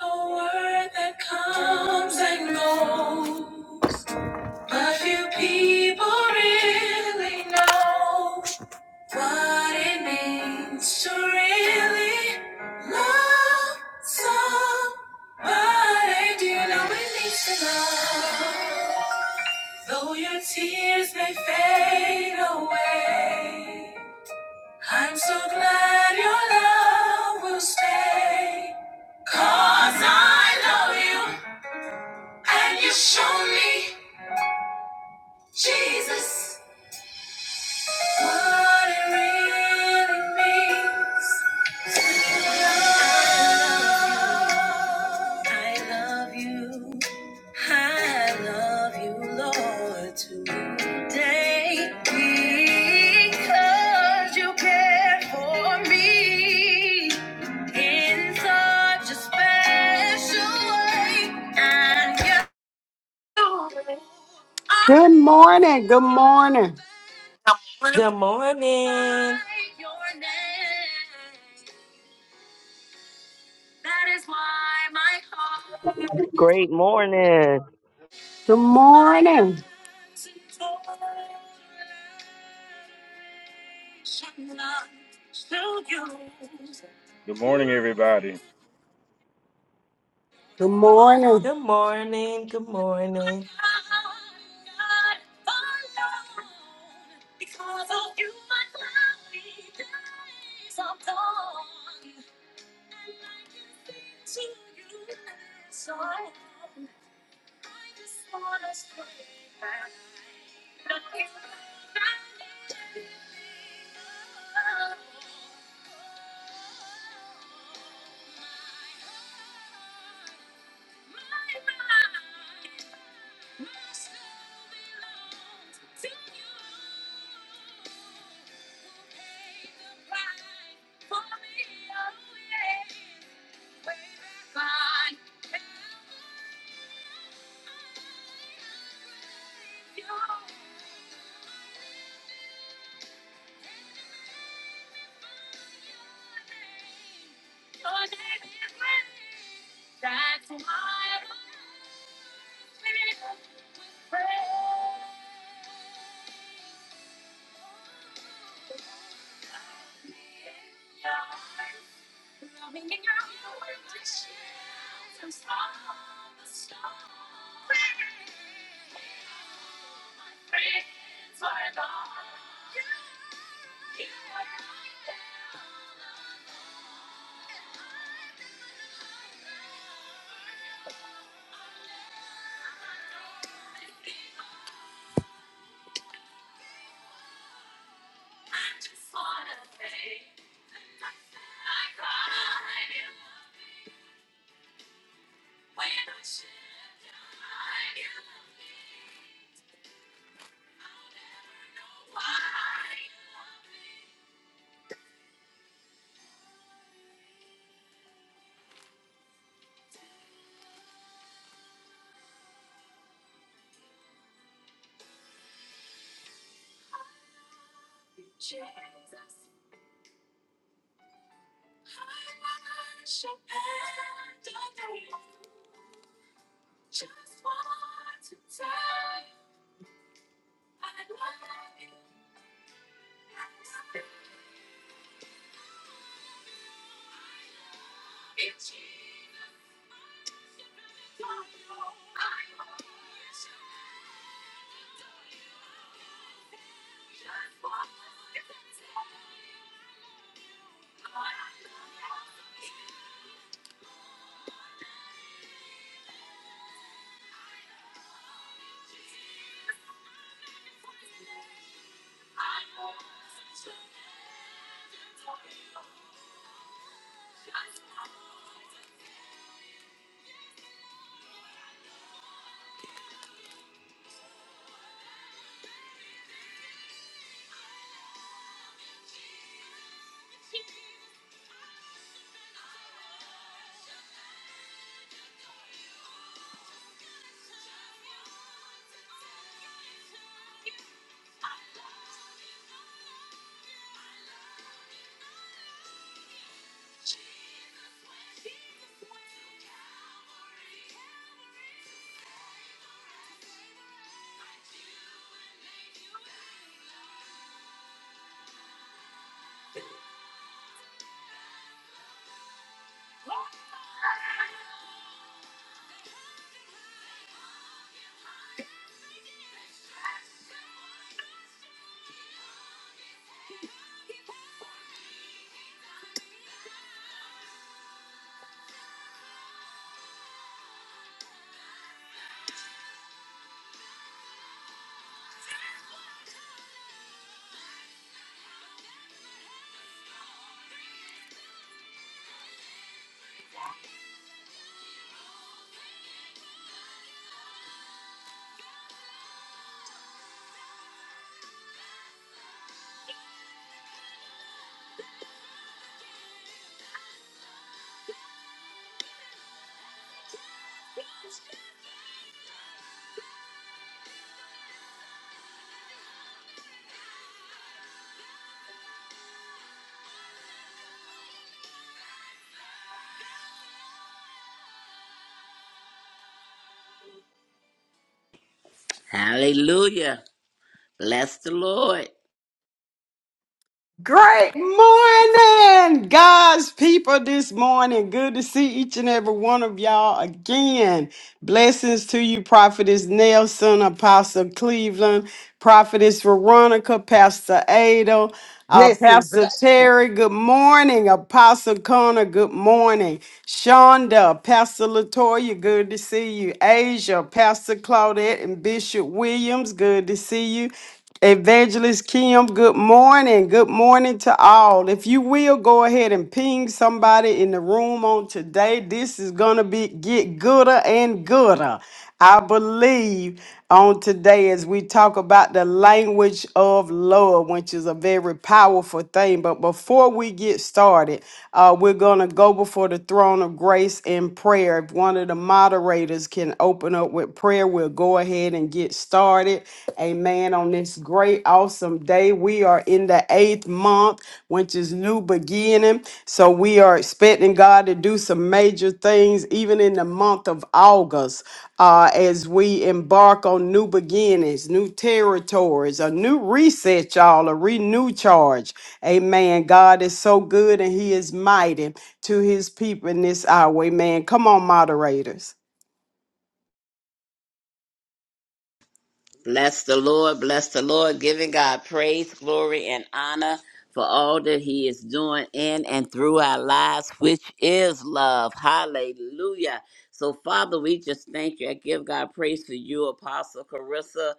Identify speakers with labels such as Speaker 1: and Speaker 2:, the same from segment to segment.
Speaker 1: A word that comes and goes, but few people really know what it means to really love somebody. Do you know it means to love? Though your tears may fade away, I'm so glad your love will stay, 'cause I love you and you show me, Jesus, what it really means. I love you. I love you, Lord, today because you cared for me in such a special way. And you Good morning. Good morning.
Speaker 2: Good
Speaker 1: by
Speaker 2: morning.
Speaker 1: your name. That is why my heart
Speaker 3: Great morning.
Speaker 1: Good morning.
Speaker 4: Good morning, everybody.
Speaker 1: Good morning.
Speaker 2: Good morning. Good morning.
Speaker 5: Hallelujah. Bless the Lord.
Speaker 1: Great morning, God's people, this morning. Good to see each and every one of y'all again. Blessings to you, Prophetess Nelson, Apostle Cleveland, Prophetess Veronica, Pastor Ada, uh,
Speaker 6: Blessings,
Speaker 1: Pastor
Speaker 6: bless.
Speaker 1: Terry. Good morning, Apostle Connor. Good morning, Shonda, Pastor Latoya. Good to see you, Asia, Pastor Claudette, and Bishop Williams. Good to see you. Evangelist Kim, good morning. Good morning to all. If you will go ahead and ping somebody in the room on today, this is gonna be get gooder and gooder. I believe on today as we talk about the language of love, which is a very powerful thing. But before we get started, uh, we're gonna go before the throne of grace in prayer. If one of the moderators can and open up with prayer, we'll go ahead and get started. Amen. On this great, awesome day, we are in the eighth month, which is new beginning. So we are expecting God to do some major things, even in the month of August, uh, as we embark on new beginnings, new territories, a new reset, y'all, a renew charge. Amen. God is so good and He is mighty to His people in this hour. Amen. Come on, moderators.
Speaker 5: Bless the Lord, bless the Lord, giving God praise, glory, and honor for all that He is doing in and through our lives, which is love. Hallelujah. So, Father, we just thank you. I give God praise for you, Apostle Carissa,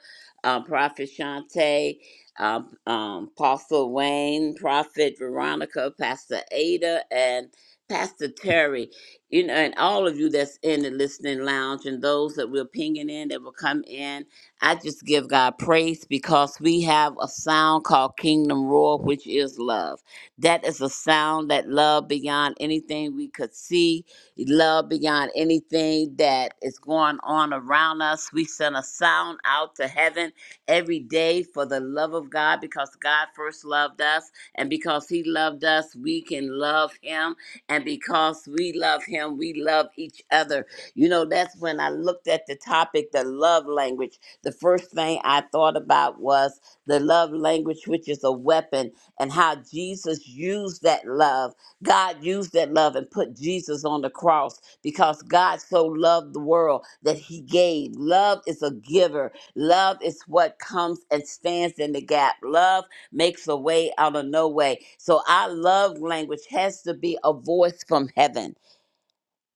Speaker 5: um, Prophet Shante, um, um, Apostle Wayne, Prophet Veronica, Pastor Ada, and Pastor Terry, you know, and all of you that's in the listening lounge and those that we're pinging in that will come in I just give God praise because we have a sound called Kingdom Roar, which is love. That is a sound that love beyond anything we could see, love beyond anything that is going on around us. We send a sound out to heaven every day for the love of God because God first loved us. And because He loved us, we can love Him. And because we love Him, we love each other. You know, that's when I looked at the topic, the love language the first thing I thought about was the love language, which is a weapon, and how Jesus used that love. God used that love and put Jesus on the cross because God so loved the world that he gave. Love is a giver, love is what comes and stands in the gap. Love makes a way out of no way. So our love language has to be a voice from heaven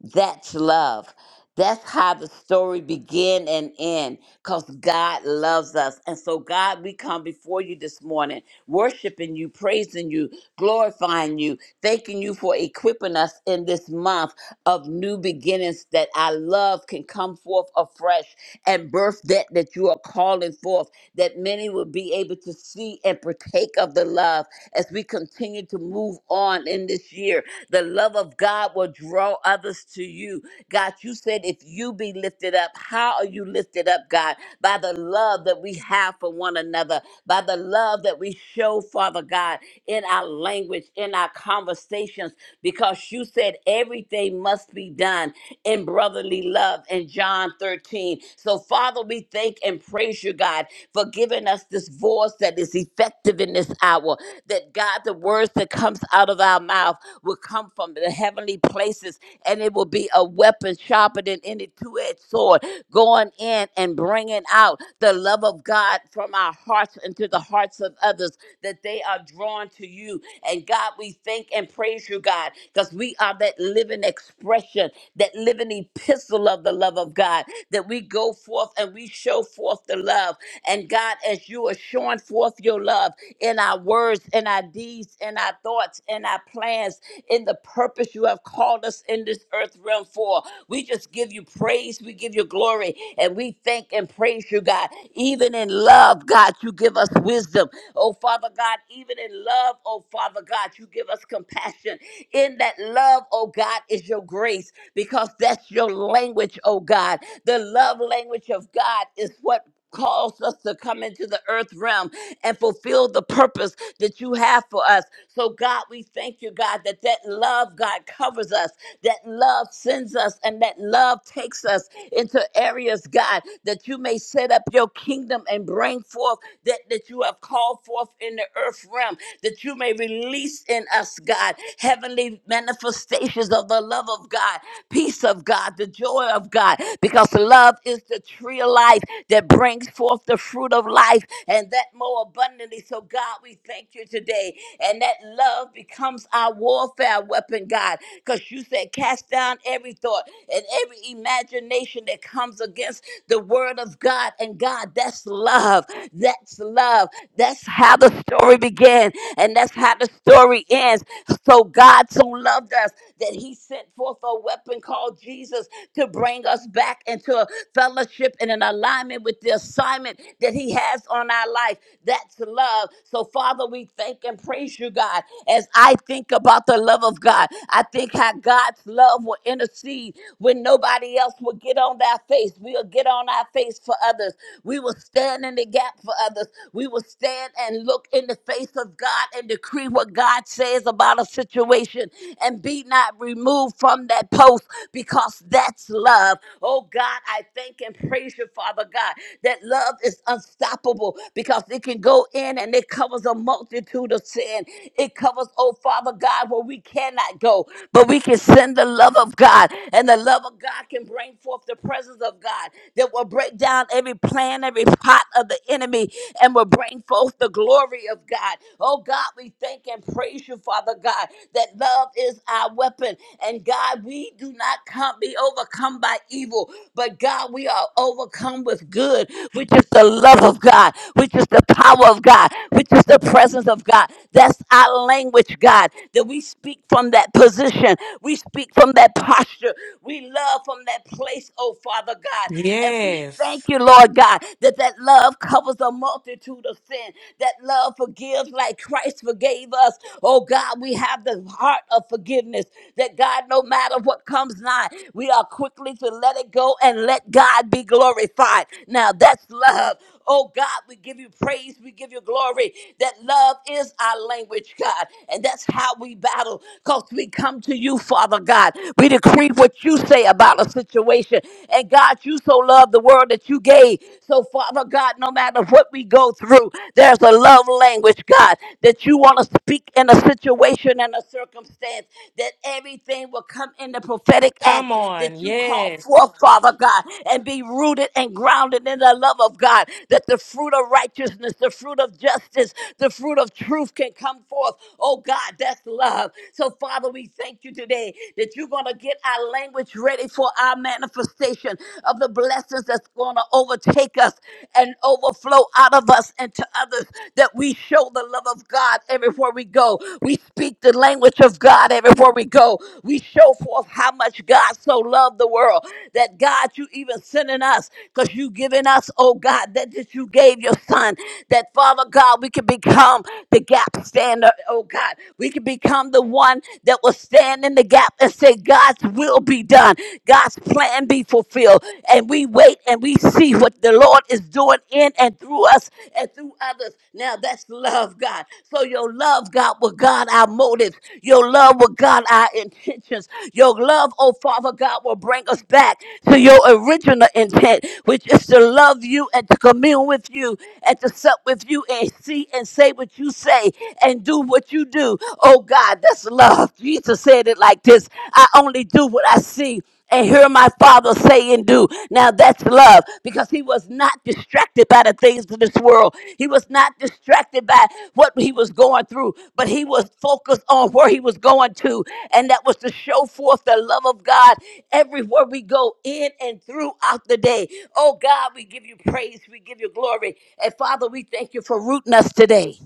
Speaker 5: that's love. That's how the story begin and end because God loves us. And so, God, we come before you this morning, worshiping you, praising you, glorifying you, thanking you for equipping us in this month of new beginnings that our love can come forth afresh and birth that that you are calling forth, that many will be able to see and partake of the love as we continue to move on in this year the love of God will draw others to you. God, you said if you be lifted up, how are you lifted up, God? By the love that we have for one another, by the love that we show, Father God, in our language, in our conversations, because you said everything must be done in brotherly love in John 13. So, Father, we thank and praise you, God, for giving us this voice that is effective in this hour. That God, the words that comes out of our mouth will come from the heavenly places and it will be be a weapon sharper than any two-edged sword, going in and bringing out the love of God from our hearts into the hearts of others, that they are drawn to you. And God, we thank and praise you, God, because we are that living expression, that living epistle of the love of God, that we go forth and we show forth the love. And God, as you are showing forth your love in our words, in our deeds, in our thoughts, in our plans, in the purpose you have called us into this earth realm for. We just give you praise. We give you glory. And we thank and praise you, God. Even in love, God, you give us wisdom. Oh, Father God, even in love, oh, Father God, you give us compassion. In that love, oh, God, is your grace because that's your language, oh, God. The love language of God is what calls us to come into the earth realm and fulfill the purpose that you have for us. So God, we thank you, God, that that love, God, covers us, that love sends us, and that love takes us into areas, God, that you may set up your kingdom and bring forth that, that you have called forth in the earth realm, that you may release in us, God, heavenly manifestations of the love of God, peace of God, the joy of God, because love is the tree of life that brings forth the fruit of life and that more abundantly. So, God, we thank you today. And that love becomes our warfare weapon, God, because you said, cast down every thought and every imagination that comes against the word of God. And God, that's love. That's love. That's how the story began, and that's how the story ends. So, God so loved us that He sent forth. a weapon called Jesus to bring us back into a fellowship and an alignment with the assignment that He has on our life. That's love. So, Father, we thank and praise you, God. As I think about the love of God, I think how God's love will intercede when nobody else will get on their face. We'll get on our face for others. We will stand in the gap for others. We will stand and look in the face of God and decree what God says about a situation situation and be not removed from that post because that's love. Oh God, I thank and praise you, Father God, that love is unstoppable because it can go in and it covers a multitude of sin. It covers, oh Father God, where we cannot go, but we can send the love of God, and the love of God can bring forth the presence of God that will break down every plan, every plot of the enemy, and will bring forth the glory of God. Oh. God, we thank and praise you, Father God, that love is our weapon. And God, we do not come, be overcome by evil, but God, we are overcome with good, which is the love of God, which is the power of God, which is the presence of God. That's our language, God, that we speak from that position. We speak from that posture. We love from that place, oh Father God. And we thank
Speaker 2: Yes.
Speaker 5: you, Lord God, that that love covers a multitude multitude of sin. That love forgives like Christ forgave us. Oh God, we have the heart of forgiveness. That God, no matter what comes nigh, we are quickly to let it go and let God be glorified. Now that's love. Oh God, we give you praise, we give you glory. That love is our language, God. And that's how we battle because we come to you, Father God. We decree what you say about a situation. And God, you so love the world that you gave. So, Father God, no matter what we go through, there's a love language, God, that you want to speak in a situation and a circumstance, that everything will come in the prophetic
Speaker 2: Come
Speaker 5: act
Speaker 2: on.
Speaker 5: that you call
Speaker 2: Yes.
Speaker 5: forth, Father God, and be rooted and grounded in the love of God, that the fruit of righteousness, the fruit of justice, the fruit of truth can come forth. Oh God, that's love. So, Father, we thank you today that you're going to get our language ready for our manifestation of the blessings that's going to overtake us and overflow out of us and to others that we show the love of God everywhere we go. We speak the language of God everywhere we go. We show forth how much God so loved the world that God, you even sending us because you giving us, oh God, that, that you gave your son, that Father God, we can become the gap stander, oh God. We can become the one that will stand in the gap and say, God's will be done, God's plan be fulfilled. And we wait and we see what the Lord is doing in and through us and through others. Now that's love, God. So your love, God, will guide our motives. Your love will guide our intentions. Your love, oh Father God, will bring us back to your original intent, which is to love you and to commune with you and to sup with you and see and say what you say and do what you do. Oh God, that's love. Jesus said it like this I only do what I see and hear my Father say and do. Now that's love because he was not distracted by the things of this world. He was not distracted by what he was going through, but he was focused on where he was going to. And that was to show forth the love of God everywhere we go in and throughout the day. Oh God, we give you praise, we give you glory. And Father, we thank you for rooting us today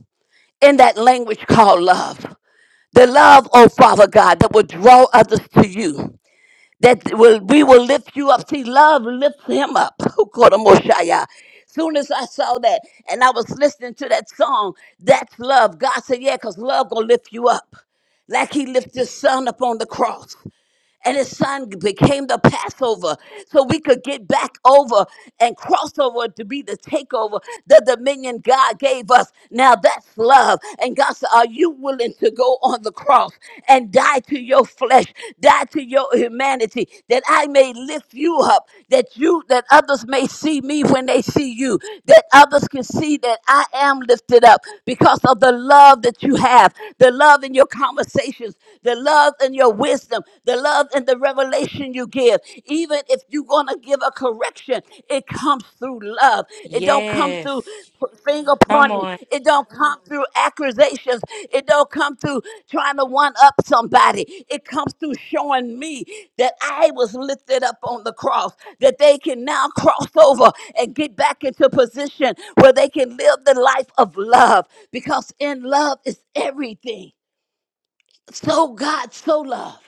Speaker 5: in that language called love the love, oh Father God, that will draw others to you. That will we will lift you up. See, love lifts him up. Ukoromoshaya. Soon as I saw that and I was listening to that song, that's love. God said, Yeah, because love gonna lift you up. Like he lifted his son up on the cross and his son became the Passover so we could get back over and cross over to be the takeover, the dominion God gave us. Now that's love. And God said, Are you willing to go on the cross and die to your flesh, die to your humanity, that I may lift you up, that you, that others may see me when they see you, that others can see that I am lifted up because of the love that you have, the love in your conversations, the love and your wisdom, the love and the revelation you give. Even if you're going to give a correction, it comes through love. It don't come through
Speaker 2: Yes.
Speaker 5: p- finger
Speaker 2: Come
Speaker 5: pointing.
Speaker 2: on.
Speaker 5: It don't come through accusations. It don't come through trying to one up somebody. It comes through showing me that I was lifted up on the cross, that they can now cross over and get back into position where they can live the life of love because in love is everything. So God so loved.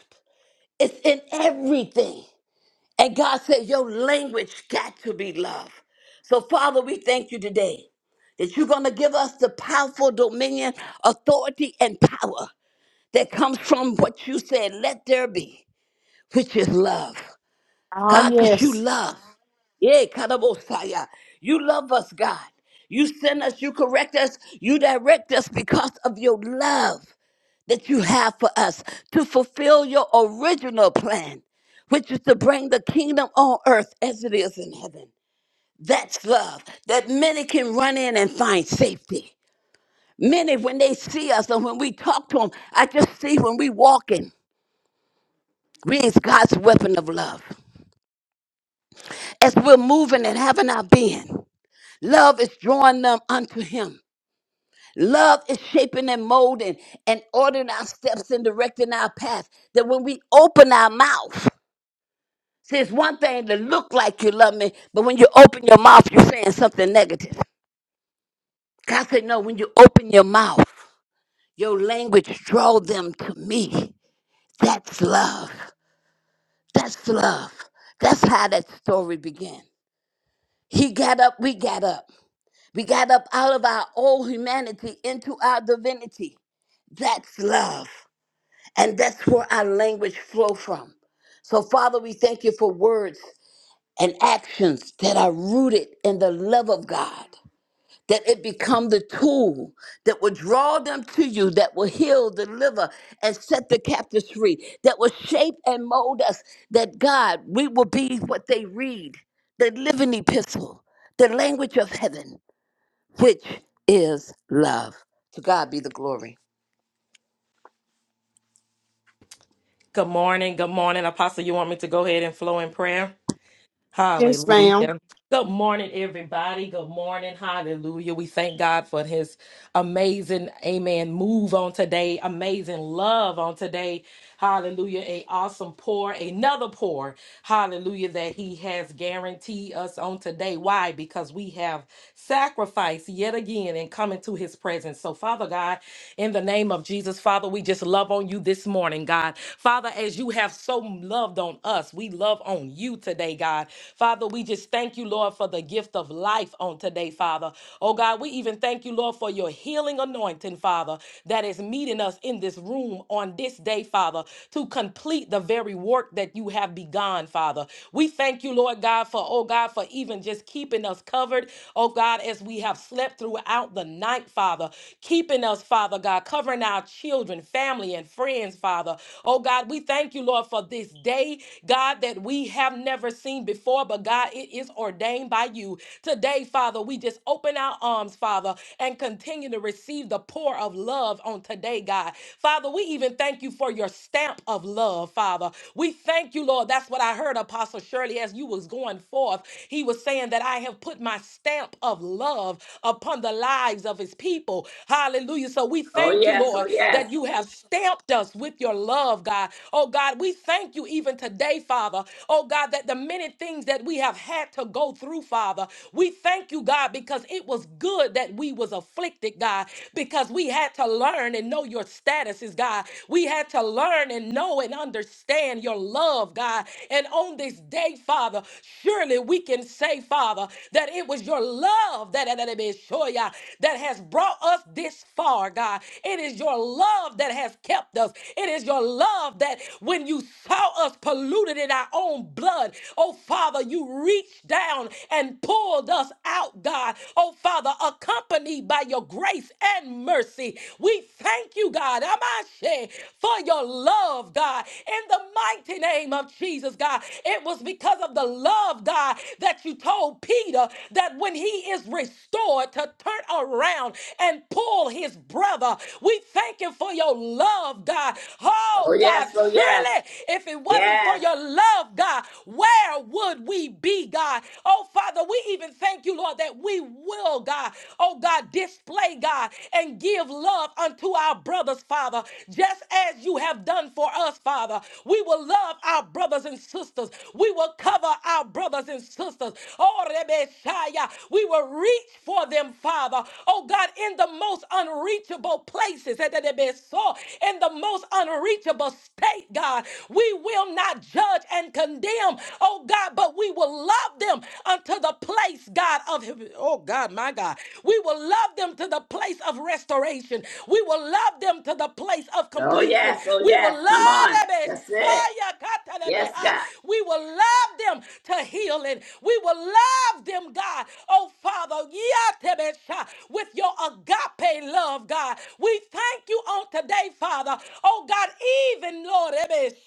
Speaker 5: It's in everything. And God said, Your language got to be love. So, Father, we thank you today that you're going to give us the powerful dominion, authority, and power that comes from what you said, let there be, which is love. God, because you love. Yeah, Kadabosaya. You love us, God. You send us, you correct us, you direct us because of your love that you have for us to fulfill your original plan, which is to bring the kingdom on earth as it is in heaven. That's love that many can run in and find safety. Many, when they see us and when we talk to them, I just see when we walking, we is God's weapon of love. As we're moving and having our being, love is drawing them unto Him. Love is shaping and molding and ordering our steps and directing our path. That when we open our mouth, See, it's one thing to look like you love me, but when you open your mouth, you're saying something negative. God said, No, when you open your mouth, your language draw them to me. That's love. That's love. That's how that story began. He got up, we got up. We got up out of our old humanity into our divinity. That's love. And that's where our language flow from. So, Father, we thank you for words and actions that are rooted in the love of God, that it become the tool that will draw them to you, that will heal, deliver, and set the captives free, that will shape and mold us, that God, we will be what they read, the living epistle, the language of heaven, which is love. To God be the glory.
Speaker 2: Good morning. Good morning. Apostle, you want me to go ahead and flow in prayer?
Speaker 1: Yes, ma'am.
Speaker 2: Hallelujah. Good morning, everybody. Good morning. Hallelujah. We thank God for his amazing, amen, move on today, amazing love on today. Hallelujah. A awesome pour, another pour. Hallelujah. That he has guaranteed us on today. Why? Because we have sacrificed yet again and come into his presence. So, Father God, in the name of Jesus, Father, we just love on you this morning, God. Father, as you have so loved on us, we love on you today, God. Father, we just thank you, Lord, for the gift of life on today, Father. Oh, God, we even thank you, Lord, for your healing anointing, Father, that is meeting us in this room on on this day, Father, to complete the very work that you have begun, Father. We thank you, Lord God, for, oh God, for even just keeping us covered, oh God, as we have slept throughout the night, Father, keeping us, Father God, covering our children, family, and friends, Father. Oh God, we thank you, Lord, for this day, God, that we have never seen before, but God, it is ordained by you. Today, Father, we just open our arms, Father, and continue to receive the pour of love on today, God. God. Father, we even thank you for your stamp of love, Father. We thank you, Lord. That's what I heard, Apostle Shirley, as you was going forth. He was saying that I have put my stamp of love upon the lives of his people. Hallelujah. So we
Speaker 5: Oh
Speaker 2: thank you,
Speaker 5: yes,
Speaker 2: Lord,
Speaker 5: oh yes,
Speaker 2: that you have stamped us with your love, God. Oh, God, we thank you even today, Father. Oh, God, that the many things that we have had to go through, Father, we thank you, God, because it was good that we was afflicted, God, because we had to learn and know your status is God. We had to learn and know and understand your love, God. And on this day, Father, surely we can say, Father, that it was your love that, that, that, that that has brought us this far, God. It is your love that has kept us. It is your love that when you saw us polluted in our own blood, oh Father, you reached down and pulled us out, God. Oh Father, accompanied by your grace and and mercy. We thank you, God, Amashe, for your love, God. In the mighty name of Jesus, God, it was because of the love, God, that you told Peter that when he is restored to turn around and pull his brother. We thank you for your love, God.
Speaker 5: oh
Speaker 2: Oh,
Speaker 5: yes,
Speaker 2: God,
Speaker 5: oh yes,
Speaker 2: surely if it wasn't for
Speaker 5: yes,
Speaker 2: your love, God, where would we be, God? Oh, Father, we even thank you, Lord, that we will, God. Oh, God, display, God, and give love unto our brothers, Father, just as you have done for us, Father. We will love our brothers and sisters. We will cover our brothers and sisters. Oh, Rebeshaya, we will reach for them, Father. Oh, God, in the most unreachable places, eh, that it be so, in the most unreachable state, God, we will not judge and condemn, oh, God, but we will love them unto the place, God, of, oh, God, my God. We will love them to the place of restoration. We will love them to the place of
Speaker 5: oh
Speaker 2: completion.
Speaker 5: yes, oh
Speaker 2: We will
Speaker 5: yes.
Speaker 2: love
Speaker 5: Come on,
Speaker 2: them.
Speaker 5: that's it. Yes, God.
Speaker 2: We will love them to healing. We will love them, God. Oh, Father, with your agape love, God. We thank you on today, Father. Oh, God, even, Lord,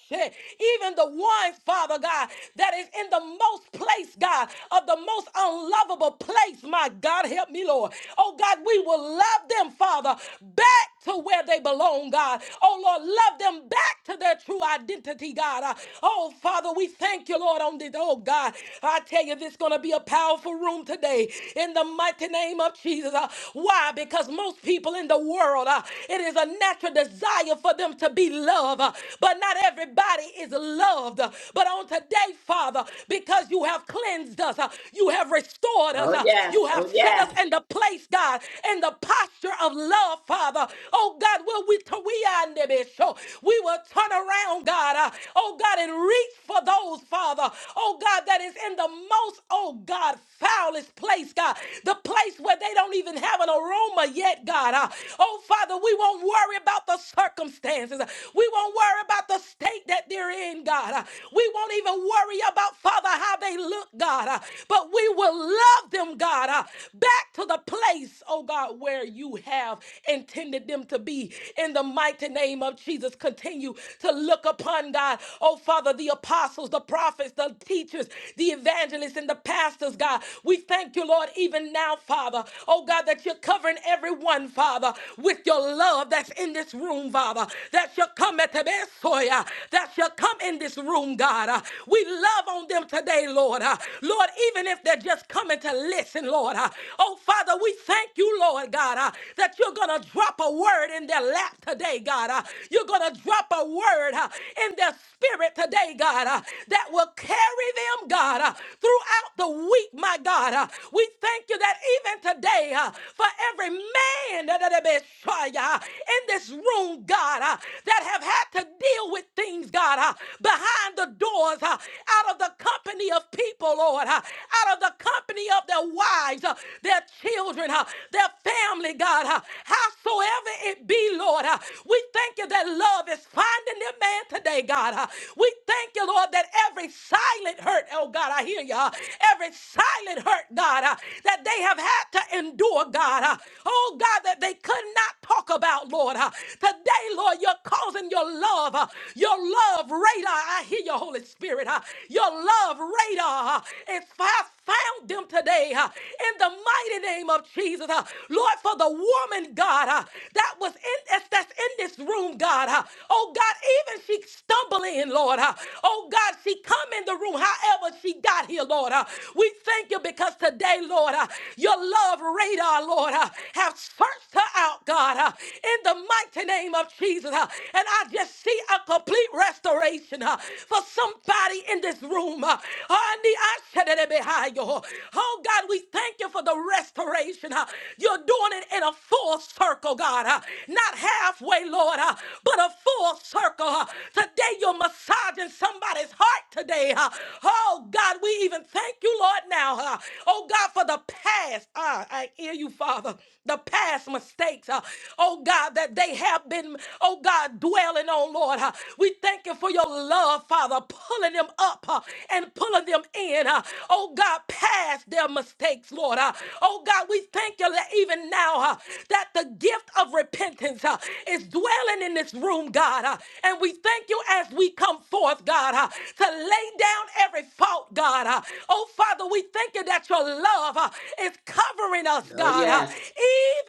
Speaker 2: even the ones, Father God, that is in the most place, God, of the most unlovable place, enemies, my God, help me, Lord. Oh God, we will love them, Father, back to where they belong, God. Oh Lord, love them back to their true identity, God. Uh, Oh Father, we thank you, Lord, on this. Oh God, I tell you, this is going to be a powerful room today in the mighty name of Jesus. Uh, Why? Because most people in the world, uh, it is a natural desire for them to be loved, uh, but not everybody is loved. But on today, Father, because you have cleansed us, uh, you have restored restored us.
Speaker 5: Oh,
Speaker 2: Uh,
Speaker 5: yes.
Speaker 2: You have
Speaker 5: Oh,
Speaker 2: set us
Speaker 5: yes.
Speaker 2: in the place, God, in the posture of love, Father. Oh God, will we tu- we are in the so we will turn around, God. uh, Oh God, and reach for those, Father. Oh God, that is in the most, oh God, foulest place, God. The place where they don't even have an aroma yet, God. uh, Oh Father, we won't worry about the circumstances. We won't worry about the state that they're in, God. Uh, We won't even worry about, Father, how they look, God. Uh, but we will love them, God, uh, back to the place, oh God, where you have intended them to be. In the mighty name of Jesus, continue to look upon God, oh Father, the apostles, the prophets, the teachers, the evangelists, and the pastors, God. We thank you, Lord, even now, Father, oh God, that you're covering everyone, Father, with your love that's in this room, Father, that shall come at the best, soya. that shall come in this room, God. Uh, We love on them today, Lord coming, Lord. Uh, Lord, even if they're just coming to listen, Lord. Uh, Oh, Father, we thank you, Lord God, uh, that you're going to drop a word in their lap today, God. Uh, You're going to drop a word uh, in their spirit today, God, uh, that will carry them, God, uh, throughout the week, my God. Uh, We thank you that even today, uh, for every man that that- that be shy, uh, in this room, God, uh, that have had to deal with things, God, uh, behind the doors, uh, out out of the company of people, Lord, uh, out of the company of their wives, uh, their children, uh, their family, God, uh, howsoever it be, Lord. uh, We thank you that love is finding their man today, God. uh, We thank you, Lord, that every silent hurt, oh God, I hear you, uh, every silent hurt, God, uh, that they have had to endure, God. uh, Oh God, that they could not talk about, Lord. uh, Today, Lord, you're causing your love, uh, your love radar. I hear you, Holy Holy Spirit. huh? Your love radar huh, is fi- found them today huh, in the mighty name of Jesus. huh. Lord, for the woman, God, huh, that was in that's that's in this room, God. huh. Oh God, even she stumble in, Lord. huh. Oh God, she come in the room however she got here, Lord. huh. We thank you because today, Lord, huh, your love radar, Lord, huh, have searched her out, God, huh, in the mighty name of Jesus. huh. And I just see a complete restoration revelation uh, for somebody in this room. uh, Oh God, we thank you for the restoration. uh, You're doing it in a full circle, God. uh, Not halfway, Lord, uh, but a full circle. uh. Today you're massaging somebody's heart today. uh. Oh God, we even thank you, Lord, now. uh. Oh God, for the past. Ah, I hear you, Father. The past mistakes. uh, Oh God, that they have been, oh God, dwelling on, Lord. uh. We thank you for your love, Father, pulling them up uh, and pulling them in. uh, oh God, past their mistakes, Lord. uh. oh God, we thank you that even now uh, that the gift of repentance uh, is dwelling in this room, God. uh, and we thank you as we come forth, God, uh, to lay down every fault, God. uh. oh Father, we thank you that your love uh, is covering us,
Speaker 5: Oh,
Speaker 2: God, uh,
Speaker 5: yes.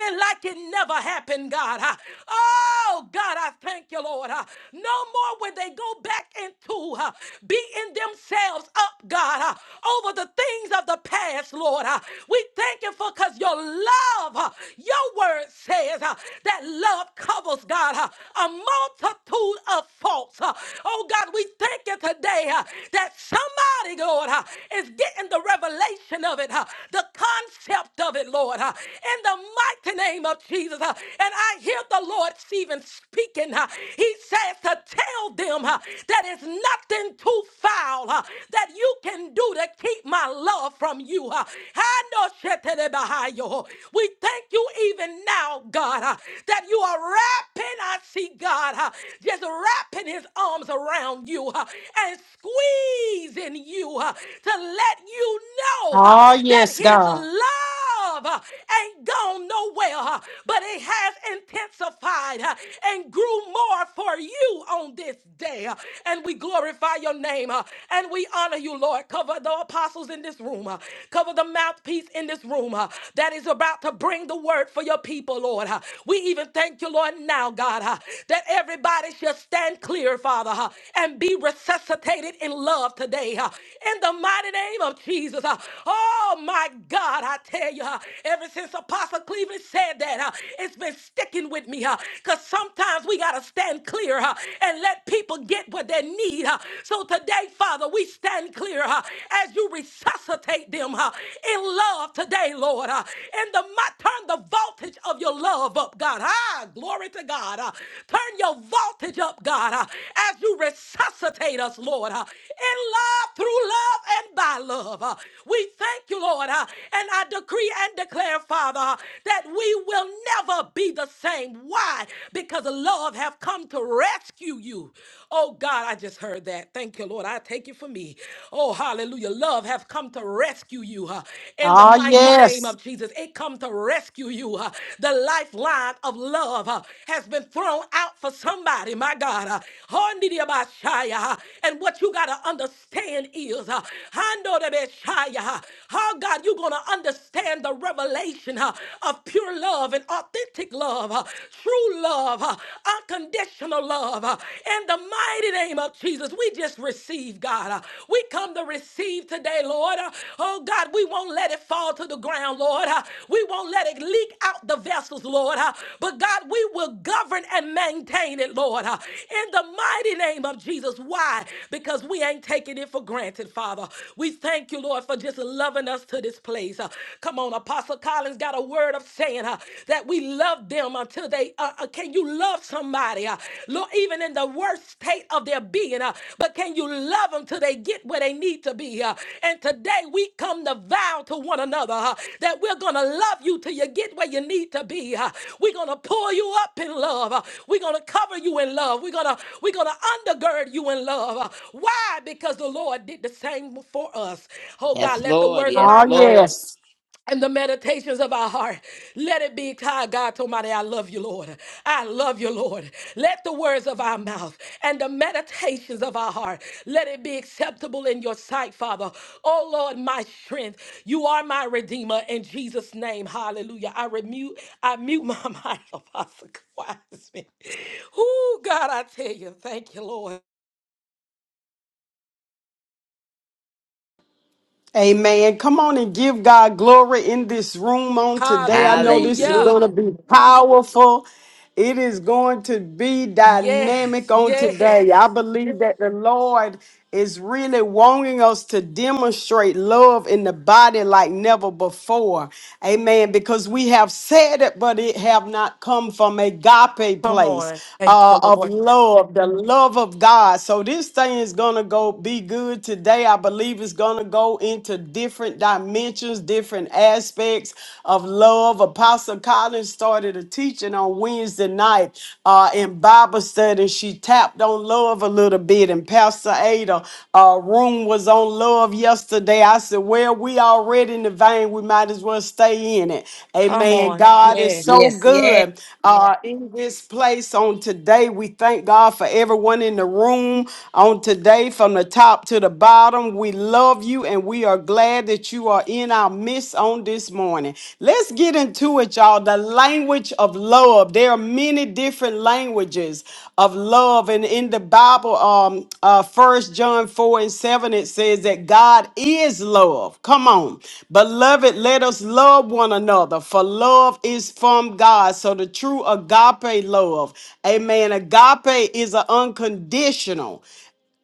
Speaker 2: even like it never happened, God. uh. oh God, I thank you, Lord. Lord. Uh, No more will they go back into uh, beating themselves up, God, uh, over the things of the past, Lord. Uh, We thank you for because your love, uh, your word says uh, that love covers, God, uh, a multitude of faults. uh. Oh, God, we thank you today uh, that somebody, Lord, uh, is getting the revelation of it, uh, the concept of it, Lord, uh, in the mighty name of Jesus. uh. And I hear the Lord Stephen speaking, uh, he says to tell them uh, that it's nothing too foul uh, that you can do to keep my love from you. uh. I We thank you even now, God, uh, that you are wrapping, I see God, uh, just wrapping his arms around you uh, and squeezing you uh, to let you know uh,
Speaker 1: Oh,
Speaker 2: that
Speaker 1: yes,
Speaker 2: his
Speaker 1: God.
Speaker 2: love uh, ain't gone nowhere, uh, but it has intensified magnified uh, and grew more for you on this day. uh, And we glorify your name uh, and we honor you, Lord. Cover the apostles in this room, uh, cover the mouthpiece in this room uh, that is about to bring the word for your people, Lord. uh. We even thank you, Lord, now, God, uh, that everybody shall stand clear, Father, uh, and be resuscitated in love today. uh, In the mighty name of Jesus. uh. Oh, my God, I tell you, uh, ever since Apostle Cleveland said that, uh, it's been been sticking with me, huh? Because sometimes we got to stand clear, huh? And let people get what they need, huh? So today, Father, we stand clear, huh? As you resuscitate them, huh? In love today, Lord, huh? And the, mi- turn the voltage of your love up, God. Ah, glory to God. huh? Turn your voltage up, God, huh? As you resuscitate us, Lord, huh? In love, through love, and by love. huh? We thank you, Lord, huh? And I decree and declare, Father, huh? that we we will never be the same. Why? Because love have come to rescue you. Oh God, I just heard that. Thank you, Lord. I take it for me. Oh, hallelujah. Love have come to rescue you huh, in the
Speaker 1: Oh,
Speaker 2: mighty name
Speaker 1: yes.
Speaker 2: of Jesus. It come to rescue you. huh. The lifeline of love huh, has been thrown out for somebody, my God. huh. Hondidiabashaya, huh. And what you got to understand is, huh, Handodebeshaya, huh, how God, you're going to understand the revelation uh, of pure love and authentic love, uh, true love, uh, unconditional love. uh, In the mighty name of Jesus, we just receive, God. uh, We come to receive today, Lord. uh, Oh, God, we won't let it fall to the ground, Lord. uh, We won't let it leak out the vessels, Lord. uh, But, God, we will govern and maintain it, Lord. uh, In the mighty name of Jesus. Why? Because we ain't taking it for granted, Father. We thank you, Lord, for just loving us to this place. Uh, Come on on. Apostle Collins got a word of saying uh, that we love them until they. Uh, uh, can you love somebody, uh, Lord, even in the worst state of their being? Uh, but can you love them till they get where they need to be? Uh, and today we come to vow to one another uh, that we're gonna love you till you get where you need to be. uh. we're gonna pull you up in love. uh. we're gonna cover you in love. We're gonna we're gonna undergird you in love. uh. why? Because the Lord did the same for us. Oh God,
Speaker 5: Yes,
Speaker 2: let the
Speaker 5: Lord.
Speaker 2: words of
Speaker 5: Yes,
Speaker 2: our mouth
Speaker 5: Lord.
Speaker 2: and the meditations of our heart. Let it be, God, God Almighty, I love you, Lord. I love you, Lord. Let the words of our mouth and the meditations of our heart, let it be acceptable in your sight, Father. Oh, Lord, my strength. You are my redeemer in Jesus' name. Hallelujah. I remute, I mute my mind, Apostle Wiseman. Oh, God, I tell you, thank you, Lord.
Speaker 1: Amen. Come on and give God glory in this room on today. I know this is
Speaker 2: Hallelujah.
Speaker 1: going to
Speaker 5: Hallelujah.
Speaker 1: be powerful. It is going to be dynamic
Speaker 2: Yes,
Speaker 1: on
Speaker 2: yes.
Speaker 1: today. I believe that the Lord is really wanting us to demonstrate love in the body like never before. Amen. Because we have said it, but it have not come from a agape
Speaker 2: Come
Speaker 1: place
Speaker 2: on. Thank
Speaker 1: uh,
Speaker 2: you,
Speaker 1: of
Speaker 2: Lord.
Speaker 1: love, the love of God. So this thing is going to go be good today. I believe believe is going to go into different dimensions, different aspects of love. Apostle Collins started a teaching on Wednesday night uh, in Bible study. She tapped on love a little bit, and Pastor Ada uh, room was on love yesterday. I said, Well, we already in the vein. We might as well stay in it.
Speaker 2: Come
Speaker 1: Amen.
Speaker 2: on.
Speaker 1: God is
Speaker 2: Yes.
Speaker 1: so
Speaker 6: Yes, yes.
Speaker 1: good uh, in this place on today. We thank God for everyone in the room on today from the top top to the bottom. We love you and we are glad that you are in our midst on this morning. Let's get into it, y'all. The language of love. There are many different languages of love. And in the Bible, um, uh, 1 John 4 and 7, it says that God is love. Come on. Beloved, let us love one another, for love is from God. So the true agape love, amen. Agape is an unconditional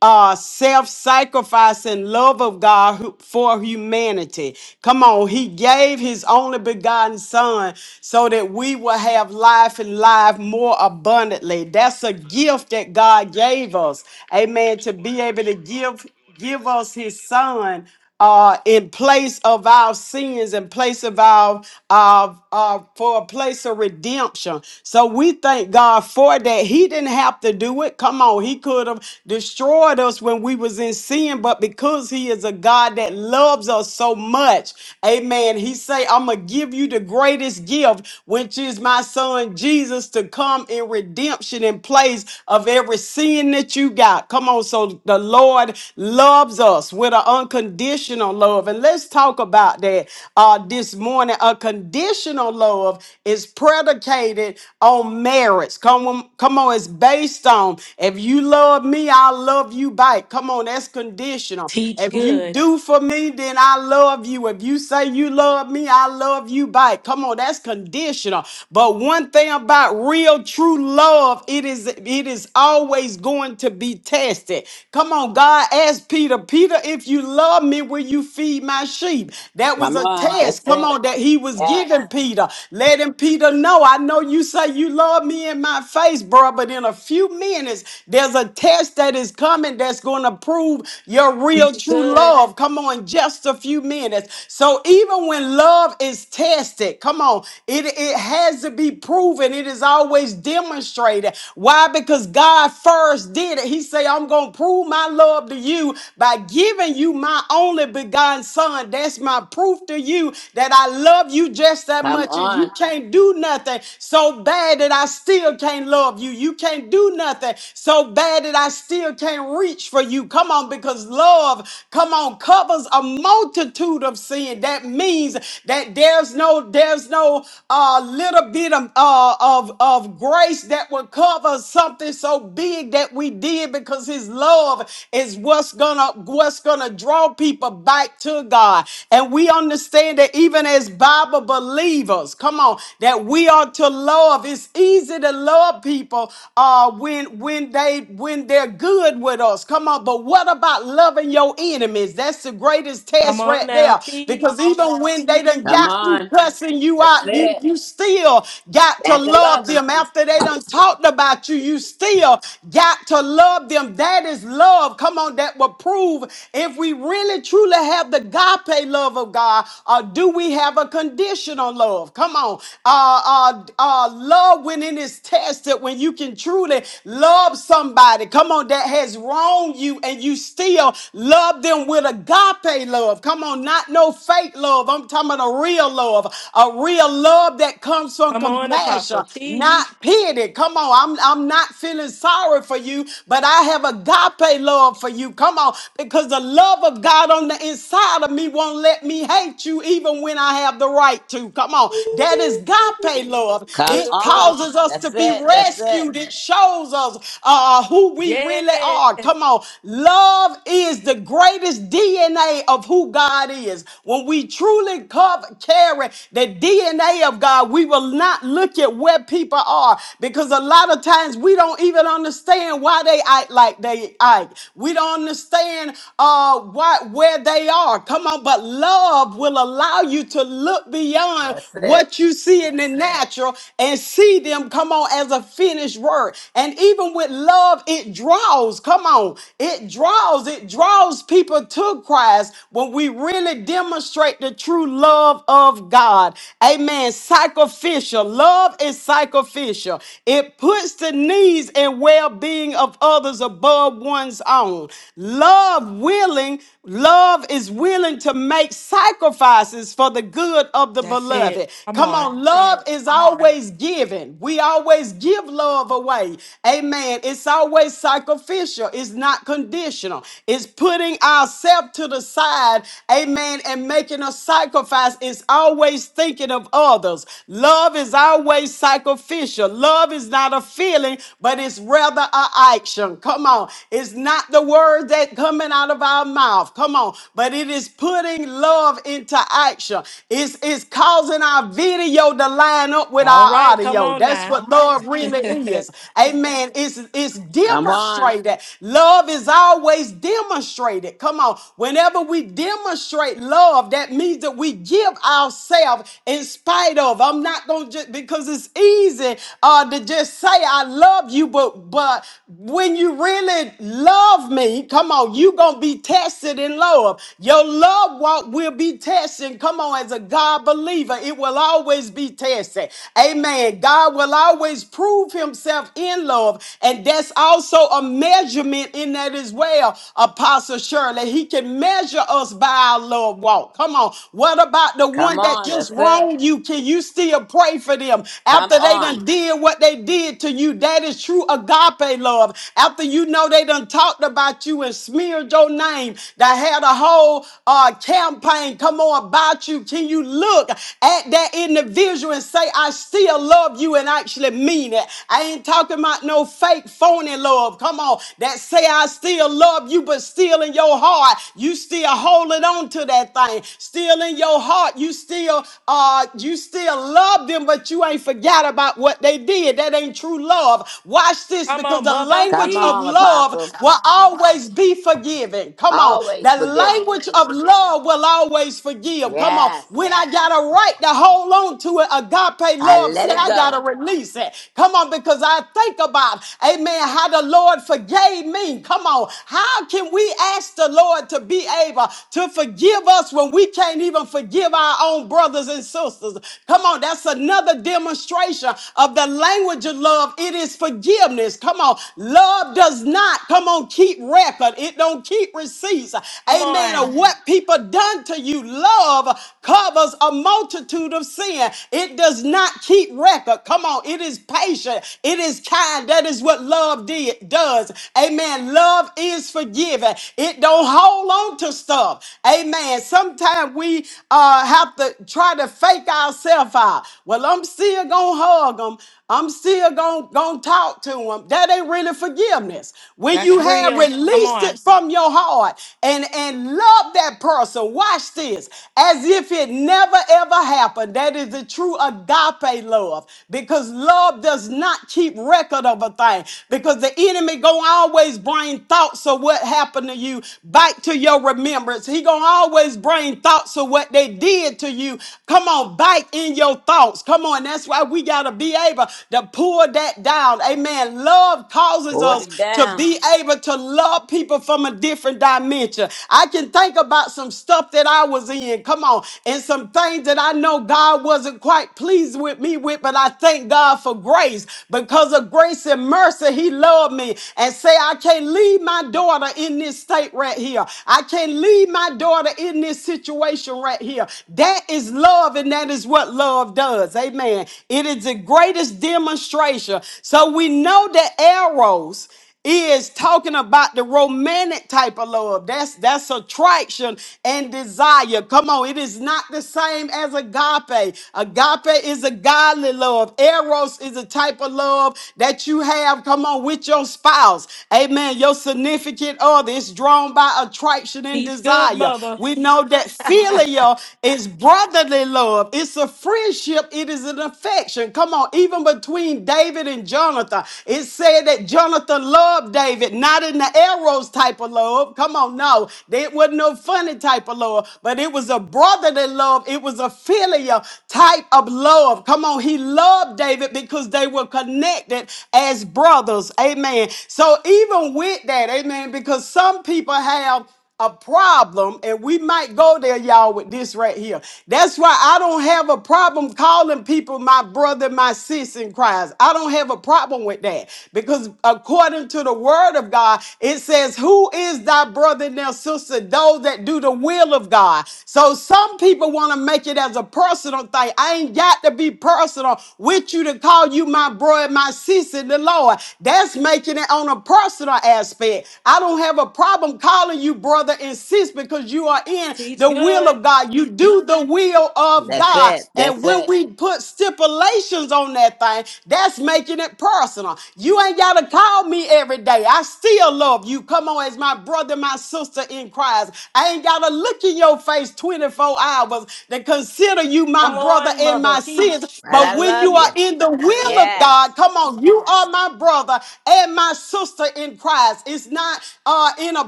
Speaker 1: uh, self-sacrificing love of God who- for humanity. Come on, He gave His only begotten Son so that we will have life and life more abundantly. That's a gift that God gave us. Amen. To be able to give give us His Son uh, in place of our sins, in place of our, uh, uh, for a place of redemption. So we thank God for that. He didn't have to do it. Come on, He could have destroyed us when we was in sin, but because He is a God that loves us so much, Amen. He say, "I'm gonna give you the greatest gift, which is my Son Jesus, to come in redemption in place of every sin that you got." Come on, so the Lord loves us with an unconditional love. And let's talk about that uh, this morning. A conditional love is predicated on merits. Come on, come on, it's based on if you love me, I love you back. Come on, that's conditional.
Speaker 2: Teach
Speaker 1: If you
Speaker 2: good.
Speaker 1: do for me, then I love you. If you say you love me, I love you back. Come on, that's conditional. But one thing about real true love, it is it is always going to be tested. Come on, God asked Peter, Peter, if you love me, will you feed my sheep? That was
Speaker 5: Come
Speaker 1: a
Speaker 5: on. That's
Speaker 1: test. Come
Speaker 5: it.
Speaker 1: on, that he was
Speaker 5: Yes.
Speaker 1: giving Peter, letting Peter know. I know you say you love me in my face, bro, but in a few minutes, there's a test that is coming that's going to prove your real
Speaker 2: Teach
Speaker 1: true
Speaker 2: good.
Speaker 1: love. Come on, just a few minutes. So even when love is tested, come on, it, it has to be proven. It is always demonstrated. Why? Because God first did it. He said, I'm going to prove my love to you by giving you my only begotten son. That's my proof to you that I love you just that
Speaker 5: Come
Speaker 1: much and you
Speaker 5: on.
Speaker 1: can't do nothing so bad that I still can't love you. You can't do nothing so bad that I still can't reach for you. Come on, because love, come on, covers a multitude of sin. That means that there's no, there's no uh, little bit of, uh, of, of grace that will cover something so big that we did because his love is what's going gonna what's gonna draw people back to God. And we understand that even as Bible believers, come on, that we are to love. It's easy to love people uh when when they when they're good with us. Come on, but what about loving your enemies? That's the greatest
Speaker 2: Come
Speaker 1: test
Speaker 2: on
Speaker 1: right
Speaker 2: now.
Speaker 1: there.
Speaker 2: Teach.
Speaker 1: Because even when they done
Speaker 5: Come
Speaker 1: got you
Speaker 5: on.
Speaker 1: cussing you
Speaker 5: That's
Speaker 1: out, you
Speaker 5: it.
Speaker 1: you still got to
Speaker 5: Got to
Speaker 1: love
Speaker 5: love him.
Speaker 1: them. After they done talked about you, you still got to love them. That is love. Come on on that will prove if we really truly have the agape love of God, or do we have a conditional love? Come on. Uh, uh, uh, love when it is tested, when you can truly love somebody, come on, that has wronged you and you still love them with agape love. Come on, not no fake love. I'm talking about a real love, a real love that comes from
Speaker 2: Come on,
Speaker 1: compassion,
Speaker 2: Apostle. Teach.
Speaker 1: not pity. Come on, I'm, I'm not feeling sorry for you, but I have agape love love for you. Come on, because the love of God on the inside of me won't let me hate you even when I have the right to. Come on, that is
Speaker 2: Ooh,
Speaker 1: agape love.
Speaker 5: Come
Speaker 1: It
Speaker 5: on.
Speaker 2: Good.
Speaker 1: causes us to
Speaker 5: That's
Speaker 1: be
Speaker 5: it. That's it.
Speaker 1: rescued. It shows us uh, who we
Speaker 2: Yes.
Speaker 1: really are. Come on, love is the greatest DNA of who God is. When we truly cover, carry the DNA of God, we will not look at where people are because a lot of times we don't even understand why they act like they Ike. We don't understand uh, why, where they are. Come on, but love will allow you to look beyond
Speaker 5: That's it.
Speaker 1: what you see in the natural and see them, come on, as a finished word. And even with love, it draws, come on, it draws, it draws people to Christ when we really demonstrate the true love of God. Amen. Sacrificial. Love is sacrificial. It puts the needs and well being of others above above one's own. Love willing, love is willing to make sacrifices for the good of the
Speaker 2: That's it.
Speaker 1: beloved.
Speaker 2: Come
Speaker 1: Come
Speaker 2: on.
Speaker 1: on, love is always giving. We always give love away. Amen. It's always sacrificial. It's not conditional. It's putting ourselves to the side. Amen. And making a sacrifice. It's always thinking of others. Love is always sacrificial. Love is not a feeling, but it's rather an action wisdom. Come on. It's not the word that coming out of our mouth. Come on. But it is putting love into action. It's, it's causing our video to line up with
Speaker 2: All
Speaker 1: our
Speaker 2: right. Come
Speaker 1: audio.
Speaker 2: on
Speaker 1: That's
Speaker 2: now.
Speaker 1: what love really is.
Speaker 2: Come
Speaker 1: Amen. It's, it's
Speaker 5: Come on.
Speaker 1: demonstrated. Love is always demonstrated. Come on. Whenever we demonstrate love, that means that we give ourselves in spite of. I'm not going to just, because it's easy uh, to just say I love you, but, but when you really love me, come on, you gonna be tested in love. Your love walk will be tested. Come on, as a God believer, it will always be tested. Amen. God will always prove Himself in love, and that's also a measurement in that as well. Apostle Shirley, He can measure us by our love walk. Come on, what about the
Speaker 5: Come
Speaker 1: one that
Speaker 5: on.
Speaker 1: just
Speaker 5: That's it.
Speaker 1: wronged you? Can you still pray for them
Speaker 5: Come
Speaker 1: after they
Speaker 5: on.
Speaker 1: done did what they did to you? That is true agape agape love. After you know they done talked about you and smeared your name, they had a whole uh, campaign come on about you. Can you look at that individual and say, I still love you and actually mean it? I ain't talking about no fake phony love. Come on, that say I still love you, but still in your heart, you still holding on to that thing. Still in your heart, you still uh you still love them, but you ain't forgot about what they did. That ain't true love. Watch this because
Speaker 2: on,
Speaker 1: the
Speaker 2: mother.
Speaker 5: Come
Speaker 1: language of
Speaker 5: on,
Speaker 2: Teach.
Speaker 1: love
Speaker 5: Apostle.
Speaker 1: will always be forgiving. Come on.
Speaker 5: Always
Speaker 1: The
Speaker 5: forgiving.
Speaker 1: language of love will always forgive. Come on.
Speaker 5: Yes.
Speaker 1: When I got a right to hold on to it, agape
Speaker 5: I
Speaker 1: love
Speaker 5: let
Speaker 1: said,
Speaker 5: it
Speaker 1: I got to
Speaker 5: go.
Speaker 1: release it. Come on, because I think about, amen, how the Lord forgave me. Come on. How can we ask the Lord to be able to forgive us when we can't even forgive our own brothers and sisters? Come on. That's another demonstration of the language of love. It is forgiving forgiveness. Come on. Love does not, come on, keep record. It don't keep receipts.
Speaker 2: Come
Speaker 1: Amen.
Speaker 2: on.
Speaker 1: Of what people done to you. Love covers a multitude of sin. It does not keep record. Come on. It is patient. It is kind. That is what love did, does. Amen. Love is forgiving. It don't hold on to stuff. Amen. Sometimes we uh, have to try to fake ourselves out. Well, I'm still going to hug them. I'm still going to talk to them. That ain't really forgiveness. When
Speaker 2: That's
Speaker 1: you have
Speaker 2: real. Come
Speaker 1: released
Speaker 2: on.
Speaker 1: it from your heart and, and love that person, watch this, as if it never ever happened. That is the true agape love because love does not keep record of a thing because the enemy going to always bring thoughts of what happened to you back to your remembrance. He going to always bring thoughts of what they did to you. Come on, back in your thoughts. Come on, that's why we got to be able to pull that down. Amen. Love causes
Speaker 5: Hold
Speaker 1: us
Speaker 5: it
Speaker 1: to
Speaker 5: down.
Speaker 1: be able to love people from a different dimension. I can think about some stuff that I was in, come on, and some things that I know God wasn't quite pleased with me with, but I thank God for grace. Because of grace and mercy, He loved me and say, I can't leave my daughter in this state right here. I can't leave my daughter in this situation right here. That is love, and that is what love does. Amen. It is greatest demonstration. So we know that eros is talking about the romantic type of love. That's that's attraction and desire. Come on, it is not the same as agape. Agape is a godly love. Eros is a type of love that you have. Come on, with your spouse. Amen. Your significant other is drawn by attraction and
Speaker 2: Teach good,
Speaker 1: desire.
Speaker 2: mother.
Speaker 1: We know that filial is brotherly love. It's a friendship. It is an affection connection. Come on, even between David and Jonathan, it said that Jonathan loved David, not in the arrows type of love. Come on, no, it wasn't no funny type of love, but it was a brotherly love. It was a filial type of love. Come on, he loved David because they were connected as brothers. Amen. So even with that, amen, because some people have a problem, and we might go there, y'all, with this right here. That's why I don't have a problem calling people my brother, my sis in Christ. I don't have a problem with that because according to the word of God, it says, Who is thy brother and thy sister? Those that do the will of God. So some people want to make it as a personal thing. I ain't got to be personal with you to call you my bro and my sis in the Lord. That's making it on a personal aspect. I don't have a problem calling you brother and sis because you are in
Speaker 2: Teach
Speaker 1: the will
Speaker 2: good.
Speaker 1: of God. You do the will of
Speaker 5: That's
Speaker 1: God.
Speaker 5: it. That's
Speaker 1: And when
Speaker 5: it.
Speaker 1: we put stipulations on that thing, that's making it personal. You ain't got to call me every day. I still love you. Come on, as my brother, my my sister in Christ. I ain't got to look in your face 24 hours to consider you
Speaker 2: Come
Speaker 1: my brother
Speaker 2: on,
Speaker 1: and
Speaker 2: mother.
Speaker 1: my sister.
Speaker 2: Teach.
Speaker 5: Right.
Speaker 1: But
Speaker 5: I
Speaker 1: when
Speaker 5: love
Speaker 1: you are
Speaker 5: you.
Speaker 1: in the will of
Speaker 5: Yes.
Speaker 1: God, come on, you are my brother and my sister in Christ. It's not uh, in a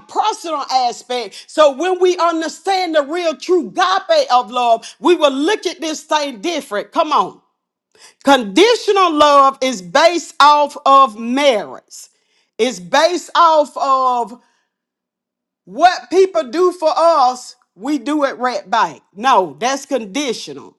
Speaker 1: personal aspect. So when we understand the real true agape of love, we will look at this thing different. Come on. Conditional love is based off of merits. It's based off of what people do for us, we do it right back. No, that's conditional.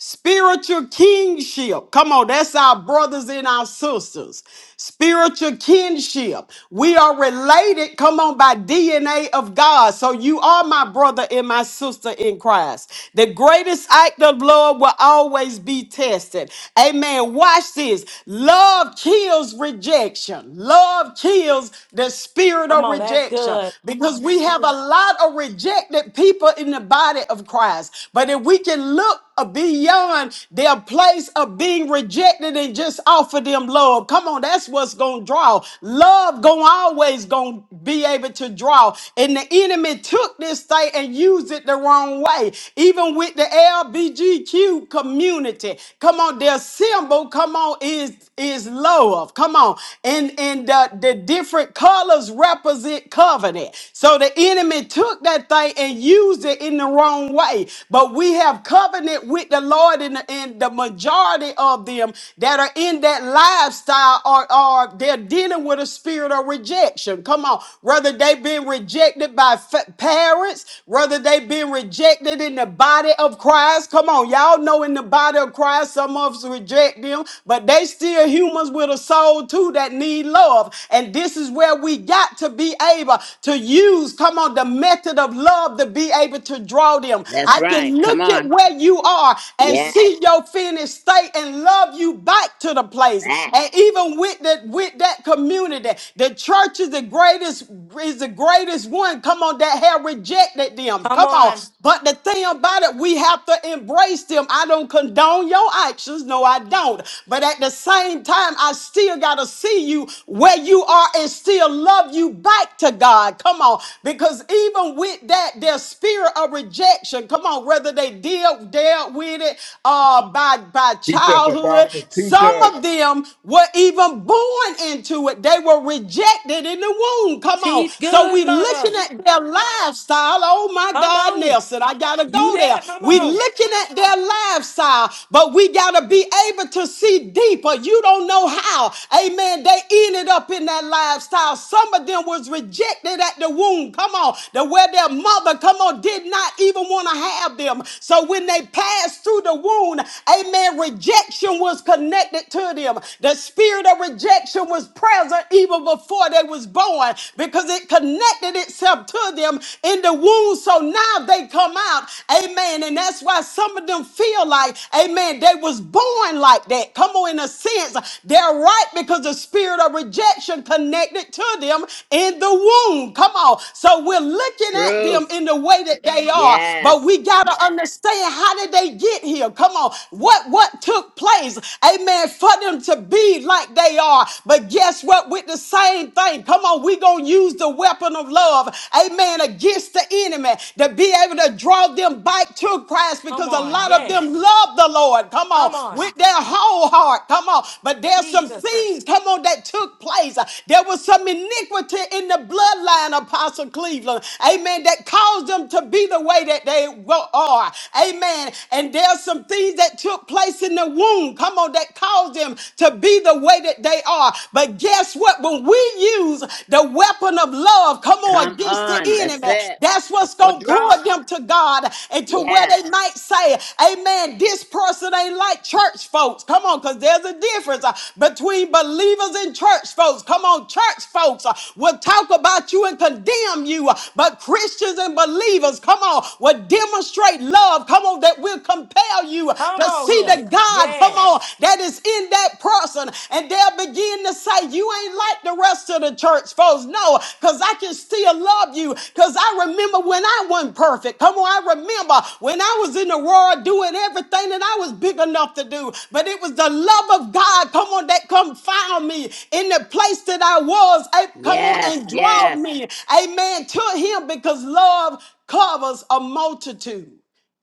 Speaker 1: Spiritual kinship, Come on, that's our brothers and our sisters. Spiritual kinship. We are related, come on, by DNA of God. So you are my brother and my sister in Christ. The greatest act of love will always be tested. Amen. Watch this. Love kills rejection. Love kills the spirit
Speaker 2: Come
Speaker 1: of
Speaker 2: on. That's
Speaker 1: rejection
Speaker 2: good.
Speaker 1: because we have a lot of rejected people in the body of Christ. But if we can can look beyond their place of being rejected and just offer them love. Come on, that's what's gonna draw. Love gonna always gonna be able to draw. And the enemy took this thing and used it the wrong way. Even with the LBGQ community. Come on, their symbol, come on, is is love. Come on. And and the, the different colors represent covenant. So the enemy took that thing and used it in the wrong way. But we have covenant with the Lord, and the, and the majority of them that are in that lifestyle are, are they're dealing with a spirit of rejection. Come on, whether they've been rejected by fa- parents, whether they've been rejected in the body of Christ. Come on, y'all know in the body of Christ, some of us reject them, but they still humans with a soul too that need love. And this is where we got to be able to use, come on, the method of love to be able to able to draw them.
Speaker 5: That's
Speaker 1: I can
Speaker 5: right. Come
Speaker 1: look at
Speaker 5: on.
Speaker 1: where you are and
Speaker 5: Yes,
Speaker 1: see your finished state and love you back to the place.
Speaker 5: that
Speaker 1: And even with that, with that community, the church is the greatest, is the greatest one. Come on, that have rejected them.
Speaker 2: Come
Speaker 1: Come on.
Speaker 2: on.
Speaker 1: But the thing about it, we have to embrace them. I don't condone your actions. No, I don't. But at the same time, I still gotta see you where you are and still love you back to God. Come on. Because even with that their spirit of rejection, come on, whether they deal dealt with it uh, by by
Speaker 4: Teach us,
Speaker 1: childhood,
Speaker 4: Apostle. Teach
Speaker 1: some
Speaker 4: us.
Speaker 1: of them were even born into it. They were rejected in the womb. Come on,
Speaker 2: Teach
Speaker 1: so
Speaker 2: good,
Speaker 1: we looking
Speaker 2: mother.
Speaker 1: at their lifestyle. Oh my
Speaker 2: Come
Speaker 1: God,
Speaker 2: on.
Speaker 1: Nelson, I gotta
Speaker 2: You
Speaker 1: go there.
Speaker 2: there? Come
Speaker 1: We
Speaker 2: on.
Speaker 1: looking at their lifestyle, but we gotta be able to see deeper. You don't know how. Amen. They ended up in that lifestyle. Some of them was rejected at the womb. Come come on, that where their mother, come on, did not even want to have them. So when they passed through the wound, amen, rejection was connected to them. The spirit of rejection was present even before they was born because it connected itself to them in the womb. So now they come out, amen. And that's why some of them feel like, amen, they was born like that. Come on, in a sense, they're right because the spirit of rejection connected to them in the womb. Mm, come on. So we're looking at them
Speaker 5: truth.
Speaker 1: in the way that they are, but
Speaker 5: Yes.
Speaker 1: we gotta understand how did they get here? Come on. What what took place? Amen. For them to be like they are. But guess what? With the same thing. Come on, we gonna use the weapon of love, amen, against the enemy to be able to draw them back to Christ
Speaker 2: Come
Speaker 1: because a
Speaker 2: on.
Speaker 1: lot of them
Speaker 2: Yes.
Speaker 1: love the Lord. Come on,
Speaker 2: Come on.
Speaker 1: with their whole heart. Come on. But there's some
Speaker 2: Jesus.
Speaker 1: things, come on, that took place. There was some iniquity poverty in the bloodline, Apostle Cleveland. Amen. That caused them to be the way that they wa- are. Amen. And there's some things that took place in the womb. Come on, that caused them to be the way that they are. But guess what? When we use the weapon of love, come on,
Speaker 5: Come
Speaker 1: against the
Speaker 5: on. That's
Speaker 1: enemy,
Speaker 5: it.
Speaker 1: that's what's
Speaker 5: We're
Speaker 1: going to pull
Speaker 5: drawing.
Speaker 1: them to God and to where
Speaker 5: Yes.
Speaker 1: they might say, Amen, this person ain't like church folks. Come on, because there's a difference uh, between believers and church folks. Come on, so church folks uh, will talk about you and condemn you, uh, but Christians and believers, come on, will demonstrate love. Come on, that will compel you uh, to
Speaker 2: Come on
Speaker 1: see
Speaker 2: here.
Speaker 1: the God, come on,
Speaker 2: Yes.
Speaker 1: that is in that person. And they'll begin to say, You ain't like the rest of the church folks. No, because I can still love you. Because I remember when I wasn't perfect. Come on, I remember when I was in the world doing everything that I was big enough to do. But it was the love of God, come on, that confound me in the place that I was. Hey, come on
Speaker 5: Yes.
Speaker 1: and draw
Speaker 5: Yes.
Speaker 1: me, amen, to him because love covers a multitude.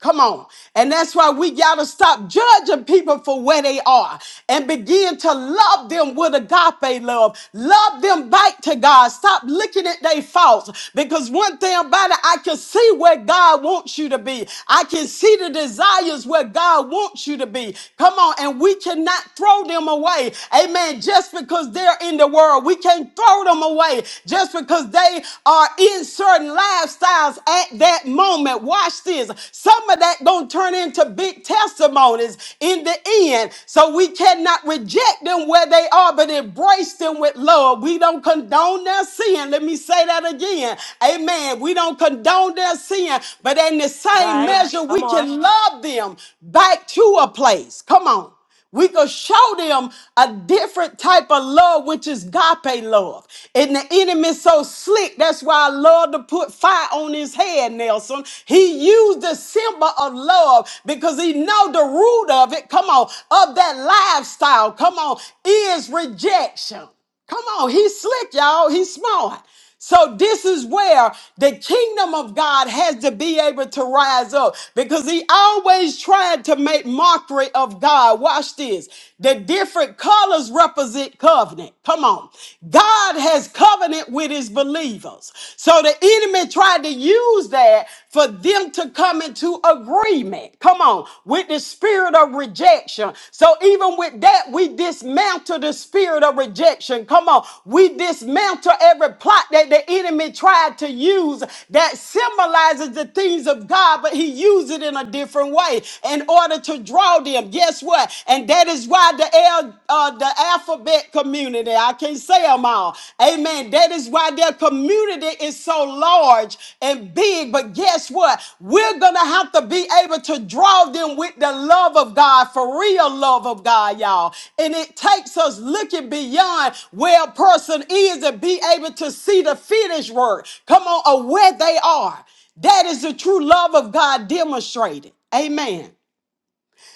Speaker 1: Come on. And that's why we got to stop judging people for where they are and begin to love them with agape love. Love them back to God. Stop looking at their faults because one thing about it, I can see where God wants you to be. I can see the desires where God wants you to be. Come on. And we cannot throw them away. Amen. Amen. Just because they're in the world, we can't throw them away. Just because they are in certain lifestyles at that moment. Watch this. Some of that gonna turn into big testimonies in the end. So we cannot reject them where they are, but embrace them with love. We don't condone their sin. Let me say that again. Amen. We don't condone their sin, but in the same
Speaker 2: Right.
Speaker 1: measure,
Speaker 2: Come
Speaker 1: we
Speaker 2: on.
Speaker 1: can love them back to a place. Come on. We could show them a different type of love, which is agape love. And the enemy's so slick. That's why I love to put fire on his head, Nelson. He used the symbol of love because he know the root of it. Come on, of that lifestyle. Come on, is rejection. Come on, he's slick, y'all. He's smart. So this is where the kingdom of God has to be able to rise up because he always tried to make mockery of God. Watch this. The different colors represent covenant. Come on. God has covenant with his believers. So the enemy tried to use that for them to come into agreement agreement, come on, with the spirit of rejection. So even with that, we dismantle the spirit of rejection. Come on, we dismantle every plot that the enemy tried to use that symbolizes the things of God, but he used it in a different way in order to draw them. Guess what? And that is why the L, uh, the alphabet community, I can't say them all, Amen. That is why their community is so large and big. But guess what? We're going to have to be able to draw them with the love of God, for real love of God, y'all. And it takes us looking beyond where a person is and be able to see the finished work. Come on, or where they are. That is the true love of God demonstrated. Amen.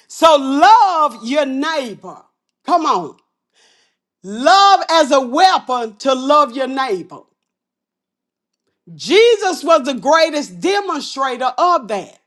Speaker 1: So love your neighbor. Come on. Love as a weapon to love your neighbor. Jesus was the greatest demonstrator of that.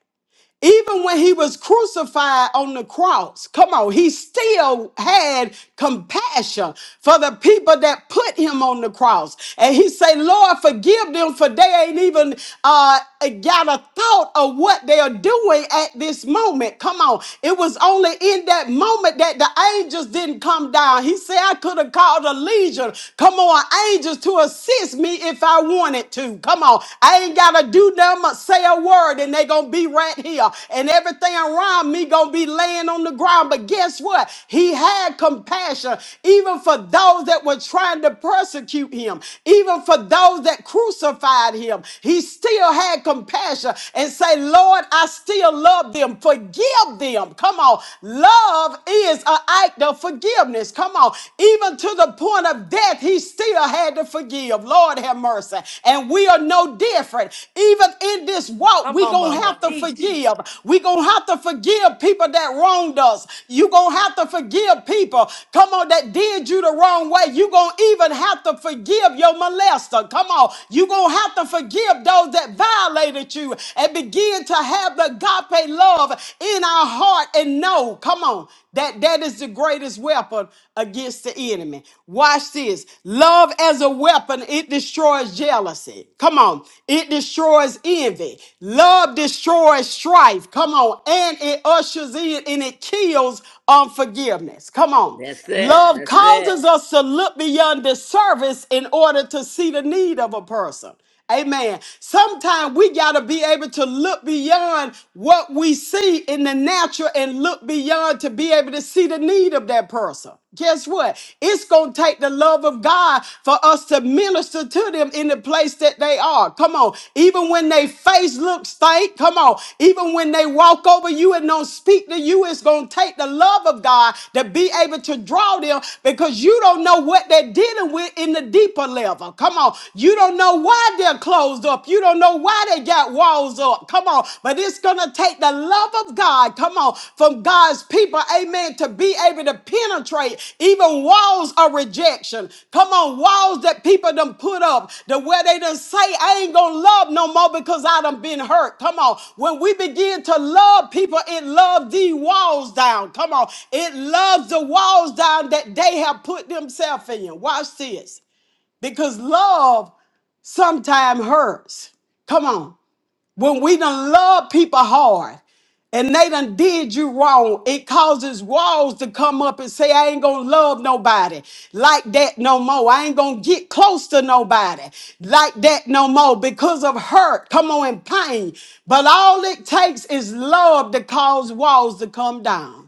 Speaker 1: Even when he was crucified on the cross, come on, he still had compassion for the people that put him on the cross. And he said, Lord, forgive them for they ain't even uh, got a thought of what they are doing at this moment. Come on. It was only in that moment that the angels didn't come down. He said, I could have called a legion. Come on, angels to assist me if I wanted to. Come on. I ain't gotta do nothing but say a word and they gonna be right here. And everything around me gonna be laying on the ground. But guess what? He had compassion even for those that were trying to persecute him, even for those that crucified him. He still had compassion and say, Lord, I still love them. Forgive them. Come on. Love is an act of forgiveness. Come on. Even to the point of death, he he still had to forgive. Lord have mercy. And we are no different. Even in this walk,
Speaker 2: Come
Speaker 1: we
Speaker 2: on,
Speaker 1: gonna
Speaker 2: mother.
Speaker 1: have to
Speaker 2: Teach.
Speaker 1: forgive. We gonna have to forgive people that wronged us. You gonna have to forgive people. Come on, that did you the wrong way. You gonna even have to forgive your molester. Come on, you gonna have to forgive those that violated you and begin to have the agape love in our heart and know. Come on. That that is the greatest weapon against the enemy. Watch this. Love as a weapon, it destroys jealousy. Come on. It destroys envy. Love destroys strife. Come on. And it ushers in and it kills unforgiveness. Come on.
Speaker 5: That's it.
Speaker 1: Love
Speaker 5: That's it.
Speaker 1: causes us to look beyond the service in order to see the need of a person. Amen. Sometimes we got to be able to look beyond what we see in the natural and look beyond to be able to see the need of that person. Guess what? It's going to take the love of God for us to minister to them in the place that they are. Come on. Even when they face looks stink, come on. Even when they walk over you and don't speak to you, it's going to take the love of God to be able to draw them because you don't know what they're dealing with in the deeper level. Come on on. You don't know why they're closed up. You don't know why they got walls up. Come on. But it's going to take the love of God, come on, from God's people, amen, to be able to penetrate even walls of rejection. Come on, walls that people done put up, the where they done say, I ain't going to love no more because I done been hurt. Come on. When we begin to love people, it loves the walls down. Come on. It loves the walls down that they have put themselves in. Watch this because love sometimes hurts. Come on. When we done love people hard and they done did you wrong, it causes walls to come up and say, I ain't gonna love nobody like that no more. I ain't gonna get close to nobody like that no more because of hurt. Come on, and pain. But all it takes is love to cause walls to come down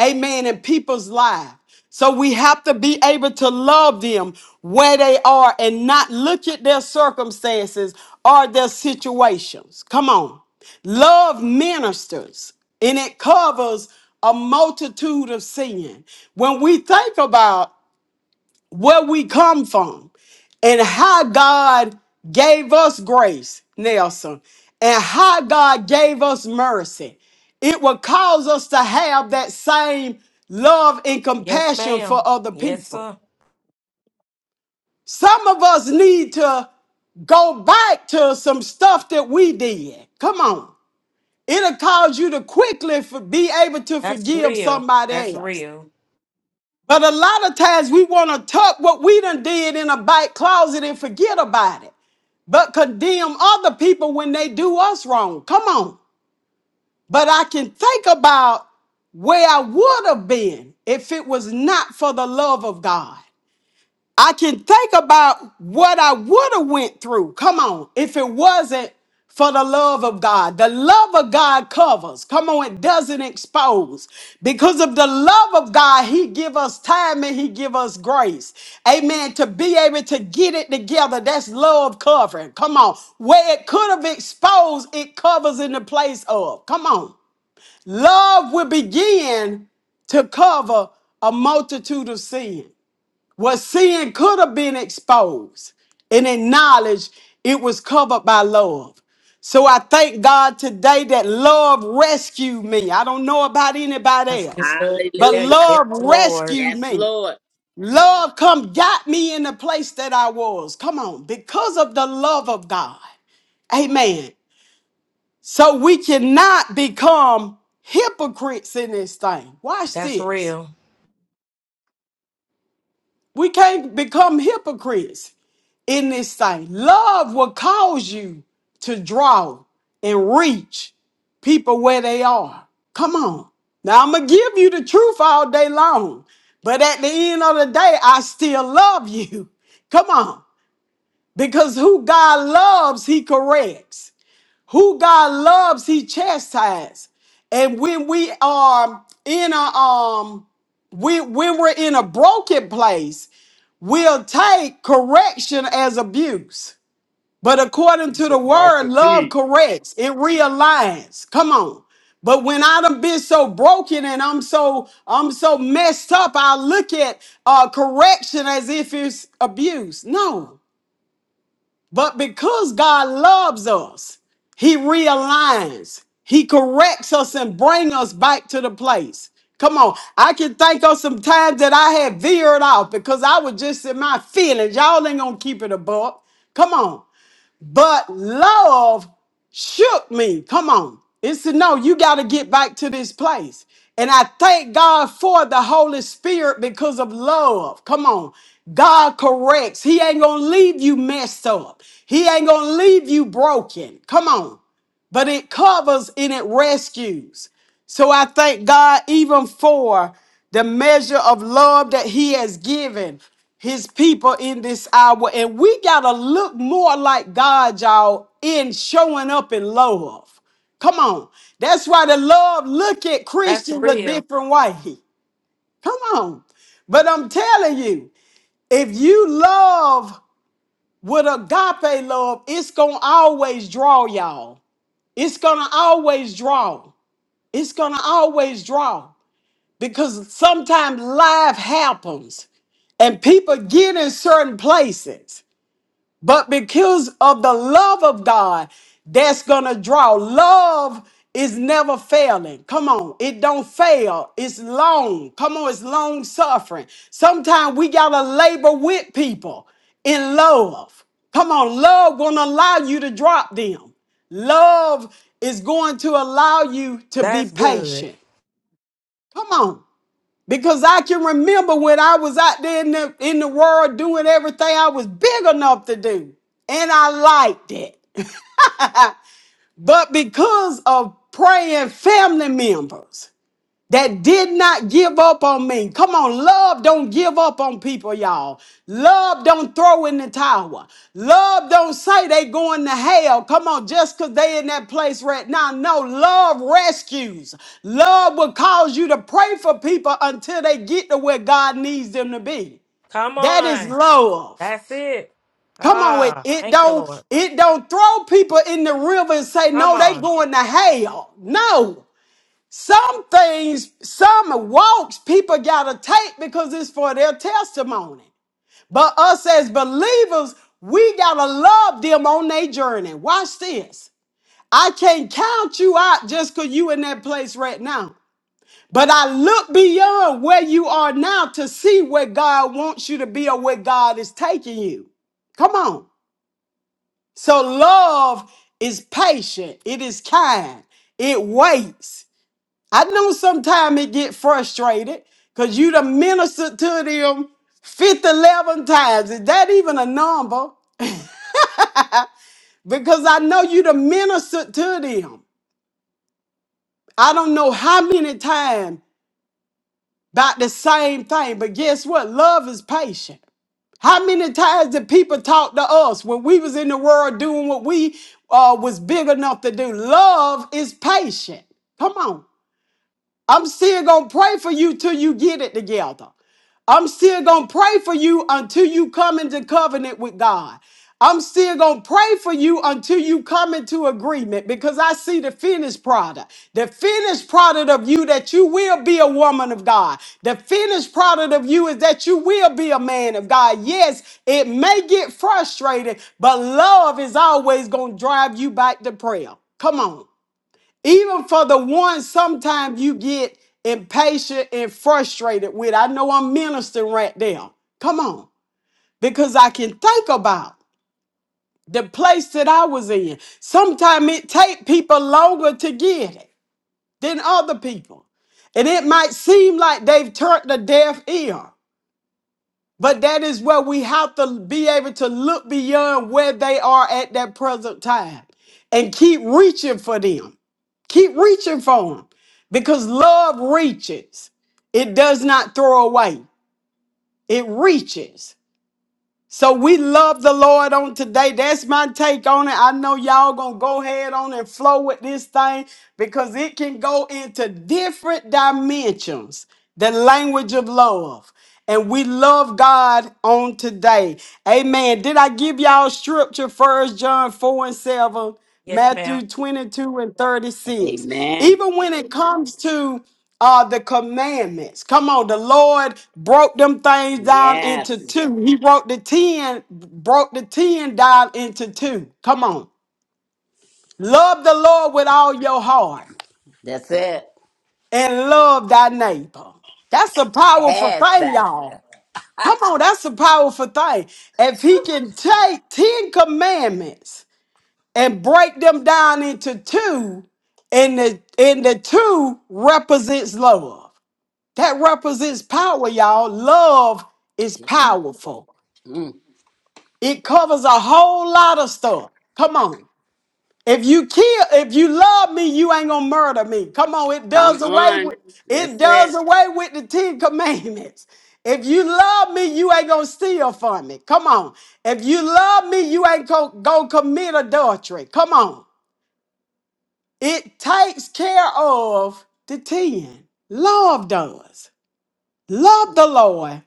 Speaker 1: amen, in people's lives. So we have to be able to love them where they are and not look at their circumstances or their situations. Come on. Love ministers and it covers a multitude of sin. When we think about where we come from and how God gave us grace, Nelson, and how God gave us mercy. It will cause us to have that same love and
Speaker 2: Yes,
Speaker 1: compassion
Speaker 2: ma'am.
Speaker 1: for other
Speaker 2: Yes,
Speaker 1: people.
Speaker 2: sir.
Speaker 1: Some of us need to go back to some stuff that we did. Come on. It'll cause you to quickly for, be able to
Speaker 2: That's
Speaker 1: forgive
Speaker 2: real. That's
Speaker 1: somebody else.
Speaker 2: real.
Speaker 1: But a lot of times we want to tuck what we done did in a back closet and forget about it, but condemn other people when they do us wrong. Come on. But I can think about where I would have been if it was not for the love of God. I can think about what I would have went through. Come on, if it wasn't for the love of God. The love of God covers. Come on, it doesn't expose. Because of the love of God, he give us time and he give us grace. Amen. To be able to get it together, that's love covering. Come on. Where it could have exposed, it covers in the place of. Come on. Love will begin to cover a multitude of sin. What sin could have been exposed and acknowledged, it was covered by love. So I thank God today that love rescued me. I don't know about
Speaker 2: That's
Speaker 1: anybody else,
Speaker 2: good.
Speaker 1: but
Speaker 2: Yeah,
Speaker 5: Hallelujah.
Speaker 2: Yes,
Speaker 1: love
Speaker 2: Lord.
Speaker 1: rescued
Speaker 5: Yes,
Speaker 1: me.
Speaker 5: Lord.
Speaker 1: Love come got me in the place that I was. Come on, because of the love of God. Amen. So we cannot become hypocrites in this thing. Watch
Speaker 2: That's
Speaker 1: this.
Speaker 2: real.
Speaker 1: We can't become hypocrites. in His sight. Love will cause you to draw and reach people where they are. Come on. Now, I'm going to give you the truth all day long, but at the end of the day, I still love you. Come on. Because who God loves, He corrects. Who God loves, He chastises. And when we are in a um when, when we're in a broken place, we'll take correction as abuse. But according
Speaker 4: Teach
Speaker 1: to the
Speaker 4: us,
Speaker 1: word,
Speaker 4: Apostle.
Speaker 1: love
Speaker 4: Teach.
Speaker 1: corrects, it realigns. Come on. But when I done been so broken and I'm so I'm so messed up, I look at uh, correction as if it's abuse. No. But because God loves us, He realigns. He corrects us and bring us back to the place. Come on. I can think of some times that I had veered off because I was just in my feelings. Y'all ain't gonna keep it above. Come on but love shook me. Come on. It said, no, you got to get back to this place. And I thank God for the Holy Spirit because of love. Come on. God corrects. He ain't going to leave you messed up. He ain't going to leave you broken. Come on but it covers and it rescues. So I thank God even for the measure of love that He has given His people in this hour. And we got to look more like God, y'all, in showing up in love. Come on. That's why the love look at
Speaker 2: That's
Speaker 1: Christians a
Speaker 2: real.
Speaker 1: different way. Come on. But I'm telling you, if you love with agape love, it's going to always draw y'all it's gonna always draw. It's gonna always draw because sometimes life happens and people get in certain places but because of the love of God that's going to draw. Love is never failing. Come on, it don't fail. It's long. Come on, it's long suffering. Sometimes we got to labor with people in love. Come on, love won't allow you to drop them. Love is going to allow you to be
Speaker 2: That's good.
Speaker 1: patient. Come on. Because I can remember when I was out there in the, in the world doing everything I was big enough to do. And I liked it. but because of praying family members, that did not give up on me. Come on, love don't give up on people, y'all. Love don't throw in the towel. Love don't say they going to hell. Come on, just because they in that place right now. No, love rescues. Love will cause you to pray for people until they get to where God needs them to be.
Speaker 2: Come
Speaker 1: That is
Speaker 2: on.
Speaker 1: love.
Speaker 2: That's it.
Speaker 1: Come on, it,
Speaker 2: Ah,
Speaker 1: it
Speaker 2: thank you, Lord.
Speaker 1: don't it don't throw people in the river and say
Speaker 2: Come
Speaker 1: no, they
Speaker 2: on.
Speaker 1: going to hell. No. Some things, some walks people gotta take because it's for their testimony. But us as believers, we gotta love them on their journey. Watch this. I can't count you out just because you in that place right now. But I look beyond where you are now to see where God wants you to be or where God is taking you. Come on. So love is patient, it is kind, it waits. I know sometimes it get frustrated because you done ministered to them fifty eleven times. Is that even a number? Because I know you done ministered to them. I don't know how many times about the same thing, but guess what? Love is patient. How many times did people talk to us when we was in the world doing what we uh, was big enough to do? Love is patient. Come on. I'm still gonna pray for you till you get it together. I'm still gonna pray for you until you come into covenant with God. I'm still gonna pray for you until you come into agreement because I see the finished product. The finished product of you that you will be a woman of God. The finished product of you is that you will be a man of God. Yes, it may get frustrated, but love is always gonna drive you back to prayer. Come on even for the ones sometimes you get impatient and frustrated with. I know I'm ministering right now. Come on. Because I can think about the place that I was in. Sometimes it take people longer to get it than other people. And it might seem like they've turned a deaf ear. But that is where we have to be able to look beyond where they are at that present time and keep reaching for them. Keep reaching for them because love reaches, it does not throw away, it reaches. So we love the Lord on today. That's my take on it. I know y'all gonna go ahead on and flow with this thing because it can go into different dimensions. The language of love. And we love God on today. Amen. Did I give y'all scripture first John 4 and 7,
Speaker 2: Yes, ma'am.
Speaker 1: Matthew 22 and 36?
Speaker 5: Amen.
Speaker 1: Even when it comes to are the commandments. Come on, the Lord broke them things down
Speaker 5: Yes.
Speaker 1: into two. He broke the 10, broke the 10 down into two. Come on. Love the Lord with all your heart
Speaker 5: That's it.
Speaker 1: and love thy neighbor. That's a powerful
Speaker 5: Yes,
Speaker 1: thing,
Speaker 5: that's
Speaker 1: y'all. Come on, that's a powerful thing. If he can take 10 commandments and break them down into two, and the and the two represents love. That represents power, y'all. Love is
Speaker 5: it.
Speaker 1: powerful. It covers a whole lot of stuff. Come on. If you kill, if you love me, you ain't gonna murder me. Come on, it
Speaker 5: Come
Speaker 1: does away
Speaker 5: on.
Speaker 1: with
Speaker 5: That's
Speaker 1: it
Speaker 5: it.
Speaker 1: does away with the Ten Commandments. If you love me, you ain't gonna steal from me. Come on. If you love me, you ain't gonna, gonna commit adultery. Come on. It takes care of the ten. Love does. Love the Lord.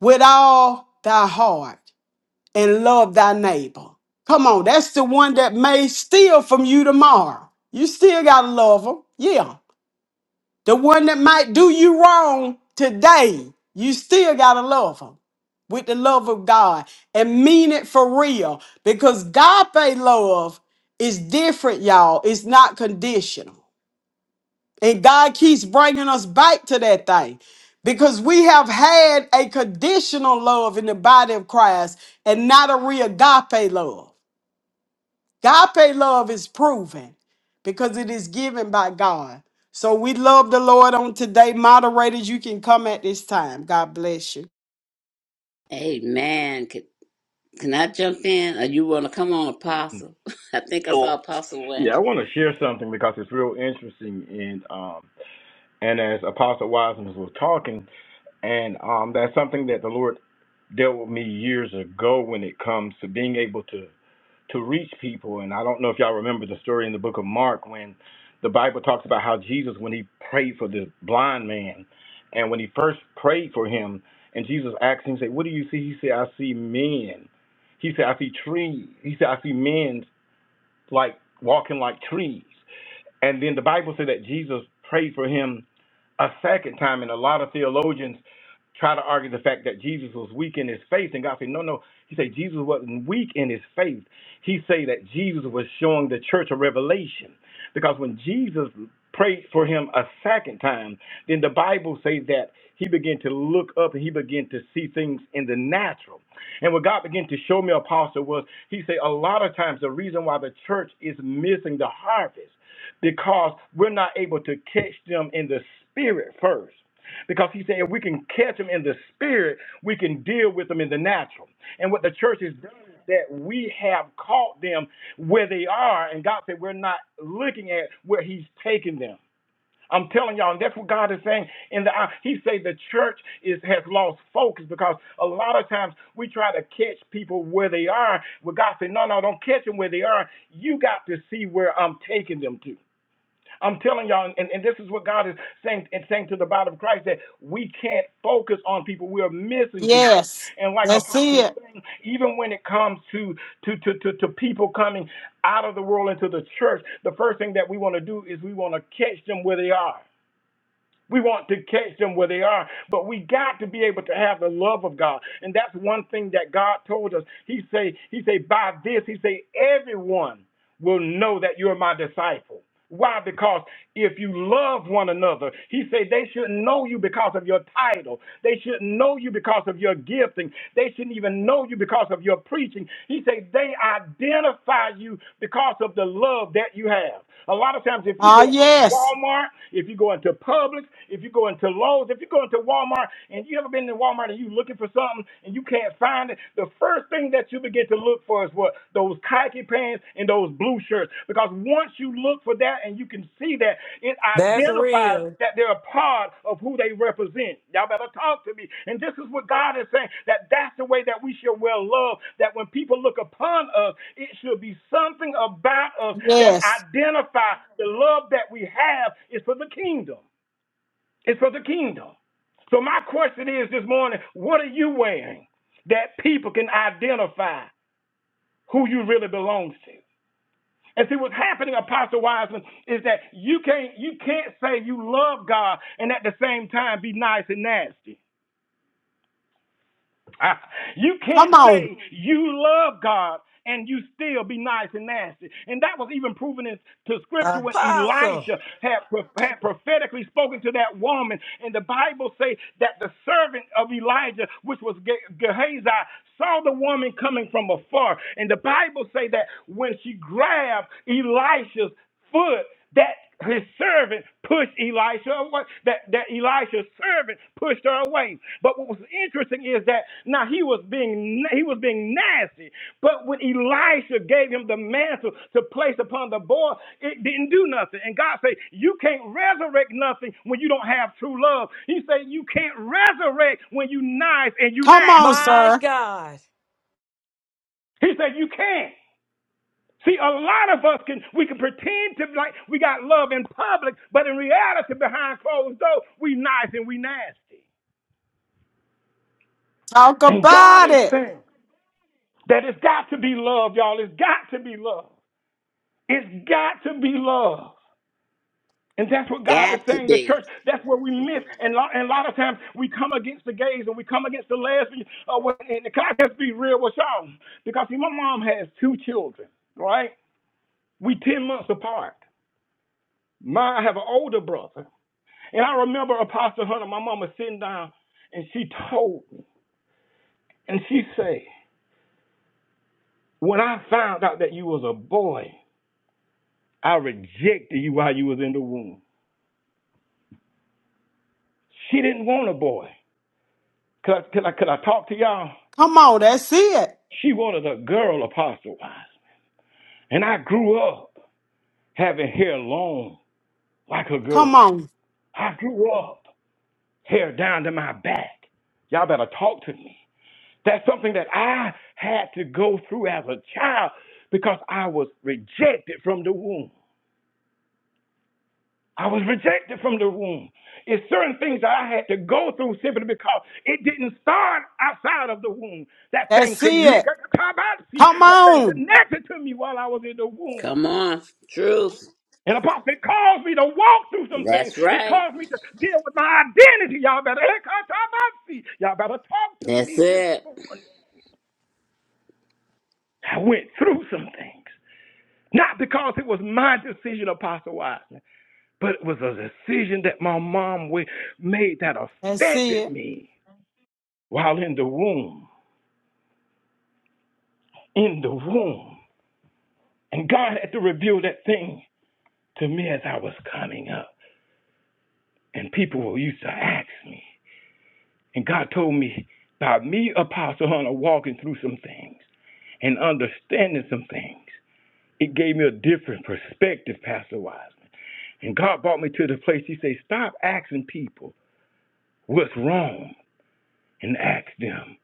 Speaker 1: with all thy heart and love thy neighbor. Come on, that's the one that may steal from you tomorrow. You still gotta love them. Yeah. The one that might do you wrong today, you still gotta love them with the love of God and mean it for real because God love is different, y'all. It's not conditional. And God keeps bringing us back to that thing because we have had a conditional love in the body of Christ and not a real agape love. Agape love is proven because it is given by God. So we love the Lord on today. Moderators, you can come at this time. God bless you.
Speaker 5: Amen. Can, can I jump in? Or you want to come on, Apostle? I think I saw Apostle Wayne.
Speaker 4: Yeah, I want to share something because it's real interesting. And um, and as Apostle Wiseman was talking, and um, that's something that the Lord dealt with me years ago when it comes to being able to to reach people. And I don't know if y'all remember the story in the book of Mark when the Bible talks about how Jesus, when he prayed for the blind man, and when he first prayed for him, and Jesus asked him, he said, What do you see? He said, I see men. He said, I see trees. He said, I see men like walking like trees. And then the Bible said that Jesus prayed for him a second time, and a lot of theologians try to argue the fact that Jesus was weak in his faith, and God said, no, no. He said Jesus wasn't weak in his faith. He said that Jesus was showing the church a revelation, because when Jesus prayed for him a second time, then the Bible says that he began to look up and he began to see things in the natural. And what God began to show me, Apostle, was he said a lot of times the reason why the church is missing the harvest because we're not able to catch them in the spirit first. Because he said if we can catch them in the spirit, we can deal with them in the natural. And what the church has done is that we have caught them where they are, and God said we're not looking at where He's taking them. I'm telling y'all, and that's what God is saying. In the hour. He say the church is has lost focus because a lot of times we try to catch people where they are. But God said, no, no, don't catch them where they are. You got to see where I'm taking them to. I'm telling y'all, and, and this is what God is saying and saying to the body of Christ that we can't focus on people. We are missing people.
Speaker 1: Yes,
Speaker 4: And like
Speaker 1: that's
Speaker 4: Apostle was
Speaker 1: it.
Speaker 4: saying, even when it comes to to, to, to to people coming out of the world into the church, the first thing that we want to do is we want to catch them where they are. We want to catch them where they are, but we got to be able to have the love of God, and that's one thing that God told us. He say, He say, by this, He say, everyone will know that you're my disciple. Why? Because if you love one another, he said they should not know you because of your title. They should not know you because of your gifting. They shouldn't even know you because of your preaching. He said they identify you because of the love that you have. A lot of times, if you
Speaker 1: Ah,
Speaker 4: go into
Speaker 1: yes,
Speaker 4: Walmart, if you go into Publix, if you go into Lowe's, if you go into Walmart, and you ever been to Walmart and you looking for something, and you can't find it, the first thing that you begin to look for is what? Those khaki pants and those blue shirts. Because once you look for that and you can see that, it
Speaker 2: That's
Speaker 4: identifies
Speaker 2: real.
Speaker 4: that they're a part of who they represent. Y'all better talk to me. And this is what God is saying that that's the way that we should wear love, that when people look upon us, it should be something about us that
Speaker 1: yes.
Speaker 4: identifies the love that we have is for the kingdom. It's for the kingdom. So my question is this morning, what are you wearing that people can identify who you really belong to? And see what's happening, Apostle Wiseman, is that you can't you can't say you love God and at the same time be nice and nasty. you can't
Speaker 1: Come on,
Speaker 4: say you love God and you still be nice and nasty. And that was even proven in, to scripture when
Speaker 2: Apostle.
Speaker 4: Elisha had, had prophetically spoken to that woman. And the Bible say that the servant of Elijah, which was Ge- Gehazi, saw the woman coming from afar. And the Bible say that when she grabbed Elisha's foot that his servant pushed Elisha away, that, that Elisha's servant pushed her away. But what was interesting is that now he was being he was being nasty, but when Elisha gave him the mantle to place upon the boy, it didn't do nothing. And God said, You can't resurrect nothing when you don't have true love. He said, You can't resurrect when you nice and you
Speaker 1: come on,
Speaker 4: nasty.
Speaker 2: My
Speaker 1: sir.
Speaker 2: God.
Speaker 4: He said, You can't. See, a lot of us can we can pretend to like we got love in public, but in reality, behind closed doors, we nice and we nasty.
Speaker 1: Talk
Speaker 4: And God
Speaker 1: about
Speaker 4: is
Speaker 1: it.
Speaker 4: saying that it's got to be love, y'all. It's got to be love. It's got to be love. And that's what God is
Speaker 5: Got to
Speaker 4: saying. The
Speaker 5: be.
Speaker 4: church, that's where we miss. And, lo- and a lot of times we come against the gays and we come against the lesbians. Uh, what- and can I just be real with y'all? Because see, my mom has two children, right? We 10 months apart. My, I have an older brother And I remember Apostle Hunter, my mama sitting down, and she told me, and she said, when I found out that you was a boy, I rejected you while you was in the womb. She didn't want a boy. Could I, could I, could I talk to y'all?
Speaker 1: Come on, that's it.
Speaker 4: She wanted a girl, Apostle Wise. And I grew up having hair long like a
Speaker 1: Come
Speaker 4: girl.
Speaker 1: on.
Speaker 4: I grew up hair down to my back. Y'all better talk to me. That's something that I had to go through as a child because I was rejected from the womb. I was rejected from the womb. It's certain things that I had to go through simply because it didn't start outside of the womb. That
Speaker 1: Let's
Speaker 4: thing
Speaker 1: see it.
Speaker 4: connected,
Speaker 1: Come
Speaker 4: that thing
Speaker 1: on.
Speaker 4: connected to me while I was in the womb.
Speaker 5: Come on. Truth.
Speaker 4: And apostle, it caused me to walk through some things.
Speaker 5: That's
Speaker 4: It
Speaker 5: right.
Speaker 4: caused me to deal with my identity. Y'all better, y'all better talk to
Speaker 5: That's
Speaker 4: me this
Speaker 5: it.
Speaker 4: morning. I went through some things. Not because it was my decision, Apostle Wiseman, but it was a decision that my mom made that
Speaker 1: Let's see
Speaker 4: affected
Speaker 1: it.
Speaker 4: me while in the womb. In the womb. And God had to reveal that thing to me as I was coming up. And people used to ask me. And God told me by me, Apostle Hunter, walking through some things and understanding some things, it gave me a different perspective, Pastor Wiseman. And God brought me to the place, He said, Stop asking people what's wrong and ask them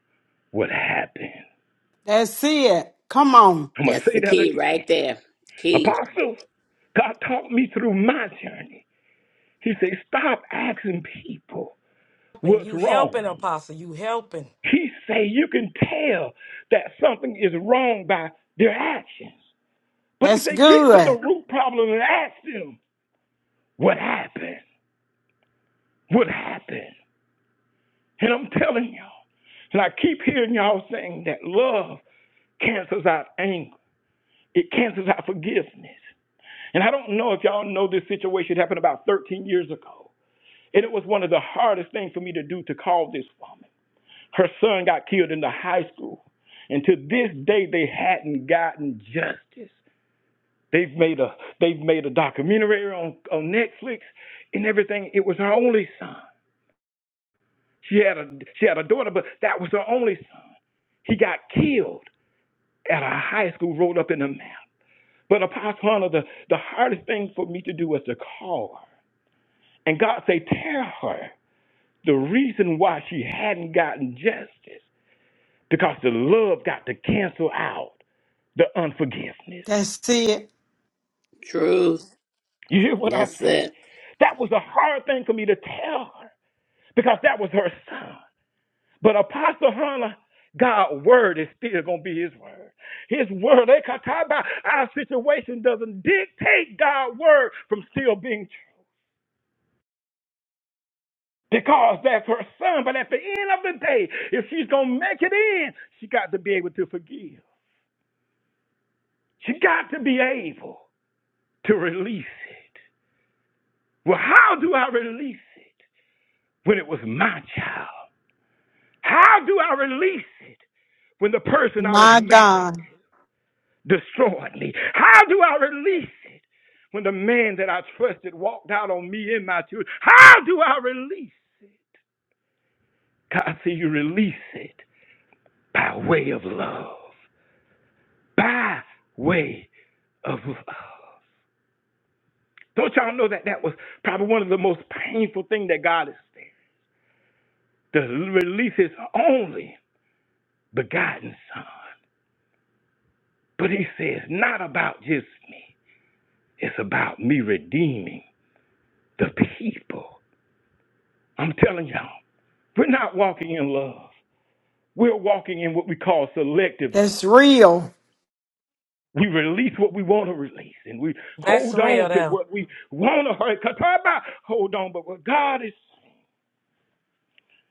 Speaker 4: what happened.
Speaker 1: Let's see it. Come on.
Speaker 4: I'm going to
Speaker 5: That's
Speaker 4: say
Speaker 5: the
Speaker 4: that
Speaker 5: key
Speaker 4: again.
Speaker 5: right there. Key.
Speaker 4: Apostles, God taught me through my journey. He said, stop asking people
Speaker 2: helping.
Speaker 4: what's
Speaker 2: You
Speaker 4: wrong.
Speaker 2: helping, Apostle. You helping.
Speaker 4: He say you can tell that something is wrong by their actions. But he
Speaker 1: That's
Speaker 4: said, get to the
Speaker 1: good.
Speaker 4: root problem and ask them what happened. What happened? And I'm telling y'all, and I keep hearing y'all saying that love cancels out anger. It cancels out forgiveness. And I don't know if y'all know this situation happened about 13 years ago. And it was one of the hardest things for me to do to call this woman. Her son got killed in the high school. And to this day, they hadn't gotten justice. They've made a they've made a documentary on, on Netflix and everything. It was her only son. She had a she had a daughter, but that was her only son. He got killed at a high school, rolled up in a map. But Apostle Hunter, the, the hardest thing for me to do was to call her And God say, tell her the reason why she hadn't gotten justice because the love got to cancel out the unforgiveness.
Speaker 1: That's it.
Speaker 5: Truth.
Speaker 4: You hear what I
Speaker 5: That's
Speaker 4: say?
Speaker 5: it.
Speaker 4: That was a hard thing for me to tell her because that was her son. But Apostle Hannah, God's word is still going to be his word. His word, they can talk about our situation doesn't dictate God's word from still being true. because that's her son. But at the end of the day, if she's going to make it in, she got to be able to forgive. She got to be able to release it. Well, how do I release it when it was my child? How do I release it when the person I was
Speaker 1: My
Speaker 4: married
Speaker 1: God.
Speaker 4: destroyed me? How do I release it when the man that I trusted walked out on me and my children? How do I release it? God said, You release it by way of love. by way of love. Don't y'all know that that was probably one of the most painful things that God has said to release His only begotten Son. But He says, not about just me, it's about me redeeming the people. I'm telling y'all, we're not walking in love, we're walking in what we call selective love.
Speaker 1: That's real.
Speaker 4: We release what we want to release and we
Speaker 2: That's
Speaker 4: hold on
Speaker 2: real,
Speaker 4: to
Speaker 2: though.
Speaker 4: what we want to hold. on. Hold on, but what God is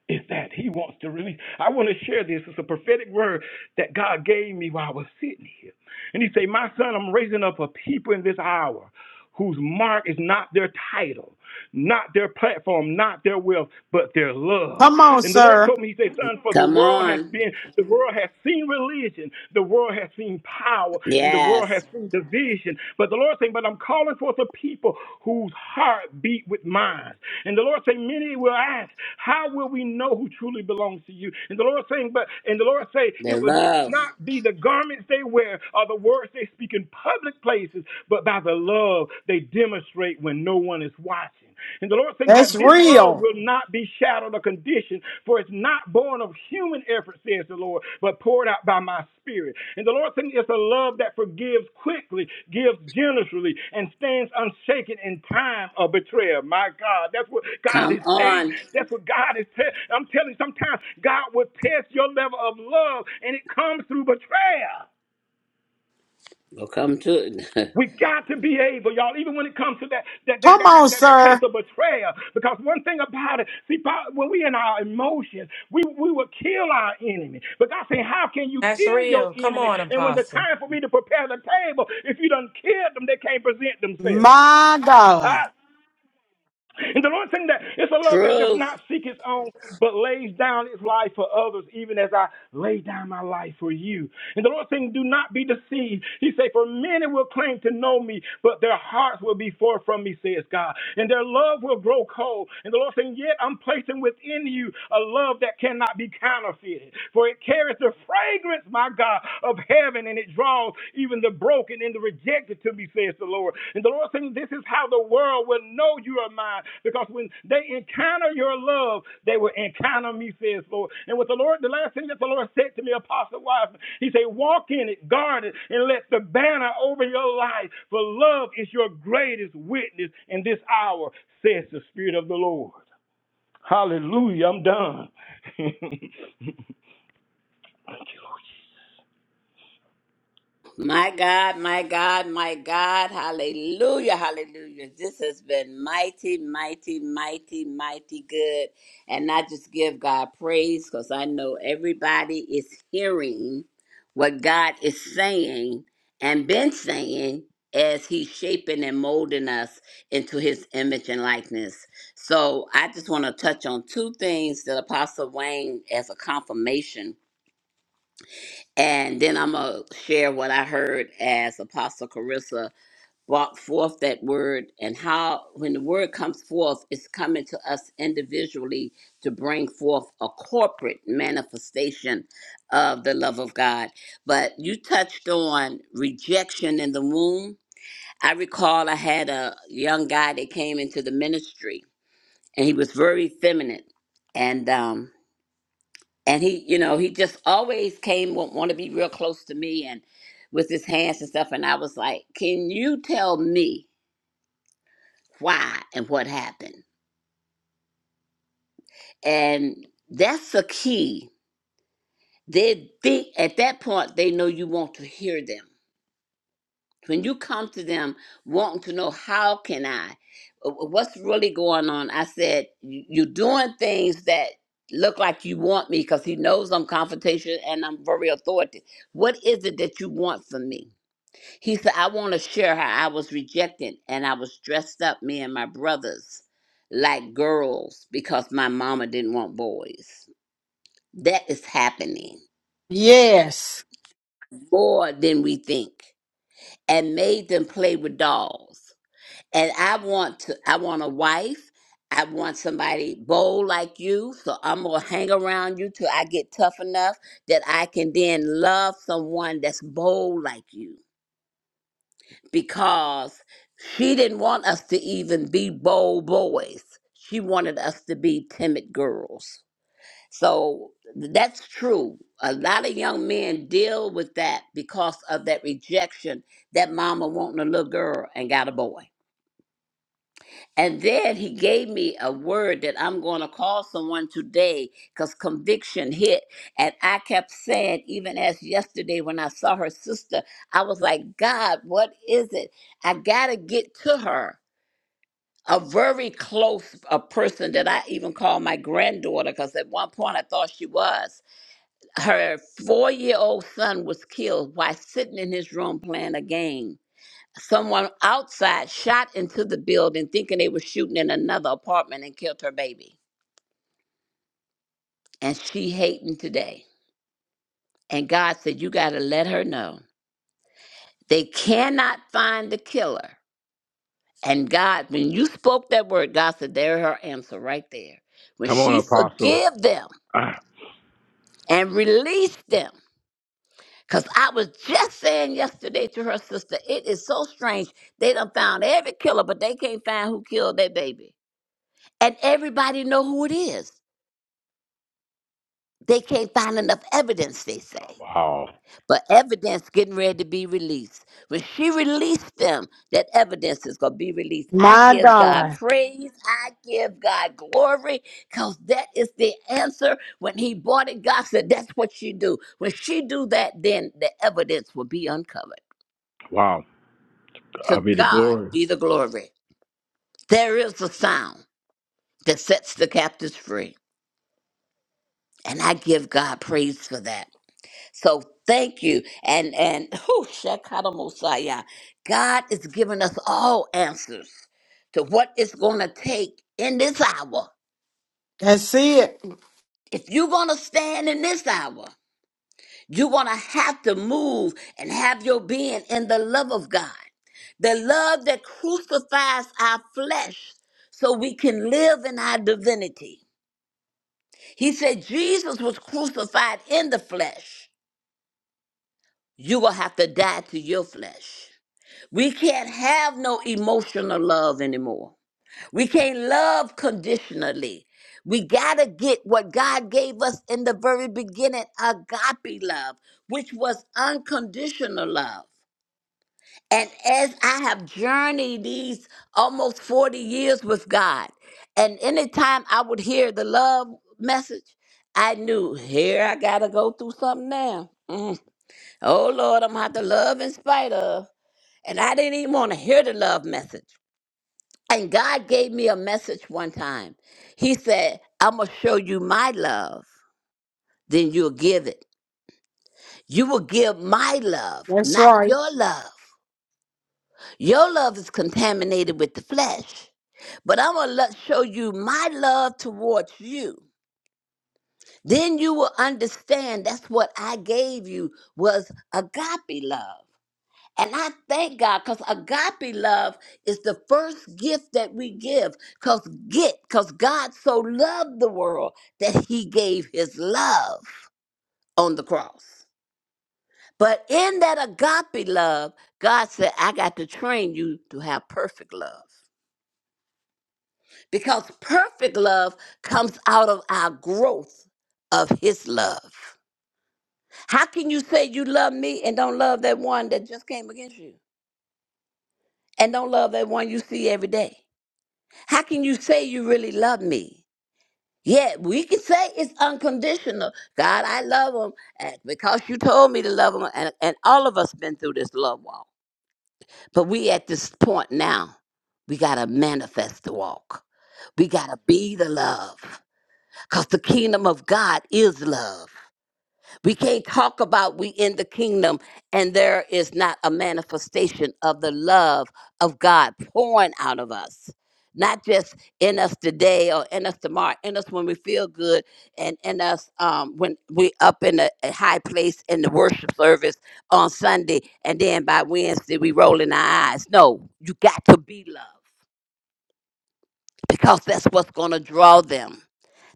Speaker 4: is that he wants to release. I want to share this. It's a prophetic word that God gave me while I was sitting here. And he said, My son, I'm raising up a people in this hour whose mark is not their title, not their platform, not their wealth, but their love.
Speaker 1: Come on,
Speaker 4: And the Lord
Speaker 1: sir.
Speaker 4: told me, He said, Son, for the
Speaker 5: Come
Speaker 4: world has
Speaker 5: on.
Speaker 4: been, the world has seen religion, the world has seen power, and the world world
Speaker 5: Yes.
Speaker 4: has seen division. But the Lord saying, But I'm calling forth a people whose heart beat with mine. And the Lord saying, Many will ask, How will we know who truly belongs to you? And the Lord saying, But and the Lord say,
Speaker 5: The
Speaker 4: It would
Speaker 5: love.
Speaker 4: not be the garments they wear or the words they speak in public places, but by the love they demonstrate when no one is watching watching. And the Lord saying
Speaker 1: That's
Speaker 4: that this love
Speaker 1: real.
Speaker 4: will not be shadowed or conditioned, for it's not born of human effort, says the Lord, but poured out by my spirit. And the Lord saying it's a love that forgives quickly, gives generously, and stands unshaken in time of betrayal. My God, that's what God
Speaker 5: Come
Speaker 4: is saying.
Speaker 5: on.
Speaker 4: That's what God is telling. I'm telling you, sometimes God will test your level of love, and it comes through betrayal.
Speaker 5: We'll come to it.
Speaker 4: We got to be able, y'all, even when it comes to that that that
Speaker 1: Come
Speaker 4: that that,
Speaker 1: on,
Speaker 4: that, place
Speaker 1: sir.
Speaker 4: of betrayal. Because one thing about it, see, when we in our emotions, we we will kill our enemy. But God said, How can you
Speaker 2: That's
Speaker 4: kill your
Speaker 2: real. Come
Speaker 4: enemy?
Speaker 2: on,
Speaker 4: And when the
Speaker 2: Apostle.
Speaker 4: time for me to prepare the table, if you done killed them, they can't present themselves.
Speaker 1: My God.
Speaker 4: Huh? And the Lord saying that it's a love that does
Speaker 5: Truth.
Speaker 4: not seek its own, but lays down its life for others, even as I lay down my life for you. And the Lord saying, do not be deceived. He said, for many will claim to know me, but their hearts will be far from me, says God. And their love will grow cold. And the Lord saying, yet I'm placing within you a love that cannot be counterfeited, for it carries the fragrance, my God, of heaven heaven and it draws even the broken and the rejected to me, says the Lord. And the Lord saying, This is how the world will know you are mine. Because when they encounter your love, they will encounter me, says the Lord. And what the Lord, the last thing that the Lord said to me, Apostle Wiseman, he said, Walk in it, guard it, and let the banner over your life. For love is your greatest witness in this hour, says the Spirit of the Lord. Hallelujah. I'm done. Thank you, Lord. Jesus.
Speaker 5: My God, my God, my God. Hallelujah, hallelujah. This has been mighty, mighty, mighty, mighty good. And I just give God praise because I know everybody is hearing what God is saying and been saying as He's shaping and molding us into His image and likeness. So I just want to touch on two things that Apostle Wayne as a confirmation and then I'm going to share what I heard as Apostle Carissa brought forth that word and how, when the word comes forth, it's coming to us individually to bring forth a corporate manifestation of the love of God. But you touched on rejection in the womb. I recall I had a young guy that came into the ministry and he was very feminine. And um, and he you know he just always came want, want to be real close to me and with his hands and stuff and i was like can you tell me why and what happened and that's the key they think at that point they know you want to hear them when you come to them wanting to know how can i uh, what's really going on i said "You- you're doing things that look like you want me because he knows i'm confrontational and i'm very authoritative what is it that you want from me He said, I want to share how I was rejected and I was dressed up, me and my brothers, like girls because my mama didn't want boys. That is happening
Speaker 1: Yes.
Speaker 5: more than we think. And made them play with dolls. And I want to I want a wife. I want somebody bold like you. So I'm gonna hang around you till I get tough enough that I can then love someone that's bold like you because she didn't want us to even be bold boys. She wanted us to be timid girls. So that's true. A lot of young men deal with that because of that rejection that mama wanting a little girl and got a boy. And then he gave me a word that I'm going to call someone today because conviction hit. And I kept saying, even as yesterday when I saw her sister, I was like, God, what is it? I got to get to her. A very close a person that I even call my granddaughter because at one point I thought she was. Her four year old son was killed while sitting in his room playing a game someone outside shot into the building thinking they were shooting in another apartment and killed her baby. And she hating today. And God said, You got to let her know. They cannot find the killer. And God, when you spoke that word, God said, There her answer right there. When
Speaker 4: Come on,
Speaker 5: she
Speaker 4: Apostle.
Speaker 5: forgive them
Speaker 4: Ah,
Speaker 5: and release them. Because I was just saying yesterday to her sister, it is so strange. They done found every killer, but they can't find who killed their baby. And everybody know who it is They can't find enough evidence, they say.
Speaker 4: Wow.
Speaker 5: But evidence getting ready to be released. When she released them, that evidence is going to be released. I
Speaker 1: My
Speaker 5: give God
Speaker 1: God.
Speaker 5: praise. I give God glory because that is the answer. When he bought it, God said, that's what you do. When she do that, then the evidence will be uncovered.
Speaker 4: Wow. I
Speaker 5: To
Speaker 4: be the
Speaker 5: God
Speaker 4: glory.
Speaker 5: be the glory. There is a sound that sets the captives free. And I give God praise for that. So thank you. And and whew, Shekata Mosiah. God is giving us all answers to what it's gonna take in this hour.
Speaker 1: That's it.
Speaker 5: If you're gonna stand in this hour, you're gonna have to move and have your being in the love of God. The love that crucifies our flesh so we can live in our divinity. He said Jesus was crucified in the flesh. You will have to die to your flesh. We can't have no emotional love anymore. We can't love conditionally. We got to get what God gave us in the very beginning agape love, which was unconditional love. And as I have journeyed these almost 40 years with God, and anytime I would hear the love message, I knew here I got to go through something now. Mm. Oh Lord, I'm going to have to love in spite of. And I didn't even want to hear the love message. And God gave me a message one time. He said, I'm going to show you my love, then you'll give it. You will give my love,
Speaker 1: That's
Speaker 5: not
Speaker 1: right.
Speaker 5: your love. Your love is contaminated with the flesh, but I'm going to show you my love towards you. Then you will understand that's what I gave you was agape love. And I thank God because agape love is the first gift that we give. Cause get, cause God so loved the world that he gave his love on the cross. But in that agape love, God said, I got to train you to have perfect love. Because perfect love comes out of our growth of his love. How can you say you love me and don't love that one that just came against you? And don't love that one you see every day? How can you say you really love me? Yeah, we can say it's unconditional. God, I love him and because you told me to love him. And, and all of us been through this love walk. But we at this point now, we got to manifest the walk. We got to be the love because the kingdom of God is love. We can't talk about we in the kingdom and there is not a manifestation of the love of God pouring out of us. Not just in us today or in us tomorrow, in us when we feel good and in us um, when we up in a, a high place in the worship service on Sunday and then by Wednesday we rolling our eyes. No, you got to be love because that's what's going to draw them.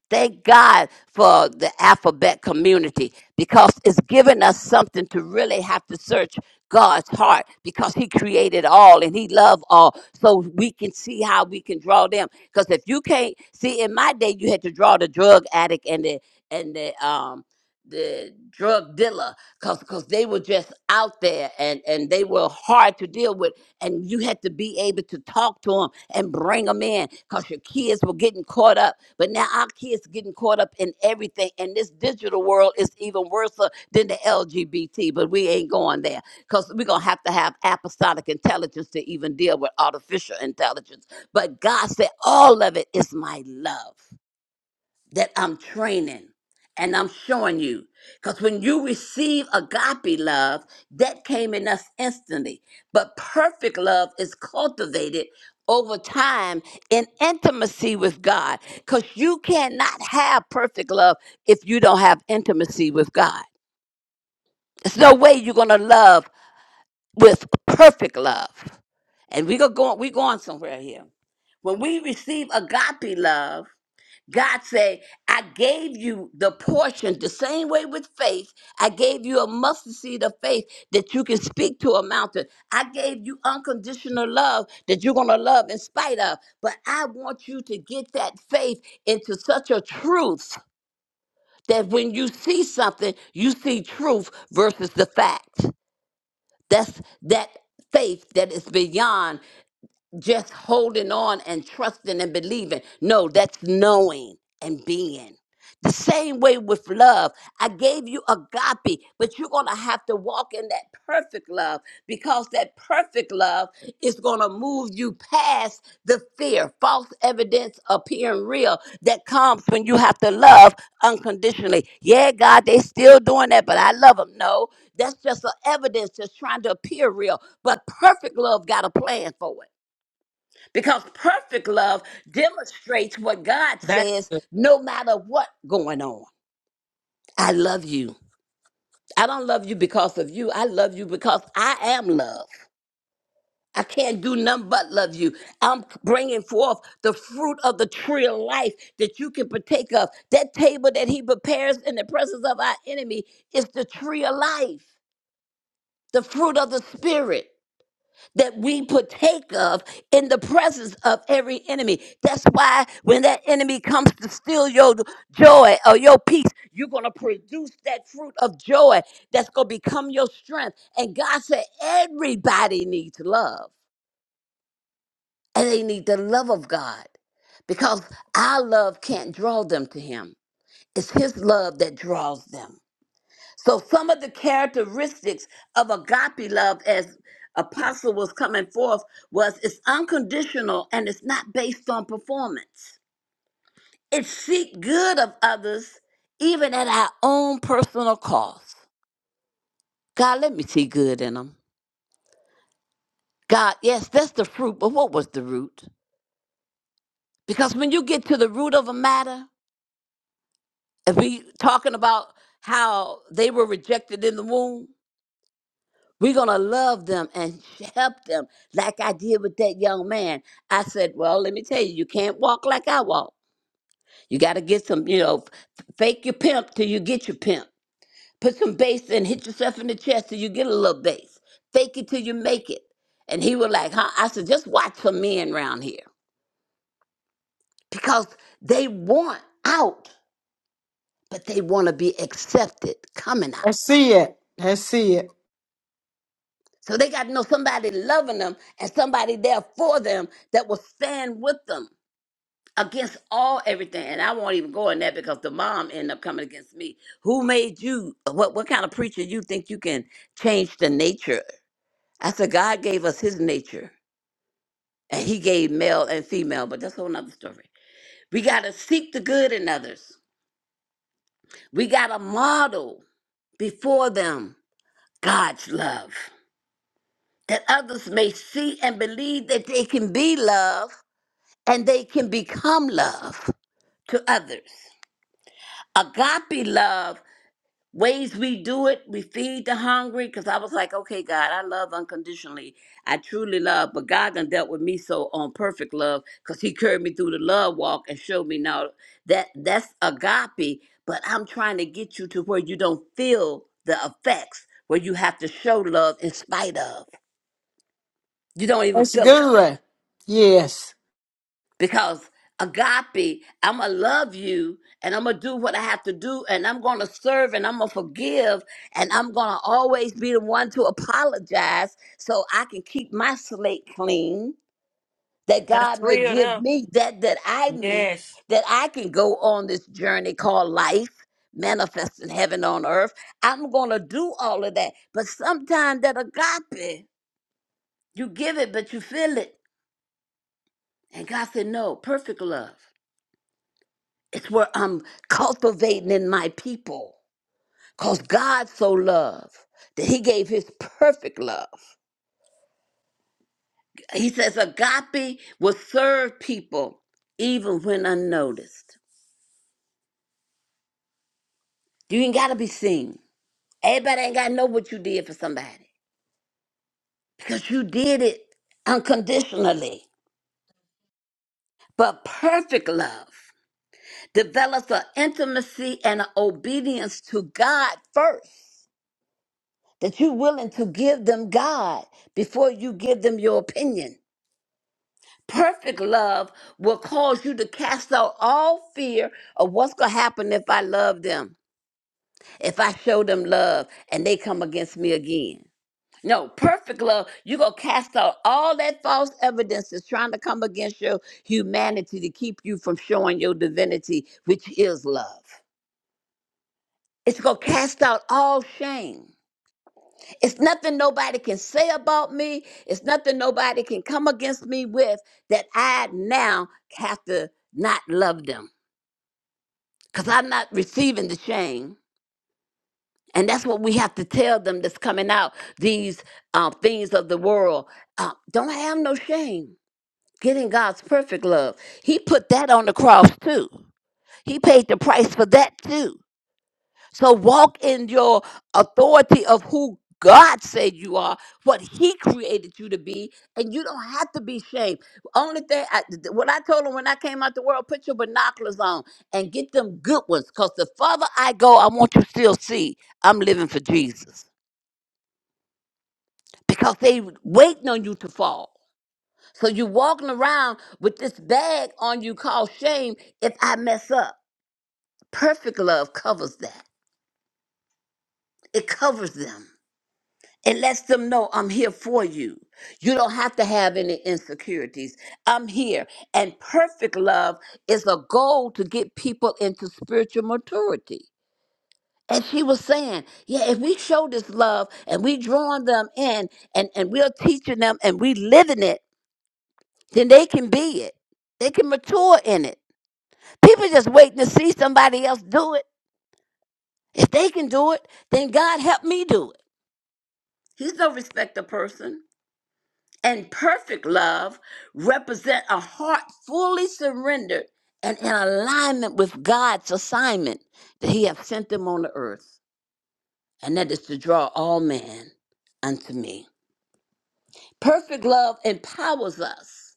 Speaker 5: Thank God for the alphabet community because it's given us something to really have to search God's heart because He created all and He loved all. So we can see how we can draw them. Because if you can't see, in my day, you had to draw the drug addict and the and the um the drug dealer because because they were just out there and and they were hard to deal with and you had to be able to talk to them and bring them in because your kids were getting caught up but now our kids getting caught up in everything, and this digital world is even worse uh, than the LGBT. But we ain't going there because we're gonna have to have apostolic intelligence to even deal with artificial intelligence. But God said, all of it is my love that I'm training and I'm showing you. Because when you receive agape love, that came in us instantly. But perfect love is cultivated over time in intimacy with God. Because you cannot have perfect love if you don't have intimacy with God. There's no way you're going to love with perfect love. And we're going, we're going somewhere here. When we receive agape love, God say, I gave you the portion, the same way with faith. I gave you a mustard seed of faith that you can speak to a mountain. I gave you unconditional love that you're going to love in spite of. But I want you to get that faith into such a truth that when you see something, you see truth versus the fact. That's that faith that is beyond just holding on and trusting and believing. No, that's knowing and being. The same way with love. I gave you agape, but you're going to have to walk in that perfect love because that perfect love is going to move you past the fear, false evidence appearing real that comes when you have to love unconditionally. Yeah, God, they still doing that, but I love them. No, that's just an evidence that's trying to appear real. But perfect love got a plan for it because perfect love demonstrates what God
Speaker 2: That's
Speaker 5: says no matter what going on. I love you. I don't love you because of you. I love you because I am love. I can't do nothing but love you. I'm bringing forth the fruit of the tree of life that you can partake of. That table that he prepares in the presence of our enemy is the tree of life, the fruit of the spirit. that we partake of in the presence of every enemy. That's why when that enemy comes to steal your joy or your peace, you're going to produce that fruit of joy that's going to become your strength. And God said, everybody needs love, and they need the love of God because our love can't draw them to Him. It's His love that draws them. So, some of the characteristics of agape love, as Apostle was coming forth, was it's unconditional and it's not based on performance. It seek good of others, even at our own personal cost. God, let me see good in them. God, yes, that's the fruit, but what was the root? Because when you get to the root of a matter, if we talking about how they were rejected in the womb, We're going to love them and help them like I did with that young man. I said, Well, let me tell you, you can't walk like I walk. You got to get some, you know, f- fake your pimp till you get your pimp. Put some bass and hit yourself in the chest till you get a little bass. Fake it till you make it. And he was like, Huh? I said, Just watch some men around here because they want out, but they want to be accepted coming out.
Speaker 1: That's it. That's it.
Speaker 5: So they got to know somebody loving them and somebody there for them that will stand with them against all everything. And I won't even go in that because the mom ended up coming against me. Who made you? What what kind of preacher you think you can change the nature? I said God gave us His nature, and He gave male and female. But that's a whole nother story. We gotta seek the good in others. We gotta model before them God's love, that others may see and believe that they can be love and they can become love to others. Agape love ways we do it. We feed the hungry. Cause I was like, okay, God, I love unconditionally. I truly love, but God done dealt with me so on perfect love, cause He carried me through the love walk and showed me now that that's agape. But I'm trying to get you to where you don't feel the effects, where you have to show love in spite of. You don't even
Speaker 1: That's
Speaker 5: feel it
Speaker 1: good. Yes.
Speaker 5: because agape i'm gonna love you and i'm gonna do what i have to do and i'm gonna serve and i'm gonna forgive and i'm gonna always be the one to apologize so i can keep my slate clean that god
Speaker 2: that's
Speaker 5: may
Speaker 2: real,
Speaker 5: give
Speaker 2: though.
Speaker 5: me that that i need
Speaker 2: Yes,
Speaker 5: that i can go on this journey called life manifesting heaven on earth i'm gonna do all of that but sometimes that agape you give it but you feel it and god said no perfect love It's what I'm cultivating in my people. Because God so loved that he gave his perfect love. He says agape will serve people even when unnoticed. You ain't got to be seen. Everybody ain't got to know what you did for somebody because you did it unconditionally. But perfect love develops an intimacy and an obedience to God first that you're willing to give them God before you give them your opinion perfect love will cause you to cast out all fear of what's going to happen if I love them, if I show them love and they come against me again. No, perfect love, you're going to cast out all that false evidence that's trying to come against your humanity to keep you from showing your divinity, which is love. It's going to cast out all shame. It's nothing nobody can say about me. It's nothing nobody can come against me with that I now have to not love them because I'm not receiving the shame. And that's what we have to tell them that's coming out, these uh, things of the world. Uh, don't have no shame. Get in God's perfect love. He put that on the cross too. He paid the price for that too. So walk in your authority of who God said you are, what He created you to be, and you don't have to be ashamed. Only thing, I, th- th- what I told him when I came out the world, put your binoculars on and get them good ones, because the farther I go, I want you to still see I'm living for Jesus, because they waiting on you to fall. So you walking around with this bag on you called shame. If I mess up, perfect love covers that. It covers them. It lets them know I'm here for you. You don't have to have any insecurities. I'm here. And perfect love is a goal to get people into spiritual maturity. And she was saying, yeah, if we show this love and we drawing them in and, and we're teaching them and we living it, then they can be it. They can mature in it. People just waiting to see somebody else do it. If they can do it, then God help me do it. He's no respecter person. and perfect love represent a heart fully surrendered and in alignment with God's assignment that He hath sent them on the earth, and that is to draw all men unto me. Perfect love empowers us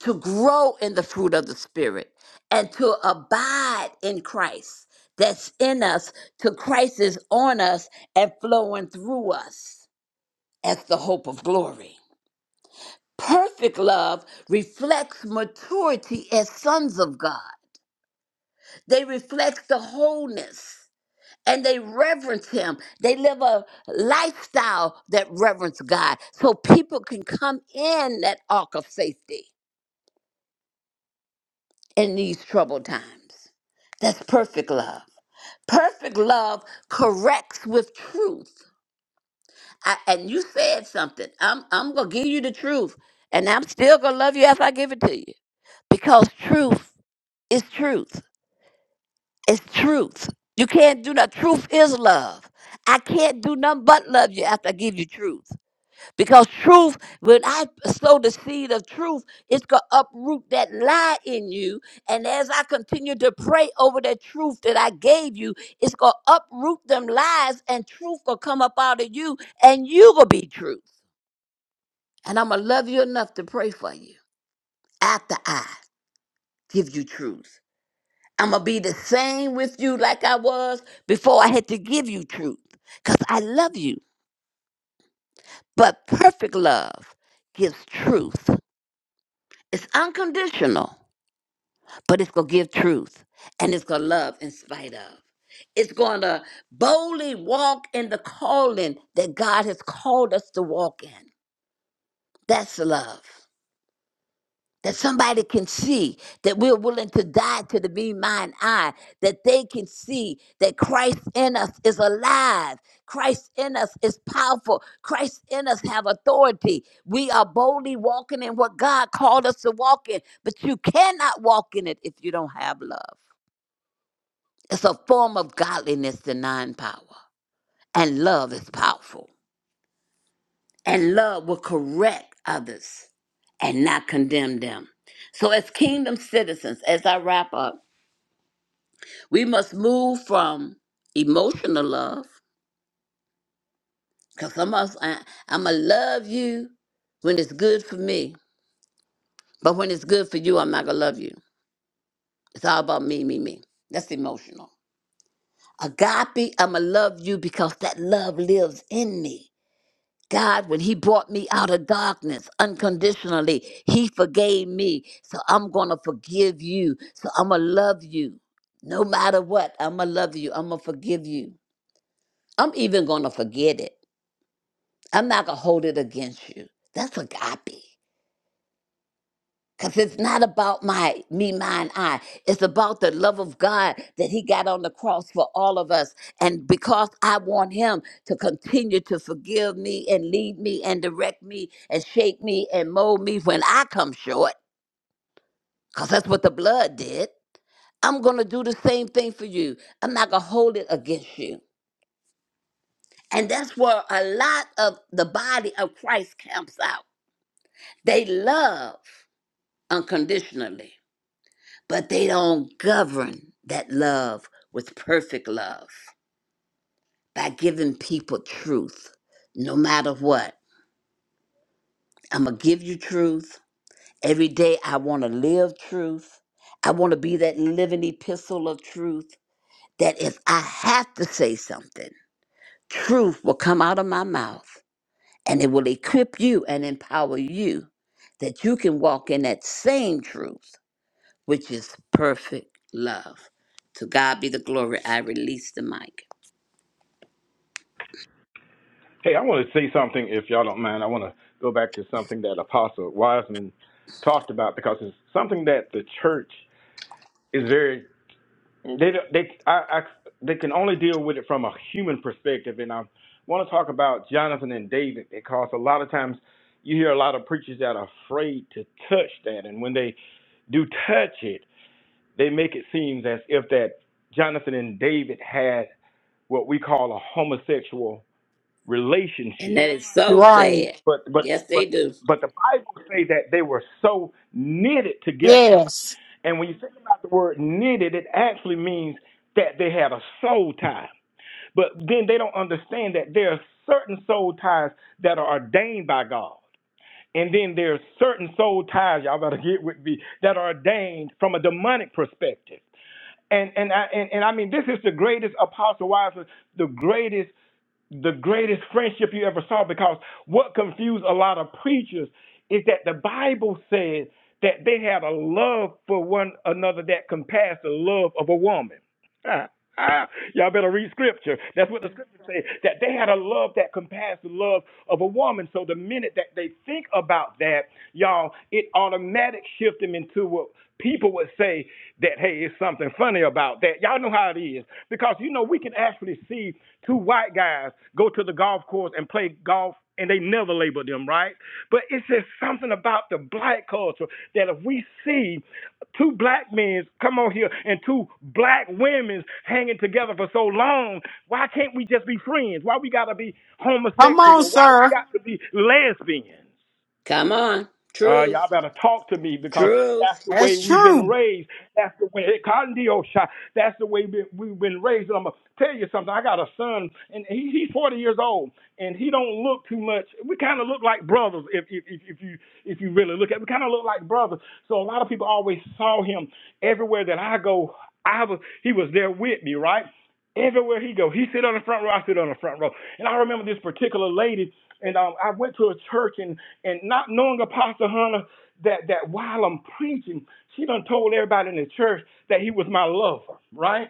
Speaker 5: to grow in the fruit of the Spirit and to abide in Christ that's in us till Christ is on us and flowing through us as the hope of glory. Perfect love reflects maturity as sons of God. They reflect the wholeness and they reverence Him. They live a lifestyle that reverence God so people can come in that ark of safety in these troubled times. That's perfect love. Perfect love corrects with truth. I, and you said something. I'm, I'm going to give you the truth. And I'm still going to love you after I give it to you because truth It's truth. It's truth. You can't do that. Truth is love. I can't do nothing but love you after I give you truth. Because truth, when I sow the seed of truth, it's going to uproot that lie in you. And as I continue to pray over that truth that I gave you, it's going to uproot them lies and truth going to come up out of you and you going to be truth. And I'm going to love you enough to pray for you after I give you truth. I'm going to be the same with you like I was before I had to give you truth because I love you. But perfect love gives truth. It's unconditional, but it's going to give truth and it's going to love in spite of. It's going to boldly walk in the calling that God has called us to walk in. That's love. that somebody can see that we're willing to die to the me, mine, I, that they can see that Christ in us is alive. Christ in us is powerful. Christ in us have authority. We are boldly walking in what God called us to walk in, but you cannot walk in it if you don't have love. It's a form of godliness denying power, and love is powerful. and love will correct others and not condemn them. So, as kingdom citizens, as I wrap up, we must move from emotional love, because some of us, I, I'm going to love you when it's good for me, but when it's good for you, I'm not going to love you. It's all about me, me, me. That's emotional. Agape, I'm going to love you because that love lives in me. God, when He brought me out of darkness unconditionally, He forgave me. So I'm going to forgive you. So I'm going to love you. No matter what, I'm going to love you. I'm going to forgive you. I'm even going to forget it. I'm not going to hold it against you. That's agape. Cause it's not about my me, mine, I. It's about the love of God that He got on the cross for all of us. And because I want Him to continue to forgive me and lead me and direct me and shape me and mold me when I come short, because that's what the blood did. I'm gonna do the same thing for you. I'm not gonna hold it against you. And that's where a lot of the body of Christ camps out. They love unconditionally but they don't govern that love with perfect love by giving people truth no matter what i'm gonna give you truth every day i want to live truth i want to be that living epistle of truth that if i have to say something truth will come out of my mouth and it will equip you and empower you that you can walk in that same truth which is perfect love. To God be the glory. I release the mic.
Speaker 4: Hey, I want to say something, if y'all don't mind. I want to go back to something that Apostle Wiseman talked about because it's something that the church is very they don't- they I, I they can only deal with it from a human perspective, and I want to talk about Jonathan and David because a lot of times you hear a lot of preachers that are afraid to touch that, and when they do touch it, they make it seem as if that Jonathan and David had what we call a homosexual
Speaker 5: And
Speaker 4: relationship.
Speaker 5: that is so
Speaker 1: Right.
Speaker 5: sad.
Speaker 4: But but
Speaker 5: Yes,
Speaker 4: but
Speaker 5: they do.
Speaker 4: but the Bible say that they were so knitted together.
Speaker 1: Yes.
Speaker 4: And when you think about the word knitted, it actually means that they had a soul tie. But then they don't understand that there are certain soul ties that are ordained by God. And then there's certain soul ties, y'all better get with me, that are ordained from a demonic perspective. And and I and, and I mean this is the greatest apostle wives, the greatest the greatest friendship you ever saw because what confused a lot of preachers is that the Bible says that they had a love for one another that compassed the love of a woman. Y'all better read scripture. That's what the scripture says. That they had a love that compares the love of a woman. So the minute that they think about that, y'all, it automatic shift them into what people would say that, hey, it's something funny about that. Y'all know how it is. Because you know, we can actually see two white guys go to the golf course and play golf and they never labeled them right. But it's just something about the black culture that if we see two black men come on here and two black women hanging together for so long, why can't we just be friends? Why we gotta be
Speaker 1: Come on,
Speaker 4: homosexual? Why we
Speaker 1: sir.
Speaker 4: got to be lesbians?
Speaker 5: Come on.
Speaker 4: Uh, y'all
Speaker 5: Truth.
Speaker 4: better talk to me because that's
Speaker 5: Truth.
Speaker 4: the way
Speaker 1: That's
Speaker 4: we've been
Speaker 1: true.
Speaker 4: raised. That's the way Condiosha. That's the way we- we've been raised. And I'm gonna tell you something. I got a son, and he, he's 40 years old, and he don't look too much. We kind of look like brothers if, if if if you if you really look at. We kind of look like brothers. So a lot of people always saw him everywhere that I go. I was he was there with me, right? Everywhere he go, he sit on the front row. I sit on the front row, and I remember this particular lady, and um, I went to a church, and and not knowing Apostle Hunter that, that while I'm preaching, she done told everybody in the church that he was my lover, right?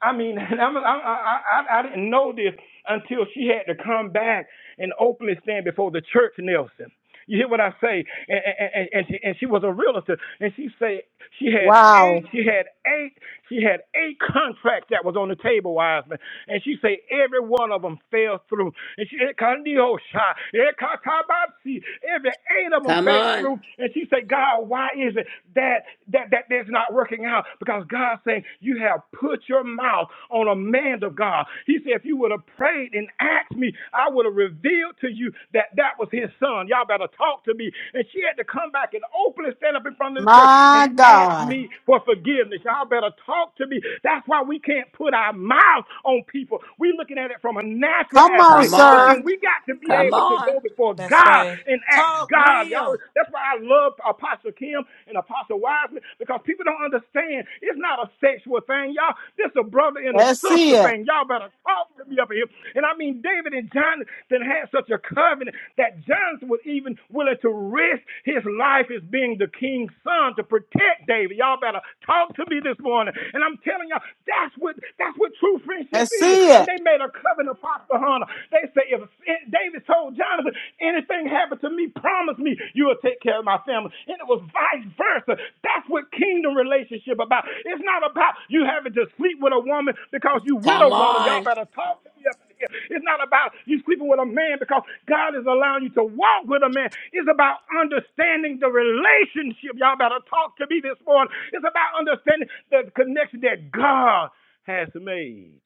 Speaker 4: I mean, and I'm, I, I, I didn't know this until she had to come back and openly stand before the church, Nelson. You hear what I say? And, and, and, she, and she was a realtor, and she said she had
Speaker 1: Wow.
Speaker 4: eight, she had eight, she had eight contracts that was on the table, Wiseman, and she said every one of them fell through. And she Ekandiosha, Ekatabasi, every eight of them
Speaker 5: Come
Speaker 4: fell
Speaker 5: on.
Speaker 4: through. And she said, God, why is it that that, that is not working out because God's saying, You have put your mouth on a man of God. He said, If you would have prayed and asked me, I would have revealed to you that that was his son. Y'all better talk to me. And she had to come back and openly stand up in front of the church and
Speaker 1: My
Speaker 4: ask
Speaker 1: God.
Speaker 4: me for forgiveness. Y'all better talk to me. That's why we can't put our mouth on people. We're looking at it from a natural
Speaker 1: Come on,
Speaker 4: aspect,
Speaker 5: Come
Speaker 4: but
Speaker 5: on.
Speaker 4: then
Speaker 1: sir.
Speaker 4: we got to be
Speaker 5: Come
Speaker 4: able to
Speaker 5: on.
Speaker 4: go before
Speaker 2: that's
Speaker 4: God
Speaker 2: right.
Speaker 4: and ask. That's
Speaker 2: Talk
Speaker 4: God. Y'all,
Speaker 2: real.
Speaker 4: that's why I love Apostle Kim and Apostle Wiseman because people don't understand. It's not a sexual thing, y'all. This a brother and a
Speaker 1: Let's see
Speaker 4: sister
Speaker 1: it.
Speaker 4: thing. Y'all better talk to me up here. And I mean, David and Jonathan had such a covenant that Jonathan was even willing to risk his life as being the king's son to protect David. Y'all better talk to me this morning. And I'm telling y'all, that's what that's what true friendship
Speaker 1: Let's
Speaker 4: is.
Speaker 1: see
Speaker 4: And
Speaker 1: it.
Speaker 4: they made a covenant, Apostle Hunter honor. They say, if David told Jonathan, anything happened to me, promise me you will take care of my family. And it was vice versa. That's what kingdom relationship about. It's not about you having to sleep with a woman because you with
Speaker 5: Come
Speaker 4: a woman. Y'all
Speaker 5: on.
Speaker 4: better talk to me up in here. It's not about you sleeping with a man because God is allowing you to walk with a man. It's about understanding the relationship. Y'all better talk to me this morning. It's about understanding the connection that God has made.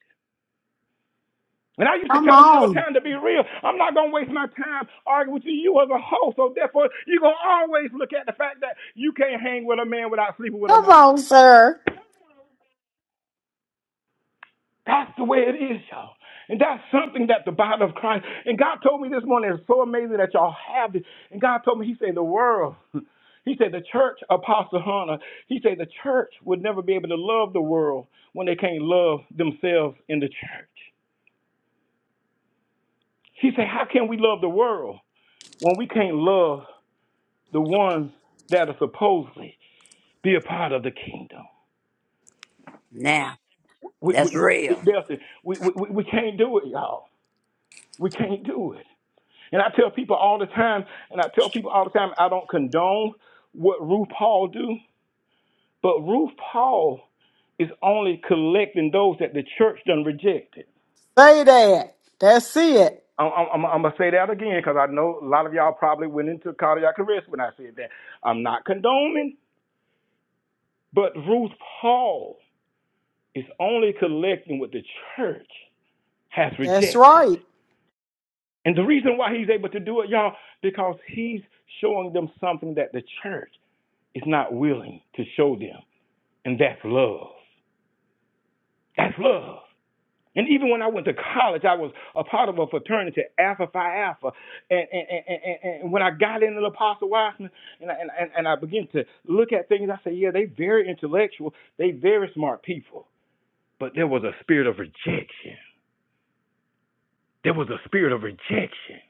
Speaker 4: And I used to
Speaker 1: Come
Speaker 4: tell them all the
Speaker 1: on.
Speaker 4: time to be real. I'm not gonna waste my time arguing with you. You as a hoe, so therefore you're gonna always look at the fact that you can't hang with a man without sleeping with a
Speaker 1: Come
Speaker 4: man.
Speaker 1: on, sir.
Speaker 4: That's the way it is, y'all. And that's something that the body of Christ and God told me this morning, it's so amazing that y'all have this. And God told me, He said the world, He said the church, Apostle Hunter, He said the church would never be able to love the world when they can't love themselves in the church. He said, How can we love the world when we can't love the ones that are supposedly be a part of the kingdom.
Speaker 5: Now,
Speaker 4: We,
Speaker 5: that's
Speaker 4: we, we, we,
Speaker 5: real.
Speaker 4: we, we, we can't do it, y'all. We can't do it. And I tell people all the time, and I tell people all the time, I don't condone what Ruth Paul do, but Ruth Paul is only collecting those that the church done rejected.
Speaker 1: Say that. That's it.
Speaker 4: I'm, I'm, I'm gonna say that again because I know a lot of y'all probably went into cardiac arrest when I said that. I'm not condoning, but Ruth Paul is only collecting with the church has
Speaker 1: That's
Speaker 4: rejected.
Speaker 1: right.
Speaker 4: And the reason why he's able to do it, y'all, because he's showing them something that the church is not willing to show them, and that's love. That's love. And even when I went to college, I was a part of a fraternity, Alpha Phi Alpha. And, and, and, and, and when I got into the Apostle Wiseman and I, and, and and I began to look at things, I said, yeah, they very intellectual. They very smart people. But there was a spirit of rejection. There was a spirit of rejection.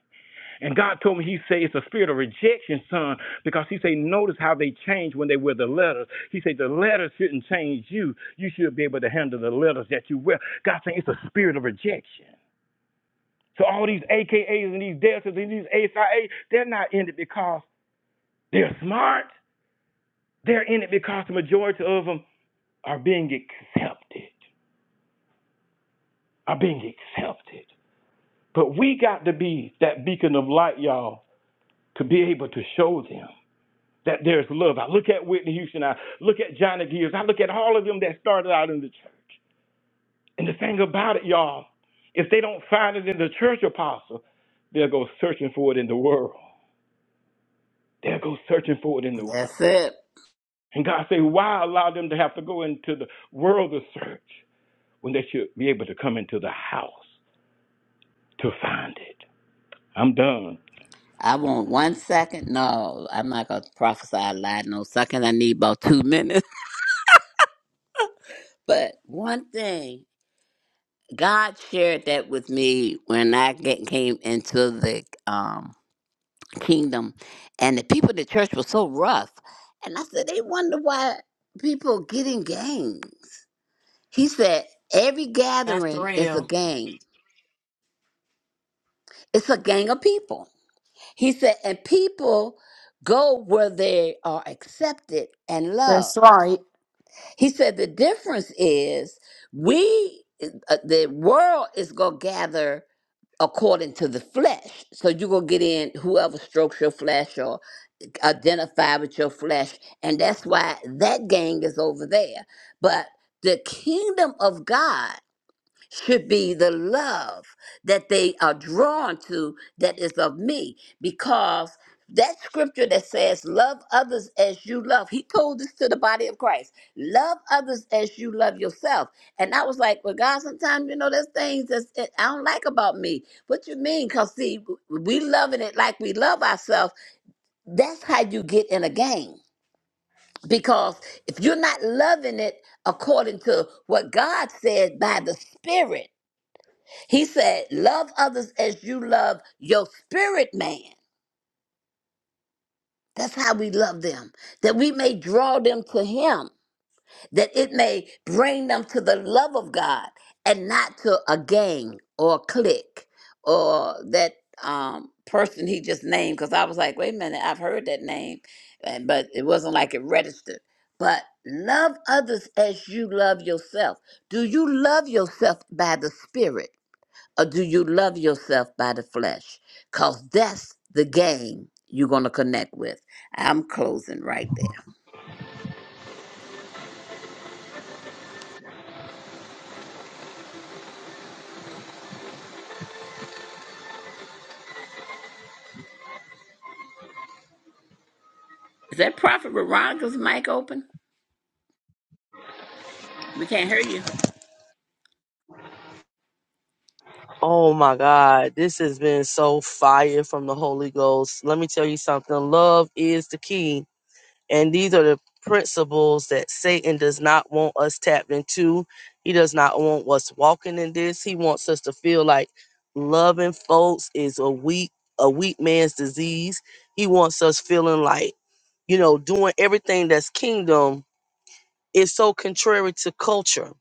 Speaker 4: And God told me, He said, it's a spirit of rejection, son, because He said, notice how they change when they wear the letters. He said, the letters shouldn't change you. You should be able to handle the letters that you wear. God saying it's a spirit of rejection. So all these AKAs and these Deltas and these ASIA, they're not in it because they're smart. They're in it because the majority of them are being accepted, are being accepted. But we got to be that beacon of light, y'all, to be able to show them. that there's love. I look at Whitney Houston. I look at Johnny Gears. I look at all of them that started out in the church. And the thing about it, y'all, if they don't find it in the church apostle, they'll go searching for it in the world. They'll go searching for it in the world.
Speaker 5: That's it.
Speaker 4: And God say, why allow them to have to go into the world to search when they should be able to come into the house to find it? I'm done.
Speaker 5: I want one second. No, I'm not going to prophesy a lie. No second. I need about two minutes. But one thing, God shared that with me when I get, came into the um kingdom. And the people in the church were so rough. And I said, they wonder why people get in gangs. He said, every
Speaker 2: That's
Speaker 5: gathering is a
Speaker 2: real.
Speaker 5: gang, it's a gang of people. He said, and people go where they are accepted and
Speaker 1: That's
Speaker 5: loved.
Speaker 1: right.
Speaker 5: He said, the difference is we, uh, the world is going to gather according to the flesh. So you're gonna get in whoever strokes your flesh or uh, identify with your flesh, and that's why that gang is over there. But the kingdom of God should be the love that they are drawn to that is of me because that scripture that says love others as you love he told this to the body of christ love others as you love yourself and i was like well god sometimes you know there's things that's, that i don't like about me what you mean because see we loving it like we love ourselves that's how you get in a game because if you're not loving it according to what god said by the spirit he said, Love others as you love your spirit man. That's how we love them, that we may draw them to Him, that it may bring them to the love of God and not to a gang or a clique or that um, person he just named. Because I was like, wait a minute, I've heard that name, and- but it wasn't like it registered. But love others as you love yourself. Do you love yourself by the Spirit? or do you love yourself by the flesh? Because that's the game you're going to connect with. I'm closing right there. Is that Prophet Veronica's mic open? We can't hear you.
Speaker 3: Oh my God. This has been so fire from the Holy Ghost. Let me tell you something. Love is the key. And these are the principles that Satan does not want us tapped into. He does not want us walking in this. He wants us to feel like loving folks is a weak, a weak man's disease. He wants us feeling like, you know, doing everything that's kingdom is so contrary to culture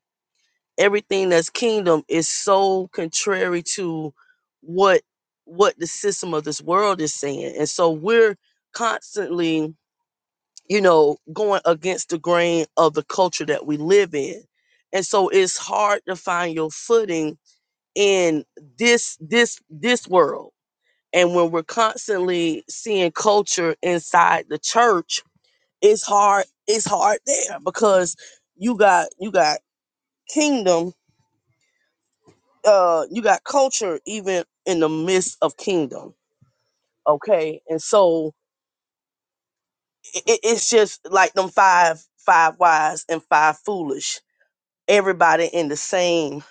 Speaker 3: everything that's kingdom is so contrary to what what the system of this world is saying and so we're constantly you know going against the grain of the culture that we live in and so it's hard to find your footing in this this this world and when we're constantly seeing culture inside the church it's hard it's hard there because you got you got kingdom uh you got culture even in the midst of kingdom okay and so it, it's just like them five five wise and five foolish everybody in the same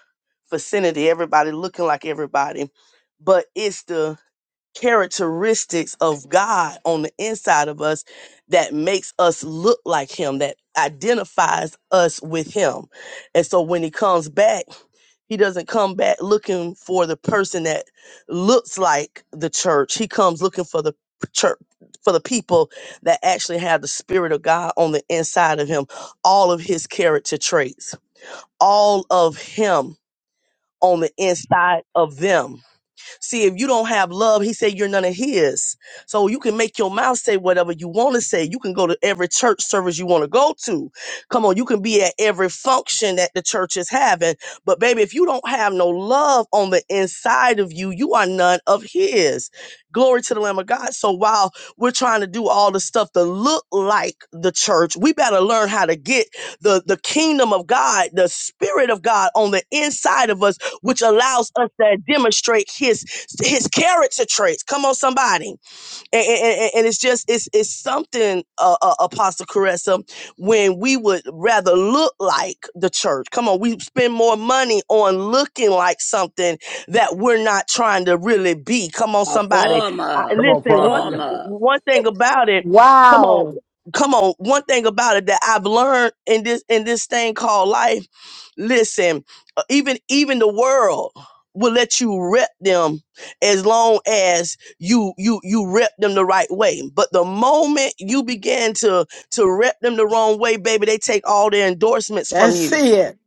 Speaker 3: vicinity everybody looking like everybody but it's the characteristics of god on the inside of us that makes us look like him that identifies us with him and so when he comes back He doesn't come back looking for the person that looks like the church. He comes looking for the church for the people that actually have the spirit of God on the inside of him, all of his character traits, all of him on the inside of them See, if you don't have love, he said you're none of his. So you can make your mouth say whatever you want to say. You can go to every church service you want to go to. Come on, you can be at every function that the church is having. But baby, if you don't have no love on the inside of you, you are none of his. Glory to the Lamb of God. So while we're trying to do all the stuff to look like the church, we better learn how to get the, the kingdom of God, the spirit of God on the inside of us which allows us to demonstrate his his character traits. Come on, somebody and, and, and- it's just it's it's something uh, uh apostle caressa when we would rather look like the church come on we spend more money on looking like something that we're not trying to really be come on
Speaker 5: A
Speaker 3: somebody
Speaker 5: form
Speaker 3: I,
Speaker 5: of,
Speaker 4: Come on,
Speaker 5: a
Speaker 3: listen one
Speaker 5: form
Speaker 4: prophetess.
Speaker 3: th-
Speaker 5: of.
Speaker 3: one thing about it come on
Speaker 1: Wow.
Speaker 3: come on one thing about it that i've learned in this in this thing called life listen uh, even even the world will let you rep them as long as you you you rep them the right way. But the moment you begin to to rep them the wrong way, baby, they take all their endorsements from
Speaker 1: That's
Speaker 3: you
Speaker 1: it.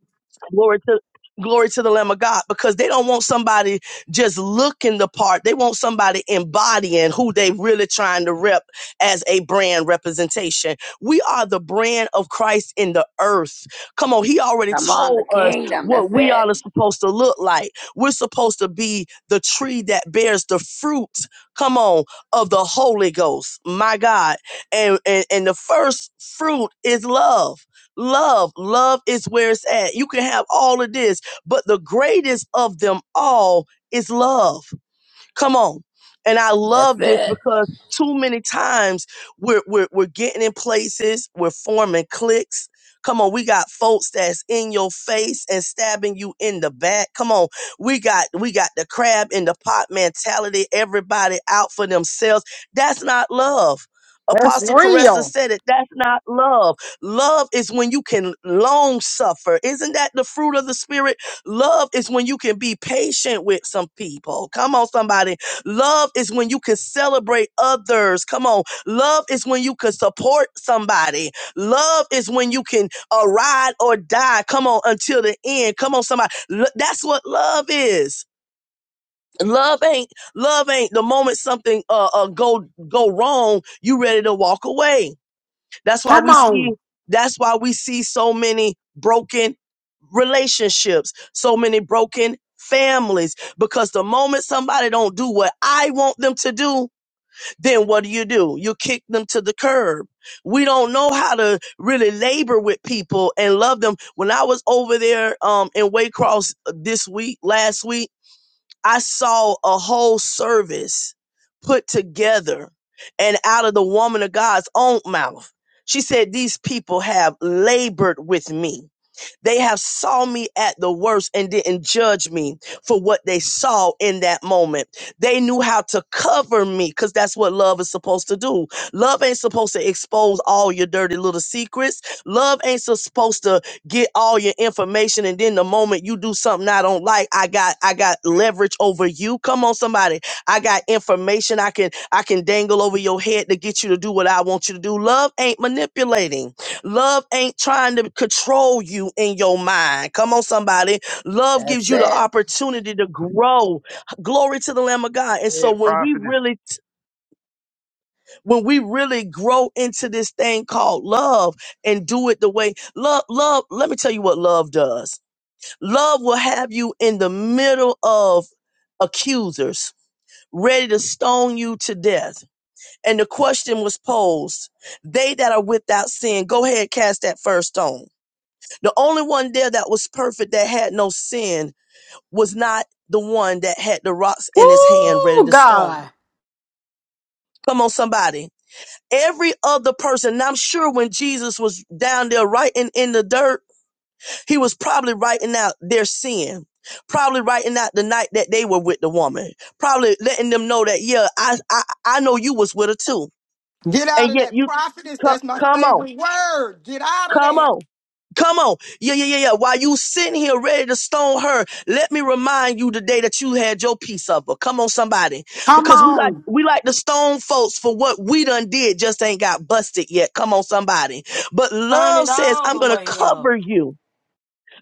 Speaker 3: Glory to glory to the Lamb of God because they don't want somebody just looking the part. They want somebody embodying who they really trying to rep as a brand representation. We are the brand of Christ in the earth. Come on, he already
Speaker 5: Come on, the
Speaker 3: told us
Speaker 5: kingdom. That's
Speaker 3: what we
Speaker 5: it.
Speaker 3: are supposed to look like. We're supposed to be the tree that bears the fruit, come on, of the Holy Ghost. My God. And and, and the first fruit is love. Love, love is where it's at. You can have all of this, but the greatest of them all is love. Come on. And I
Speaker 5: That's
Speaker 3: love this
Speaker 5: it.
Speaker 3: because too many times we're, we're, we're getting in places, we're forming cliques. Come on, we got folks that's in your face and stabbing you in the back. Come on, we got we got the crab in the pot mentality. Everybody out for themselves. That's not love.
Speaker 1: That's
Speaker 3: Apostle Caressa
Speaker 1: real.
Speaker 3: said it. That's not love. Love is when you can long suffer. Isn't that the fruit of the spirit? Love is when you can be patient with some people. Come on, somebody. Love is when you can celebrate others. Come on. Love is when you can support somebody. Love is when you can uh, ride or die. Come on, until the end. Come on, somebody. Lo- that's what love is. Love ain't love ain't the moment something uh, uh go go wrong. You ready to walk away. That's why
Speaker 1: Come
Speaker 3: we see
Speaker 1: on.
Speaker 3: that's why we see so many broken relationships, so many broken families because the moment somebody don't do what I want them to do, then what do you do? You kick them to the curb. We don't know how to really labor with people and love them. When I was over there um in Waycross this week, last week, I saw a whole service put together and out of the woman of God's own mouth. She said, These people have labored with me. They have saw me at the worst and didn't judge me for what they saw in that moment. They knew how to cover me because that's what love is supposed to do. Love ain't supposed to expose all your dirty little secrets. Love ain't so- supposed to get all your information and then the moment you do something I don't like, I got I got leverage over you. Come on somebody. I got information I can I can dangle over your head to get you to do what I want you to do. Love ain't manipulating. Love ain't trying to control you in your mind. Come on, somebody. Love
Speaker 5: That's
Speaker 3: gives you the
Speaker 5: it.
Speaker 3: opportunity to grow. Glory to the Lamb of God. And
Speaker 4: Hey,
Speaker 3: so when we
Speaker 4: prophetess.
Speaker 3: really, when we really grow into this thing called love and do it the way love, love, let me tell you what love does. Love will have you in the middle of accusers ready to stone you to death. And the question was posed, they that are without sin, go ahead, cast that first stone The only one there that was perfect, that had no sin, was not the one that had the rocks in his hand ready
Speaker 1: Woo,
Speaker 3: to stone.
Speaker 1: God.
Speaker 3: Come on, somebody. Every other person, and I'm sure when Jesus was down there writing in the dirt, he was probably writing out their sin. Probably writing out the night that they were with the woman. Probably letting them know that, yeah, I I, I know you was with her too.
Speaker 7: Get out
Speaker 3: And
Speaker 7: of
Speaker 3: yet
Speaker 7: that
Speaker 3: you,
Speaker 7: prophetess.
Speaker 3: co-
Speaker 7: That's my
Speaker 3: come on.
Speaker 7: favorite word. Get out of
Speaker 3: Come
Speaker 7: that.
Speaker 3: on. Come on. Yeah, yeah, yeah, yeah. While you sitting here ready to stone her, let me remind you today that you had your piece of her. Come on, somebody.
Speaker 1: Come
Speaker 3: Because we like
Speaker 1: on.
Speaker 3: we like to stone folks for what we done did, just ain't got busted yet. Come on, somebody. But
Speaker 2: Turn
Speaker 3: love
Speaker 2: it
Speaker 3: says,
Speaker 2: all
Speaker 3: I'm
Speaker 2: the
Speaker 3: gonna
Speaker 2: way up.
Speaker 3: cover you.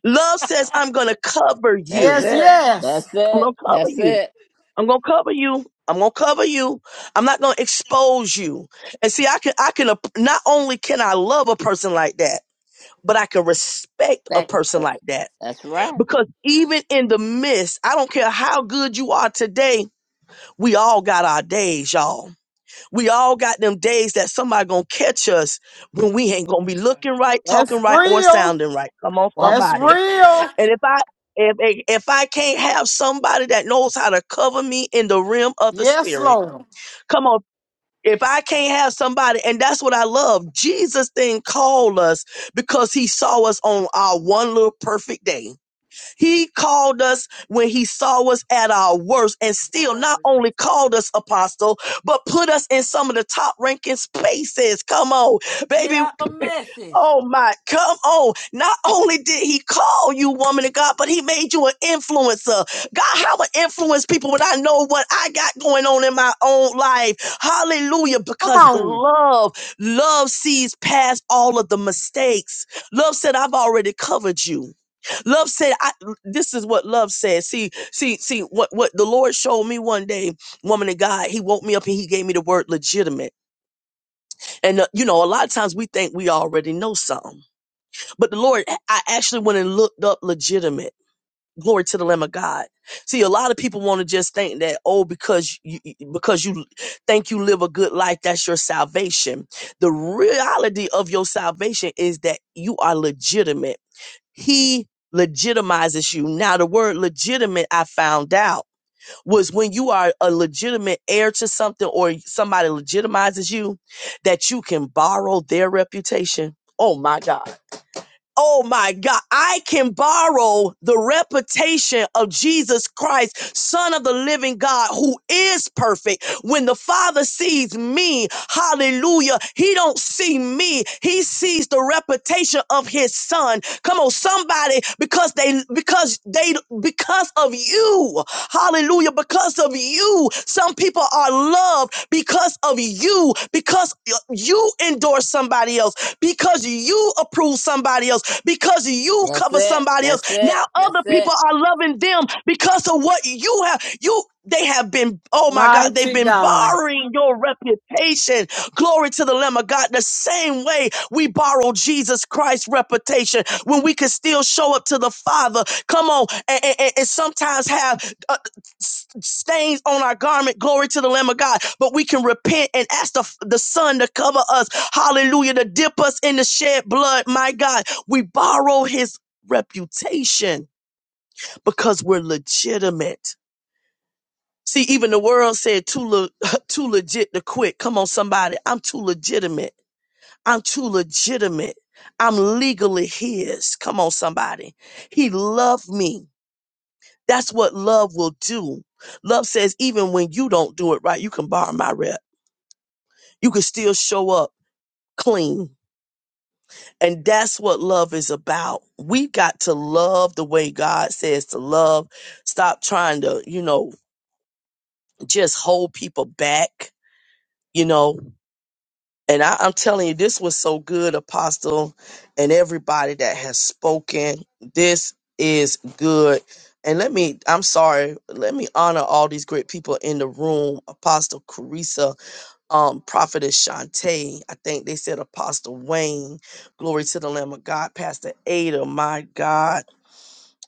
Speaker 3: Love says, I'm gonna cover
Speaker 5: That's
Speaker 3: you.
Speaker 1: Yes,
Speaker 5: it.
Speaker 1: yes.
Speaker 5: That's
Speaker 3: I'm
Speaker 5: it.
Speaker 3: gonna cover
Speaker 5: That's
Speaker 3: you.
Speaker 5: it.
Speaker 3: I'm gonna cover you. I'm gonna cover you. I'm not gonna expose you. And see, I can, I can, ap- not only can I love a person like that, but I can respect a
Speaker 5: That,
Speaker 3: person like that
Speaker 5: that's right.
Speaker 3: because even in the midst, I don't care how good you are today, we all got our days, y'all. We all got them days that somebody gonna catch us when
Speaker 2: At the
Speaker 3: we ain't gonna
Speaker 2: phone
Speaker 3: be
Speaker 2: time,
Speaker 3: looking right,
Speaker 1: That's
Speaker 3: talking right, or
Speaker 1: real.
Speaker 3: sounding right. Come on,
Speaker 6: Walk
Speaker 1: That's
Speaker 3: somebody.
Speaker 1: real.
Speaker 3: And if I if if if I can't have somebody that knows how to cover me in the realm of the
Speaker 1: Yes,
Speaker 3: spirit,
Speaker 1: Lord.
Speaker 3: come on. If I can't have somebody, and that's what I love. Jesus didn't call us because he saw us on our one little perfect day. He called us when he saw us at our worst and still not
Speaker 2: Words.
Speaker 3: only called us apostle, but put us in some of the top ranking spaces. Come on,
Speaker 2: Get
Speaker 3: baby.
Speaker 2: out the message.
Speaker 3: Oh my, come on. Not only did he call you woman of God, but he made you an influencer. God, how would influence people when I know what I got going on in my own life? Hallelujah.
Speaker 1: Come
Speaker 3: Because
Speaker 1: on.
Speaker 3: love, love sees past all of the mistakes. Love said, I've already covered you. Love said, I this is what love said. See, see, see, what what the Lord showed me one day, woman of God, he woke me up and he gave me the word legitimate. And uh, you know, a lot of times we think we already know something. But the Lord, I actually went and looked up legitimate. Glory to the Lamb of God. See, a lot of people want to just think that, oh, because you, because you think you live a good life, that's your salvation. The reality of your salvation is that you are legitimate. He legitimizes you. Now, the word legitimate, I found out, was when you are a legitimate heir to something or somebody legitimizes you, that you can borrow their reputation. Oh my God. Oh my God, I can borrow the reputation of Jesus Christ, Son of the living God, who is perfect. When the Father sees me, hallelujah, he don't see me. He sees the reputation of his son. Come on, somebody, because they because they because of you, hallelujah, because of you, some people are loved because of you, because you endorse somebody else because you approve somebody else, because you
Speaker 5: That's
Speaker 3: cover
Speaker 5: it.
Speaker 3: somebody
Speaker 5: That's
Speaker 3: else.
Speaker 5: it.
Speaker 3: Now
Speaker 5: That's
Speaker 3: other people
Speaker 5: it.
Speaker 3: are loving them because of what you have. You they have been, oh my God, they've
Speaker 1: Mighty
Speaker 3: been
Speaker 1: God.
Speaker 3: borrowing your reputation. Glory to the Lamb of God. The same way we borrow Jesus Christ's reputation when we can still show up to the Father. Come on, and, and and- and sometimes have s- stains on our garment. Glory to the Lamb of God. But we can repent and ask the, the Son to cover us. Hallelujah. To dip us in the shed blood. My God, we borrow his reputation because we're legitimate. See, even the world said too le- too legit to quit. Come on, somebody. I'm too legitimate. I'm too legitimate. I'm legally his. Come on, somebody. He loved me. That's what love will do. Love says, even when you don't do it right, you can borrow my rep. You can still show up clean. And that's what love is about. We got to love the way God says to love. Stop trying to, you know, just hold people back, you know. And I, I'm telling you, this was so good, Apostle, and everybody that has spoken. This is good. And let me, I'm sorry, let me honor all these great people in the room Apostle Carissa, um, Prophetess Shantae, I think they said Apostle Wayne, Glory to the Lamb of God, Pastor Ada, my God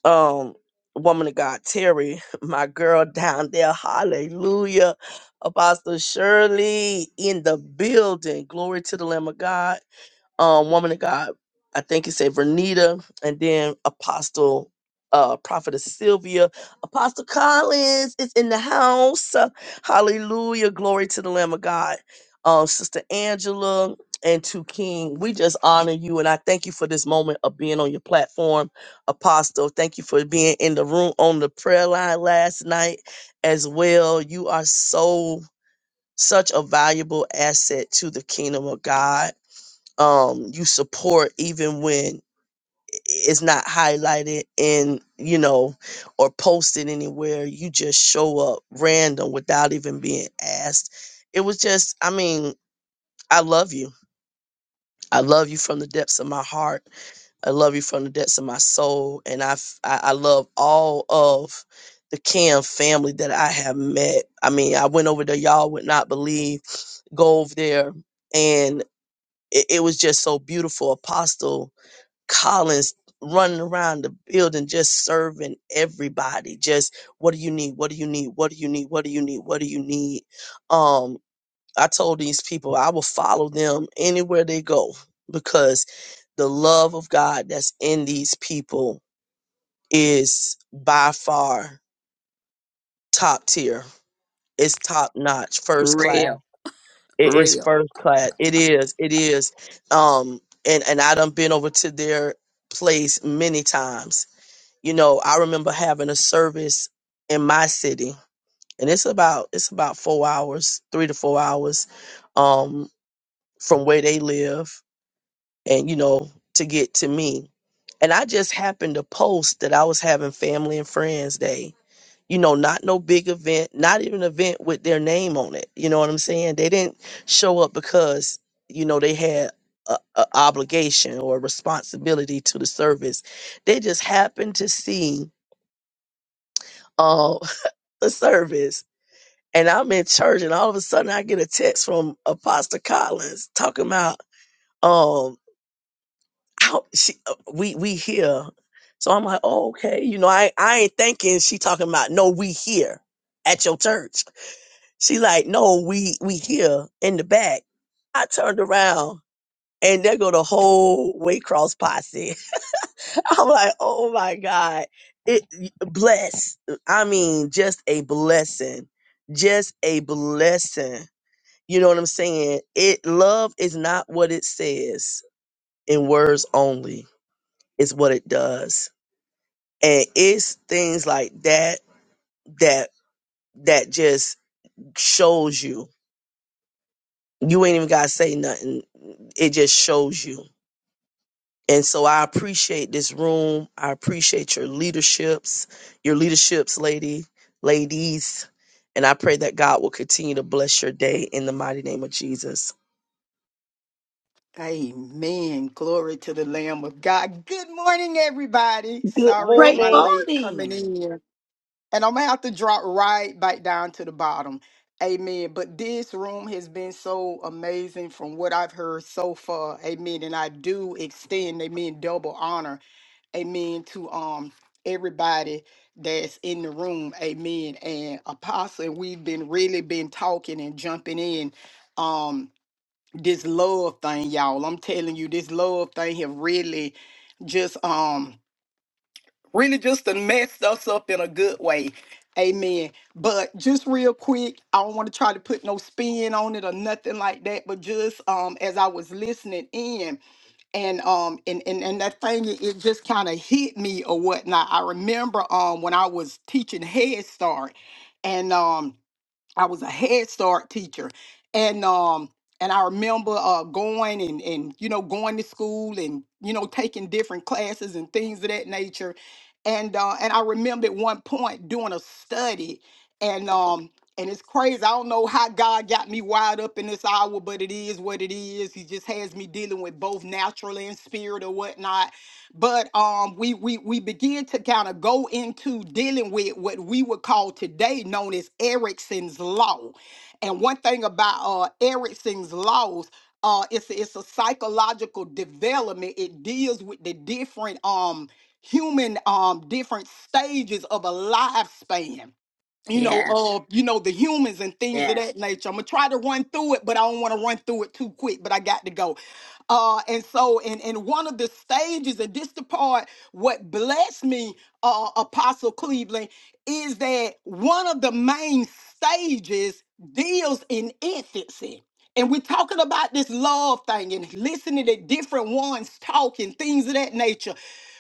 Speaker 3: um woman of God Terry, my girl down there. Hallelujah. Apostle Shirley in the building. Glory to the Lamb of God um, woman of God, I think you said Vernita, and then Apostle, uh, Prophetess Sylvia, Apostle Collins is in the house. Hallelujah. Glory to the Lamb of God. Um, Sister Angela and to King, we just honor you and I thank you for this moment of being on your platform, Apostle. Thank you for being in the room on the prayer line last night as well. You are so such a valuable asset to the kingdom of God um you support even when it's not highlighted in you know or posted anywhere you just show up random without even being asked it was just i mean i love you i love you from the depths of my heart i love you from the depths of my soul and i f- i, I love all of the cam family that i have met i mean i went over there y'all would not believe go over there and it, it was just so beautiful apostle Collins running around the building just serving everybody. Just what do you need? What do you need? What do you need? What do you need? What do you need? Um, I told these people I will follow them anywhere they go because the love of God that's in these people is by far top tier. It's top notch, first class.
Speaker 5: Real.
Speaker 3: It is
Speaker 5: Real.
Speaker 3: first class. It is. It is. Um, and and I done been over to their place many times You know, I remember having a service in my city, and it's about it's about four hours, three to four hours, um, from where they live, and you know, to get to me. And I just happened to post that I was having family and friends day. You know, not no big event, not even an event with their name on it. You know what I'm saying? They didn't show up because you know they had a, a obligation or responsibility to the service. They just happened to see. um, the service and I'm in church and all of a sudden I get a text from Apostle Collins talking about um how she uh, we we here. So I'm like, oh, okay, you know, I I ain't thinking she talking about no we here at your church. She like, no, we we here in the back. I turned around and there go the whole Waycross posse. I'm like, oh my God. It bless. I mean, just a blessing. Just a blessing. You know what I'm saying? It love is not what it says in words only. It's what it does. And it's things like that that that just shows you. You ain't even gotta say nothing. It just shows you. And so I appreciate this room. I appreciate your leaderships, your leaderships, lady, ladies. And I pray that God will continue to bless your day in the mighty name of Jesus.
Speaker 7: Amen. Glory to the Lamb of God. Good morning, everybody.
Speaker 3: Good
Speaker 7: Sorry for
Speaker 6: great
Speaker 7: my
Speaker 3: morning.
Speaker 7: late coming
Speaker 6: morning.
Speaker 7: in. And I'm going to have to drop right back down to the bottom. Amen. But this room has been so amazing from what I've heard so far. Amen. And I do extend, amen, double honor. amen to um everybody that's in the room amen and apostle we've been really been talking and jumping in um this love thing y'all i'm telling you this love thing have really just um really just to mess us up in a good way amen but just real quick i don't want to try to put no spin on it or nothing like that but just um as i was listening in and um and and, and that thing it it just kind of hit me or whatnot. I remember um when I was teaching Head Start and um I was a Head Start teacher, and um, and I remember uh going and and you know going to school and you know taking different classes and things of that nature, and uh, and I remember at one point doing a study, and um. And it's crazy. I don't know how God got me wired up in this hour, but it is what it is. He just has me dealing with both natural and spirit or whatnot but um we we we begin to kind of go into dealing with what we would call today known as Erickson's law. And one thing about uh Erickson's laws uh it's a- it's a psychological development. It deals with the different um human um different stages of a lifespan you know,
Speaker 5: Yes.
Speaker 7: uh, you know, the humans and things of
Speaker 5: Yes.
Speaker 7: that nature. I'm gonna try to run through it, but I don't want to run through it too quick. But I got to go. Uh, and so, in in one of the stages, and this the part what blessed me, uh, Apostle Cleveland is that one of the main stages deals in infancy. And we're talking about this love thing and listening to different ones talking, things of that nature.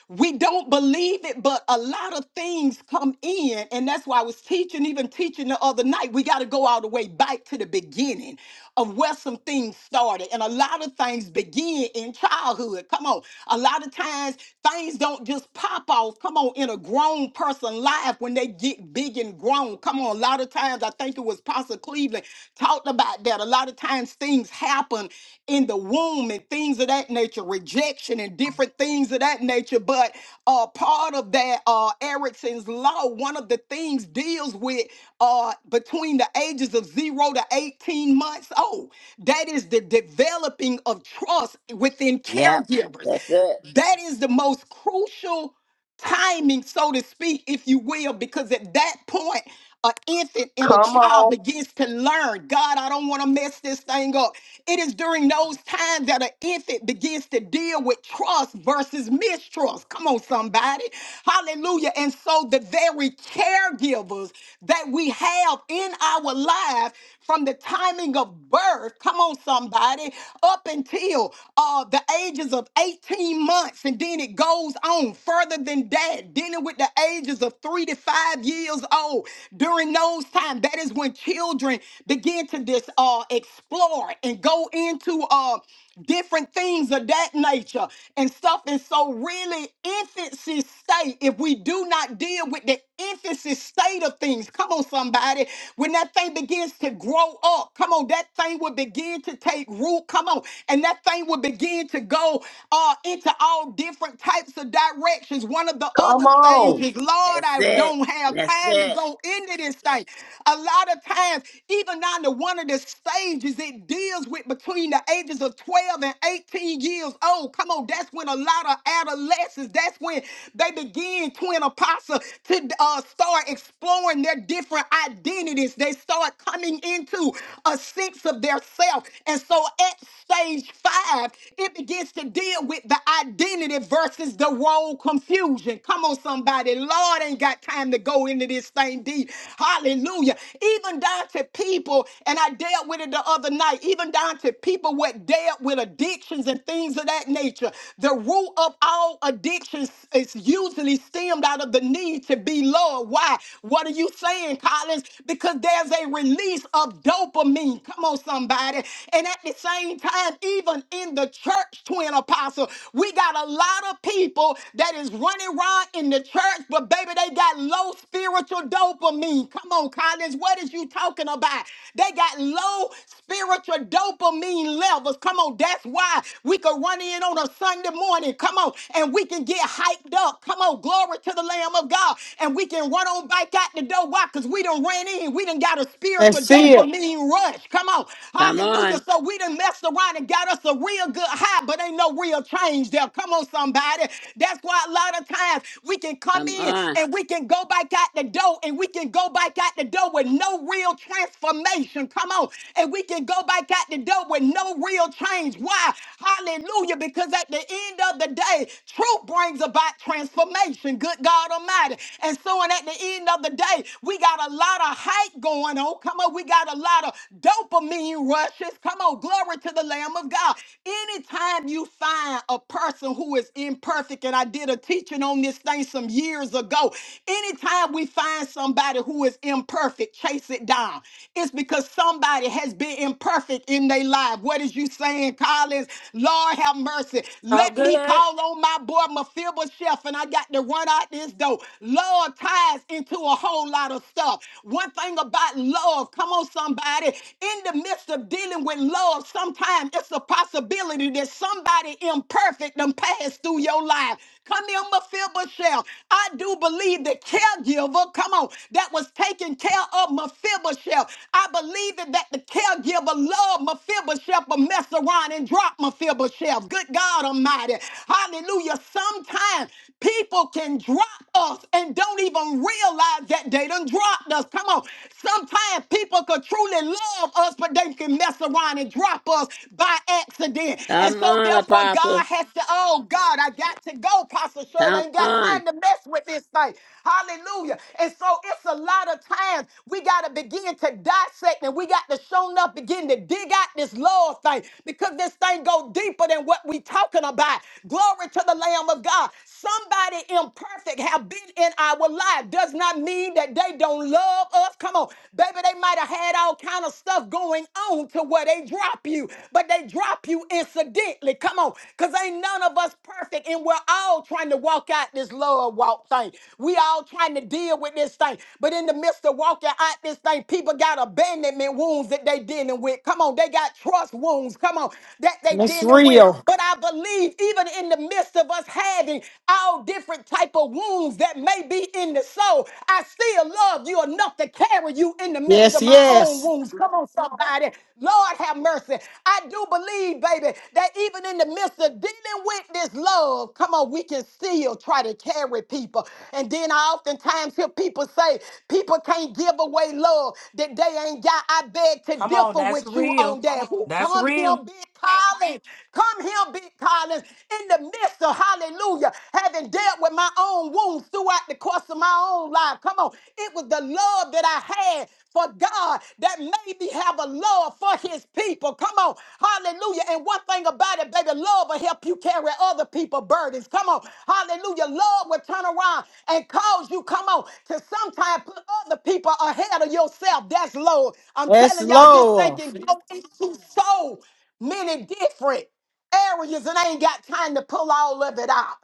Speaker 7: We don't believe it, but a lot of things come in. And that's why I was teaching, even teaching the other night. We got to go all the way back to the beginning of where some things started. And a lot of things begin in childhood. Come on. A lot of times things don't just pop off. Come on, in a grown person life when they get big and grown. Come on, a lot of times I think it was Pastor Cleveland talked about that. A lot of times things happen in the womb and things of that nature, rejection and different things of that nature. But uh, part of that uh, Erickson's law, one of the things deals with uh, between the ages of zero to 18 months old. That is the developing of trust within
Speaker 5: Yep.
Speaker 7: caregivers.
Speaker 5: That's it.
Speaker 7: That is the most crucial timing, so to speak, if you will, because at that point, an infant and a
Speaker 3: Come
Speaker 7: child
Speaker 3: on.
Speaker 7: begins to learn. God, I don't want to mess this thing up. It is during those times that an infant begins to deal with trust versus mistrust. Come on, somebody. Hallelujah. And so the very caregivers that we have in our life from the timing of birth, come on, somebody, up until uh, the ages of 18 months and then then it goes on further than that, dealing with the ages of three to five years old. During those times, that is when children begin to dis, uh, explore and go into uh, different things of that nature and stuff. And so, really, infancy state, if we do not deal with the infancy state of things, come on, somebody, when that thing begins to grow up, come on, that thing will begin to take root, come on, and that thing will begin to go uh, into all different types of directions. One of the
Speaker 3: Come
Speaker 7: other
Speaker 3: on.
Speaker 7: stages, Lord,
Speaker 5: That's
Speaker 7: I
Speaker 5: it.
Speaker 7: don't have
Speaker 5: That's
Speaker 7: time to
Speaker 5: it.
Speaker 7: go into this thing. A lot of times, even on the one of the stages, it deals with between the ages of 12 and 18 years old. Come on, that's when a lot of adolescents, that's when they begin, twin apostle, to uh, start exploring their different identities. They start coming into a sense of their self. And so at stage 5, it begins to deal with the identity versus the role confusion. Come on, somebody. Lord ain't got time to go into this thing deep. Hallelujah. Even down to people, and I dealt with it the other night, even down to people what dealt with addictions and things of that nature. The root of all addictions is usually stemmed out of the need to be loved. Why? What are you saying, Collins? Because there's a release of dopamine. Come on, somebody. And at the same time, even in the church, twin apostle, we got a lot of people that is running around in the church, but baby, they got low spiritual dopamine. Come on, Collins, what is you talking about? They got low spiritual dopamine levels. Come on, that's why we could run in on a Sunday morning. Come on, and we can get hyped up. Come on, glory to the Lamb of God. And we can run on back out the door. Why? Because we done ran in. We done got a spiritual
Speaker 1: That's it.
Speaker 7: dopamine run flesh. Come on.
Speaker 5: Come
Speaker 7: Hallelujah.
Speaker 5: on.
Speaker 7: So we done messed around and got us a real good high, but ain't no real change there. Come on, somebody. That's why a lot of times we can come
Speaker 5: Come
Speaker 7: in
Speaker 5: on.
Speaker 7: and we can go back out the door and we can go back out the door with no real transformation. Come on. And we can go back out the door with no real change. Why? Hallelujah. Because at the end of the day, truth brings about transformation. Good God Almighty. And so, and at the end of the day, we got a lot of hype going on now. Come on, we got a lot of dopamine rushes. Come on, glory to the Lamb of God. Anytime you find a person who is imperfect, and I did a teaching on this thing some years ago, anytime we find somebody who is imperfect, chase it down. It's because somebody has been imperfect in their life. What is you saying, Collins? Lord have mercy.
Speaker 2: Talk
Speaker 7: Let me
Speaker 2: good.
Speaker 7: call on my boy Mephibosheth, and I got to run out this door. Lord ties into a whole lot of stuff stuff. One thing about love, come on, somebody, in the midst of dealing with love, sometimes it's a possibility that somebody imperfect done passed through your life. Come here, Mephibosheth. I do believe the caregiver, come on, that was taking care of Mephibosheth. I believe that, that the caregiver loved Mephibosheth, but messed around and dropped Mephibosheth. Good God Almighty. Hallelujah. Sometimes people can drop us and don't even don't realize that they done dropped us. Come on. Sometimes people could truly love us, but they can mess around and drop us by accident. And
Speaker 5: Come
Speaker 7: so
Speaker 5: on,
Speaker 7: therefore,
Speaker 5: Apostle.
Speaker 7: God has to, oh God, I got to go, Pastor Shirley. I
Speaker 5: Come
Speaker 7: Ain't got
Speaker 5: on.
Speaker 7: time to mess with this thing. Hallelujah. And so it's a lot of times we got to begin to dissect and we got to show up, begin to dig out this love thing because this thing go deeper than what we talking about. Glory to the Lamb of God. Somebody imperfect perfect have been in our life does not mean that they don't love us. Come on, baby, they might have had all kind of stuff going on to where they drop you, but they drop you incidentally. Come on, because ain't none of us perfect, and we're all trying to walk out this love walk thing. We all trying to deal with this thing, but in the midst of walking out this thing, people got abandonment wounds that they dealing with. Come on, they got trust wounds. Come on, that they
Speaker 1: That's
Speaker 7: dealing
Speaker 1: real.
Speaker 7: with. But I believe even in the midst of us having healing all different type of wounds that may be in the soul. I still love you enough to carry you in the midst
Speaker 1: Yes,
Speaker 7: of my own
Speaker 1: yes.
Speaker 7: wounds. Come on, somebody. Lord have mercy. I do believe, baby, that even in the midst of dealing with this love, come on, we can still try to carry people. And then I oftentimes hear people say, people can't give away love that they ain't got. I beg to
Speaker 2: Come on,
Speaker 7: differ
Speaker 2: that's
Speaker 7: with you on
Speaker 2: real.
Speaker 7: that. Who
Speaker 2: That's
Speaker 7: come here,
Speaker 2: real.
Speaker 7: big Collins? Come here, big Collins in the midst of hallelujah, having dealt with my own wounds throughout the course of my own life. Come on. It was the love that I had for God that made me have a love for his people. Come on. Hallelujah. And one thing about it, baby, love will help you carry other people's burdens. Come on. Hallelujah. Love will turn around and cause you, come on, to sometimes put other people ahead of yourself. That's love. I'm
Speaker 1: That's
Speaker 7: telling y'all, this thing can
Speaker 1: love.
Speaker 7: go into so many different areas and I ain't got time to pull all of it out.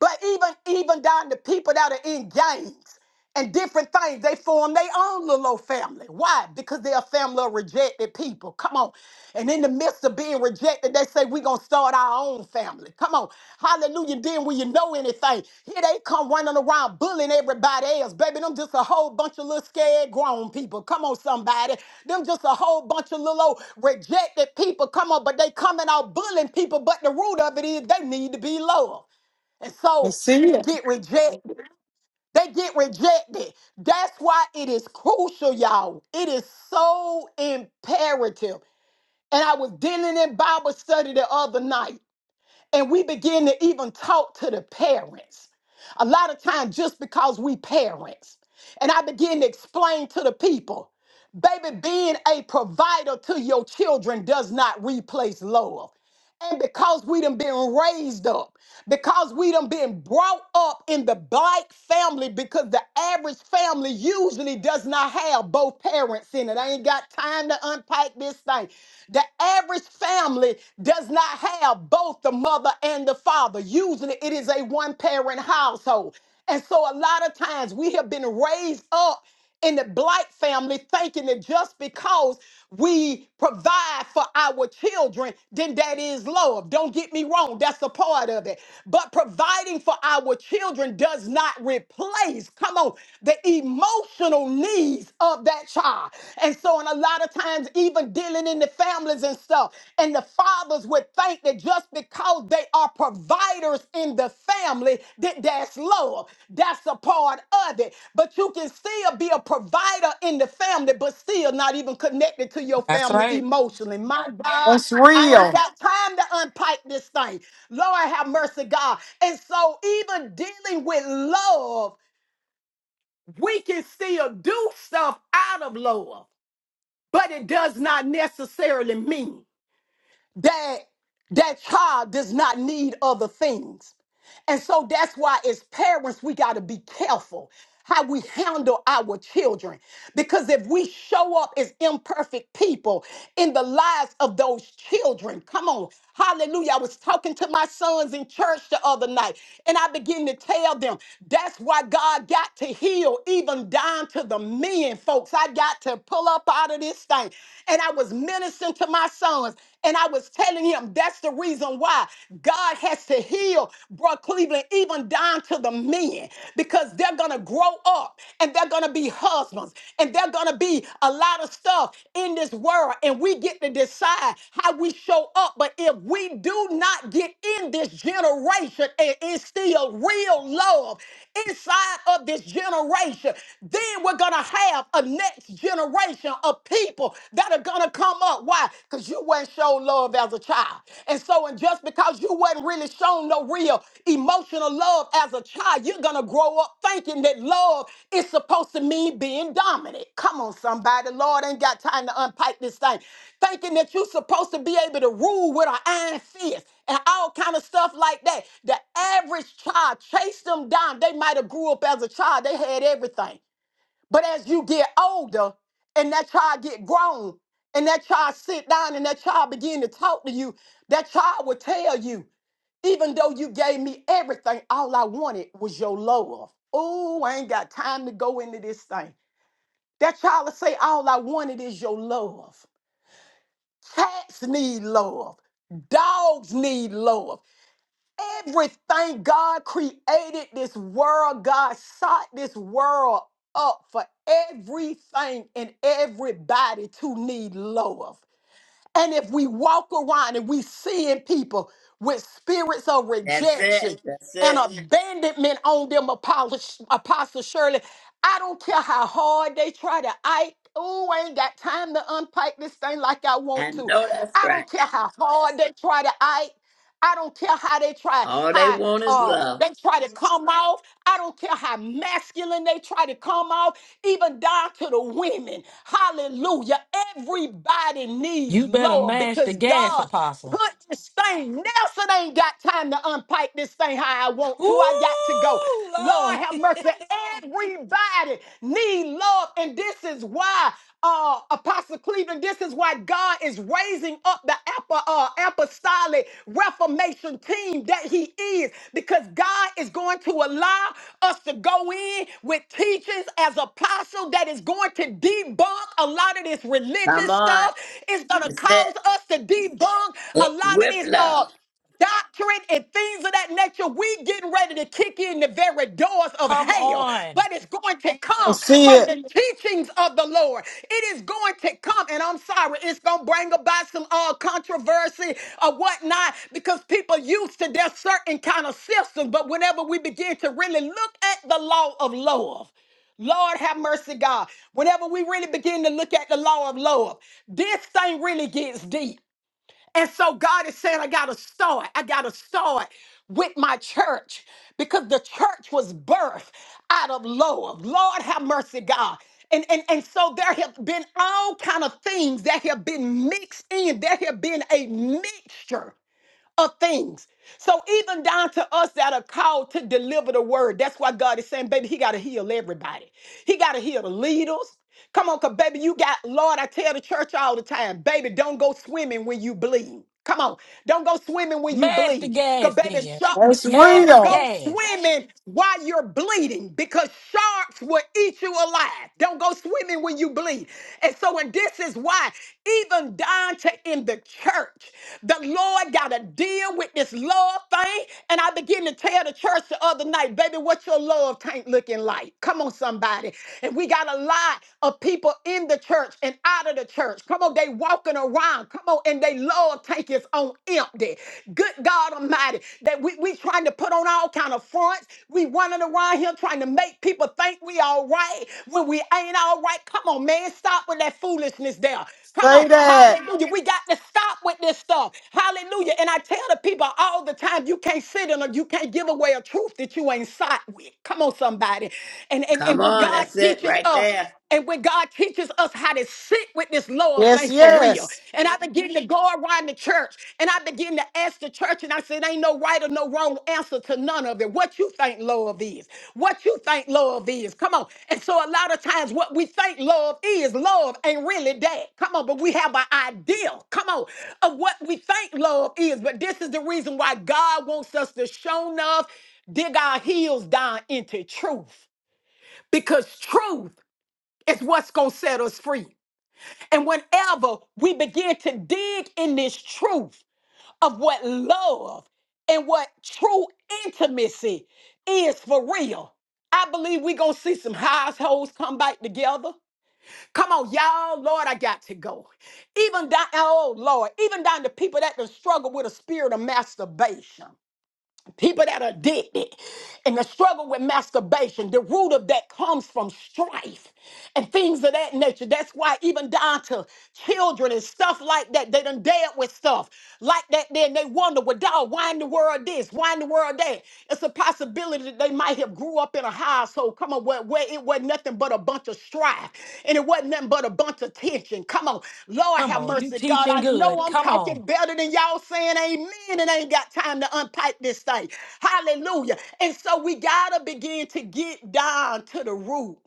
Speaker 7: But even even down to people that are in gangs and different things, they form their own little old family. Why? Because they're a family of rejected people. Come on. And in the midst of being rejected, they say we're gonna start our own family. Come on. Hallelujah. Then when you know anything, here they come running around bullying everybody else. Baby, them just a whole bunch of little scared grown people. Come on, somebody. Them just a whole bunch of little old rejected people. Come on, but they coming out bullying people, but the root of it is they need to be loved. And
Speaker 1: I
Speaker 7: so
Speaker 1: see
Speaker 7: they
Speaker 1: it.
Speaker 7: get rejected. They get rejected. That's why it is crucial, y'all. It is so imperative. And I was dealing in Bible study the other night, and we begin to even talk to the parents. A lot of times, just because we parents, and I begin to explain to the people, baby, being a provider to your children does not replace love. And because we done been raised up because we done been brought up in the black family because the average family usually does not have both parents in it. I ain't got time to unpack this thing. The average family does not have both the mother and the father. Usually it is a one parent household. And so a lot of times we have been raised up in the black family thinking that just because we provide for our children, then that is love. Don't get me wrong, that's a part of it. But providing for our children does not replace, come on, the emotional needs of that child. And so, and a lot of times, even dealing in the families and stuff, and the father would think that just because they are providers in the family, that that's love. That's a part of it. But you can still be a provider in the family, but still not even connected to your
Speaker 2: That's
Speaker 7: family
Speaker 2: right.
Speaker 7: emotionally. My God.
Speaker 1: That's
Speaker 7: I ain't
Speaker 1: real.
Speaker 7: got time to unpack this thing. Lord have mercy, God. And so, even dealing with love, we can still do stuff out of love, but it does not necessarily mean that that child does not need other things. And so that's why, as parents, we got to be careful how we handle our children. Because if we show up as imperfect people in the lives of those children, come on, hallelujah. I was talking to my sons in church the other night, and I began to tell them that's why God got to heal, even down to the men, folks. I got to pull up out of this thing. And I was ministering to my sons, and I was telling him him. That's the reason why God has to heal, bro, Cleveland, even down to the men, because they're going to grow up and they're going to be husbands and they're going to be a lot of stuff in this world. And we get to decide how we show up. But if we do not get in this generation and instill real love inside of this generation, then we're going to have a next generation of people people that are gonna come up. Why? Because you weren't shown love as a child. And so, and just because you weren't really shown no real emotional love as a child, you're gonna grow up thinking that love is supposed to mean being dominant. Come on, somebody. Lord ain't got time to unpack this thing. Thinking that you're supposed to be able to rule with an iron fist and all kind of stuff like that. The average child chased them down. They might have grew up as a child. They had everything. But as you get older and that child get grown and that child sit down and that child begin to talk to you, that child will tell you, even though you gave me everything, all I wanted was your love. Oh, I ain't got time to go into this thing. That child will say, all I wanted is your love. Cats need love. Dogs need love. Everything God created this world, God sought this world up for everything and everybody to need love. And if we walk around and we seeing people with spirits of
Speaker 5: That's it.
Speaker 7: rejection
Speaker 5: That's
Speaker 7: and
Speaker 5: it.
Speaker 7: abandonment on them, Apostle, Apostle Shirley, I don't care how hard they try to. I oh, I ain't got time to unpack this thing like I want
Speaker 5: I
Speaker 7: to.
Speaker 5: know that's
Speaker 7: I
Speaker 5: right.
Speaker 7: don't care how hard they try to. I I don't care how they try,
Speaker 5: All they
Speaker 7: how
Speaker 5: want is
Speaker 7: uh
Speaker 5: love.
Speaker 7: they try to come off. I don't care how masculine they try to come off, even down to the women. Hallelujah. Everybody needs
Speaker 2: You better
Speaker 7: love
Speaker 2: mash the
Speaker 7: because
Speaker 2: gas,
Speaker 7: God
Speaker 2: Apostle.
Speaker 7: put this thing. Nelson ain't got time to unpack this thing how I want to. I got to go.
Speaker 2: Ooh, Lord.
Speaker 7: Lord have mercy. Everybody need love. And this is why uh, Apostle Cleveland. This is why God is raising up the apo- uh, apostolic reformation team that He is, because God is going to allow us to go in with teachings as apostle that is going to debunk a lot of this
Speaker 5: Come
Speaker 7: religious
Speaker 5: on.
Speaker 7: stuff. It's going to
Speaker 5: That's it.
Speaker 7: cause us to debunk a
Speaker 5: it.
Speaker 7: lot of
Speaker 5: With
Speaker 7: this. Uh,
Speaker 5: love.
Speaker 7: doctrine and things of that nature, we getting ready to kick in the very doors of
Speaker 2: Come
Speaker 7: hell.
Speaker 2: on.
Speaker 7: But it's going to
Speaker 1: I
Speaker 7: come
Speaker 1: see
Speaker 7: from
Speaker 1: it.
Speaker 7: the teachings of the Lord. It is going to come, and I'm sorry, it's going to bring about some uh, controversy or whatnot because people used to their certain kind of systems. But whenever we begin to really look at the law of love, Lord have mercy, God. Whenever we really begin to look at the law of love, this thing really gets deep. And so God is saying, I got to start. I got to start with my church because the church was birthed out of love. Lord, have mercy, God. And, and, and so there have been all kind of things that have been mixed in. There have been a mixture of things. So even down to us that are called to deliver the word, that's why God is saying, baby, he got to heal everybody. He got to heal the leaders. Come on, cause baby, you got Lord. I tell the church all the time, baby, don't go swimming when you bleed. Come on, don't go swimming when you
Speaker 2: Mash the
Speaker 7: bleed, cause
Speaker 2: gas
Speaker 7: baby,
Speaker 2: then.
Speaker 7: sharks
Speaker 2: It's
Speaker 1: That's
Speaker 2: mash
Speaker 7: don't
Speaker 2: the
Speaker 1: real.
Speaker 7: go
Speaker 2: gas.
Speaker 7: swimming while you're bleeding, because sharks will eat you alive. Don't go swimming when you bleed you bleed. And so, and this is why, even down to in the church, the Lord got to deal with this love thing. And I begin to tell the church the other night, baby, what your love tank looking like? Come on, somebody. And we got a lot of people in the church and out of the church. Come on, they walking around. Come on, and they love tank is on empty. Good God Almighty, that we, we trying to put on our all kind of fronts. We running around here trying to make people think we all right when we ain't all right. Come on, man. Stop with that foolishness there. Come on.
Speaker 1: Say that.
Speaker 7: Hallelujah. We got to stop with this stuff. Hallelujah. And I tell the people all the time, you can't sit in or you can't give away a truth that you ain't sat with. Come on, somebody. And and,
Speaker 5: Come
Speaker 7: and when
Speaker 5: on.
Speaker 7: God
Speaker 5: That's it
Speaker 7: teaches
Speaker 5: right
Speaker 7: us,
Speaker 5: there.
Speaker 7: and when God teaches us how to sit with this lower
Speaker 1: Yes,
Speaker 7: thing for real,
Speaker 1: yes.
Speaker 7: and I begin to go around the church and I begin to ask the church, and I said, Ain't no right or no wrong answer to none of it. What you think love is, what you think love is. Come on. And so, a lot of times, what we think love is, love ain't really that. Come on, but we have an idea, come on, of what we think love is. But this is the reason why God wants us to show enough, dig our heels down into truth because truth it's what's going to set us free. And whenever we begin to dig in this truth of what love and what true intimacy is for real, I believe we're going to see some households come back together. Come on, y'all. Lord, I got to go. Even down, oh Lord, even down to people that done struggle with a spirit of masturbation people that are addicted and the struggle with masturbation the root of that comes from strife and things of that nature that's why even down to children and stuff like that they done dealt with stuff like that then they wonder well dog why in the world this why in the world that it's a possibility that they might have grew up in a household, come on, where, where it wasn't nothing but a bunch of strife and it wasn't nothing but a bunch of tension. Come on, Lord
Speaker 2: Come
Speaker 7: have
Speaker 2: on, you
Speaker 7: mercy, God.
Speaker 2: teaching
Speaker 7: I know
Speaker 2: good.
Speaker 7: I'm
Speaker 2: Come
Speaker 7: talking
Speaker 2: on.
Speaker 7: better than y'all saying amen and ain't got time to unpack this thing. Hallelujah. And so we got to begin to get down to the root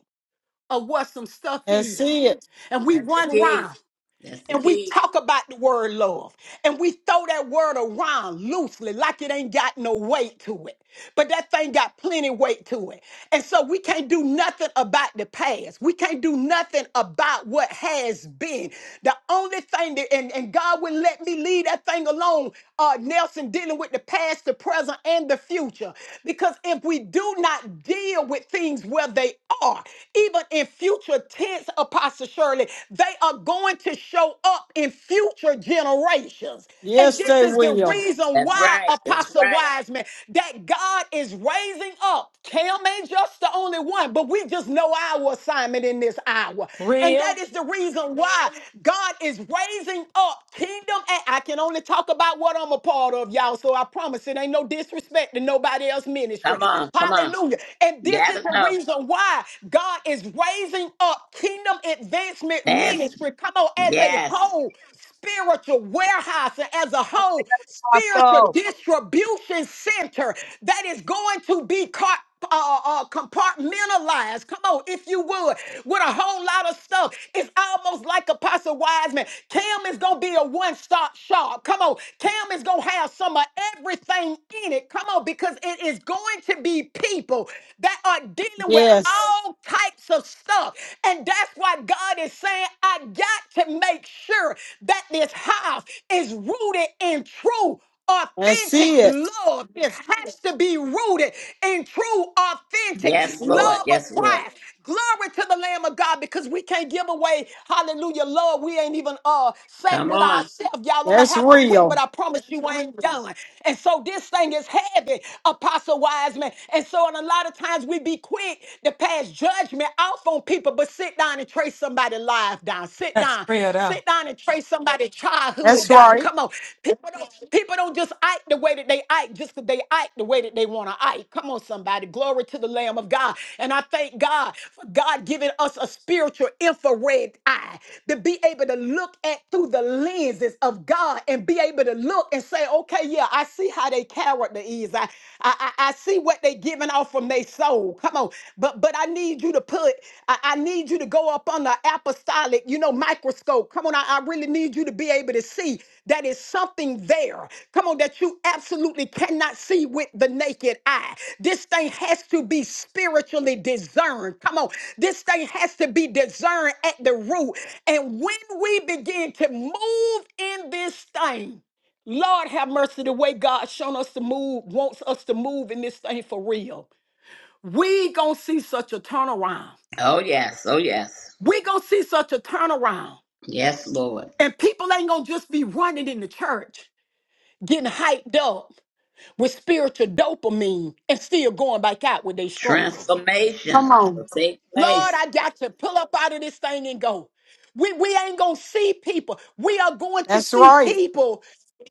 Speaker 7: of what some stuff
Speaker 1: I
Speaker 7: is.
Speaker 1: see it.
Speaker 7: And we
Speaker 5: That's the
Speaker 7: run
Speaker 5: key.
Speaker 7: round
Speaker 5: That's the
Speaker 7: and we
Speaker 5: key.
Speaker 7: talk about the word love and we throw that word around loosely like it ain't got no weight to it. But that thing got plenty weight to it. And so we can't do nothing about the past. We can't do nothing about what has been. The only thing that, and, and God wouldn't let me leave that thing alone, uh, Nelson, dealing with the past, the present, and the future. Because if we do not deal with things where they are, even in future tense, Apostle Shirley, Shirley, they are going to show up in future generations. And
Speaker 1: Yes,
Speaker 7: this
Speaker 1: they
Speaker 7: is the
Speaker 1: will.
Speaker 7: reason
Speaker 5: That's
Speaker 7: why,
Speaker 5: right. That's
Speaker 7: Apostle
Speaker 5: right.
Speaker 7: Wiseman, that God is raising up. Cam ain't just the only one, but we just know our assignment in this hour. And that
Speaker 2: Real.
Speaker 7: is the reason why God is raising up kingdom. And I can only talk about what I'm a part of, y'all. So I promise it ain't no disrespect to nobody else's ministry.
Speaker 5: Come on. Come on.
Speaker 7: Hallelujah. And
Speaker 5: You
Speaker 7: this is
Speaker 5: gotta
Speaker 7: the
Speaker 5: know.
Speaker 7: reason why God is is raising up kingdom advancement
Speaker 5: That's
Speaker 7: ministry, come on, as a
Speaker 5: yes.
Speaker 7: whole spiritual warehouse and as a whole spiritual
Speaker 3: Apostle.
Speaker 7: distribution center that is going to be caught. Uh, uh, uh, compartmentalized, come on, if you would, with a whole lot of stuff. It's almost like Apostle Wiseman. Cam is gonna be a one stop shop. Come on, Cam is gonna have some of everything in it. Come on, because it is going to be people that are start dealing with
Speaker 1: Yes.
Speaker 7: all types of stuff. And that's why God is saying, I got to make sure that this house is rooted in true
Speaker 1: I
Speaker 7: authentic
Speaker 1: see it.
Speaker 7: love. It has to be rooted in true, authentic
Speaker 5: Yes, Lord.
Speaker 7: love of
Speaker 5: Yes, Lord.
Speaker 7: Christ. Glory to the Lamb of God because we can't give away, hallelujah, love. We ain't even uh sat
Speaker 5: Come
Speaker 7: with
Speaker 5: on.
Speaker 7: ourselves. Y'all, I'm gonna
Speaker 1: That's
Speaker 7: have to quit, but
Speaker 1: real.
Speaker 7: I promise you I ain't done. And so this thing is heavy, Apostle wise man. And so, and a lot of times we be quick to pass judgment off on people, but sit down and trace somebody's life down. Sit
Speaker 2: That's
Speaker 7: down,
Speaker 2: real though.
Speaker 7: sit down and trace somebody's childhood
Speaker 1: That's
Speaker 7: down.
Speaker 1: right.
Speaker 7: Come on, people don't people don't just act the way that they act just 'cause they act the way that they want to act. Come on, somebody, glory to the Lamb of God. And I thank God for God giving us a spiritual infrared eye to be able to look at through the lenses of God and be able to look and say, okay, yeah, I see how their character is. I, I, I I see what they giving off from their soul. Come on. But but I need you to put, I, I need you to go up on the apostolic, you know, microscope. Come on, I, I really need you to be able to see that is something there. Come on, that you absolutely cannot see with the naked eye. This thing has to be spiritually discerned. Come on, this thing has to be discerned at the root. And when we begin to move in this thing, Lord have mercy the way God shown us to move, wants us to move in this thing for real. We gonna see such a turnaround.
Speaker 5: Oh yes. Oh yes.
Speaker 7: We gonna see such a turnaround.
Speaker 5: Yes, Lord.
Speaker 7: And people ain't gonna just be running in the church, getting hyped up with spiritual dopamine and still going back out with their struggles.
Speaker 5: Transformation
Speaker 1: Come on.
Speaker 5: will take
Speaker 7: Lord,
Speaker 5: place.
Speaker 7: I got to pull up out of this thing and go. We, we ain't going to see people. We are going to
Speaker 1: That's
Speaker 7: see
Speaker 1: right.
Speaker 7: people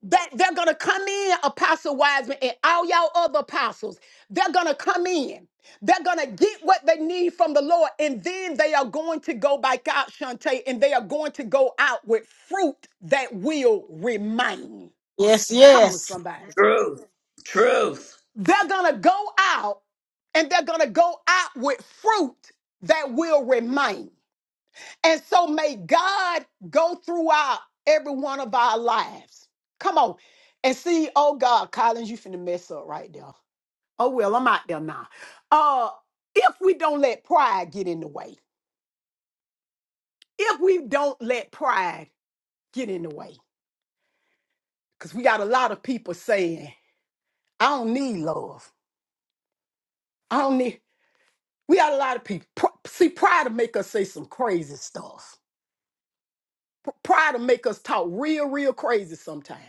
Speaker 7: that they're going to come in, Apostle Wiseman and all y'all other apostles. They're going to come in. They're going to get what they need from the Lord. And then they are going to go back out, Shantae, and they are going to go out with fruit that will remain.
Speaker 1: Yes,
Speaker 7: Come on,
Speaker 1: yes.
Speaker 7: somebody.
Speaker 5: Truth. Truth.
Speaker 7: They're going to go out and they're going to go out with fruit that will remain. And so may God go throughout every one of our lives. Come on. And see, oh God, Collins, you finna mess up right there. Oh well, I'm out there now. Uh, if we don't let pride get in the way, if we don't let pride get in the way, because we got a lot of people saying, I don't need love. I don't need we got a lot of people. Pr- see, pride will make us say some crazy stuff. Pr- pride will make us talk real, real crazy sometimes.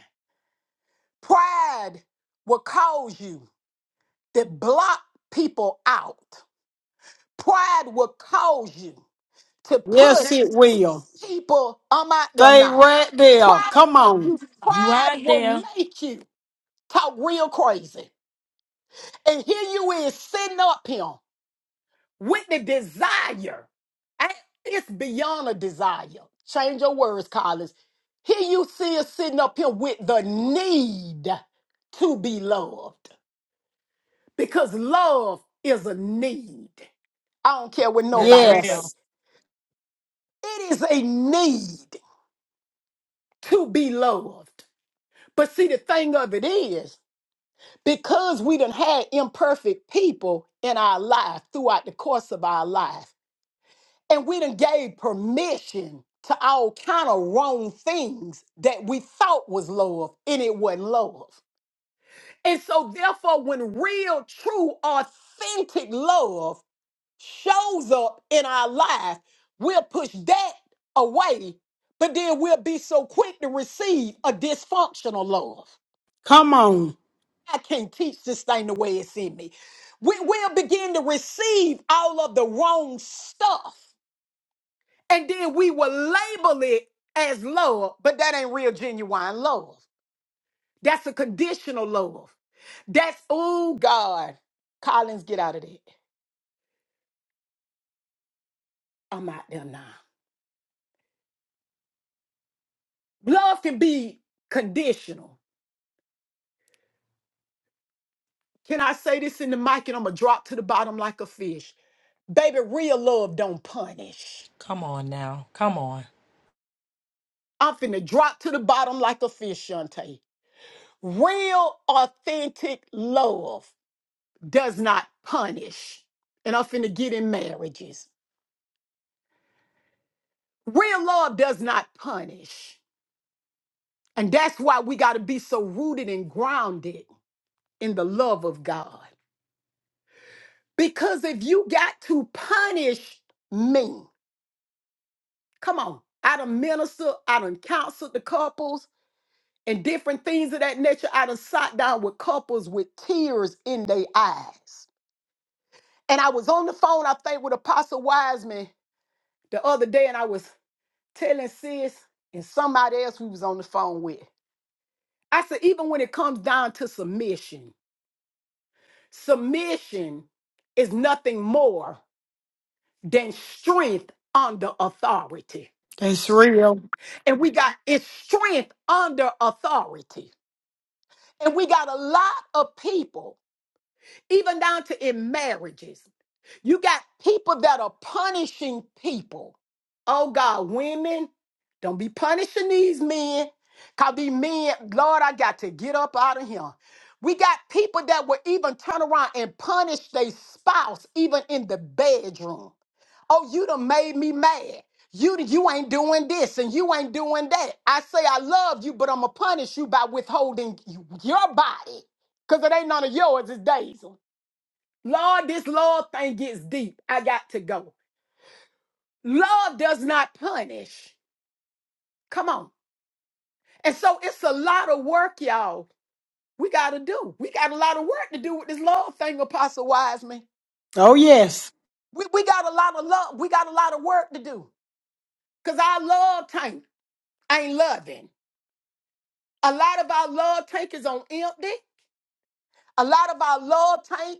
Speaker 7: Pride will cause you to block people out. Pride will cause you to push
Speaker 1: Yes, it will.
Speaker 7: people I'm out there
Speaker 1: Stay
Speaker 7: now.
Speaker 1: right there.
Speaker 7: Pride
Speaker 1: Come
Speaker 7: will make
Speaker 1: on.
Speaker 7: you
Speaker 2: You
Speaker 7: pride
Speaker 2: out
Speaker 7: will
Speaker 2: there.
Speaker 7: make you talk real crazy. And here you is sitting up here with the desire. And it's beyond a desire. Change your words, Collins. Here you see us sitting up here with the need to be loved. because love is a need. I don't care what
Speaker 2: That's
Speaker 7: nobody
Speaker 2: real.
Speaker 7: say.
Speaker 1: Yes.
Speaker 7: It is a need to be loved. But see, the thing of it is, because we done had imperfect people in our life throughout the course of our life, and we done gave permission to all kind of wrong things that we thought was love, and it wasn't love. And so, therefore, when real, true, authentic love shows up in our life, we'll push that away, but then we'll be so quick to receive a dysfunctional love.
Speaker 1: Come on.
Speaker 7: I can't teach this thing the way it's in me. We will begin to receive all of the wrong stuff, and then we will label it as love, but that ain't real, genuine love. That's a conditional love. That's, oh God, Collins, get out of that. I'm out there now. Love can be conditional. Can I say this in the mic and I'm gonna drop to the bottom like a fish? Baby, real love don't punish.
Speaker 2: Come on now. Come on.
Speaker 7: I'm finna drop to the bottom like a fish, Shantae. Real, authentic love does not punish. And I'm finna get in marriages. Real love does not punish. And that's why we gotta be so rooted and grounded in the love of God. Because if you got to punish me, come on, I done minister, I done counseled the couples, and different things of that nature. I done sat down with couples with tears in their eyes. And I was on the phone, I think, with Apostle Wiseman the other day, and I was telling sis and somebody else we was on the phone with. I said, even when it comes down to submission, submission is nothing more than strength under authority.
Speaker 1: That's real.
Speaker 7: And we got it's strength under authority. And we got a lot of people, even down to in marriages. You got people that are punishing people. Oh God, women, don't be punishing these men. Cause these men, Lord, I got to get up out of here. We got people that will even turn around and punish their spouse, even in the bedroom. Oh, you done made me mad. You you ain't doing this and you ain't doing that. I say I love you, but I'ma punish you by withholding your body. Cause it ain't none of yours, it's Daisy. Lord, this love thing gets deep. I got to go. Love does not punish. Come on. And so it's a lot of work, y'all. We got to do. We got a lot of work to do with this love thing, Apostle Wiseman.
Speaker 1: Oh, yes.
Speaker 7: We, we got a lot of love. We got a lot of work to do because our love tank ain't loving. A lot of our love tank is on empty. A lot of our love tank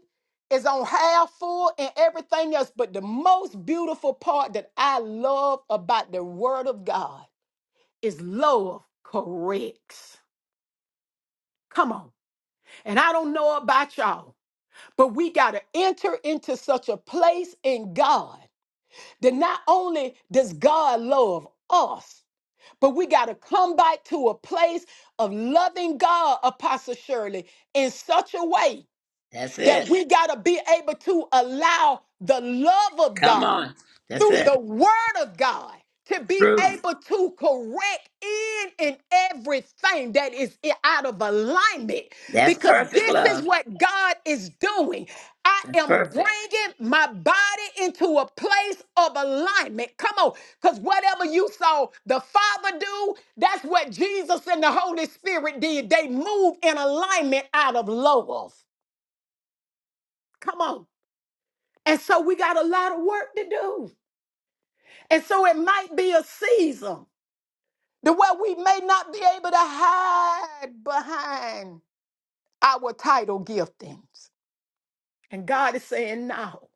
Speaker 7: is on half full and everything else. But the most beautiful part that I love about the Word of God is love corrects. Come on. And I don't know about y'all, but we got to enter into such a place in God that not only does God love us, but we got to come back to a place of loving God, Apostle Shirley, in such a way
Speaker 5: That's
Speaker 7: that
Speaker 5: it.
Speaker 7: we got to be able to allow the love of
Speaker 5: Come
Speaker 7: God
Speaker 5: on. That's
Speaker 7: through
Speaker 5: it.
Speaker 7: the word of God to be
Speaker 5: Truth.
Speaker 7: able to correct in and everything that is i- out of alignment
Speaker 5: That's
Speaker 7: because
Speaker 5: perfect
Speaker 7: this is
Speaker 5: love.
Speaker 7: what God is doing. I
Speaker 5: That's
Speaker 7: am
Speaker 5: perfect.
Speaker 7: bringing my body into a place of alignment. Come on, because whatever you saw the Father do, that's what Jesus and the Holy Spirit did. They moved in alignment out of love. Come on. And so we got a lot of work to do. And so it might be a season to where we may not be able to hide behind our title giftings. And God is saying no,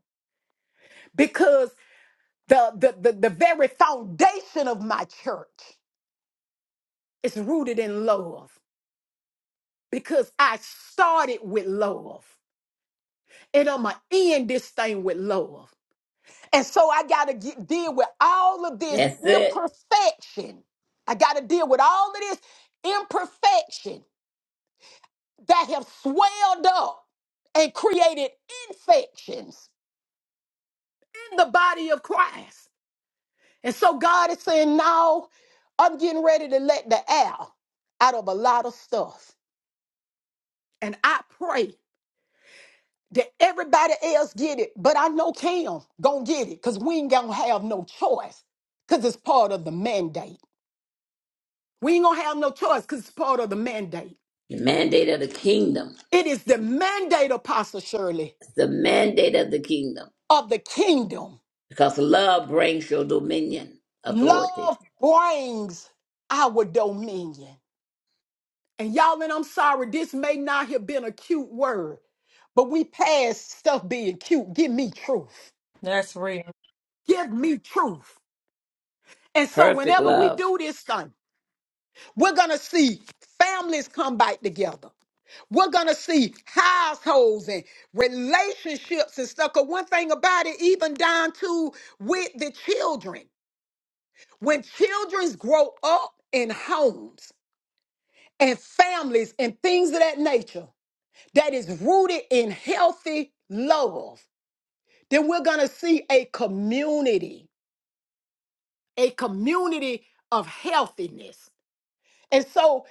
Speaker 7: because the, the, the, the very foundation of my church is rooted in love, because I started with love. And I'm going to end this thing with love. And so I got to get, deal with all of this
Speaker 5: That's it.
Speaker 7: imperfection. I got to deal with all of this imperfection that have swelled up and created infections in the body of Christ. And so God is saying, "No, I'm getting ready to let the air out of a lot of stuff. And I pray that everybody else get it, but I know Cam gonna get it because we ain't gonna have no choice because it's part of the mandate. We ain't gonna have no choice because it's part of the mandate.
Speaker 5: The mandate of the kingdom.
Speaker 7: It is the mandate, Apostle Shirley,
Speaker 5: It's the mandate of the kingdom.
Speaker 7: of the kingdom.
Speaker 5: Because love brings your dominion, authority.
Speaker 7: Love brings our dominion. And y'all, and I'm sorry, this may not have been a cute word, but we past stuff being cute. Give me truth.
Speaker 2: That's real.
Speaker 7: Give me truth. And so
Speaker 5: Perfect
Speaker 7: whenever we
Speaker 5: love.
Speaker 7: do this thing, we're gonna see families come back together. We're gonna see households and relationships and stuff. Cause one thing about it, even down to with the children, when children grow up in homes and families and things of that nature that is rooted in healthy love, then we're gonna see a community, a community of healthiness. And so,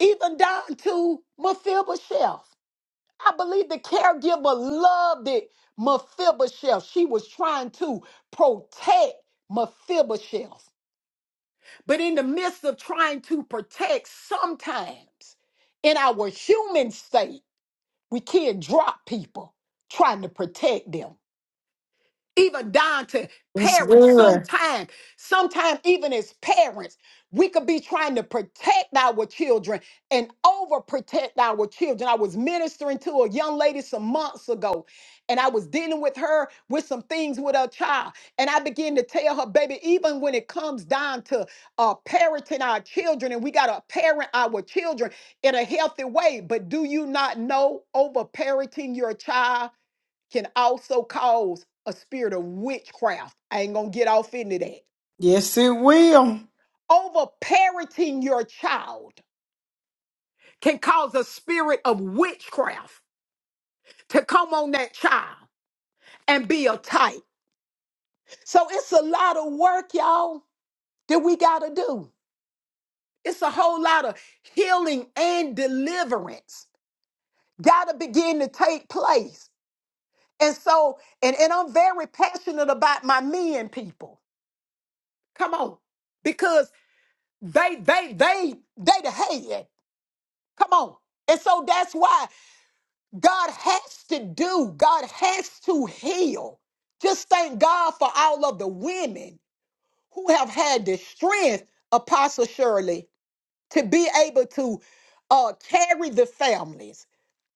Speaker 7: even down to Mephibosheth. I believe the caregiver loved it. Mephibosheth, she was trying to protect Mephibosheth. But in the midst of trying to protect, sometimes in our human state, we can drop people trying to protect them even down to
Speaker 1: It's
Speaker 7: parents
Speaker 1: good.
Speaker 7: sometimes sometimes even as parents we could be trying to protect our children and overprotect our children i was ministering to a young lady some months ago and i was dealing with her with some things with her child and i began to tell her baby even when it comes down to uh, parenting our children and we got to parent our children in a healthy way but do you not know over parenting your child can also cause a spirit of witchcraft. I ain't gonna get off into that.
Speaker 1: Yes, it will.
Speaker 7: Over parenting your child can cause a spirit of witchcraft to come on that child and be a type. So it's a lot of work, y'all, that we gotta do. It's a whole lot of healing and deliverance gotta begin to take place. And so, and, and I'm very passionate about my men people. Come on. because. They, they, they, they the head. Come on. And so that's why God has to do, God has to heal. Just thank God for all of the women who have had the strength, Apostle Shirley, to be able to uh, carry the families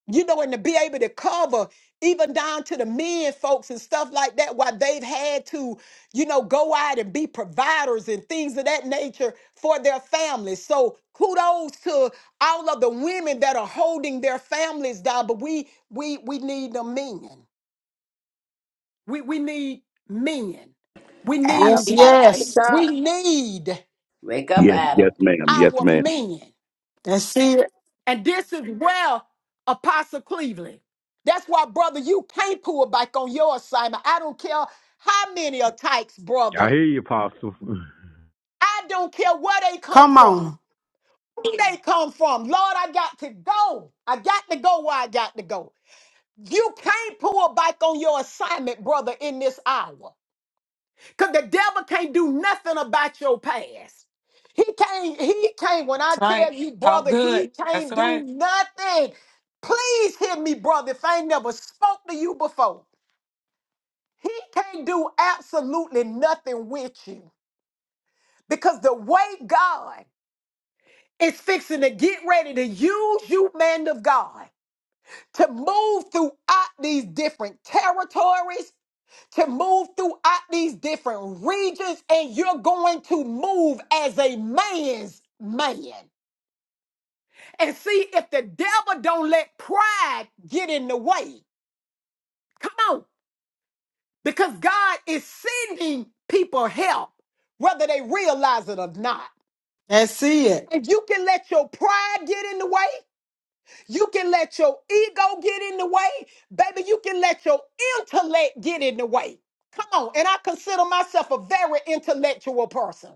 Speaker 7: you know, and to be able to cover even down to the men folks and stuff like that, why they've had to, you know, go out and be providers and things of that nature for their families. So kudos to all of the women that are holding their families down, but we we we need the men. We we need men. We
Speaker 5: Adam
Speaker 1: Yes,
Speaker 7: need
Speaker 5: gotta wake
Speaker 1: yes.
Speaker 7: we
Speaker 5: up.
Speaker 7: need
Speaker 5: Wake up,
Speaker 8: Yes,
Speaker 5: Adam.
Speaker 8: yes, ma'am. Yes,
Speaker 7: our
Speaker 8: ma'am.
Speaker 7: men.
Speaker 1: That's it.
Speaker 7: And this is where Apostle Cleveland. That's why, brother, you can't pull back on your assignment. I don't care how many attacks,
Speaker 4: I
Speaker 7: brother.
Speaker 4: hear you, apostle.
Speaker 7: I don't care where they come
Speaker 1: Come
Speaker 7: from.
Speaker 1: on.
Speaker 7: Who they come from. Lord, I got to go. I got to go where I got to go. You can't pull back on your assignment, brother, in this hour. Because the devil can't do nothing about your past. He can't, he can't, when I
Speaker 2: That's
Speaker 7: tell
Speaker 2: right.
Speaker 7: you,
Speaker 2: Talk
Speaker 7: brother, he
Speaker 2: good. That's
Speaker 7: can't do
Speaker 2: right.
Speaker 7: nothing. Please hear me, brother, if I ain't never spoke to you before. He can't do absolutely nothing with you. Because the way God is fixing to get ready to use you, man of God, to move throughout these different territories. to move throughout these different regions and you're going to move as a man's man and see if the devil don't let pride get in the way come on because god is sending people help whether they realize it or not
Speaker 1: That's it.
Speaker 7: if you can let your pride get in the way you can let your ego get in the way baby you can let your intellect get in the way come on and i consider myself a very intellectual person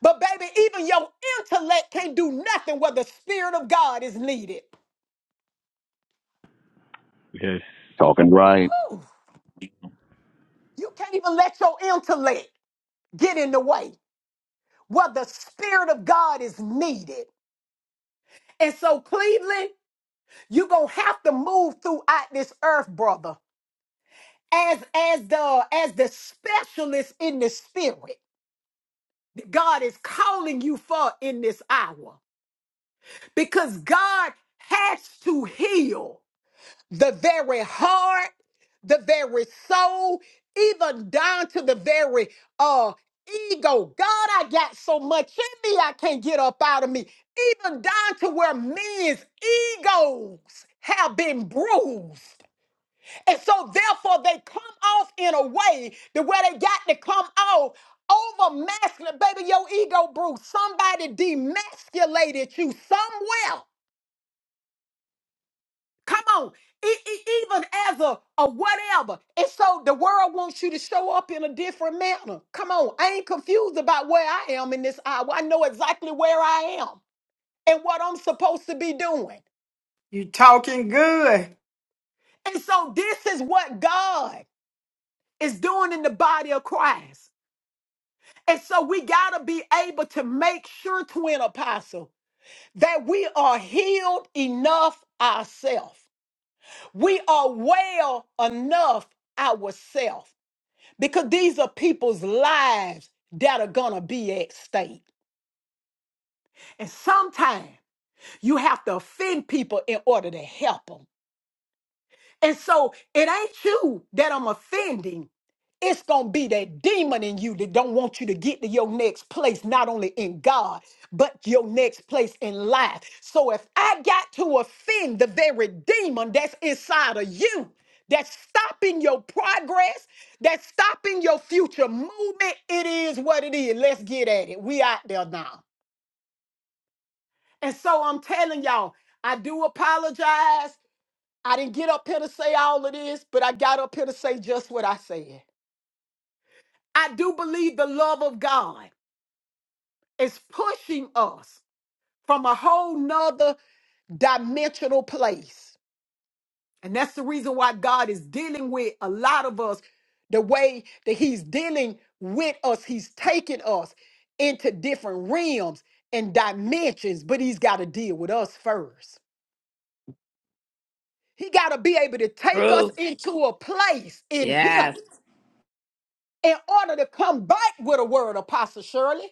Speaker 7: But baby, even your intellect can't do nothing where the spirit of God is needed.
Speaker 4: Yes.
Speaker 8: Talking right.
Speaker 7: Ooh, you can't even let your intellect get in the way where the spirit of God is needed. And so, Cleveland, you're gonna have to move throughout this earth, brother, as as the as the specialist in the spirit. that God is calling you for in this hour because God has to heal. the very heart, the very soul, even down to the very uh ego. God, I got so much in me I can't get up out of me. Even down to where men's egos have been bruised. And so therefore they come off in a way that where they got to come off over masculine. Baby, your ego bruised. Somebody demasculated you somewhere Come on, E- e- even as a, a whatever. And so the world wants you to show up in a different manner. Come on, I ain't confused about where I am in this hour. I know exactly where I am and what I'm supposed to be doing.
Speaker 1: You talking good.
Speaker 7: And so this is what God is doing in the body of Christ. And so we got to be able to make sure, twin apostle, that we are healed enough ourselves. We are well enough ourselves. because these are people's lives that are gonna be at stake. And sometimes you have to offend people in order to help them. And so it ain't you that I'm offending. It's gonna be that demon in you that don't want you to get to your next place, not only in God, but your next place in life. So if I got to offend the very demon that's inside of you, that's stopping your progress, that's stopping your future movement, it is what it is. Let's get at it. We out there now. And so I'm telling y'all, I do apologize. I didn't get up here to say all of this, but I got up here to say just what I said. I do believe the love of God is pushing us from a whole nother dimensional place. And that's the reason why God is dealing with a lot of us the way that He's dealing with us. He's taking us into different realms and dimensions, but He's got to deal with us first. He got to be able to take us
Speaker 5: Truth.
Speaker 7: into a place in Him
Speaker 5: Yes.
Speaker 7: in order to come back with a word, Apostle Shirley.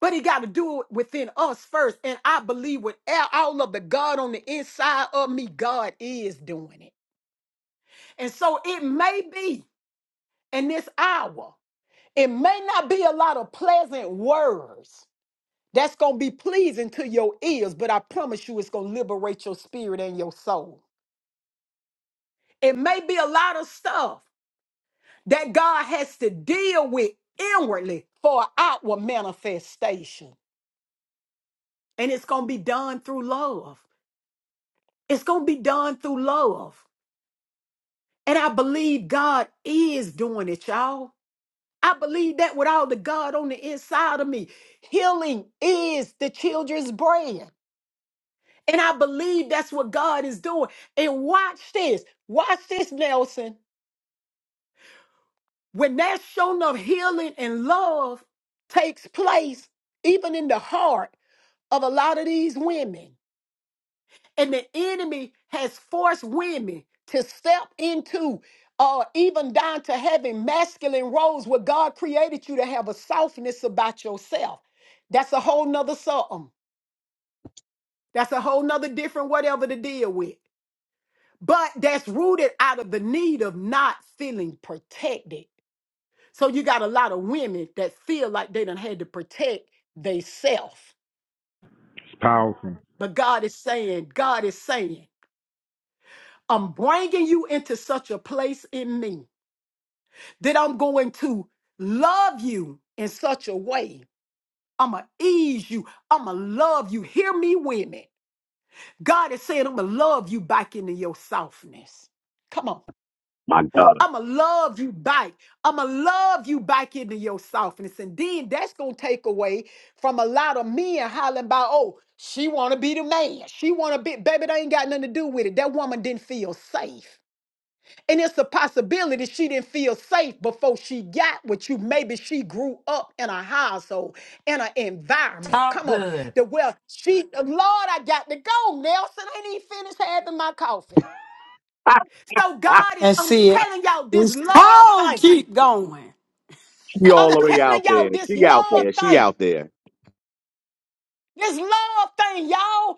Speaker 7: But he got to do it within us first. And I believe with all all of the God on the inside of me, God is doing it. And so it may be in this hour, it may not be a lot of pleasant words that's going to be pleasing to your ears, but I promise you it's going to liberate your spirit and your soul. It may be a lot of stuff that God has to deal with inwardly for outward manifestation. and it's going to be done through love. It's going to be done through love. And I believe God is doing it, y'all. I believe that with all the God on the inside of me. Healing is the children's bread. And I believe that's what God is doing. And watch this. Watch this, Nelson. When that shown of healing and love takes place, even in the heart of a lot of these women, and the enemy has forced women to step into or even down to having masculine roles where God created you to have a softness about yourself. That's a whole nother something. That's a whole nother different whatever to deal with. But that's rooted out of the need of not feeling protected. So you got a lot of women that feel like they done had to protect themselves.
Speaker 4: It's powerful.
Speaker 7: But God is saying, God is saying, I'm bringing you into such a place in me that I'm going to love you in such a way. I'm going to ease you. I'm going to love you. Hear me, women. God is saying, I'm going to love you back into your softness. Come on.
Speaker 8: My God.
Speaker 7: I'm going to love you back. I'm going to love you back into your softness. And then that's going to take away from a lot of men hollering about, oh, she want to be the man. She want to be, baby, that ain't got nothing to do with it. That woman didn't feel safe. And it's a possibility she didn't feel safe before she got with you. Maybe she grew up in a household, in an environment.
Speaker 2: Talk
Speaker 7: Come on.
Speaker 2: good.
Speaker 7: The well, she, Lord, I got to go, Nelson. I ain't even finished having my coffee. So God is,
Speaker 1: That's
Speaker 7: I'm
Speaker 1: it.
Speaker 7: telling y'all this
Speaker 1: It's
Speaker 7: love
Speaker 1: called
Speaker 7: thing.
Speaker 1: keep going.
Speaker 8: she all
Speaker 7: I'm
Speaker 8: the way out
Speaker 7: telling
Speaker 8: there.
Speaker 7: y'all this
Speaker 8: She out
Speaker 7: love
Speaker 8: there. She
Speaker 7: thing.
Speaker 8: out there.
Speaker 7: This love thing, y'all.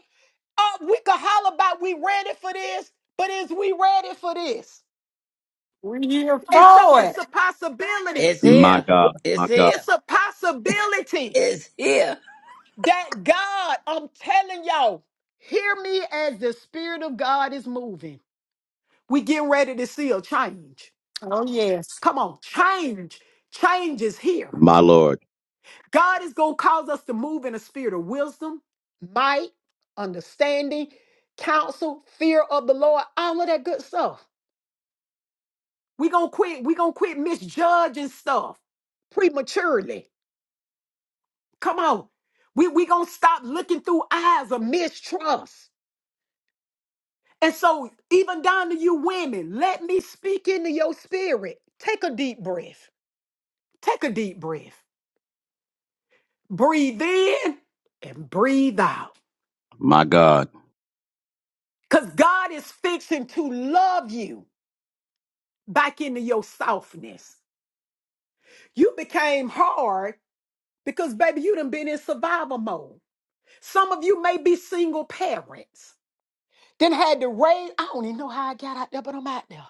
Speaker 7: Uh, we could holler about we ready for this, but is we ready for this?
Speaker 1: We here
Speaker 7: And so
Speaker 1: for
Speaker 7: it's a
Speaker 1: it.
Speaker 7: possibility.
Speaker 5: It's
Speaker 8: My
Speaker 5: here.
Speaker 8: God. My
Speaker 5: It's
Speaker 8: God.
Speaker 5: here.
Speaker 7: It's a possibility.
Speaker 5: It's here.
Speaker 7: That God, I'm telling y'all, hear me as the Spirit of God is moving. We getting ready to see a change.
Speaker 1: Oh yes.
Speaker 7: Come on, change. Change is here.
Speaker 8: My Lord.
Speaker 7: God is going to cause us to move in a spirit of wisdom, might, understanding, counsel, fear of the Lord, all of that good stuff. we going to quit. we going to quit misjudging stuff prematurely. Come on. we we going to stop looking through eyes of mistrust. And so, even down to you women, let me speak into your spirit. Take a deep breath. Take a deep breath. Breathe in and breathe out.
Speaker 8: My God.
Speaker 7: Because God is fixing to love you back into your softness. You became hard because, baby, you done been in survival mode. Some of you may be single parents. Then had to raise, I don't even know how I got out there, but I'm out there.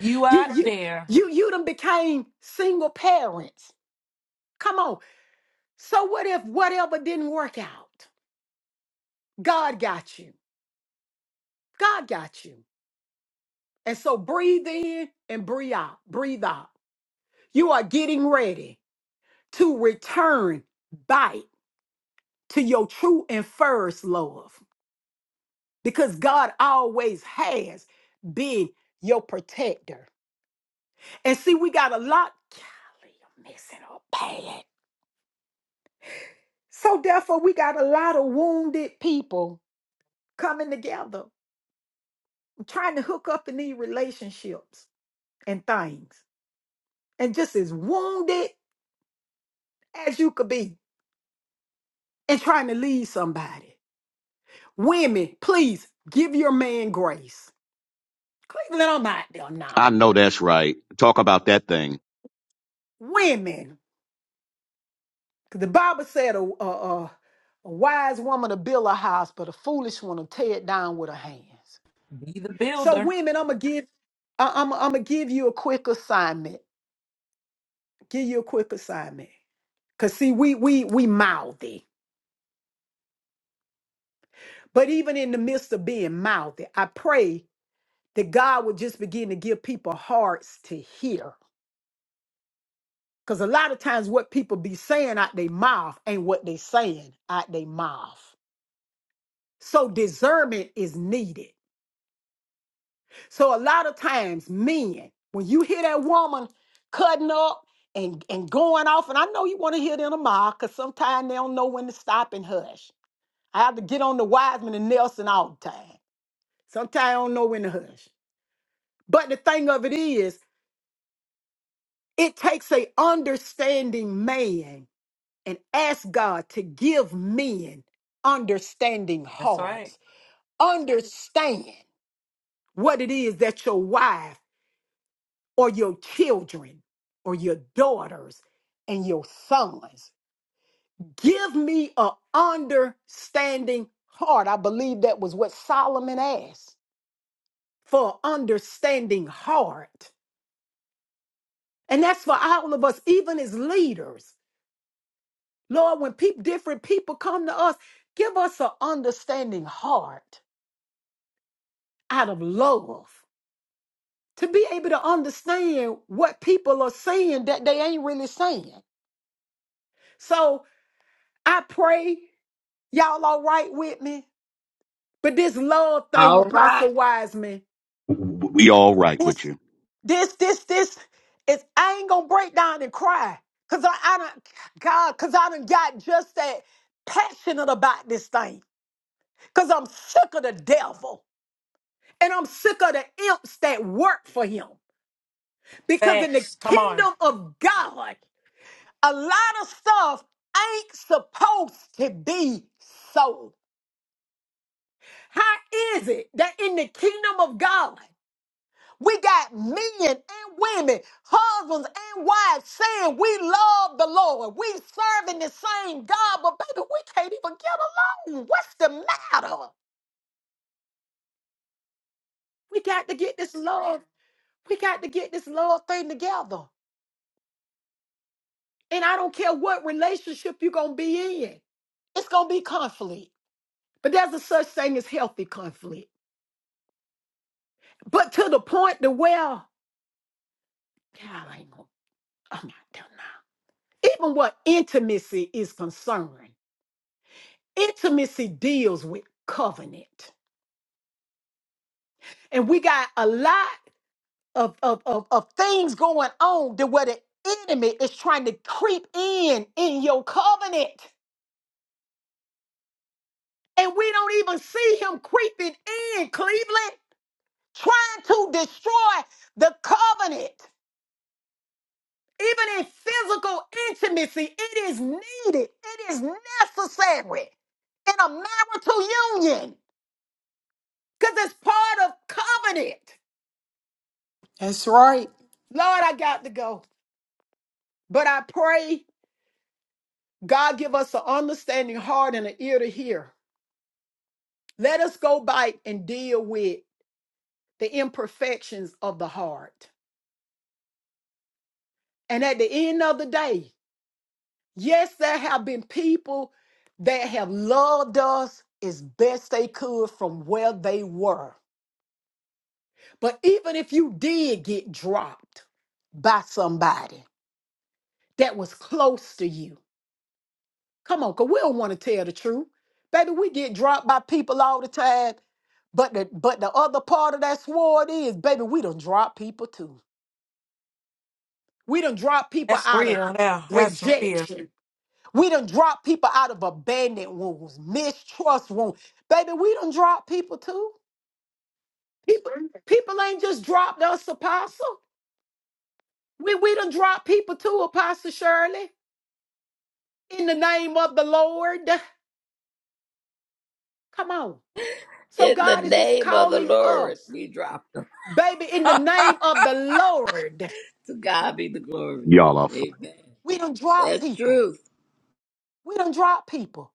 Speaker 2: You
Speaker 7: You,
Speaker 2: out
Speaker 7: you,
Speaker 2: there.
Speaker 7: you, you done became single parents. Come on. So what if whatever didn't work out? God got you. God got you. And so breathe in and breathe out. Breathe out. You are getting ready to return back to your true and first love because God always has been your protector. And see, we got a lot. Golly, I'm messing up bad. So therefore, we got a lot of wounded people coming together, trying to hook up in these relationships and things and just as wounded as you could be and trying to lead somebody. Women, please give your man grace. Cleveland, I'm out there now.
Speaker 8: I know that's right. Talk about that thing.
Speaker 7: Women, because the Bible said a, a, a, a wise woman to build a house, but a foolish one to tear it down with her hands.
Speaker 2: Be the
Speaker 7: So,
Speaker 2: builder.
Speaker 7: women, I'm gonna give, I'm, I'm gonna give you a quick assignment. Give you a quick assignment. Cause see, we we we mouthy, but even in the midst of being mouthy, I pray that God would just begin to give people hearts to hear. Because a lot of times what people be saying out their mouth ain't what they saying out their mouth. So discernment is needed. So a lot of times, men, when you hear that woman cutting up and, and going off, and I know you want to hear it in a mile, because sometimes they don't know when to stop and hush. I have to get on the Wiseman and Nelson all the time. Sometimes I don't know when to hush. But the thing of it is, it takes a understanding man and ask God to give men understanding
Speaker 2: That's right.
Speaker 7: hearts. Understand what it is that your wife or your children or your daughters and your sons give me a understanding heart. I believe that was what Solomon asked for a understanding heart. And that's for all of us, even as leaders. Lord, when peop different people come to us, give us an understanding heart out of love to be able to understand what people are saying that they ain't really saying. So I pray y'all all right with me. But this love thing,
Speaker 6: All right.
Speaker 7: Apostle Wiseman,
Speaker 8: We all right with
Speaker 7: this,
Speaker 8: you.
Speaker 7: this, this, this is I ain't gonna break down and cry. Cause I, I don't God, cause I done got just that passionate about this thing. Cause I'm sick of the devil. And I'm sick of the imps that work for him. Because in the
Speaker 2: Facts. Come on.
Speaker 7: kingdom of God. a lot of stuff ain't supposed to be sold. How is it that in the kingdom of God, we got men and women, husbands and wives saying we love the Lord, we serving the same God, but baby, we can't even get along. What's the matter? We got to get this love. We got to get this love thing together. And I don't care what relationship you're going to be in. It's going to be conflict. But there's a such thing as healthy conflict. But to the point to where, God, I ain't gonna, I'm not done now. Even what intimacy is concerned, intimacy deals with covenant. And we got a lot of, of, of, of things going on to where the enemy is trying to creep in in your covenant. And we don't even see him creeping in, Cleveland, trying to destroy the covenant. Even in physical intimacy, it is needed, it is necessary in a marital union because it's part of covenant.
Speaker 1: That's right.
Speaker 7: Lord, I got to go. But I pray God give us an understanding heart and an ear to hear. Let us go back and deal with the imperfections of the heart. And at the end of the day, yes, there have been people that have loved us as best they could from where they were. But even if you did get dropped by somebody that was close to you, come on, because we don't want to tell the truth. Baby, we get dropped by people all the time. But the but the other part of that sword is, baby, we done drop people too. We done drop people
Speaker 2: That's
Speaker 7: out of
Speaker 2: real now. That's real.
Speaker 7: rejection. We done drop people out of abandoned wounds, mistrust wounds. Baby, we done drop people too. People, people ain't just dropped us, apostle. We we done dropped people too, Apostle Shirley. in the name of the Lord. Come on. So
Speaker 5: In the
Speaker 7: God is just
Speaker 5: name of the
Speaker 7: calling
Speaker 5: Lord,
Speaker 7: us,
Speaker 5: we drop.
Speaker 7: baby, in the name of the Lord.
Speaker 5: To God be the glory.
Speaker 8: Y'all are fine.
Speaker 5: Amen.
Speaker 7: We don't drop
Speaker 5: That's
Speaker 7: people.
Speaker 5: truth.
Speaker 7: We don't drop people.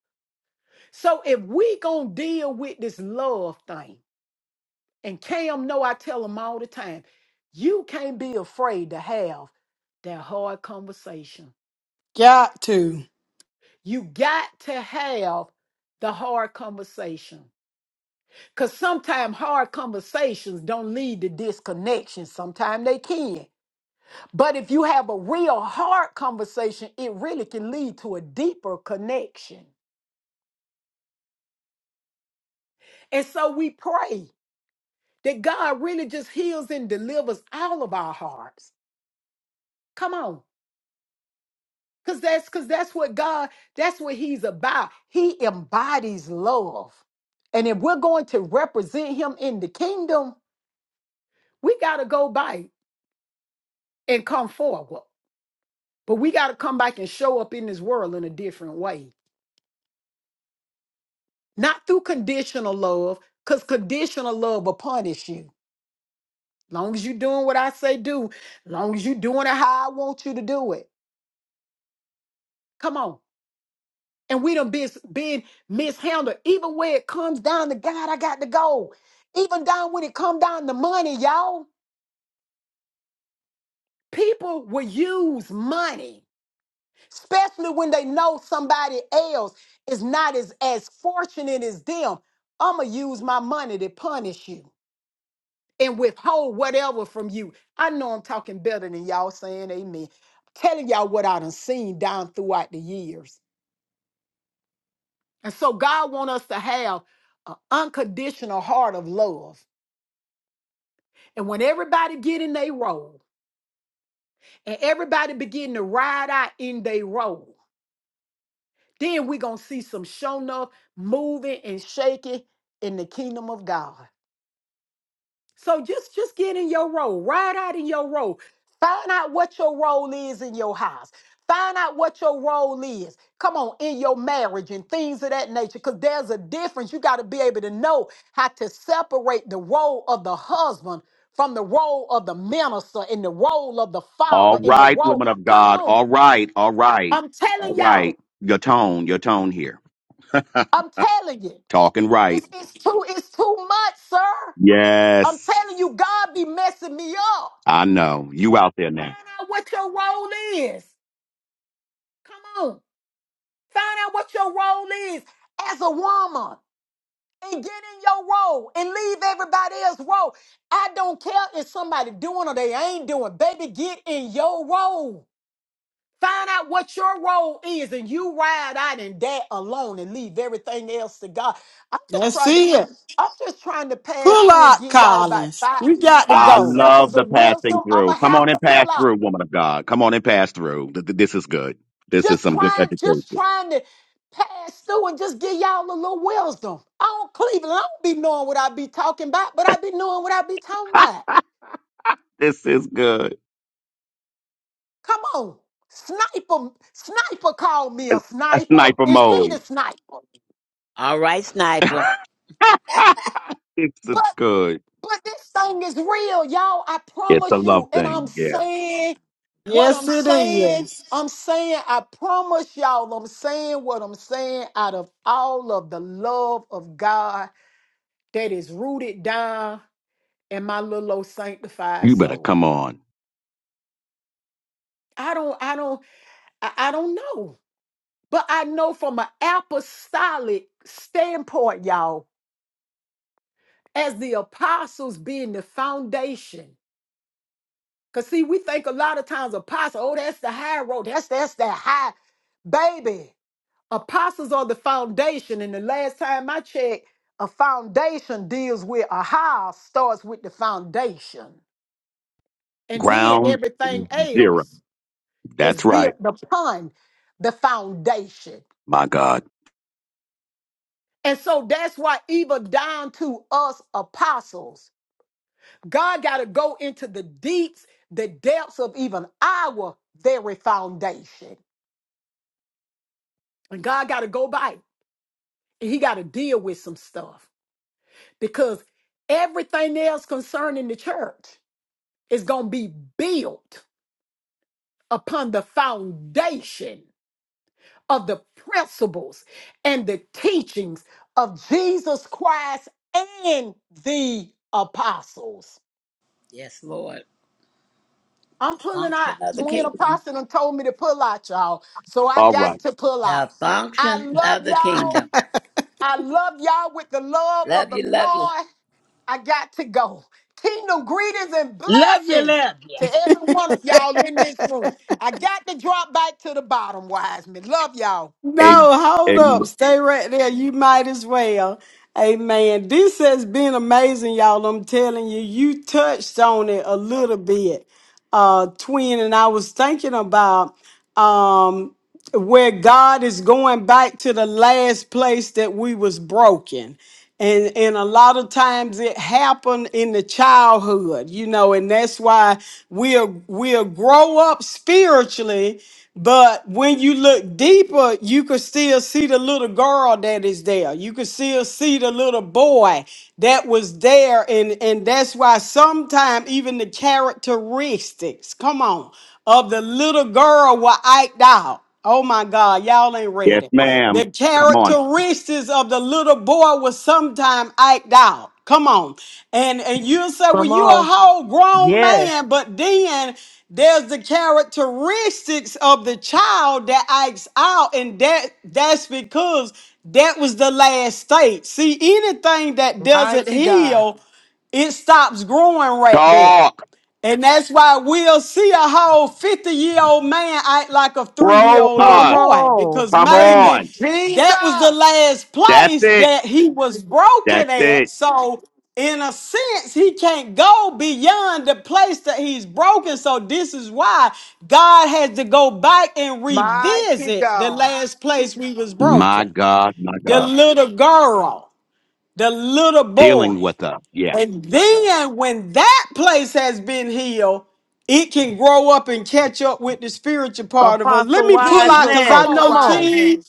Speaker 7: So if we gonna deal with this love thing, and Cam know I tell him all the time, you can't be afraid to have that hard conversation.
Speaker 1: Got to.
Speaker 7: You got to have the hard conversation. Because sometimes hard conversations don't lead to disconnection. Sometimes they can. But if you have a real hard conversation, it really can lead to a deeper connection. And so we pray that God really just heals and delivers all of our hearts. Come on. Cause that's cause that's what God, that's what He's about. He embodies love. And if we're going to represent him in the kingdom, we gotta go back and come forward. But we gotta come back and show up in this world in a different way. not through conditional love, because conditional love will punish you. Long as you doing what I say do, long as you doing it how I want you to do it. Come on. And we done been, been mishandled. Even where it comes down to God, I got to go. Even down when it come down to money, y'all. People will use money, especially when they know somebody else is not as, as fortunate as them. I'ma use my money to punish you. and withhold whatever from you. I know I'm talking better than y'all saying amen. telling y'all what I done seen down throughout the years. And so God want us to have an unconditional heart of love. And when everybody get in their role and everybody begin to ride out in their role, then we gonna see some showing up, moving and shaking in the kingdom of God. So just just get in your role, ride out in your role. Find out what your role is in your house. Find out what your role is. Come on, in your marriage and things of that nature, because there's a difference. You got to be able to know how to separate the role of the husband from the role of the minister and the role of the
Speaker 8: All
Speaker 7: father and the
Speaker 8: right,
Speaker 7: role.
Speaker 8: woman of
Speaker 7: Come
Speaker 8: God.
Speaker 7: on,
Speaker 8: All right. All right.
Speaker 7: I'm
Speaker 8: All
Speaker 7: telling
Speaker 8: right.
Speaker 7: y'all,
Speaker 8: Your tone, your tone here.
Speaker 7: I'm telling you,
Speaker 8: Talking right.
Speaker 7: it's it's too it's too much, sir. I'm
Speaker 8: Yes.
Speaker 7: telling you, God be messing me up.
Speaker 8: I know. You out there now.
Speaker 7: Find out what your role is. Come on. Find out what your role is as a woman and get in your role and leave everybody else's role. I don't care if somebody doing or they ain't doing. Baby, get in your role. Find out what your role is and you ride out in that alone and leave everything else to God. I'm just
Speaker 1: That's
Speaker 7: trying to
Speaker 1: it.
Speaker 7: I'm just trying to pass
Speaker 1: Pull
Speaker 7: through and
Speaker 1: out
Speaker 7: give y'all about
Speaker 1: Collins.
Speaker 7: five
Speaker 1: We got to
Speaker 8: I
Speaker 7: five
Speaker 1: go.
Speaker 8: love
Speaker 7: seconds
Speaker 8: the
Speaker 7: of
Speaker 8: passing
Speaker 7: wisdom. I'ma
Speaker 8: through. Come
Speaker 7: have
Speaker 8: on
Speaker 7: to
Speaker 8: and pass
Speaker 7: pull out.
Speaker 8: through, woman of God. Come on and pass through. Th- th- This is good. This is
Speaker 7: just
Speaker 8: some good
Speaker 7: trying, just
Speaker 8: education.
Speaker 7: trying to pass through and just give y'all a little wisdom. I don't Cleveland, I don't be knowing what I be talking about, but I be knowing what I be talking about.
Speaker 8: This is good.
Speaker 7: Come on. Sniper, sniper called me
Speaker 8: A
Speaker 7: a
Speaker 8: a
Speaker 7: sniper.
Speaker 8: sniper
Speaker 7: Is she the
Speaker 8: mode.
Speaker 7: sniper?
Speaker 5: All right, sniper.
Speaker 8: Ha! this is
Speaker 7: But
Speaker 8: good.
Speaker 7: but this thing is real, y'all. I
Speaker 8: It's a
Speaker 7: promise
Speaker 8: love
Speaker 7: you. And I'm
Speaker 8: thing. Yeah.
Speaker 7: saying what I'm
Speaker 1: Yes it
Speaker 7: saying.
Speaker 1: is.
Speaker 7: I'm saying, I promise y'all, I'm saying what I'm saying out of all of the love of God that is rooted down. and my little old sanctified
Speaker 8: You better
Speaker 7: soul.
Speaker 8: come on.
Speaker 7: I don't, I don't, I, I don't know. But I know from an apostolic standpoint, y'all, as the apostles being the foundation. Cause see, we think a lot of times apostle, oh, that's the high road. That's that's that high baby. Apostles are the foundation. And the last time I checked, a foundation deals with a house starts with the foundation. And then
Speaker 8: Ground
Speaker 7: everything
Speaker 8: zero.
Speaker 7: else. is
Speaker 8: That's right.
Speaker 7: built upon the foundation.
Speaker 8: My God.
Speaker 7: And so that's why, even down to us apostles, God got to go into the deeps, the depths of even our very foundation. And God got to go by and He got to deal with some stuff because everything else concerning the church is going to be built upon the foundation of the principles and the teachings of Jesus Christ and the apostles.
Speaker 5: Yes, Lord.
Speaker 7: I'm pulling
Speaker 5: Function
Speaker 7: out.
Speaker 5: of the
Speaker 7: Twin
Speaker 5: kingdom.
Speaker 7: apostle done told me to pull out, y'all. So I
Speaker 8: All
Speaker 7: got
Speaker 8: right.
Speaker 7: to pull out.
Speaker 5: The
Speaker 7: I
Speaker 5: function of
Speaker 7: love
Speaker 5: the
Speaker 7: y'all.
Speaker 5: kingdom.
Speaker 7: I love y'all with the love of
Speaker 5: Love
Speaker 7: the
Speaker 5: you, love you.
Speaker 7: Lord. I got to go. Kingdom greetings and
Speaker 6: Love you,
Speaker 7: blessings
Speaker 6: love you.
Speaker 7: to every one of y'all in this room. I got to drop back to the bottom, wise men. Love y'all.
Speaker 8: A-
Speaker 1: No, hold
Speaker 8: a-
Speaker 1: up. Stay right there. You might as well. Amen. This has been amazing, y'all. I'm telling you, you touched on it a little bit, uh, twin. And I was thinking about um where God is going back to the last place that we was broken. And and a lot of times it happened in the childhood, you know, and that's why we'll we'll grow up spiritually, but when you look deeper, you could still see the little girl that is there. You could still see the little boy that was there, and and that's why sometimes even the characteristics, come on, of the little girl were act out. Oh my God, y'all ain't
Speaker 8: yes,
Speaker 1: ready. The
Speaker 8: ma'am. Come on.
Speaker 1: characteristics of the little boy will sometime act out. Come on. And and you'll say, well,
Speaker 3: Come
Speaker 1: you're a
Speaker 3: on.
Speaker 1: whole grown
Speaker 3: Yes.
Speaker 1: man, but then there's the characteristics of the child that acts out, and that that's because that was the last state. See, anything that doesn't
Speaker 2: Mighty God.
Speaker 1: heal, it stops growing right there.
Speaker 8: Talk.
Speaker 1: And that's why we'll see a whole 50 year old man act like a three year
Speaker 8: Grow
Speaker 1: old little
Speaker 3: Come
Speaker 8: us.
Speaker 1: boy
Speaker 3: on.
Speaker 1: because
Speaker 8: Come
Speaker 3: Preach.
Speaker 1: maybe
Speaker 8: on.
Speaker 1: that was the
Speaker 7: Jesus.
Speaker 1: last
Speaker 8: That's
Speaker 1: place
Speaker 8: it.
Speaker 1: that he was
Speaker 8: That's
Speaker 1: broken at.
Speaker 8: it.
Speaker 1: So, in a sense, he can't go beyond the place that he's broken. So, this is why God has to go back and
Speaker 7: Mighty
Speaker 1: revisit the
Speaker 7: God.
Speaker 1: last place we was
Speaker 8: My
Speaker 1: broken.
Speaker 8: God. My
Speaker 1: The
Speaker 8: God.
Speaker 1: little girl, the little
Speaker 8: dealing
Speaker 1: boy.
Speaker 8: with us. Yeah.
Speaker 1: And then when that place has been healed, it can grow up and catch up with the spiritual part of us. Let
Speaker 3: Apostle
Speaker 1: me pull
Speaker 3: Wise
Speaker 1: out
Speaker 7: Jesus,
Speaker 1: because
Speaker 3: Man.
Speaker 7: come
Speaker 1: I
Speaker 7: on,
Speaker 3: Come
Speaker 1: know
Speaker 7: wise
Speaker 3: on.
Speaker 7: man.
Speaker 1: King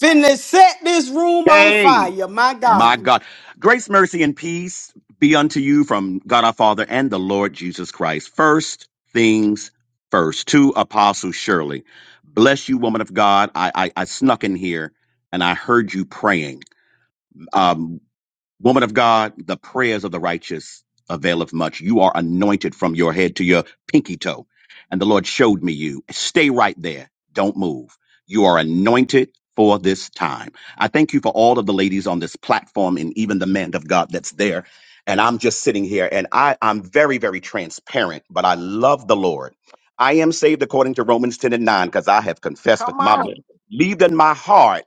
Speaker 1: finna set this room on
Speaker 8: Hey,
Speaker 1: fire. My
Speaker 8: my
Speaker 1: God.
Speaker 8: God. Grace, mercy, and peace be unto you from God our Father and the Lord Jesus Christ. First things first. To Apostle Shirley. Bless you, woman of God. I, I, I snuck in here and I heard you praying. Um, Woman of God, the prayers of the righteous availeth much. You are anointed from your head to your pinky toe. And the Lord showed me you. Stay right there. Don't move. You are anointed for this time. I thank you for all of the ladies on this platform and even the man of God that's there. And I'm just sitting here and I, I'm very, very transparent, but I love the Lord. I am saved according to Romans 10 and 9 because I have confessed with
Speaker 7: Come
Speaker 8: my mouth,
Speaker 7: on.
Speaker 8: believed in my heart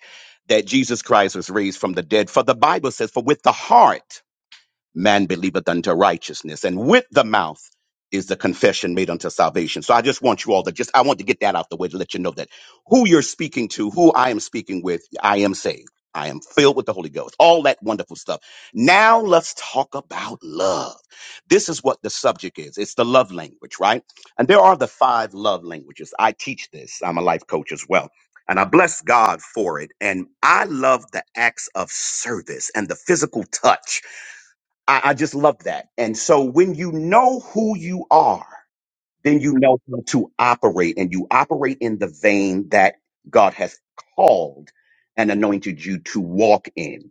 Speaker 8: that Jesus Christ was raised from the dead. For the Bible says, For with the heart, man believeth unto righteousness. And with the mouth is the confession made unto salvation. So I just want you all to just, I want to get that out the way to let you know that who you're speaking to, who I am speaking with, I am saved. I am filled with the Holy Ghost, all that wonderful stuff. Now let's talk about love. This is what the subject is. It's the love language, right? And there are the five love languages. I teach this. I'm a life coach as well. And I bless God for it. And I love the acts of service and the physical touch I, I just love that. And so when you know who you are, then you know how to operate and you operate in the vein that God has called and anointed you to walk in.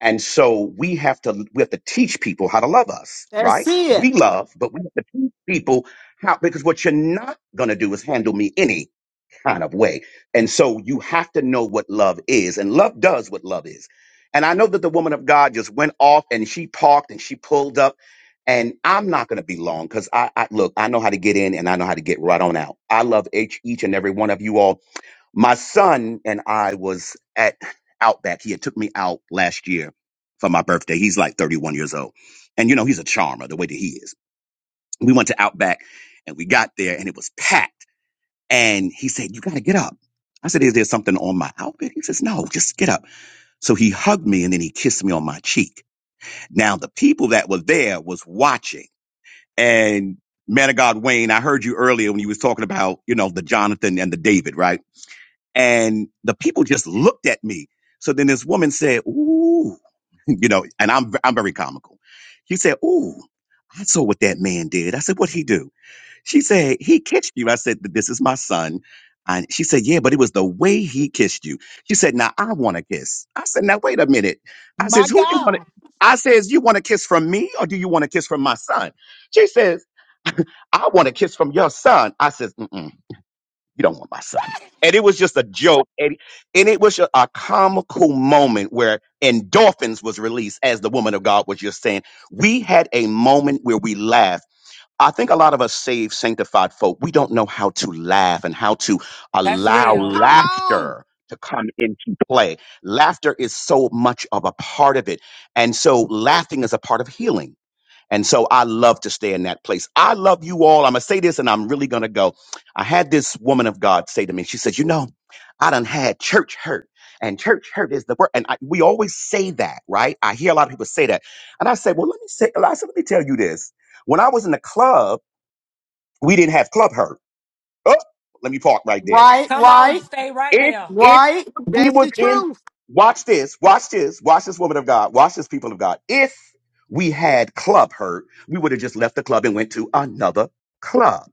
Speaker 8: And so we have to we have to teach people how to love us,
Speaker 1: That's
Speaker 8: right?
Speaker 1: it.
Speaker 8: We love, but we have to teach people how because what you're not gonna do is handle me any kind of way. And so you have to know what love is, and love does what love is. And I know that the woman of God just went off and she parked and she pulled up. And I'm not going to be long because I, I look, I know how to get in and I know how to get right on out. I love each, each and every one of you all. My son and I was at Outback. He had took me out last year for my birthday. He's like 31 years old. And you know, he's a charmer the way that he is. We went to Outback and we got there and it was packed and he said, You got to get up. I said, Is there something on my outfit? He says, No, just get up. So he hugged me and then he kissed me on my cheek. Now, the people that were there was watching. And man of God, Wayne, I heard you earlier when you was talking about, you know, the Jonathan and the David, right? And the people just looked at me. So then this woman said, Ooh, you know, and I'm, I'm very comical. She said, Ooh, I saw what that man did. I said, What'd he do? She said, He kissed you. I said, This is my son. And she said, Yeah, but it was the way he kissed you. She said, Now I want to kiss. I said, Now wait a minute. I
Speaker 7: My
Speaker 8: says, Who you want to?
Speaker 7: God.
Speaker 8: I says, You want to kiss from me or do you want to kiss from my son? She says, I want to kiss from your son. I says, Mm-mm, You don't want my son. And it was just a joke. And, and it was a, a comical moment where endorphins was released, as the woman of God was just saying. We had a moment where we laughed I think a lot of us saved, sanctified folk, we don't know how to laugh and how to
Speaker 2: That's
Speaker 8: allow
Speaker 2: real.
Speaker 7: Come on.
Speaker 8: laughter to come into play. Laughter is so much of a part of it. And so laughing is a part of healing. And so I love to stay in that place. I love you all. I'm going to say this and I'm really going to go. I had this woman of God say to me, she says, You know, I done had church hurt. And church hurt is the word. And I, we always say that, right? I hear a lot of people say that. And I say, Well, let me say, I said, let me tell you this. When I was in the club, we didn't have club hurt. Oh, let me park right there.
Speaker 1: Right,
Speaker 2: Come on.
Speaker 1: right,
Speaker 2: Stay right
Speaker 8: If
Speaker 2: there.
Speaker 8: if
Speaker 1: right.
Speaker 8: we
Speaker 7: That's
Speaker 8: was
Speaker 7: the
Speaker 8: in
Speaker 7: truth.
Speaker 8: watch this, watch this, watch this woman of God, watch this people of God. If we had club hurt, we would have just left the club and went to another club.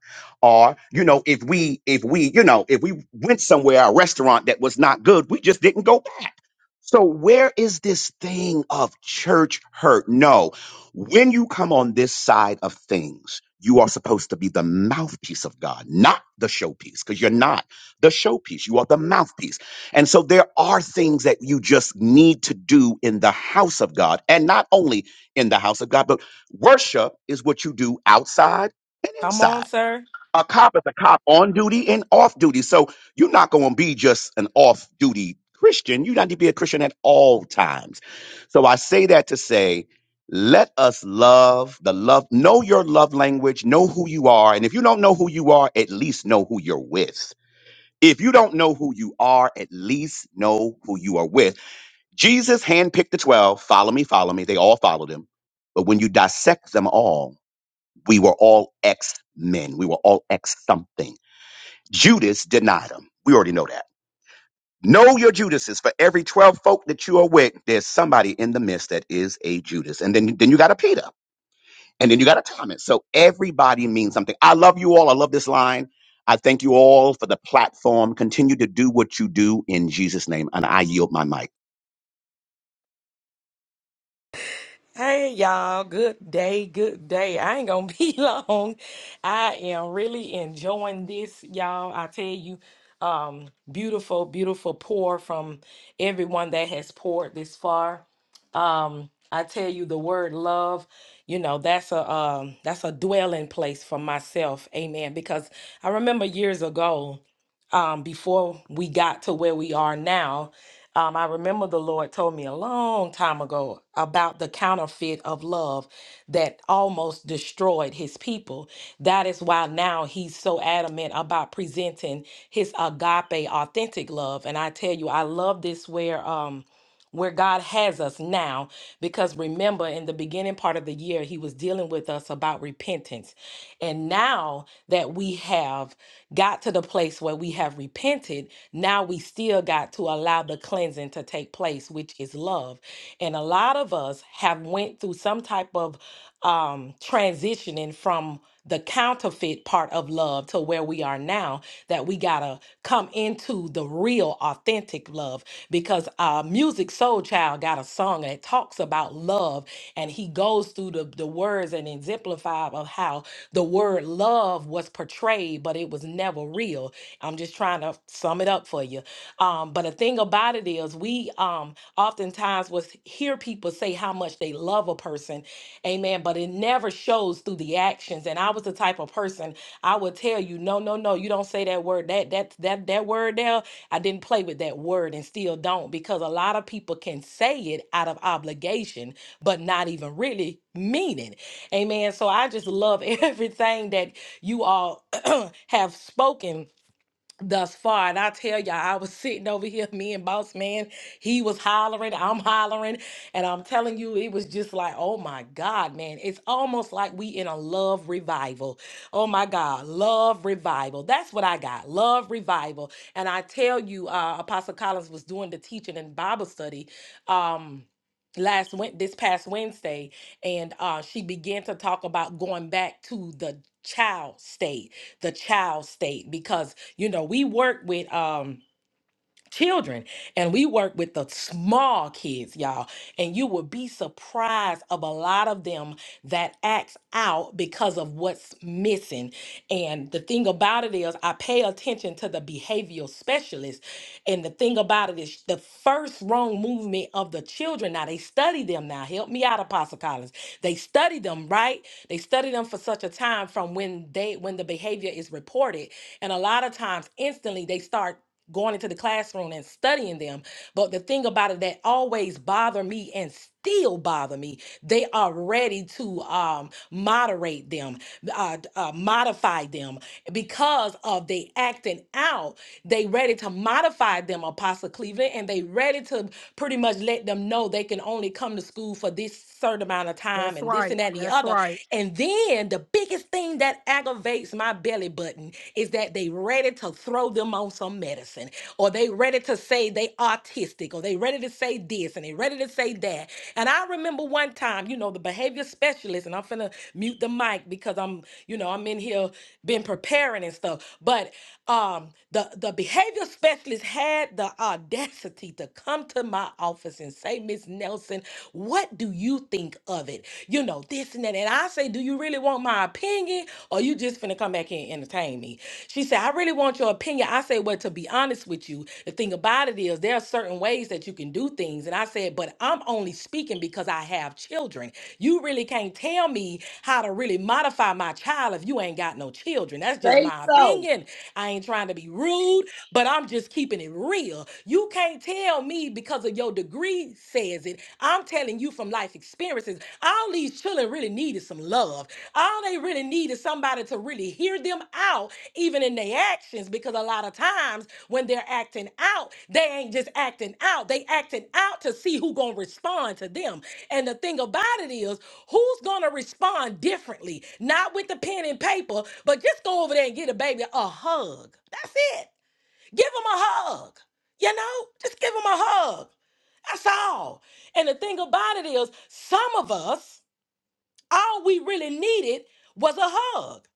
Speaker 8: Or, you know, if we if we, you know, if we went somewhere, a restaurant that was not good, we just didn't go back. So where is this thing of church hurt? No. When you come on this side of things, you are supposed to be the mouthpiece of God, not the showpiece, because you're not the showpiece, you are the mouthpiece. And so there are things that you just need to do in the house of God, and not only in the house of God, but worship is what you do outside and
Speaker 2: Come on,
Speaker 8: inside.
Speaker 2: sir.
Speaker 8: A cop is a cop on duty and off duty. So you're not going to be just an off duty Christian. You need to be a Christian at all times. So I say that to say, let us love the love, know your love language, know who you are. And if you don't know who you are, at least know who you're with if you don't know who you are, at least know who you are with. Jesus handpicked the 12, follow me, follow me. They all followed him. But when you dissect them all, we were all ex men. We were all ex something. Judas denied him. We already know that. Know your Judases. For every 12 folk that you are with, there's somebody in the midst that is a Judas. And then, then you got a Peter. And then you got to time it. So everybody means something. I love you all. I love this line. I thank you all for the platform. Continue to do what you do in Jesus' name. And I yield my mic.
Speaker 2: Hey y'all, good day, good day. I ain't gonna be long. I am really enjoying this, y'all. I tell you, um, beautiful, beautiful pour from everyone that has poured this far. Um, I tell you the word love, you know, that's a um that's a dwelling place for myself, amen. Because I remember years ago um, before we got to where we are now, um, I remember the Lord told me a long time ago about the counterfeit of love that almost destroyed his people. That is why now he's so adamant about presenting his agape, authentic love. And I tell you, I love this where. Um, where God has us now. Because remember, in the beginning part of the year, He was dealing with us about repentance. And now that we have got to the place where we have repented, now we still got to allow the cleansing to take place, which is love. And a lot of us have went through some type of um, transitioning from the counterfeit part of love to where we are now that we gotta come into the real authentic love because uh music soul child got a song that talks about love and he goes through the, the words and exemplify of how the word love was portrayed but it was never real i'm just trying to sum it up for you um but the thing about it is we um oftentimes was hear people say how much they love a person Amen. But it never shows through the actions. And I was the type of person I would tell you, no, no, no, you don't say that word. That that that that word there, I didn't play with that word and still don't because a lot of people can say it out of obligation, but not even really mean it. Amen. So I just love everything that you all have spoken thus far. And I tell y'all, I was sitting over here, me and Boss Man, he was hollering, I'm hollering. And I'm telling you, it was just like, oh my God, man. It's almost like we in a love revival. Oh my God, love revival. That's what I got, love revival. And I tell you, uh, Apostle Collins was doing the teaching and Bible study. Um, last went this past Wednesday and uh she began to talk about going back to the child state the child state because you know, we work with um children and we work with the small kids, y'all. And you will be surprised of a lot of them that acts out because of what's missing. And the thing about it is I pay attention to the behavioral specialist. And the thing about it is the first wrong movement of the children. Now they study them now. Help me out, Apostle Collins. They study them, right? They study them for such a time from when they when the behavior is reported. And a lot of times instantly they start going into the classroom and studying them. But the thing about it that always bother me and still bother me, they are ready to um, moderate them, uh, d- uh, modify them because of they acting out. They ready to modify them, Apostle Cleveland, and they ready to pretty much let them know they can only come to school for this certain amount of time
Speaker 7: That's
Speaker 2: and this
Speaker 7: right.
Speaker 2: and that and the
Speaker 7: That's
Speaker 2: other.
Speaker 7: right.
Speaker 2: And then the biggest thing that aggravates my belly button is that they ready to throw them on some medicine or they ready to say they autistic or they ready to say this and they ready to say that. And I remember one time, you know, the behavior specialist, and I'm finna mute the mic because I'm, you know, I'm in here been preparing and stuff. But um the the behavior specialist had the audacity to come to my office and say miss nelson what do you think of it you know this and that and i say do you really want my opinion or you just finna come back here and entertain me she said i really want your opinion i say well to be honest with you the thing about it is there are certain ways that you can do things things. And I said, but I'm only speaking because I have children. You really can't tell me how to really modify my child if you ain't got no children. That's just
Speaker 6: Say
Speaker 2: my
Speaker 6: so.
Speaker 2: opinion. I ain't trying to be rude, but I'm just keeping it real. You can't tell me because of your degree says it. I'm telling you from life experiences, all these children really needed some love. All they really need is somebody to really hear them out, even in their actions, because a lot of times when they're acting out, they ain't just acting out. They acting out to see who gonna respond to them. And the thing about it is, who's gonna respond differently? Not with the pen and paper, but just go over there and get a baby a hug. That's it. Give them a hug. You know, just give them a hug. That's all. And the thing about it is, some of us all we really needed was a hug.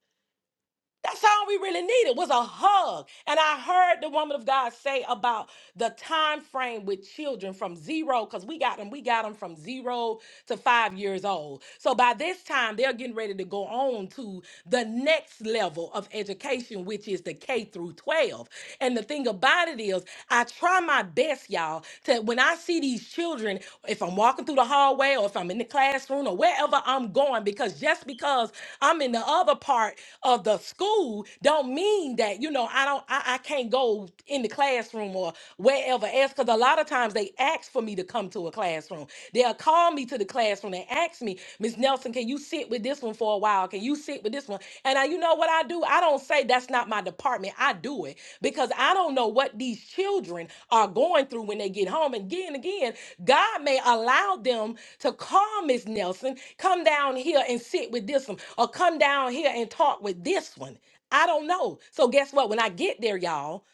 Speaker 2: That's all we really needed was a hug. And I heard the woman of God say about the time frame with children from zero, because we got them, we got them from zero to five years old. So by this time, they're getting ready to go on to the next level of education, which is the K through 12. And the thing about it is, I try my best, y'all, to when I see these children, if I'm walking through the hallway or if I'm in the classroom or wherever I'm going, because just because I'm in the other part of the school don't mean that you know I don't I, I can't go in the classroom or wherever else because a lot of times they ask for me to come to a classroom. They'll call me to the classroom and ask me, Miss Nelson, can you sit with this one for a while? Can you sit with this one? And I, you know what I do? I don't say that's not my department. I do it because I don't know what these children are going through when they get home. And again, again, God may allow them to call Miss Nelson, come down here and sit with this one, or come down here and talk with this one. I don't know. So guess what? When I get there, y'all,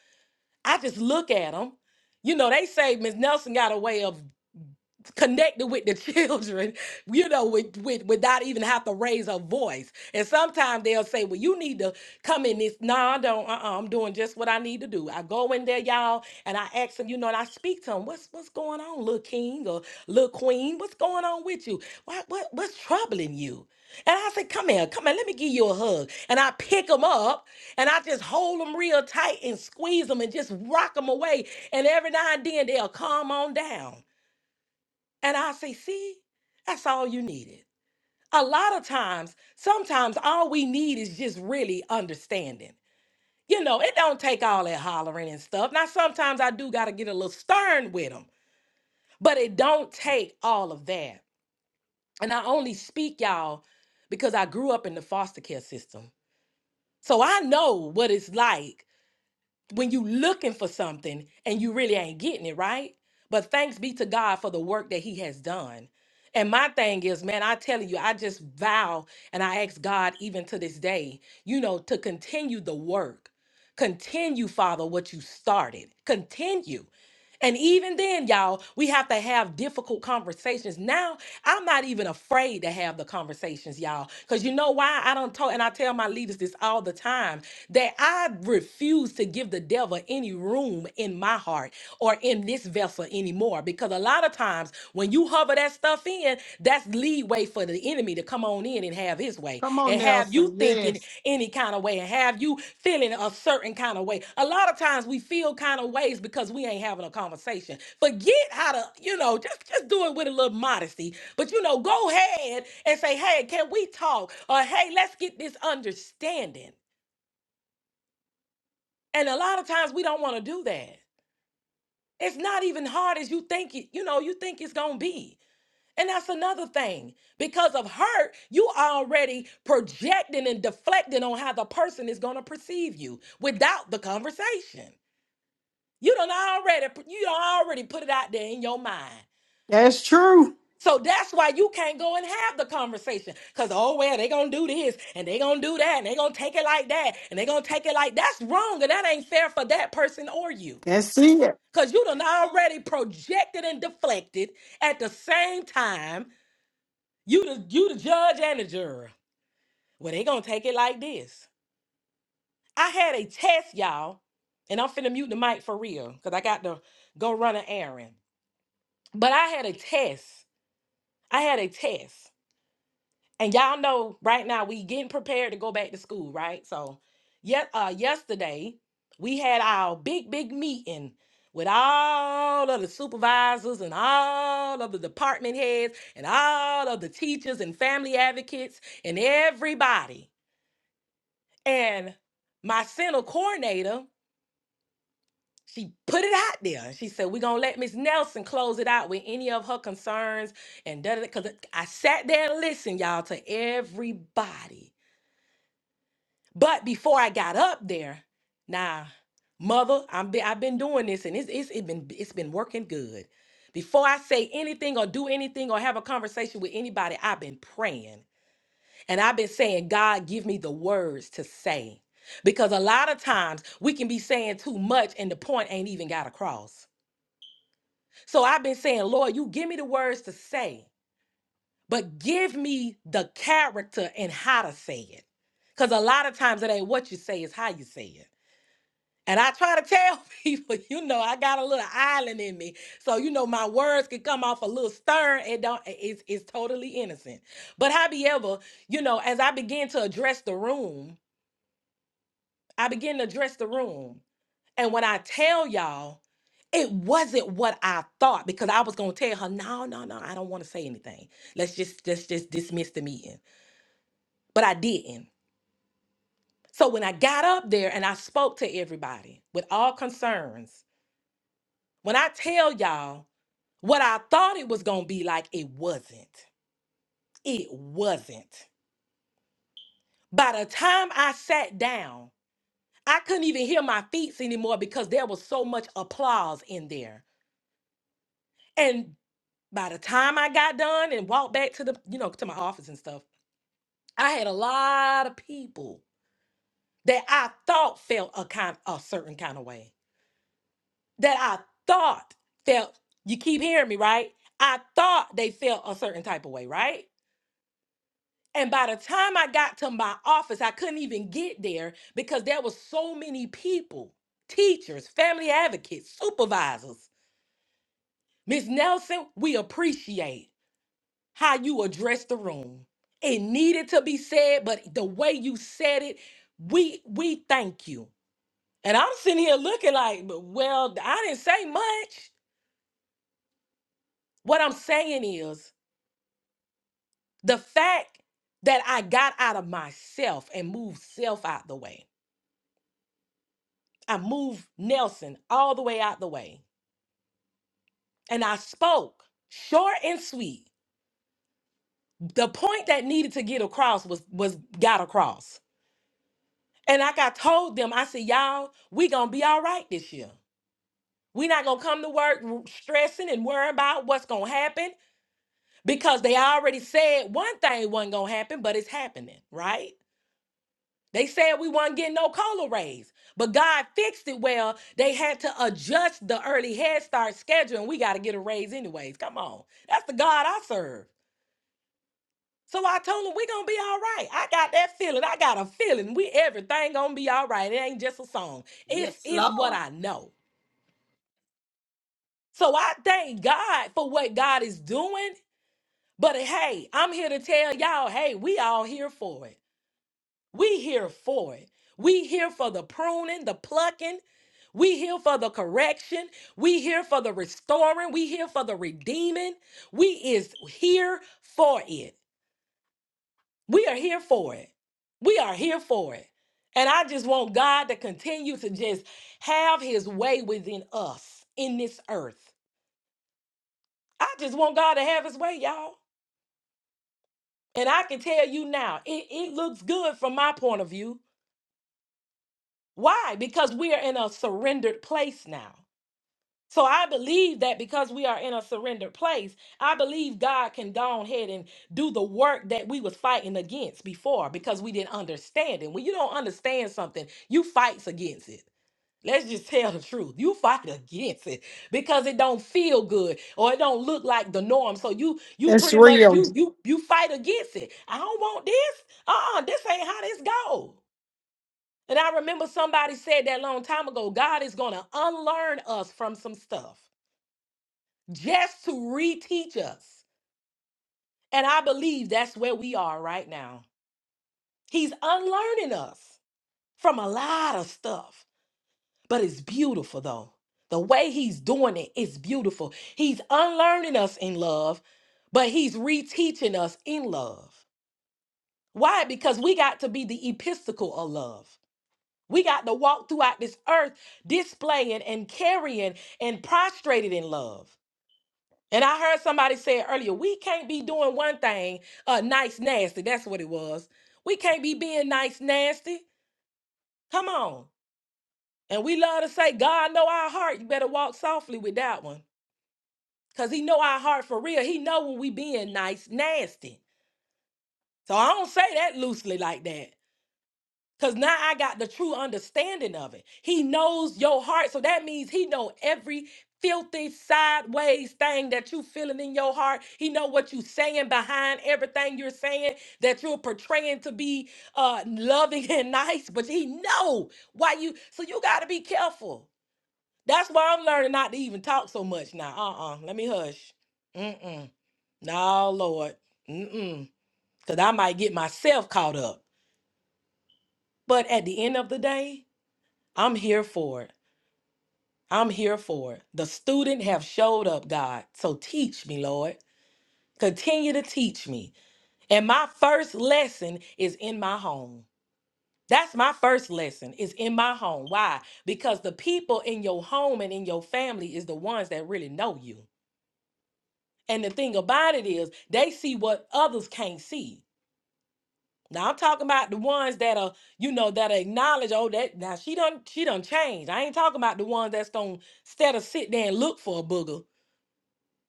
Speaker 2: I just look at them. You know, they say Miss Nelson got a way of connected with the children, you know, with, with without even have to raise a voice. And sometimes they'll say, Well, you need to come in this. No, I don't. Uh-uh, I'm doing just what I need to do. I go in there, y'all, and I ask them, you know, and I speak to them, what's what's going on, little king or little queen? What's going on with you? Why what what's troubling you? And I say, come here, come here, let me give you a hug. And I pick them up and I just hold them real tight and squeeze them and just rock them away. And every now and then they'll calm on down. And I say, see, that's all you needed. A lot of times, sometimes all we need is just really understanding. You know, it don't take all that hollering and stuff. Now, sometimes I do got to get a little stern with them, but it don't take all of that. And I only speak, y'all, because I grew up in the foster care system. So I know what it's like when you looking for something and you really ain't getting it, right? But thanks be to God for the work that he has done. And my thing is, man, I tell you, I just vow and I ask God even to this day, you know, to continue the work. Continue, Father, what you started. Continue. And even then, y'all, we have to have difficult conversations. Now, I'm not even afraid to have the conversations, y'all, because you know why? I don't talk, and I tell my leaders this all the time that I refuse to give the devil any room in my heart or in this vessel anymore. Because a lot of times when you hover that stuff in, that's leeway for the enemy to come on in and have his way
Speaker 7: Come on,
Speaker 2: and have you
Speaker 7: Nelson.
Speaker 2: thinking
Speaker 7: Yes.
Speaker 2: any kind of way and have you feeling a certain kind of way. A lot of times we feel kind of ways because we ain't having a conversation. Forget how to, you know, just just do it with a little modesty. But you know, go ahead and say, "Hey, can we talk?" or "Hey, let's get this understanding." And a lot of times we don't want to do that. It's not even hard as you think it, you know, you think it's going to be. And that's another thing. Because of hurt, you are already projecting and deflecting on how the person is going to perceive you without the conversation. You don't already you don't already put it out there in your mind.
Speaker 1: That's true.
Speaker 2: So that's why you can't go and have the conversation. Cause oh well, they gonna do this and they gonna do that and they gonna take it like that and they gonna take it like that's wrong and that ain't fair for that person or you.
Speaker 1: That's it.
Speaker 2: Cause you done already projected and deflected at the same time You the you the judge and the juror. Well, they gonna take it like this. I had a test, y'all, and I'm finna mute the mic for real, cause I got to go run an errand. But I had a test. I had a test, and y'all know right now we getting prepared to go back to school, right? So, yet uh, yesterday we had our big big meeting with all of the supervisors and all of the department heads and all of the teachers and family advocates and everybody. And my center coordinator, she put it out there. and She said, We're going to let Miss Nelson close it out with any of her concerns. And da because I sat there and listened, y'all, to everybody. But before I got up there, now, mother, I'm be, I've been doing this and it's, it's, it been, it's been working good. Before I say anything or do anything or have a conversation with anybody, I've been praying. And I've been saying, God, give me the words to say. Because a lot of times we can be saying too much and the point ain't even got across. So I've been saying, Lord, you give me the words to say, but give me the character and how to say it. Because a lot of times it ain't what you say, it's how you say it. And I try to tell people, you know, I got a little island in me. So, you know, my words can come off a little stern. It don't it's it's totally innocent. But however, you know, as I began to address the room, I begin to address the room. And when I tell y'all, it wasn't what I thought because I was gonna tell her, no, no, no, I don't want to say anything. Let's just let's just dismiss the meeting. But I didn't. So when I got up there and I spoke to everybody with all concerns, when I tell y'all what I thought it was gonna be like, it wasn't. It wasn't. By the time I sat down, I couldn't even hear my feet anymore because there was so much applause in there. and. by the time I got done and walked back to the, you know, to my office and stuff, I had a lot of people that I thought felt a kind a certain kind of way. That I thought felt you keep hearing me, right? I thought they felt a certain type of way, right? And by the time I got to my office, I couldn't even get there because there was so many people, teachers, family advocates, supervisors. Miss Nelson, we appreciate. how you address the room. It needed to be said, but the way you said it, we we thank you. And I'm sitting here looking like, "But, well, I didn't say much. What I'm saying is the fact that I got out of myself and moved self out the way. I moved Nelson all the way out the way. And I spoke short and sweet. The point that needed to get across was was got across And like I told them, I said, y'all, we gonna be all right this year. We not gonna come to work w- stressing and worrying about what's gonna happen because they already said one thing wasn't gonna happen, but it's happening, right? They said we weren't getting no cola raise, but God fixed it well. They had to adjust the early head start schedule, and we gotta get a raise anyways. Come on. That's the God I serve. So I told him we gonna be all right. I got that feeling. I got a feeling. We everything gonna be all right. It ain't just a song. It's
Speaker 6: Yes,
Speaker 2: it's what
Speaker 6: Lord.
Speaker 2: I know. So I thank God for what God is doing. But hey, I'm here to tell y'all, hey, we all here for it. We here for it. We here for the pruning, the plucking. We here for the correction. We here for the restoring. We here for the redeeming. We is here for it. We are here for it. We are here for it. And I just want God to continue to just have his way within us in this earth. I just want God to have his way, y'all. And I can tell you now, it, it looks good from my point of view. Why? Because we are in a surrendered place now. So I believe that because we are in a surrendered place, I believe God can go ahead and do the work that we was fighting against before because we didn't understand it. When you don't understand something, you fights against it. Let's just tell the truth. You fight against it because it don't feel good or it don't look like the norm. So you you
Speaker 1: That's
Speaker 2: pretty much
Speaker 1: real.
Speaker 2: you you you fight against it. I don't want this. Uh-uh, this ain't how this go. And I remember somebody said that long time ago, God is gonna unlearn us from some stuff just to reteach us. And I believe that's where we are right now. He's unlearning us from a lot of stuff, but it's beautiful though. The way he's doing it is beautiful. He's unlearning us in love, but he's reteaching us in love. Why? Because we got to be the epistle of love. We got to walk throughout this earth displaying and carrying and prostrated in love. And I heard somebody say earlier, we can't be doing one thing, uh, nice nasty. That's what it was. We can't be being nice nasty. Come on. And we love to say, God know our heart. You better walk softly with that one. Cause he know our heart for real. He know when we being nice nasty. So I don't say that loosely like that. Cause now I got the true understanding of it. He knows your heart, so that means he know every filthy sideways thing that you feeling in your heart. He know what you saying behind everything you're saying that you're portraying to be uh loving and nice, but he know why you. So you got to be careful. That's why I'm learning not to even talk so much now. Uh-uh. Let me hush. Mm-mm. No, Lord. Mm-mm. Cause I might get myself caught up. But at the end of the day. I'm here for it. I'm here for it. The student have showed up, God. So teach me, Lord. Continue to teach me. And my first lesson is in my home. That's my first lesson is in my home. Why? Because the people in your home and in your family is the ones that really know you. And the thing about it is they see what others can't see. Now I'm talking about the ones that are, you know, that acknowledge, oh, that now she done she done changed. I ain't talking about the ones that's gonna instead of sit there and look for a booger,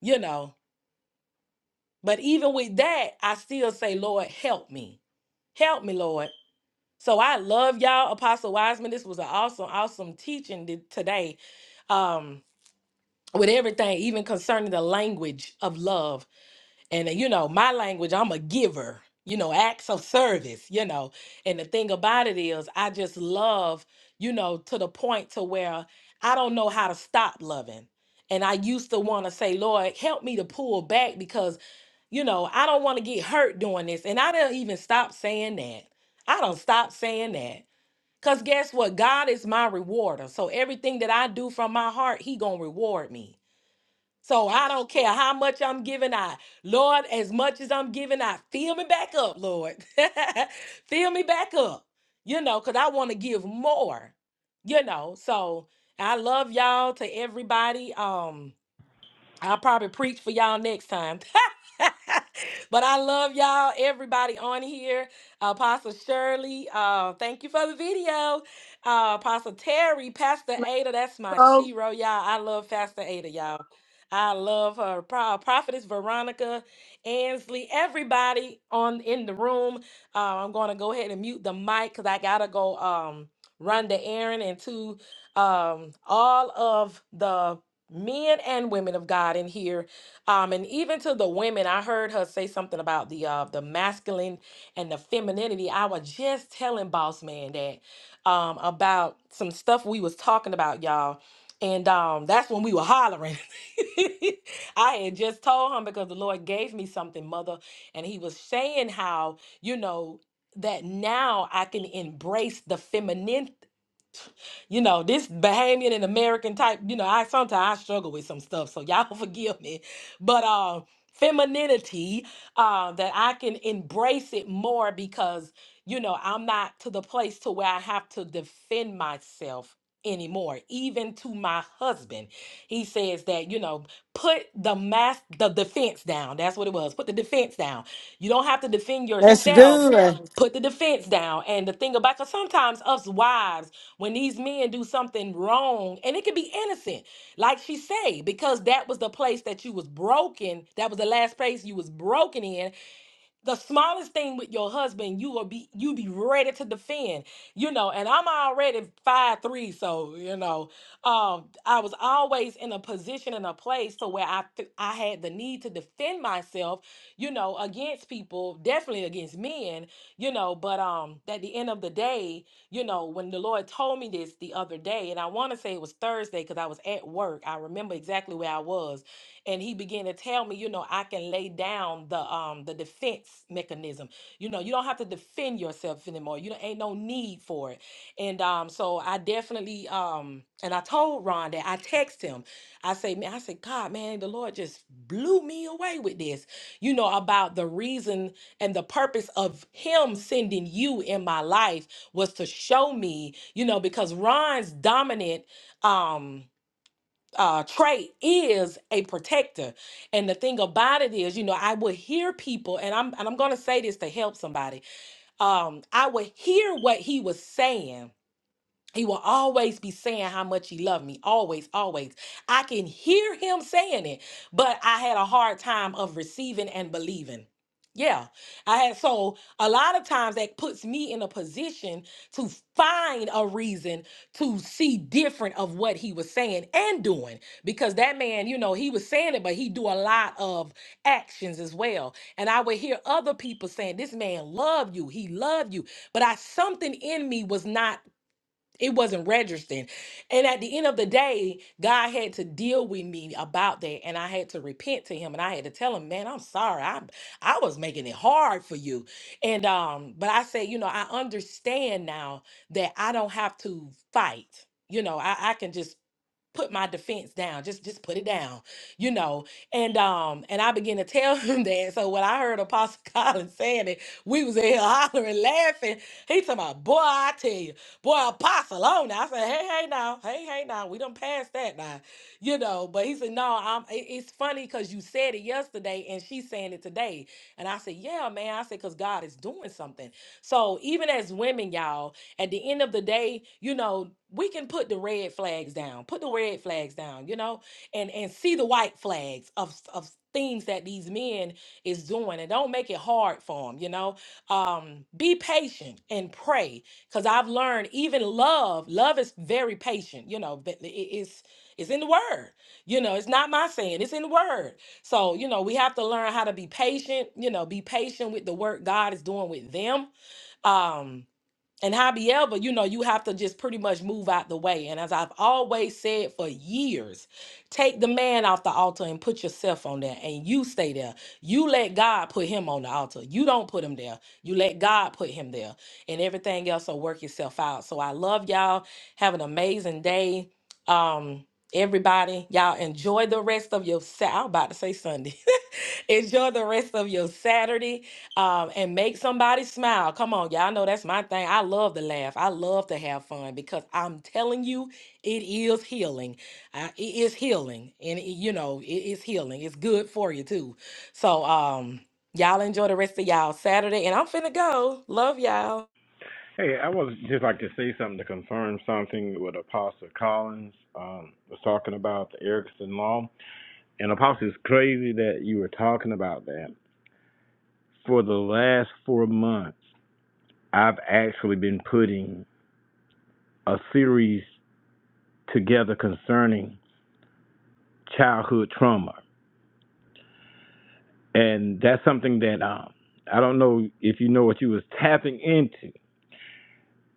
Speaker 2: you know. But even with that, I still say, Lord, help me. Help me, Lord. So I love y'all, Apostle Wiseman. This was an awesome, awesome teaching th- today. Um, with everything, even concerning the language of love. and uh, you know my language i'm a giver you know acts of service you know and the thing about it is i just love you know to the point to where i don't know how to stop loving and i used to want to say lord help me to pull back because you know i don't want to get hurt doing this and i don't even stop saying that i don't stop saying that because guess what god is my rewarder so everything that i do from my heart he gonna reward me so I don't care how much I'm giving out. Lord, as much as I'm giving out, fill me back up, Lord. fill me back up, you know, because I want to give more, you know. So I love y'all to everybody. Um, I'll probably preach for y'all next time. but I love y'all, everybody on here. Apostle Shirley, uh, thank you for the video. Uh, Apostle Terry, Pastor
Speaker 6: My
Speaker 2: Ada, that's my
Speaker 6: soul.
Speaker 2: shero, y'all. I love Pastor Ada, y'all. I love her. Pro- Prophetess Veronica, Ansley, everybody on in the room. Uh, I'm going to go ahead and mute the mic because I gotta go um, run the errand and to um, all of the men and women of God in here. Um, and even to the women, I heard her say something about the uh the masculine and the femininity. I was just telling boss man that um about some stuff we was talking about, y'all. And um that's when we were hollering. I had just told him because the Lord gave me something, mother, and he was saying how, you know, that now I can embrace the feminine you know, this Bahamian and American type, you know, I sometimes I struggle with some stuff, so y'all forgive me. But uh femininity, uh, that I can embrace it more because, you know, I'm not to the place to where I have to defend myself anymore, even to my husband. He says that, you know, put the mask the defense down. That's what it was. Put the defense down. You don't have to defend
Speaker 1: That's
Speaker 2: yourself.
Speaker 1: good.
Speaker 2: Put the defense down. And the thing about cause sometimes us wives when these men do something wrong and it could be innocent like she say because that was the place that you was broken that was the last place you was broken in the smallest thing with your husband, you will be you be ready to defend, you know. And I'm already five three, so you know, um, I was always in a position and a place to where I fe- I had the need to defend myself, you know, against people, definitely against men, you know. But um, at the end of the day, you know, when the Lord told me this the other day, and I want to say it was Thursday because I was at work. I remember exactly where I was and he began to tell me, you know, I can lay down the um the defense mechanism. You know, you don't have to defend yourself anymore. You don't, ain't no need for it. And um, so I definitely um, and I told Ron that I text him. I say, man, I said, God, man, the Lord just blew me away with this. You know about the reason and the purpose of Him sending you in my life was to show me, you know, because Ron's dominant. Um, uh, trait is a protector. And the thing about it is, you know, I would hear people, and I'm and I'm gonna say this to help somebody. Um, I would hear what he was saying, he will always be saying how much he loved me. Always, always. I can hear him saying it, but I had a hard time of receiving and believing. Yeah. I had so a lot of times that puts me in a position to find a reason to see different of what he was saying and doing. Because that man, you know, he was saying it, but he do a lot of actions as well. And I would hear other people saying, This man loved you, he loved you. But I something in me was not it wasn't registering. And at the end of the day, God had to deal with me about that. And I had to repent to him and I had to tell him, man, I'm sorry. I I was making it hard for you. And um, but I say, you know, I understand now that I don't have to fight. You know, I, I can just put my defense down just just put it down you know and um and i began to tell him that and so when i heard apostle collins saying it we was in here hollering laughing he talking about boy i tell you boy apostle on now." i said hey hey now hey hey now we done passed that now you know but he said no i'm it- it's funny because you said it yesterday and she's saying it today and i said yeah man i said because god is doing something so even as women y'all at the end of the day you know we can put the red flags down put the red flags down you know and and see the white flags of of things that these men is doing and don't make it hard for them you know um be patient and pray because i've learned even love love is very patient you know but it- it's it's in the word you know it's not my saying it's in the word so you know we have to learn how to be patient you know be patient with the work god is doing with them um and however, you know, you have to just pretty much move out the way. And as I've always said for years, take the man off the altar and put yourself on there and you stay there. You let God put him on the altar. You don't put him there. You let God put him there. And everything else will work itself out. So I love y'all. Have an amazing day. Um, everybody, y'all enjoy the rest of your Sa- I'm about to say Sunday. Enjoy the rest of your Saturday um, and make somebody smile. Come on, y'all know that's my thing. I love to laugh. I love to have fun because I'm telling you, it is healing. Uh, it is healing. And, it- you know, it is healing. It's good for you, too. So, um, y'all enjoy the rest of y'all Saturday. And I'm finna go. Love y'all.
Speaker 4: Hey, I would just like to say something to confirm something what Apostle Collins um, was talking about the Erickson Law. And Apostle, it's crazy that you were talking about that. For the last four months, I've actually been putting a series together concerning childhood trauma, and that's something that um, I don't know if you know what you was tapping into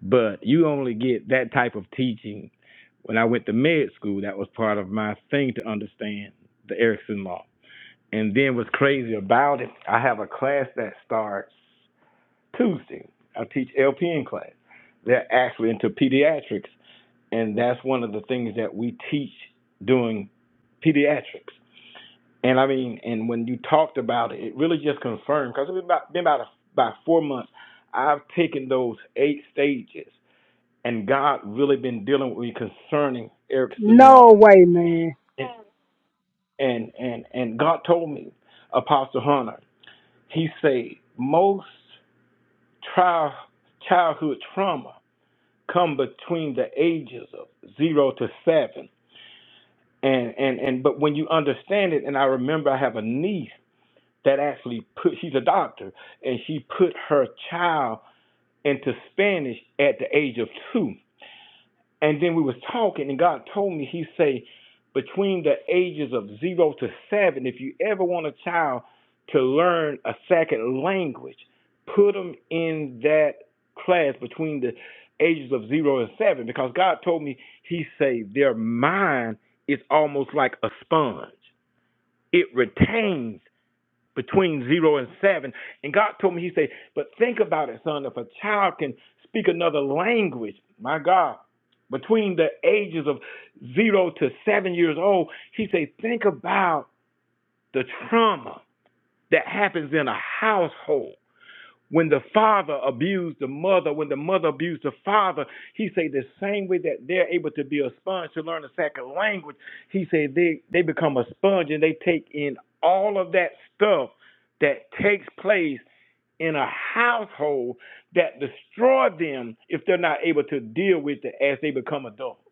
Speaker 4: But you only get that type of teaching when I went to med school. That was part of my thing to understand the Erickson law. And then what's crazy about it, I have a class that starts Tuesday. I teach LPN class. They're actually into pediatrics, and that's one of the things that we teach doing pediatrics. And I mean, and when you talked about it, it really just confirmed because it's been about been about, a, about four months. I've taken those eight stages and God really been dealing with me concerning Erickson
Speaker 7: No
Speaker 4: Law.
Speaker 7: way, man.
Speaker 4: And and and, and God told me, Apostle Hunter, he said most trial, childhood trauma come between the ages of zero to seven. And and and but when you understand it, and I remember I have a niece that actually put she's a doctor and she put her child into Spanish at the age of two And then we was talking, and God told me, He say, between the ages of zero to seven, if you ever want a child to learn a second language, put them in that class between the ages of zero and seven, because God told me, He say, their mind is almost like a sponge; it retains between zero and seven. And God told me, He said, But think about it, son, if a child can speak another language, my God, between the ages of zero to seven years old, He said, Think about the trauma that happens in a household when the father abused the mother, when the mother abused the father, he said the same way that they're able to be a sponge to learn a second language, he said they, they become a sponge and they take in all of that stuff that takes place in a household that destroy them if they're not able to deal with it as they become adults.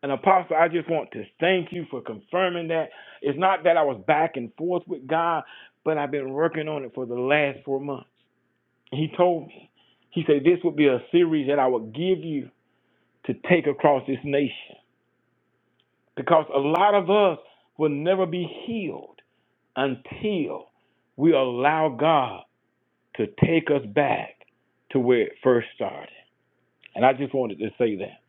Speaker 4: And Apostle, I just want to thank you for confirming that. It's not that I was back and forth with God, but I've been working on it for the last four months. He told me, he said, this would be a series that I would give you to take across this nation because a lot of us will never be healed until we allow God to take us back to where it first started. And I just wanted to say that.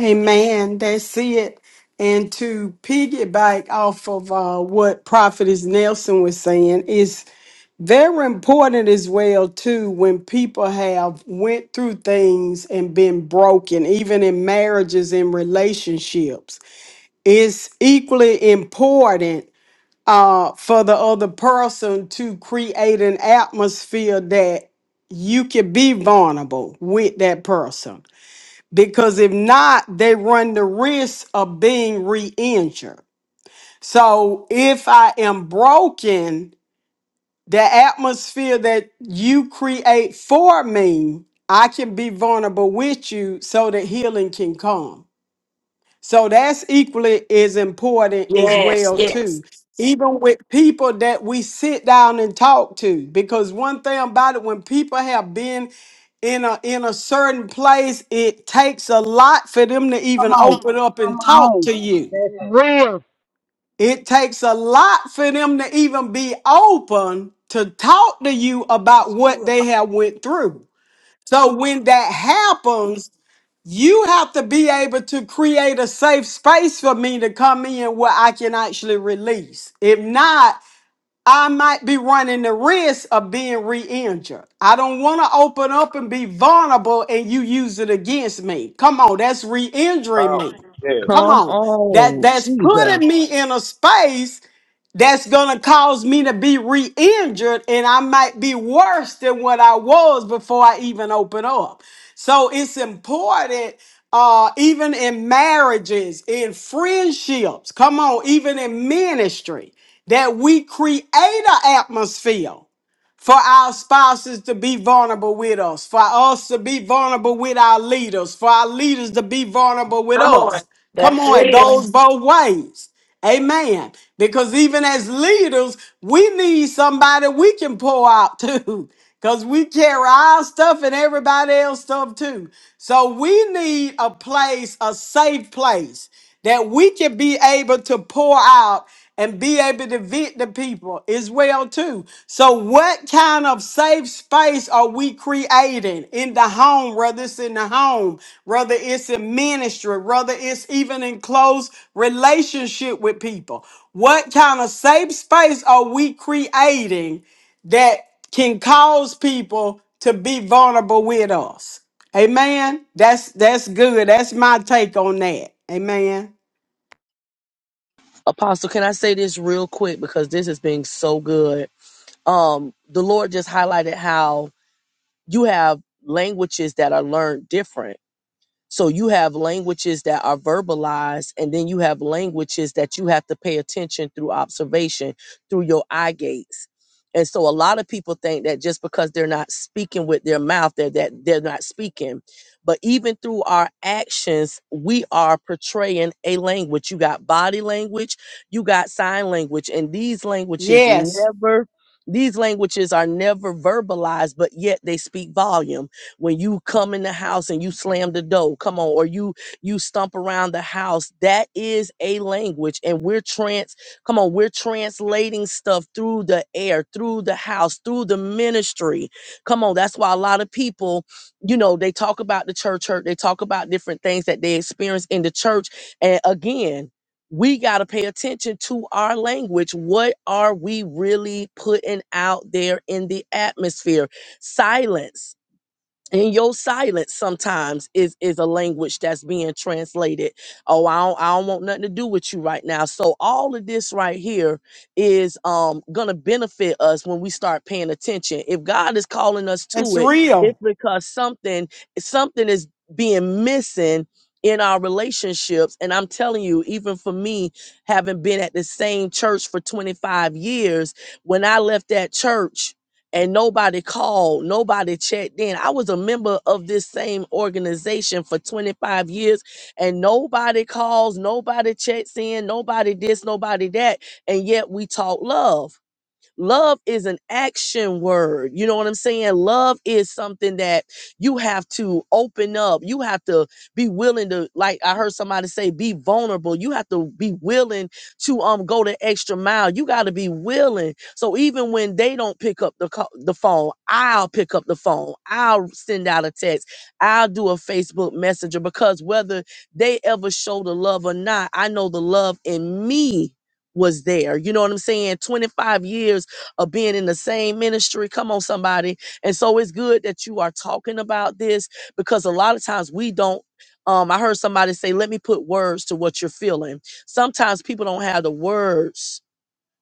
Speaker 1: Amen. That's it. And to piggyback off of uh, what Prophetess Nelson was saying is very important as well too when people have went through things and been broken, even in marriages and relationships. It's equally important uh, for the other person to create an atmosphere that you can be vulnerable with that person because if not, they run the risk of being re injured. So if I am broken, the atmosphere that you create for me, I can be vulnerable with you so that healing can come. So that's equally as important as
Speaker 2: Yes,
Speaker 1: well
Speaker 2: yes.
Speaker 1: too. Even with people that we sit down and talk to, because one thing about it, when people have been in a in a certain place, it takes a lot for them to
Speaker 7: Come
Speaker 1: even
Speaker 7: on.
Speaker 1: open up
Speaker 7: Come
Speaker 1: and talk
Speaker 7: on.
Speaker 1: to you.
Speaker 7: That's real.
Speaker 1: It takes a lot for them to even be open to talk to you about
Speaker 6: That's
Speaker 1: what
Speaker 6: true,
Speaker 1: they have went through. So when that happens, you have to be able to create a safe space for me to come in where I can actually release. If not, I might be running the risk of being re injured. I don't want to open up and be vulnerable and you use it against me. Come on, that's re injuring me.
Speaker 4: Powerful.
Speaker 1: Come
Speaker 3: Come
Speaker 1: on. That
Speaker 3: on.
Speaker 1: that's
Speaker 3: Jesus.
Speaker 1: putting me in a space that's gonna cause me to be re-injured and I might be worse than what I was before I even open up. So it's important uh even in marriages, in friendships, come on, even in ministry, that we create an atmosphere for our spouses to be vulnerable with us, for us to be vulnerable with our leaders, for our leaders to be vulnerable with
Speaker 2: Come on.
Speaker 1: us. Come
Speaker 2: That's
Speaker 1: on, it
Speaker 2: real.
Speaker 1: goes both ways. Amen. Because even as leaders, we need somebody we can pour out to. Because we carry our stuff and everybody else's stuff too. So we need a place, a safe place that we can be able to pour out and be able to vent to people as well too. So what kind of safe space are we creating in the home, whether it's in the home, whether it's in ministry, whether it's even in close relationship with people? What kind of safe space are we creating that can cause people to be vulnerable with us? Amen. That's that's good. That's my take on that. Amen.
Speaker 3: Apostle, can I say this real quick because this has been so good? um, the Lord just highlighted how you have languages that are learned different so you have languages that are verbalized, and then you have languages that you have to pay attention through observation, through your eye gates. And so a lot of people think that just because they're not speaking with their mouth, they're, that they're not speaking. But even through our actions, we are portraying a language. You got body language, you got sign language, and these languages
Speaker 1: Yes.
Speaker 3: never, these languages are never verbalized, but yet they speak volume when you come in the house and you slam the door, come on, or you you stomp around the house, that is a language. And we're trans, come on, we're translating stuff through the air, through the house, through the ministry. Come on, that's why a lot of people, you know, they talk about the church hurt, they talk about different things that they experience in the church. And again, we got to pay attention to our language. What are we really putting out there in the atmosphere? Silence and your silence sometimes is is a language that's being translated oh I don't, I don't want nothing to do with you right now so all of this right here is um gonna benefit us when we start paying attention if god is calling us to
Speaker 1: That's
Speaker 3: it it's
Speaker 1: real.
Speaker 3: because something something is being missing in our relationships and i'm telling you even for me having been at the same church for 25 years when i left that church and nobody called, nobody checked in. I was a member of this same organization for 25 years, and nobody calls, nobody checks in, nobody this, nobody that, and yet we talk love. Love is an action word. You know what I'm saying? Love is something that you have to open up. You have to be willing to, like I heard somebody say, be vulnerable. You have to be willing to um go the extra mile. You got to be willing. So even when they don't pick up the call, the phone, I'll pick up the phone. I'll send out a text. I'll do a Facebook Messenger because whether they ever show the love or not, I know the love in me was there. You know what I'm saying? 25 years of being in the same ministry. Come on, somebody. And so it's good that you are talking about this because a lot of times we don't. Um, I heard somebody say, let me put words to what you're feeling. Sometimes people don't have the words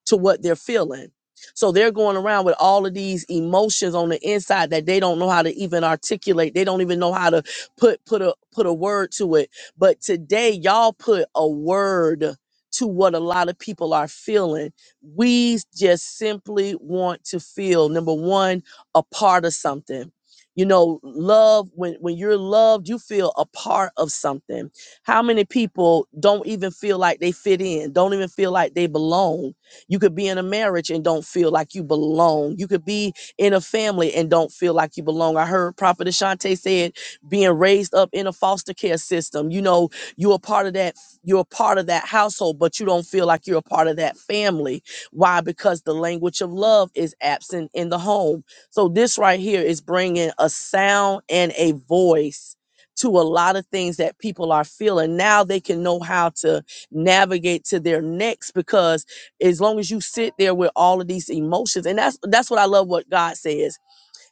Speaker 3: to what they're feeling. So they're going around with all of these emotions on the inside that they don't know how to even articulate. They don't even know how to put put a put a word to it. But today y'all put a word to what a lot of people are feeling. We just simply want to feel number 1 a part of something. You know, love when when you're loved, you feel a part of something. How many people don't even feel like they fit in, don't even feel like they belong? You could be in a marriage and don't feel like you belong. You could be in a family and don't feel like you belong. I heard Prophet Ashante said being raised up in a foster care system. You know, you're a part of that, you're a part of that household, but you don't feel like you're a part of that family. Why? Because the language of love is absent in the home. So this right here is bringing a sound and a voice to a lot of things that people are feeling. Now they can know how to navigate to their next because as long as you sit there with all of these emotions and that's that's what i love what god says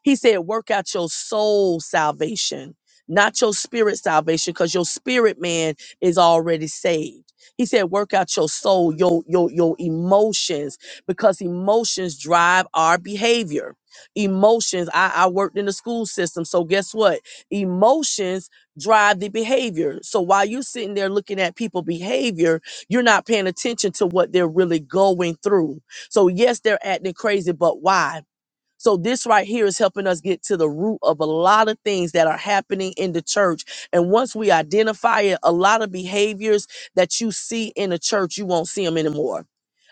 Speaker 3: he said, work out your soul salvation, not your spirit salvation, because your spirit man is already saved. He said, work out your soul, your, your, your emotions, because emotions drive our behavior. Emotions, I, I worked in the school system. So guess what? Emotions drive the behavior. So while you're sitting there looking at people behavior, you're not paying attention to what they're really going through. So yes, they're acting crazy, but why? So this right here is helping us get to the root of a lot of things that are happening in the church. And once we identify it, a lot of behaviors that you see in the church, you won't see them anymore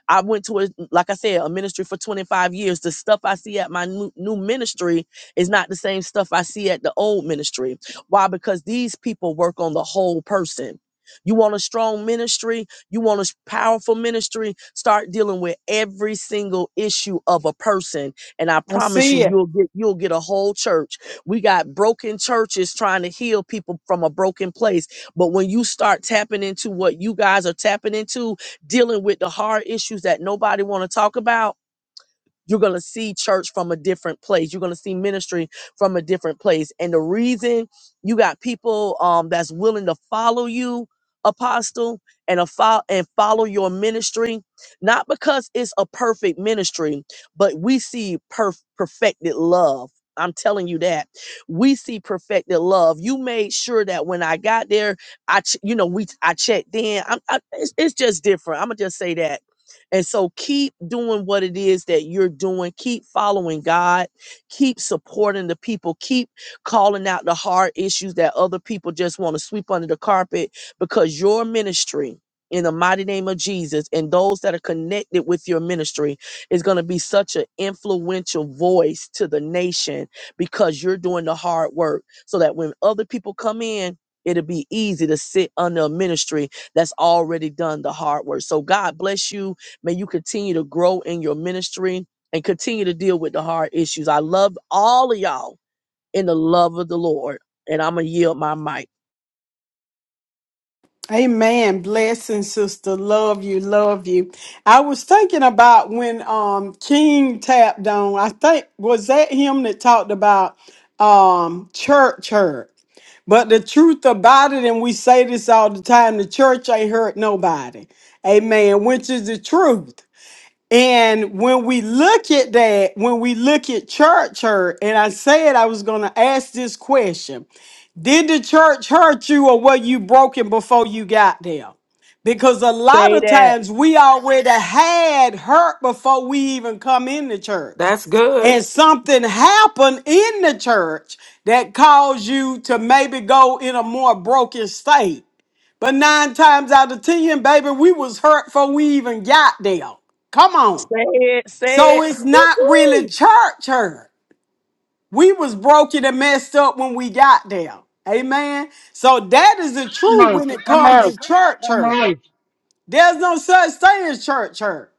Speaker 3: I went to a like I said a ministry for 25 years. The stuff I see at my new, new ministry is not the same stuff I see at the old ministry. Why? Because these people work on the whole person. You want a strong ministry, you want a s- powerful ministry, start dealing with every single issue of a person and I
Speaker 1: I
Speaker 3: promise you
Speaker 1: see it.
Speaker 3: you'll get you'll get a whole church. We got broken churches trying to heal people from a broken place, but when you start tapping into what you guys are tapping into, dealing with the hard issues that nobody want to talk about you're going to see church from a different place. You're going to see ministry from a different place. And the reason you got people um, that's willing to follow you, apostle, and a fo- and follow your ministry, not because it's a perfect ministry, but we see perf- perfected love. I'm telling you that we see perfected love. You made sure that when I got there, I, ch- you know, we I checked in. I'm, I, it's, it's just different. I'm gonna just say that and so keep doing what it is that you're doing. Keep following God. Keep supporting the people. Keep calling out the hard issues that other people just want to sweep under the carpet because your ministry, in the mighty name of Jesus, and those that are connected with your ministry is going to be such an influential voice to the nation because you're doing the hard work so that when other people come in, it'll be easy to sit under a ministry that's already done the hard work. So God bless you May you continue to grow in your ministry and continue to deal with the hard issues. I love all of y'all in the love of the Lord. And I'm going to yield my mic.
Speaker 1: Amen. Blessing, sister. Love you. Love you. I was thinking about when um King tapped on, I think was that him that talked about um church hurt. But the truth about it, and we say this all the time, the church ain't hurt nobody. Amen. Which is the truth. And when we look at that, when we look at church hurt, and I said I was going to ask this question Did the church hurt you or were you broken before you got there? Because a lot
Speaker 3: Say
Speaker 1: of
Speaker 3: that.
Speaker 1: times we already had hurt before we even come in the church.
Speaker 2: That's good.
Speaker 1: And something happened in the church that caused you to maybe go in a more broken state. But nine times out of ten, baby, we was hurt before we even got there. Come on.
Speaker 3: Say it. Say
Speaker 1: So
Speaker 3: it.
Speaker 1: it's not really
Speaker 3: Woo-hoo.
Speaker 1: church hurt. We was broken and messed up when we got there. Amen. So that is the
Speaker 7: Come
Speaker 1: truth
Speaker 7: on.
Speaker 1: when it
Speaker 7: Come
Speaker 1: comes
Speaker 7: on.
Speaker 1: to church
Speaker 7: Come
Speaker 1: hurt.
Speaker 7: on.
Speaker 1: There's no such thing as church hurt.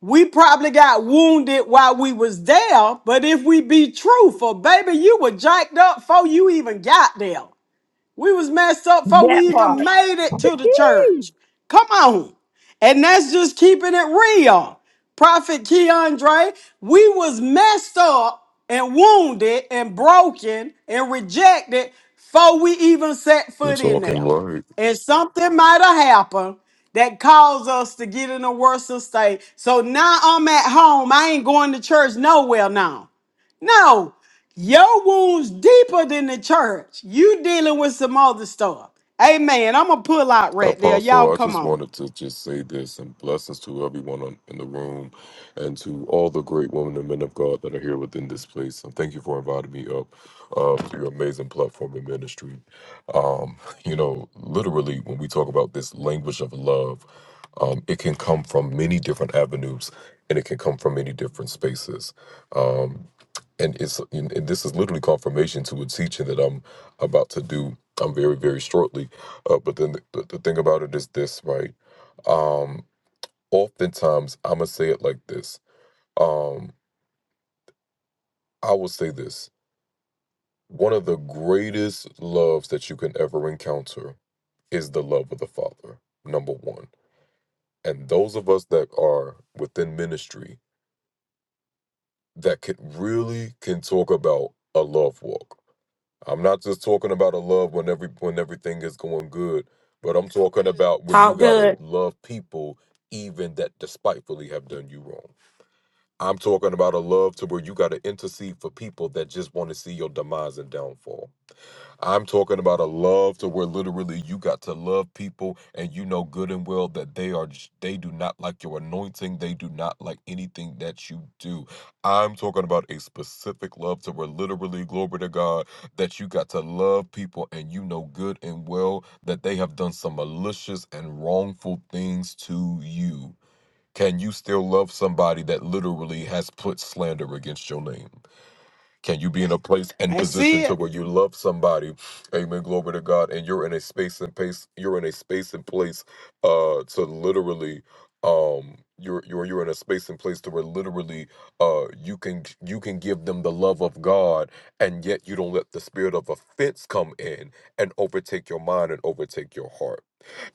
Speaker 1: We probably got wounded while we was there, but if we be truthful, baby, you were jacked up before you even got there. We was messed up before
Speaker 3: That
Speaker 1: we even
Speaker 3: part.
Speaker 1: made it to the
Speaker 3: Yee.
Speaker 1: church. Come on. And that's just keeping it real. Prophet Keandre, we was messed up and wounded and broken and rejected before we even set
Speaker 9: You're
Speaker 1: foot in
Speaker 9: talking
Speaker 1: there.
Speaker 9: right.
Speaker 1: And something might have happened that caused us to get in a worse state. So now I'm at home. I ain't going to church nowhere now. No, your wounds deeper than the church. You dealing with some other stuff. Amen. I'm gonna pull out right there. Y'all
Speaker 9: Apostle, I
Speaker 1: come
Speaker 9: just
Speaker 1: on.
Speaker 9: wanted to just say this and blessings to everyone on, in the room and to all the great women and men of God that are here within this place. And thank you for inviting me up uh, to your amazing platform and ministry. Um, you know, literally, when we talk about this language of love, um, it can come from many different avenues and it can come from many different spaces. Um, and it's and and this is literally confirmation to a teaching that I'm about to do. I'm very very shortly, uh, but then the, the thing about it is this, right? Um, oftentimes I'm gonna say it like this. Um, I will say this. One of the greatest loves that you can ever encounter is the love of the Father. Number one, and those of us that are within ministry that can really can talk about a love walk I'm not just talking about a love when every when everything is going good, but I'm talking about when you
Speaker 2: Talk
Speaker 9: gotta
Speaker 2: good.
Speaker 9: love people even that despitefully have done you wrong. I'm talking about a love to where you gotta intercede for people that just want to see your demise and downfall. I'm talking about a love to where literally you got to love people and you know good and well that they are j- they do not like your anointing, they do not like anything that you do. I'm talking about a specific love to where literally glory to God that you got to love people and you know good and well that they have done some malicious and wrongful things to you. Can you still love somebody that literally has put slander against your name? Can you be in a place and
Speaker 1: That's
Speaker 9: position to
Speaker 1: it.
Speaker 9: where you love somebody? Amen. Glory to God. And you're in a space and place. You're in a space and place uh to literally um you're you're you're in a space and place to where literally uh you can you can give them the love of God and yet you don't let the spirit of offense come in and overtake your mind and overtake your heart.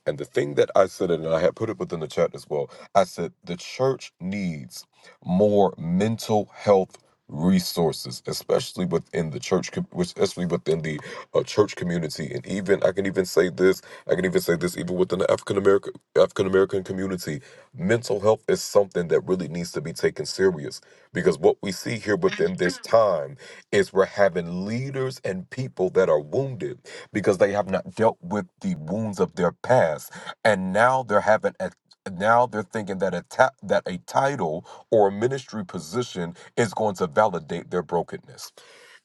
Speaker 9: And the thing that I said, and I had put it within the chat as well, I said the church needs more mental health resources, especially within the church, com- which- especially within the uh, church community, and even I can even say this, I can even say this, even within the African American African American community, mental health is something that really needs to be taken serious because what we see here within this time is we're having leaders and people that are wounded because they have not dealt with the wounds of their past and now they're having a now they're thinking that a ta- that a title or a ministry position is going to validate their brokenness.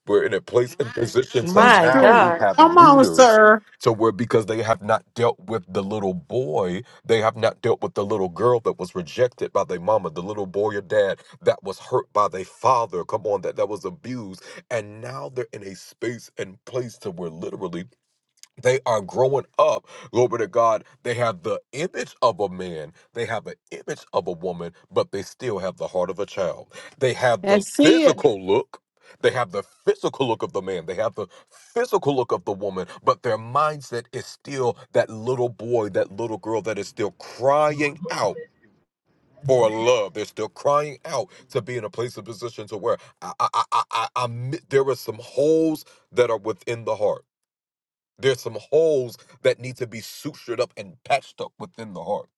Speaker 9: We're in a place and position to
Speaker 1: That's
Speaker 2: My
Speaker 9: now
Speaker 1: true.
Speaker 9: we
Speaker 2: God.
Speaker 9: have
Speaker 1: Come on,
Speaker 9: leaders
Speaker 1: sir.
Speaker 9: to where because they have not dealt with the little boy, they have not dealt with the little girl that was rejected by their mama, the little boy or dad that was hurt by their father. Come on, that that was abused, and now they're in a space and place to where literally they are growing up glory to god they have the image of a man they have an image of a woman but they still have the heart of a child they have the
Speaker 1: That's it.
Speaker 9: physical look they have the physical look of the man they have the physical look of the woman but their mindset is still that little boy that little girl that is still crying out for love, they're still crying out to be in a place of position to where I, I, I, I, I, I'm- there are some holes that are within the heart. There's some holes that need to be sutured up and patched up within the heart.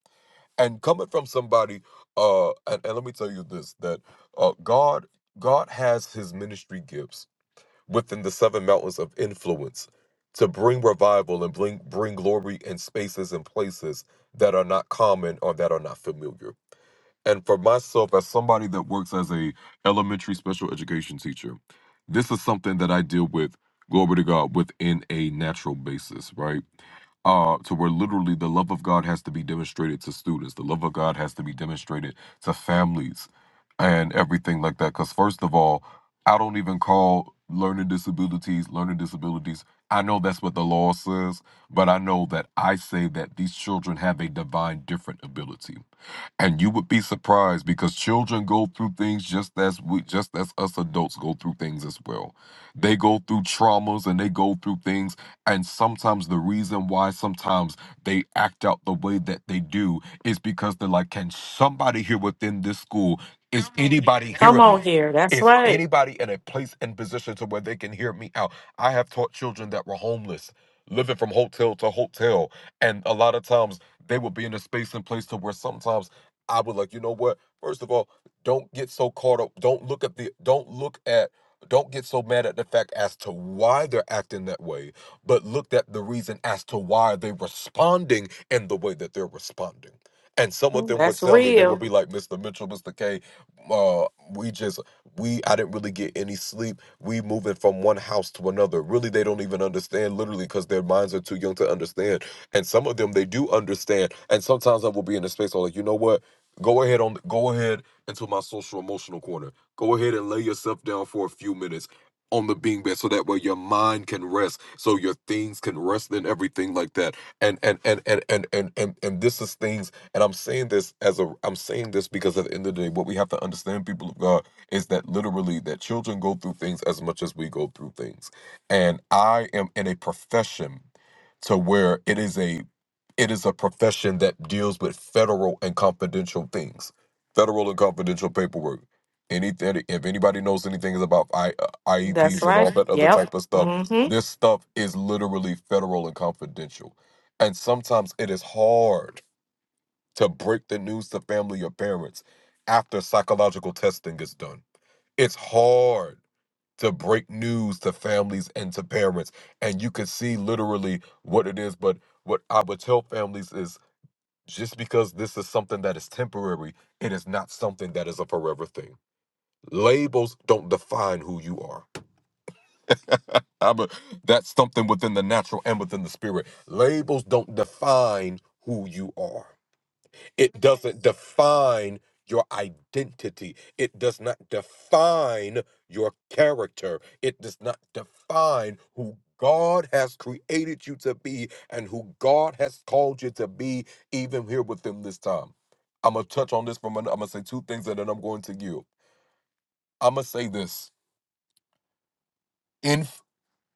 Speaker 9: And coming from somebody, uh, and, and let me tell you this: that uh, God, God has His ministry gifts within the seven mountains of influence to bring revival and bring bring glory in spaces and places that are not common or that are not familiar and for myself as somebody that works as a elementary special education teacher this is something that i deal with glory to god within a natural basis right uh to where literally the love of god has to be demonstrated to students the love of god has to be demonstrated to families and everything like that because first of all i don't even call learning disabilities learning disabilities i know that's what the law says but i know that i say that these children have a divine different ability and you would be surprised because children go through things just as we just as us adults go through things as well they go through traumas and they go through things and sometimes the reason why sometimes they act out the way that they do is because they're like can somebody here within this school is anybody
Speaker 2: Come
Speaker 9: hearing me
Speaker 2: on here. That's
Speaker 9: is
Speaker 2: right.
Speaker 9: anybody in a place and position to where they can hear me out i have taught children that were homeless living from hotel to hotel and a lot of times they will be in a space and place to where sometimes I would like, you know what? First of all, don't get so caught up. Don't look at the don't look at don't get so mad at the fact as to why they're acting that way, but look at the reason as to why they're responding in the way that they're responding. And some of them would
Speaker 2: That's
Speaker 9: tell me they
Speaker 2: real.
Speaker 9: would be like, Mr. Mitchell, Mr. K, uh, we just we I didn't really get any sleep. We moving from one house to another. Really, they don't even understand, literally, because their minds are too young to understand. And some of them they do understand. And sometimes I will be in a space I'm like, you know what? Go ahead on go ahead into my social emotional corner. Go ahead and lay yourself down for a few minutes on the bean bed so that way your mind can rest so your things can rest and everything like that and and and and and and and, and this is things and i'm saying this as a i'm saying this because at the end of the day what we have to understand people of god is that literally that children go through things as much as we go through things and i am in a profession to where it is a it is a profession that deals with federal and confidential things, federal and confidential paperwork. Anything, if anybody knows anything about I,
Speaker 2: That's
Speaker 9: IEPs and all
Speaker 2: right.
Speaker 9: that other
Speaker 2: Yep.
Speaker 9: type of stuff,
Speaker 2: Mm-hmm.
Speaker 9: this stuff is literally federal and confidential. And sometimes it is hard to break the news to family or parents after psychological testing is done. It's hard to break news to families and to parents. And you can see literally what it is. But what I would tell families is just because this is something that is temporary, it is not something that is a forever thing. Labels don't define who you are. I'm a- that's something within the natural and within the spirit. Labels don't define who you are. It doesn't define your identity. It does not define your character. It does not define who God has created you to be and who God has called you to be, even here with them this time. I'm gonna touch on this from. I'm gonna say two things and then I'm going to you. I'm gonna say this: Inf-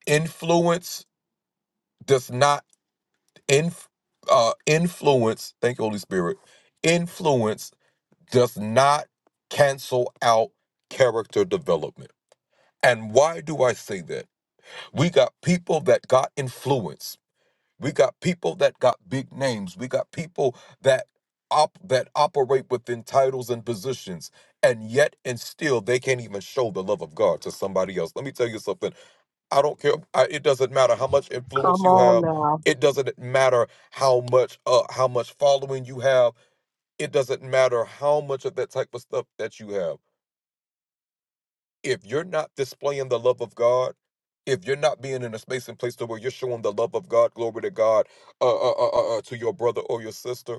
Speaker 9: influence does not inf- uh, influence. Thank you, Holy Spirit. Influence does not cancel out character development. And why do I say that? We got people that got influence. We got people that got big names. We got people that op- that operate within titles and positions. And yet and still they can't even show the love of God to somebody else. Let me tell you something. I don't care. I, it doesn't matter how much influence
Speaker 3: Come
Speaker 9: you
Speaker 3: on
Speaker 9: have.
Speaker 3: now.
Speaker 9: It doesn't matter how much uh how much following you have. It doesn't matter how much of that type of stuff that you have if you're not displaying the love of God, if you're not being in a space and place to where you're showing the love of God, glory to God, uh, uh, uh, uh, uh, to your brother or your sister,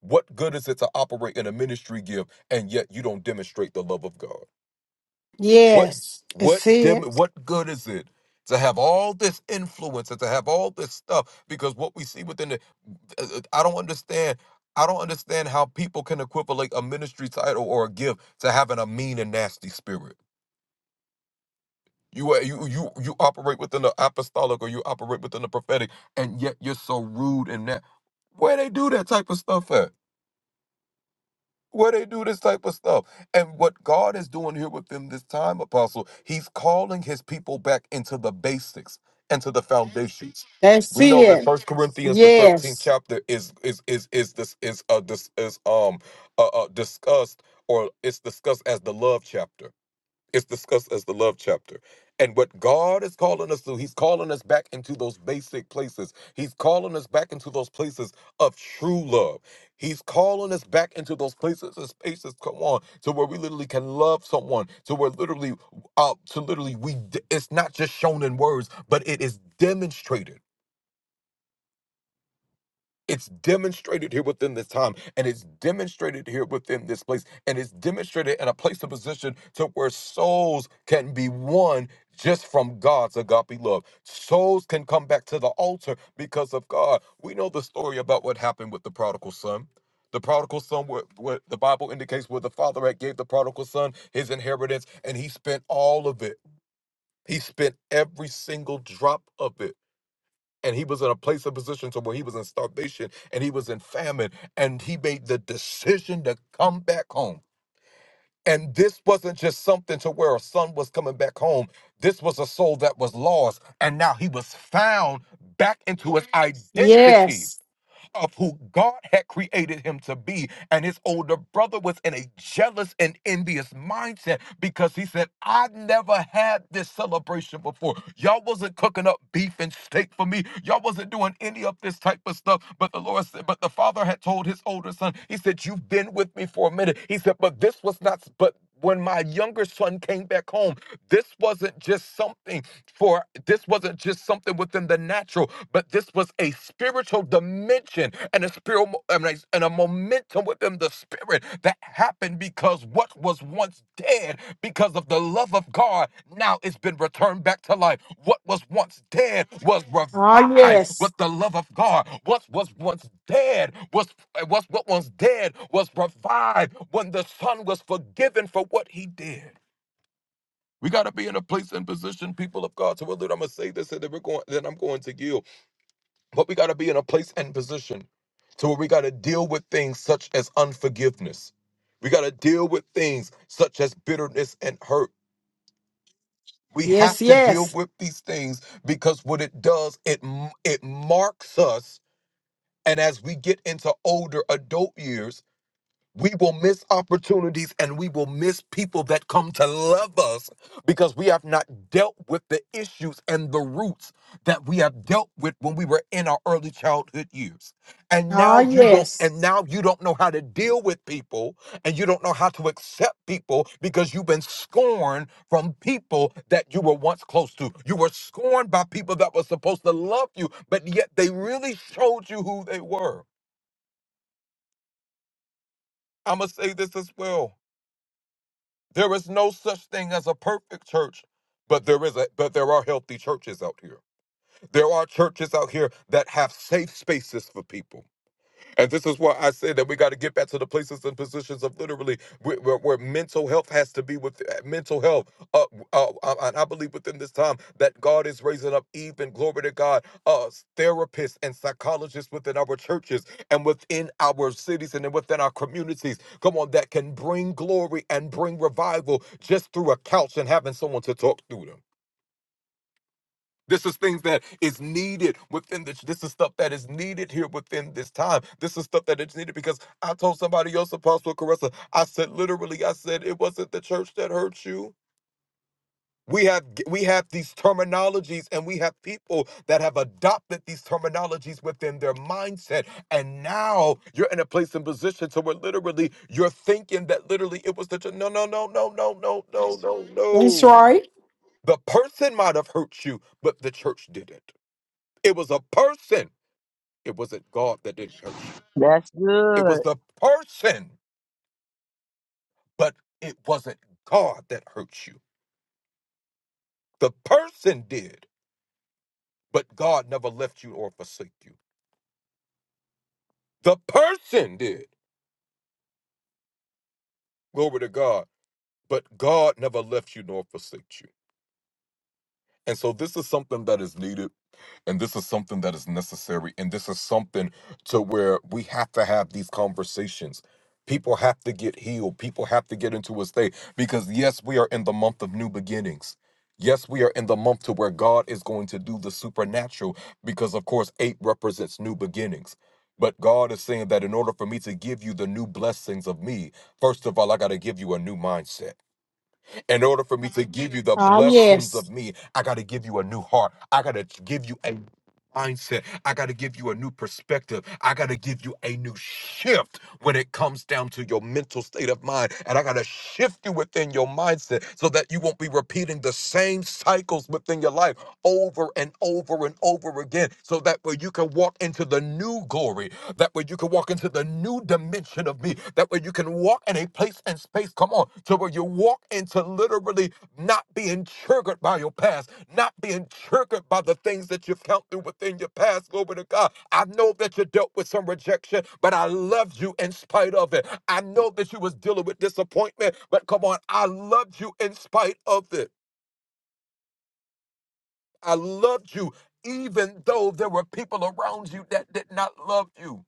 Speaker 9: what good is it to operate in a ministry gift and yet you don't demonstrate the love of God? What,
Speaker 1: Yes.
Speaker 9: what,
Speaker 1: That's
Speaker 9: dem-
Speaker 1: it.
Speaker 9: what good is it? To have all this influence and to have all this stuff, because what we see within the, uh, uh, I don't understand. I don't understand how people can equivalent a ministry title or a gift to having a mean and nasty spirit. You are you you you operate within the apostolic or you operate within the prophetic, and yet you're so rude in that. Where they do that type of stuff at? Where they do this type of stuff? And what God is doing here within this time, Apostle, He's calling His people back into the basics, into the foundations.
Speaker 1: That's
Speaker 9: We know that
Speaker 1: it.
Speaker 9: First Corinthians, the thirteenth
Speaker 1: Yes.
Speaker 9: chapter, is is is is this is uh this is um uh, uh discussed or it's discussed as the love chapter it's discussed as the love chapter. And what God is calling us to, He's calling us back into those basic places. He's calling us back into those places of true love. He's calling us back into those places and spaces, come on, to where we literally can love someone, to where literally, uh, to literally, we, it's not just shown in words, but it is demonstrated. It's demonstrated here within this time, and it's demonstrated here within this place, and it's demonstrated in a place of position to where souls can be won just from God's agape love. Souls can come back to the altar because of God. We know the story about what happened with the prodigal son. The prodigal son, what what the Bible indicates, where the father had gave the prodigal son his inheritance, and he spent all of it. He spent every single drop of it and he was in a place of position to where he was in starvation and he was in famine and he made the decision to come back home and this wasn't just something to where a son was coming back home this was a soul that was lost and now he was found back into his identity
Speaker 1: Yes.
Speaker 9: of who God had created him to be. And his older brother was in a jealous and envious mindset because he said, I never had this celebration before. Y'all wasn't cooking up beef and steak for me. Y'all wasn't doing any of this type of stuff. But the Lord said, but the father had told his older son, he said, You've been with me for a minute. He said, But this was not, but when my younger son came back home, this wasn't just something for this wasn't just something within the natural, but this was a spiritual dimension and a spiritual and a, momentum within the spirit that happened because what was once dead dead because of the love of God now it's been returned back to life. What was once dead was
Speaker 1: Oh,
Speaker 9: revived
Speaker 1: yes.
Speaker 9: with the love of God. What was once dead was, eh, was what was dead was revived when the son was forgiven for what he did. We got to be in a place and position, people of God. So, well, dude, I'm going to say this and then, we're going, then I'm going to yield. But we got to be in a place and position to where we got to deal with things such as unforgiveness. We got to deal with things such as bitterness and hurt. We have
Speaker 1: Yes,
Speaker 9: to deal
Speaker 1: yes.
Speaker 9: with these things because what it does, it m- it marks us. And as we get into older adult years, we will miss opportunities and we will miss people that come to love us because we have not dealt with the issues and the roots that we have dealt with when we were in our early childhood years. And
Speaker 1: Oh,
Speaker 9: now you won't
Speaker 1: yes.
Speaker 9: and now you don't know how to deal with people and you don't know how to accept people because you've been scorned from people that you were once close to. You were scorned by people that were supposed to love you, but yet they really showed you who they were. I'm going to say this as well There is no such thing as a perfect church, but there is a but there are healthy churches out here. There are churches out here that have safe spaces for people. And this is why I said that we got to get back to the places and positions of literally where, where, where mental health has to be with uh, mental health. Uh, uh, uh, and I believe within this time that God is raising up even, glory to God, uh, therapists and psychologists within our churches and within our cities and then within our communities. Come on, that can bring glory and bring revival just through a couch and having someone to talk through them. This is things that is needed within this. This is stuff that is needed here within this time. This is stuff that is needed because I told somebody else, Apostle Caressa, I said literally, I said it wasn't the church that hurt you. We have we have these terminologies and we have people that have adopted these terminologies within their mindset. And now you're in a place and position to where literally you're thinking that literally it was the church. No, no, no, no, no, no, no, no,
Speaker 1: That's
Speaker 9: no.
Speaker 1: right.
Speaker 9: The person might have hurt you, but the church didn't. It was a person. It wasn't God that didn't hurt you.
Speaker 3: That's
Speaker 9: It
Speaker 3: good.
Speaker 9: was the person, but it wasn't God that hurt you. The person did, but God never left you or forsake you. The person did. Glory to God. But God never left you nor forsake you. And so this is something that is needed And this is something that is necessary. And this is something to where we have to have these conversations. People have to get healed. People have to get into a state because, yes, we are in the month of new beginnings. Yes, we are in the month to where God is going to do the supernatural because, of course, eight represents new beginnings. But God is saying that in order for me to give you the new blessings of me, first of all, I got to give you a new mindset. In order for me to give you the
Speaker 1: Oh,
Speaker 9: blessings of
Speaker 1: yes.
Speaker 9: me, I got to give you a new heart. I got to give you a mindset. I got to give you a new perspective. I got to give you a new shift when it comes down to your mental state of mind. And I got to shift you within your mindset so that you won't be repeating the same cycles within your life over and over and over again so that way you can walk into the new glory, that way you can walk into the new dimension of me that way you can walk in a place and space, come on, to where you walk into literally not being triggered by your past, not being triggered by the things that you found through within your past. Glory to God. I know that you dealt with some rejection, but I loved you in spite of it. I know that you was dealing with disappointment, but come on, I loved you in spite of it. I loved you even though there were people around you that did not love you.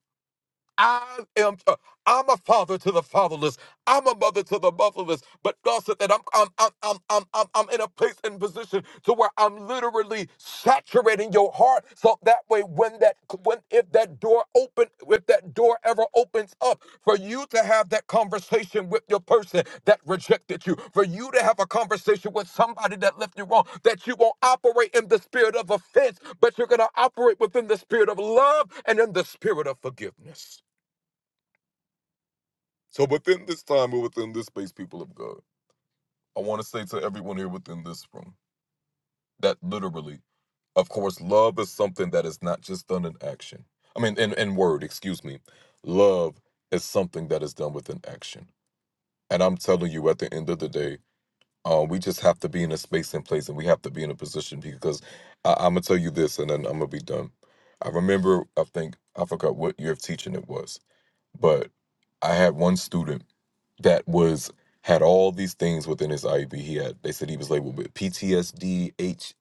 Speaker 9: I am uh, I'm a father to the fatherless. I'm a mother to the motherless. But God said that I'm I'm I'm I'm I'm I'm, I'm in a place and position to where I'm literally saturating your heart. So that way when that when if that door open if that door ever opens up for you to have that conversation with your person that rejected you, for you to have a conversation with somebody that left you wrong, that you won't operate in the spirit of offense, but you're gonna operate within the spirit of love and in the spirit of forgiveness. So within this time or within this space, people of God, I want to say to everyone here within this room that literally, of course, love is something that is not just done in action. I mean, in, in word, excuse me. Love is something that is done with an action. And I'm telling you, at the end of the day, uh, we just have to be in a space and place and we have to be in a position because I, I'm going to tell you this and then I'm going to be done. I remember, I think, I forgot what year of teaching it was, but I had one student that was had all these things within his IEP. He had they said he was labeled with PTSD,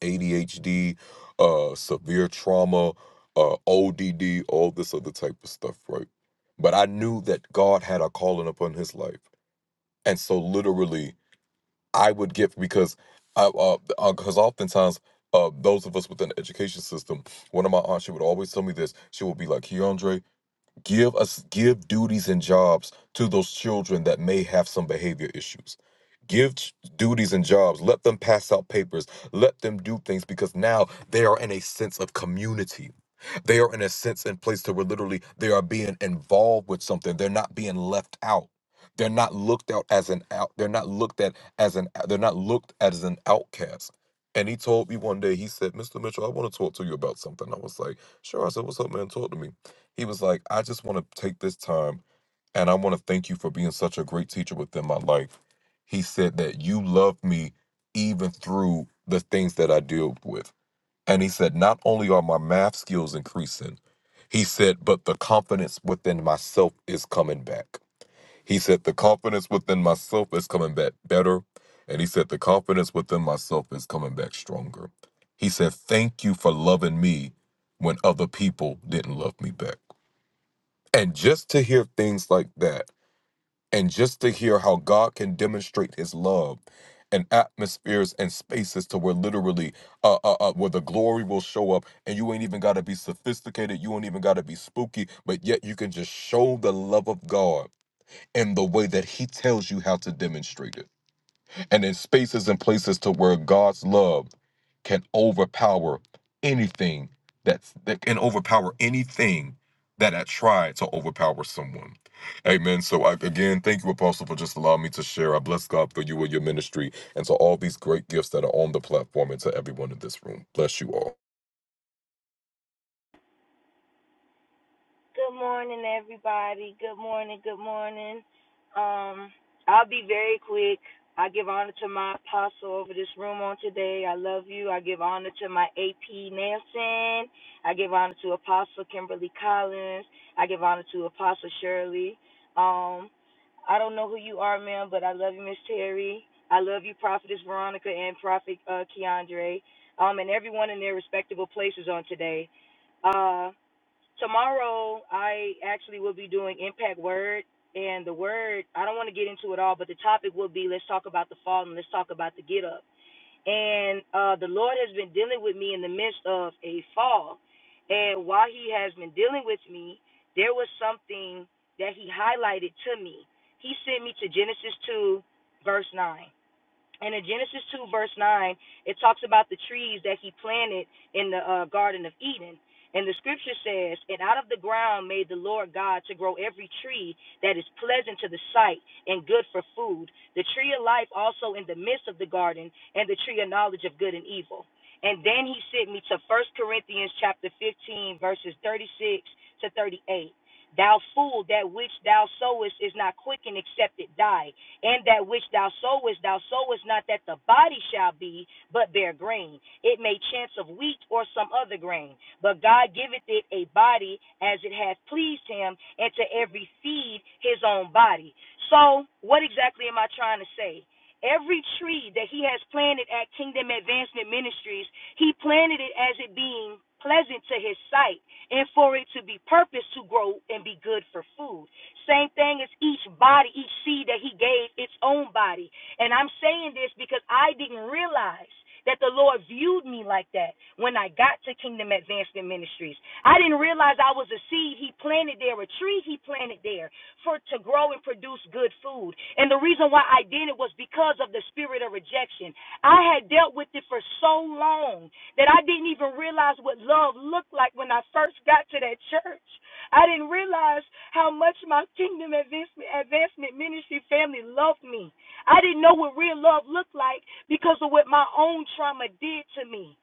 Speaker 9: ADHD, uh, severe trauma, uh, ODD, all this other type of stuff, right? But I knew that God had a calling upon his life, and so literally I would give because I because uh, uh, 'cause oftentimes. Uh, those of us within the education system, one of my aunts, she would always tell me this. She would be like, Keandre, Give us give duties and jobs to those children that may have some behavior issues. Give ch- duties and jobs. Let them pass out papers. Let them do things because now they are in a sense of community. They are in a sense in place to where literally they are being involved with something. They're not being left out. They're not looked out as an out. They're not looked at as an. They're not looked at as an outcast. And he told me one day. He said, "Mr. Mitchell, I want to talk to you about something." I was like, "Sure." I said, "What's up, man? Talk to me." He was like, I just want to take this time and I want to thank you for being such a great teacher within my life. He said that you love me even through the things that I deal with. And he said, not only are my math skills increasing, he said, but the confidence within myself is coming back. He said, the confidence within myself is coming back better. And he said, the confidence within myself is coming back stronger. He said, thank you for loving me when other people didn't love me back. And just to hear things like that, and just to hear how God can demonstrate his love and atmospheres and spaces to where literally uh, uh, uh where the glory will show up and you ain't even got to be sophisticated you ain't even got to be spooky but yet you can just show the love of god in the way that he tells you how to demonstrate it and in spaces and places to where God's love can overpower anything that's that can overpower anything that I tried to overpower someone. Amen. So I, again, thank you, Apostle, for just allowing me to share. I bless God for you and your ministry and to all these great gifts that are on the platform and to everyone in this room. Bless you all.
Speaker 10: Good morning, everybody. Good morning. Good morning. Um, I'll be very quick. I give honor to my apostle over this room on today. I love you. I give honor to my AP Nelson. I give honor to Apostle Kimberly Collins. I give honor to Apostle Shirley. Um, I don't know who you are, ma'am, but I love you, Miss Terry. I love you, Prophetess Veronica and Prophet uh, Keandre. Um, and everyone in their respectable places on today. Uh. Tomorrow, I actually will be doing Impact Word, and the word, I don't want to get into it all, but the topic will be let's talk about the fall and let's talk about the get up. And uh, the Lord has been dealing with me in the midst of a fall. And while He has been dealing with me, there was something that He highlighted to me. He sent me to Genesis 2, verse 9. And in Genesis 2, verse 9, it talks about the trees that he planted in the uh, Garden of Eden. And the scripture says, And out of the ground made the Lord God to grow every tree that is pleasant to the sight and good for food, the tree of life also in the midst of the garden, and the tree of knowledge of good and evil. And then he sent me to First Corinthians chapter 15, verses 36 to 38. Thou fool, that which thou sowest is not quickened except it die. In that which thou sowest, thou sowest not that the body shall be, but bear grain. It may chance of wheat or some other grain. But God giveth it a body as it hath pleased him, and to every seed his own body. So, what exactly am I trying to say? Every tree that he has planted at Kingdom Advancement Ministries, he planted it as it being pleasant to his sight and for it to be purposed to grow and be good for food. Same thing as each body, each seed that he gave its own body. And I'm saying this because I didn't realize that the Lord viewed me like that when I got to Kingdom Advancement Ministries. I didn't realize I was a seed he planted there, a tree he planted there for to grow and produce good food. And the reason why I did it was because of the spirit of rejection. I had dealt with it for so long that I didn't even realize what love looked like when I first got to that church. I didn't realize how much my kingdom advancement, ministry family loved me. I didn't know what real love looked like because of what my own trauma did to me.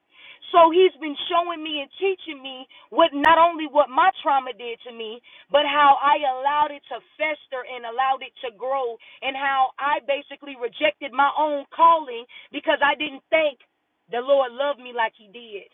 Speaker 10: So he's been showing me and teaching me what not only what my trauma did to me, but how I allowed it to fester and allowed it to grow, and how I basically rejected my own calling because I didn't think the Lord loved me like He did.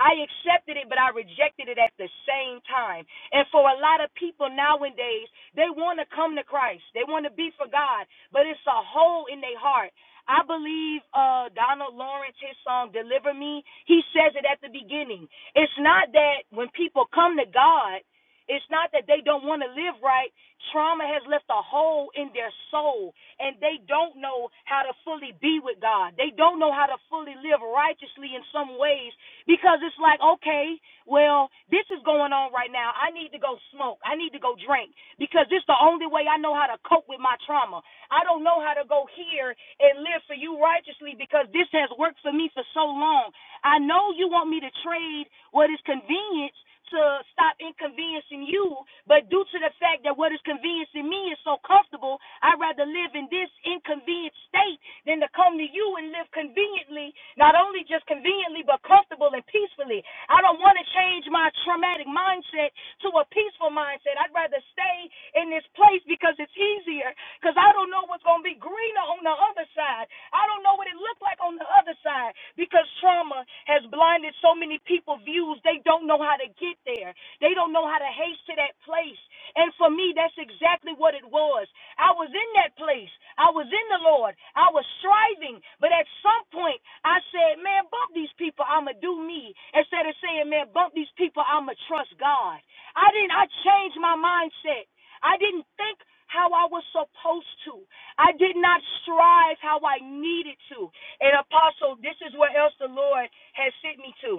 Speaker 10: I accepted it, but I rejected it at the same time. And for a lot of people nowadays, they want to come to Christ, they want to be for God, but it's a hole in their heart. I believe uh, Donald Lawrence, his song "Deliver Me," he says it at the beginning. It's not that when people come to God, it's not that they don't want to live right. Trauma has left a hole in their soul, and they don't know how to fully be with God. They don't know how to fully live righteously in some ways because it's like, okay, well, this is going on right now. I need to go smoke. I need to go drink because this is the only way I know how to cope with my trauma. I don't know how to go here and live for you righteously because this has worked for me for so long. I know you want me to trade what is convenience to stop inconveniencing you, but due to the fact that what is conveniencing me is so comfortable, I'd rather live in this inconvenient state than to come to you and live conveniently, not only just conveniently, but comfortable and peacefully. I don't want to change my traumatic mindset to a peaceful mindset. I'd rather stay in this place because it's easier, because I don't know what's going to be greener on the other side. I don't know what it looked like on the other side because trauma has blinded so many people's views. They don't know how to get there. They don't know how to haste to that place. And for me, that's exactly what it was. I was in that place. I was in the Lord. I was striving. But at some point, I said, man, bump these people. I'ma do me. Instead of saying, man, bump these people. I'ma trust God. I didn't, I changed my mindset. I didn't think how I was supposed to. I did not strive how I needed to. And apostle, this is where else the Lord has sent me to.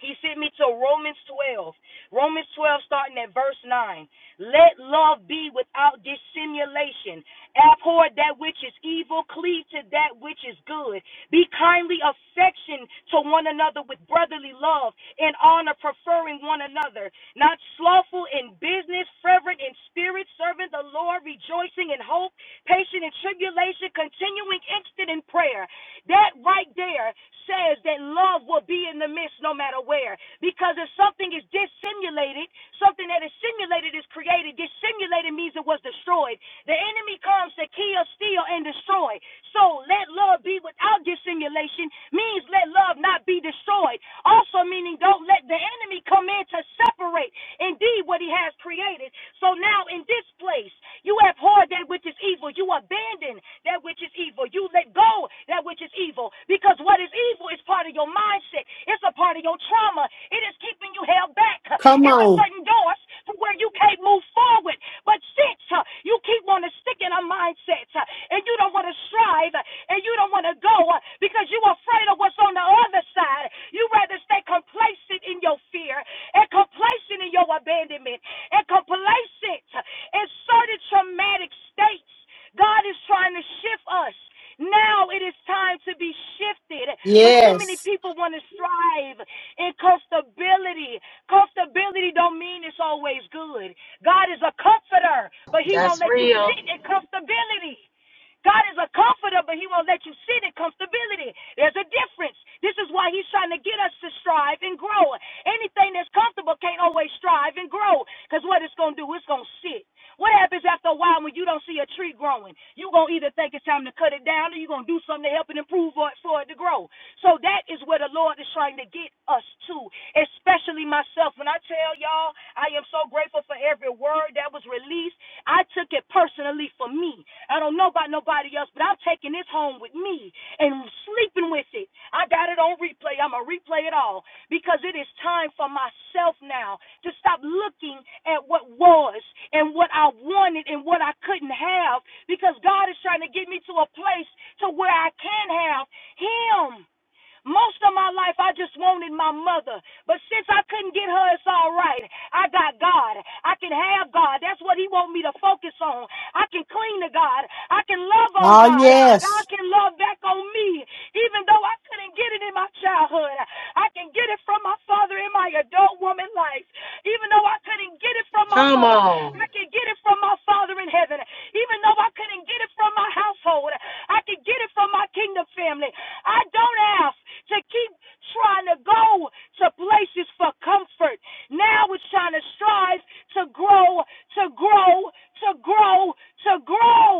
Speaker 10: He sent me to Romans 12. Romans 12, starting at verse 9. Let love be without dissimulation. Abhor that which is evil, cleave to that which is good. Be kindly affectioned to one another with brotherly love and honor, preferring one another. Not slothful in business, fervent in spirit, serving the Lord, rejoicing in hope, patient in tribulation, continuing instant in prayer that right there says that love will be in the midst no matter where. Because if something is dissimulated, something that is simulated is created. Dissimulated means it was destroyed. The enemy comes to kill, steal, and destroy. So let love be without dissimulation means let love not be destroyed. Also meaning don't let the enemy come in to separate indeed what he has created. So now in this place, you abhor that which is evil. You abandon that which is evil. You let go that which is evil because what is evil is part of your mindset. It's a part of your trauma. It is keeping you held back.
Speaker 1: Come
Speaker 10: It's a
Speaker 1: on.
Speaker 10: certain doors from where you can't move forward. But since uh, you keep on sticking a mindset uh, and you don't want to strive uh, and you don't want to go uh, because you're afraid of what's on the other side, you rather stay complacent in your fear and complacent in your abandonment and complacent in certain traumatic states. God is trying to shift us. Now it is time to be shifted. But too many
Speaker 1: Yes.
Speaker 10: people want to strive in comfortability. Comfortability don't mean it's always good. God is a comforter, but he won't
Speaker 2: That's
Speaker 10: let you sit
Speaker 2: real.
Speaker 10: in comfortability. God is a comforter, but he won't let you sit in comfortability. There's a difference. This is why he's trying to get us to strive and grow. Anything that's comfortable can't always strive and grow. Because what it's going to do, it's going to sit. What happens after a while when you don't see a tree growing? You're going to either think it's time to cut it down or you're going to do something to help it improve or for it to grow. So that is where the Lord is trying to get us to, especially myself. When I tell y'all, I am so grateful for every word that was released. I took it personally for me. I don't know about nobody else, but I'm taking this home with me and sleeping with it. I got it on replay. I'm going to replay it all because it is time for myself now to stop looking at what was and what I wanted and what I couldn't have because God is trying to get me to a place to where I can have him. Most of my life, I just wanted my mother. But since I couldn't get her, it's all right. I got God. I can have God. That's what He want me to focus on. I can cling to God. I can love on
Speaker 1: Oh,
Speaker 10: God. God
Speaker 1: yes.
Speaker 10: can love back on me. Even though I couldn't get it in my childhood, I can get it from my father in my adult woman life. Even though I couldn't get it from my
Speaker 2: Come
Speaker 10: mother,
Speaker 2: on.
Speaker 10: I can get it from my father in heaven. Even though I couldn't get it from my household, I can get it from my kingdom family. I don't ask to keep trying to go to places for comfort. Now it's trying to strive to grow, to grow, to grow, to grow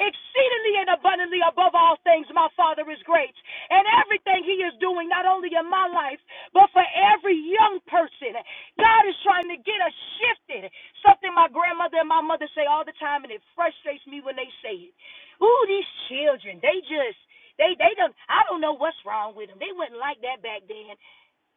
Speaker 10: exceedingly and abundantly above all things. My Father is great. And everything He is doing, not only in my life, but for every young person, God is trying to get us shifted. Something my grandmother and my mother say all the time, and it frustrates me when they say it. Ooh, these children, they just they they don't I don't know what's wrong with them. They wouldn't like that back then.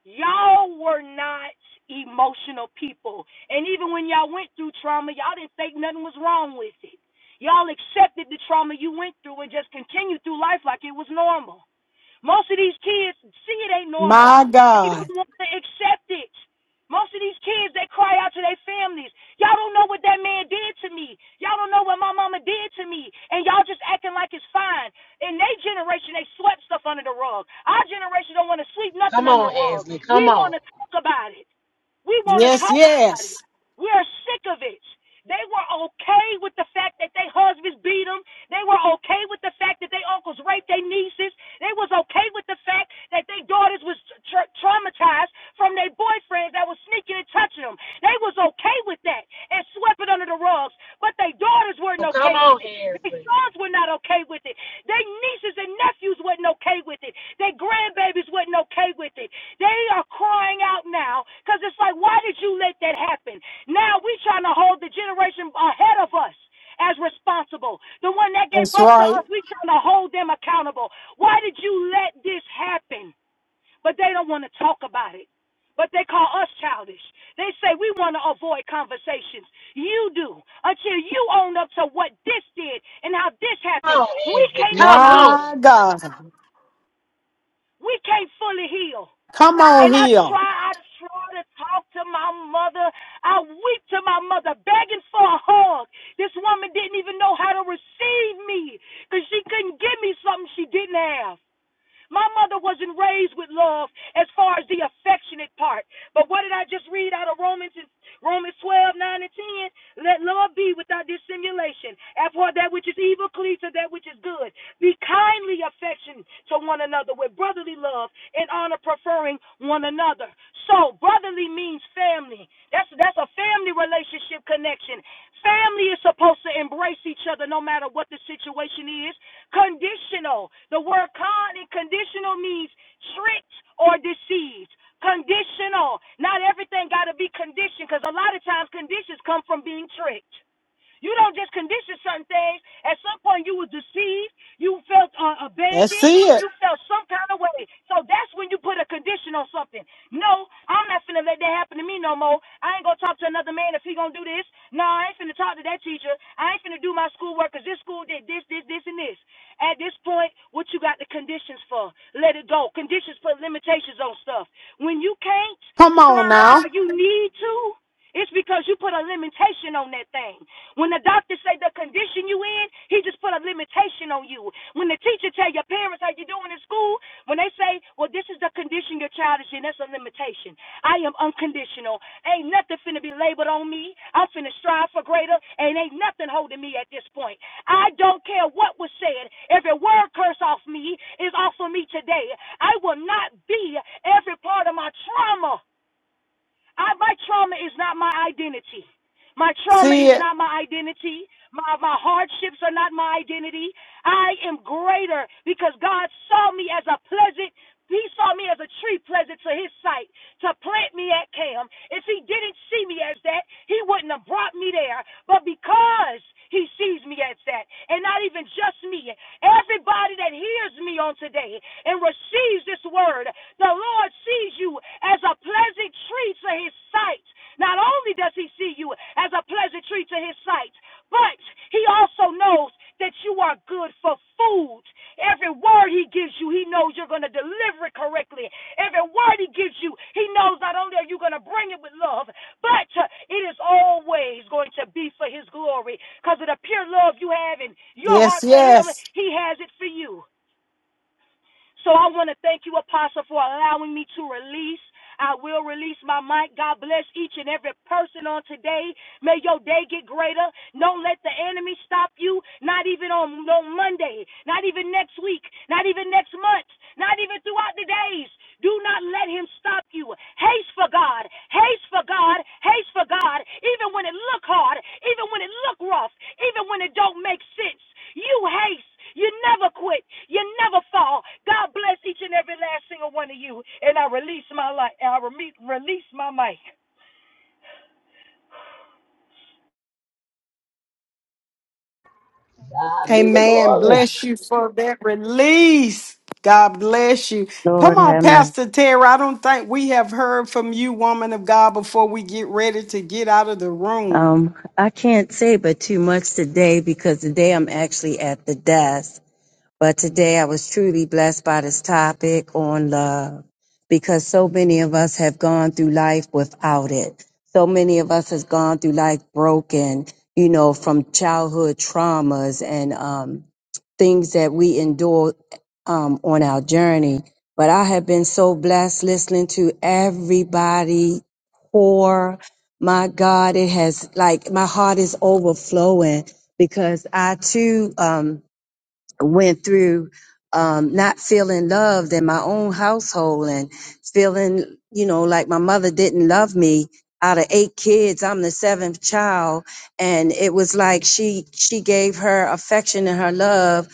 Speaker 10: Y'all were not emotional people. And even when y'all went through trauma, y'all didn't think nothing was wrong with it. Y'all accepted the trauma you went through and just continued through life like it was normal. Most of these kids see it ain't normal.
Speaker 1: My
Speaker 10: They
Speaker 1: God.
Speaker 10: don't want to accept it. Most of these kids, they cry out to their families. Y'all don't know what that man did to me. Y'all don't know what my mama did to me. And y'all just acting like it's fine. In their generation, they swept stuff under the rug. Our generation don't want to sweep nothing
Speaker 2: Come
Speaker 10: under the
Speaker 2: on,
Speaker 10: rug.
Speaker 2: Ansley.
Speaker 10: We
Speaker 2: Come on.
Speaker 10: want to talk about it. We want to
Speaker 1: Yes,
Speaker 10: talk about it.
Speaker 1: yes.
Speaker 10: We are sick of it. They were okay with the fact that their husbands beat them. They were okay with the fact that their uncles raped their nieces. They was okay with the fact that their daughters was tra- traumatized from their boyfriends that was sneaking and touching them. They was okay with that and swept it under the rugs. But their daughters weren't
Speaker 2: Come
Speaker 10: okay with
Speaker 2: on,
Speaker 10: it. Their
Speaker 2: Ansley.
Speaker 10: sons were not okay with it. Their nieces and nephews wasn't okay with it. Their grandbabies wasn't okay with it. They are crying out now because it's like, why did you let that happen? Now we trying to hold the generation ahead of us as responsible. The one that gave
Speaker 1: That's
Speaker 10: birth to
Speaker 1: right.
Speaker 10: us, we trying to hold them accountable. Why did you let this happen? But they don't want to talk about it. But they call us childish. They say we want to avoid conversations. You do until you own up to what this did and how this
Speaker 2: Come
Speaker 10: happened.
Speaker 2: on,
Speaker 10: We
Speaker 2: Ansley.
Speaker 10: can't even
Speaker 2: Come on.
Speaker 10: heal.
Speaker 1: My God.
Speaker 10: We can't fully heal.
Speaker 1: Come
Speaker 10: And
Speaker 1: on
Speaker 10: I
Speaker 1: here.
Speaker 10: try, I try to talk to my mother. I weep to my mother, begging for a hug. This woman didn't even know how to receive me because she couldn't give me something she didn't have. My mother wasn't raised with love as far as the affectionate part. But what did I just read out of Romans Romans 12, 9 and 10? Let love be without dissimulation. Abhor that which is evil, cleave to that which is good. Be kindly affectionate to one another with brotherly love and honor preferring one another. So brotherly means family. That's that's a family relationship connection. Family is supposed to embrace each other no matter what the situation is. Conditional. The word con in conditional means tricked or deceived. Conditional. Not everything got to be conditioned because a lot of times conditions come from being tricked. You don't just condition certain things. At some point, you were deceived. You felt uh,
Speaker 1: Let's
Speaker 10: abandoned.
Speaker 1: see it.
Speaker 10: You felt some kind of way. So that's when you put a condition on something. No, I'm not finna let that happen to me no more. I ain't gonna talk to another man if he gonna do this. No, I ain't finna talk to that teacher. I ain't finna do my schoolwork. Cause this school did this, this, this, and this. At this point, what you got the conditions for? Let it go. Conditions put limitations on stuff. When you can't
Speaker 1: Come on
Speaker 10: strive
Speaker 1: now.
Speaker 10: how you need to, it's because you put a limitation on that thing. When the doctor say the condition you in, he just put a limitation on you. When the teacher tell your parents how you doing in school, when they say, well, this is the condition your child is in, that's a limitation. I am unconditional. Ain't nothing finna be labeled on me. I'm finna strive for greater, and ain't nothing holding me at this point. I don't care what was said. Every word curse off me is off of me today. I will not be every part of my trauma I, my trauma is not my identity. My trauma
Speaker 1: See
Speaker 10: is
Speaker 1: it.
Speaker 10: not my identity. My, my hardships are not my identity. I am greater because God saw me as a pleasant. He saw me as a tree pleasant to his sight to plant me at Cam. If he didn't see me as that, he wouldn't have brought me there. But because he sees me as that, and not even just me, everybody that hears me on today and receives this word the Lord sees you as a pleasant tree to his sight. Not only does he see you as a pleasant tree to his sight, but he also knows that you are good for food. Every word he gives you, he knows you're going to deliver it correctly. Every word he gives you, he knows not only are you going to bring it with love, but uh, it is always going to be for his glory. Because of the pure love you have in your
Speaker 1: Yes,
Speaker 10: heart for him,
Speaker 1: yes.
Speaker 10: he has it for you. So I want to thank you, Apostle, for allowing me to release. I will release my mic. God bless each and every person on today. May your day get greater. Don't let the enemy stop you, not even on, on Monday, not even next week, not even next month, not even throughout the days. Do not let him stop you. Haste for God. Haste for God. Haste for God. Even when it look hard, even when it look rough, even when it don't make sense. You haste. You never quit. You never fall. God bless each and every last single one of you. And I release my life. I release my mic.
Speaker 5: God be the
Speaker 1: Amen.
Speaker 5: glory.
Speaker 1: Bless you for that release. God bless you. Come
Speaker 11: Lord
Speaker 1: on,
Speaker 11: have mercy.
Speaker 1: Pastor Tara. I don't think we have heard from you, woman of God, before we get ready to get out of the room.
Speaker 11: Um, I can't say but too much today because today I'm actually at the desk. But today I was truly blessed by this topic on love because so many of us have gone through life without it. So many of us has gone through life broken, you know, from childhood traumas and um, things that we endure um, on our journey. But I have been so blessed listening to everybody pour. My God, it has like my heart is overflowing because I too, um, went through um, not feeling loved in my own household and feeling, you know, like my mother didn't love me. Out of eight kids, I'm the seventh child, and it was like she she gave her affection and her love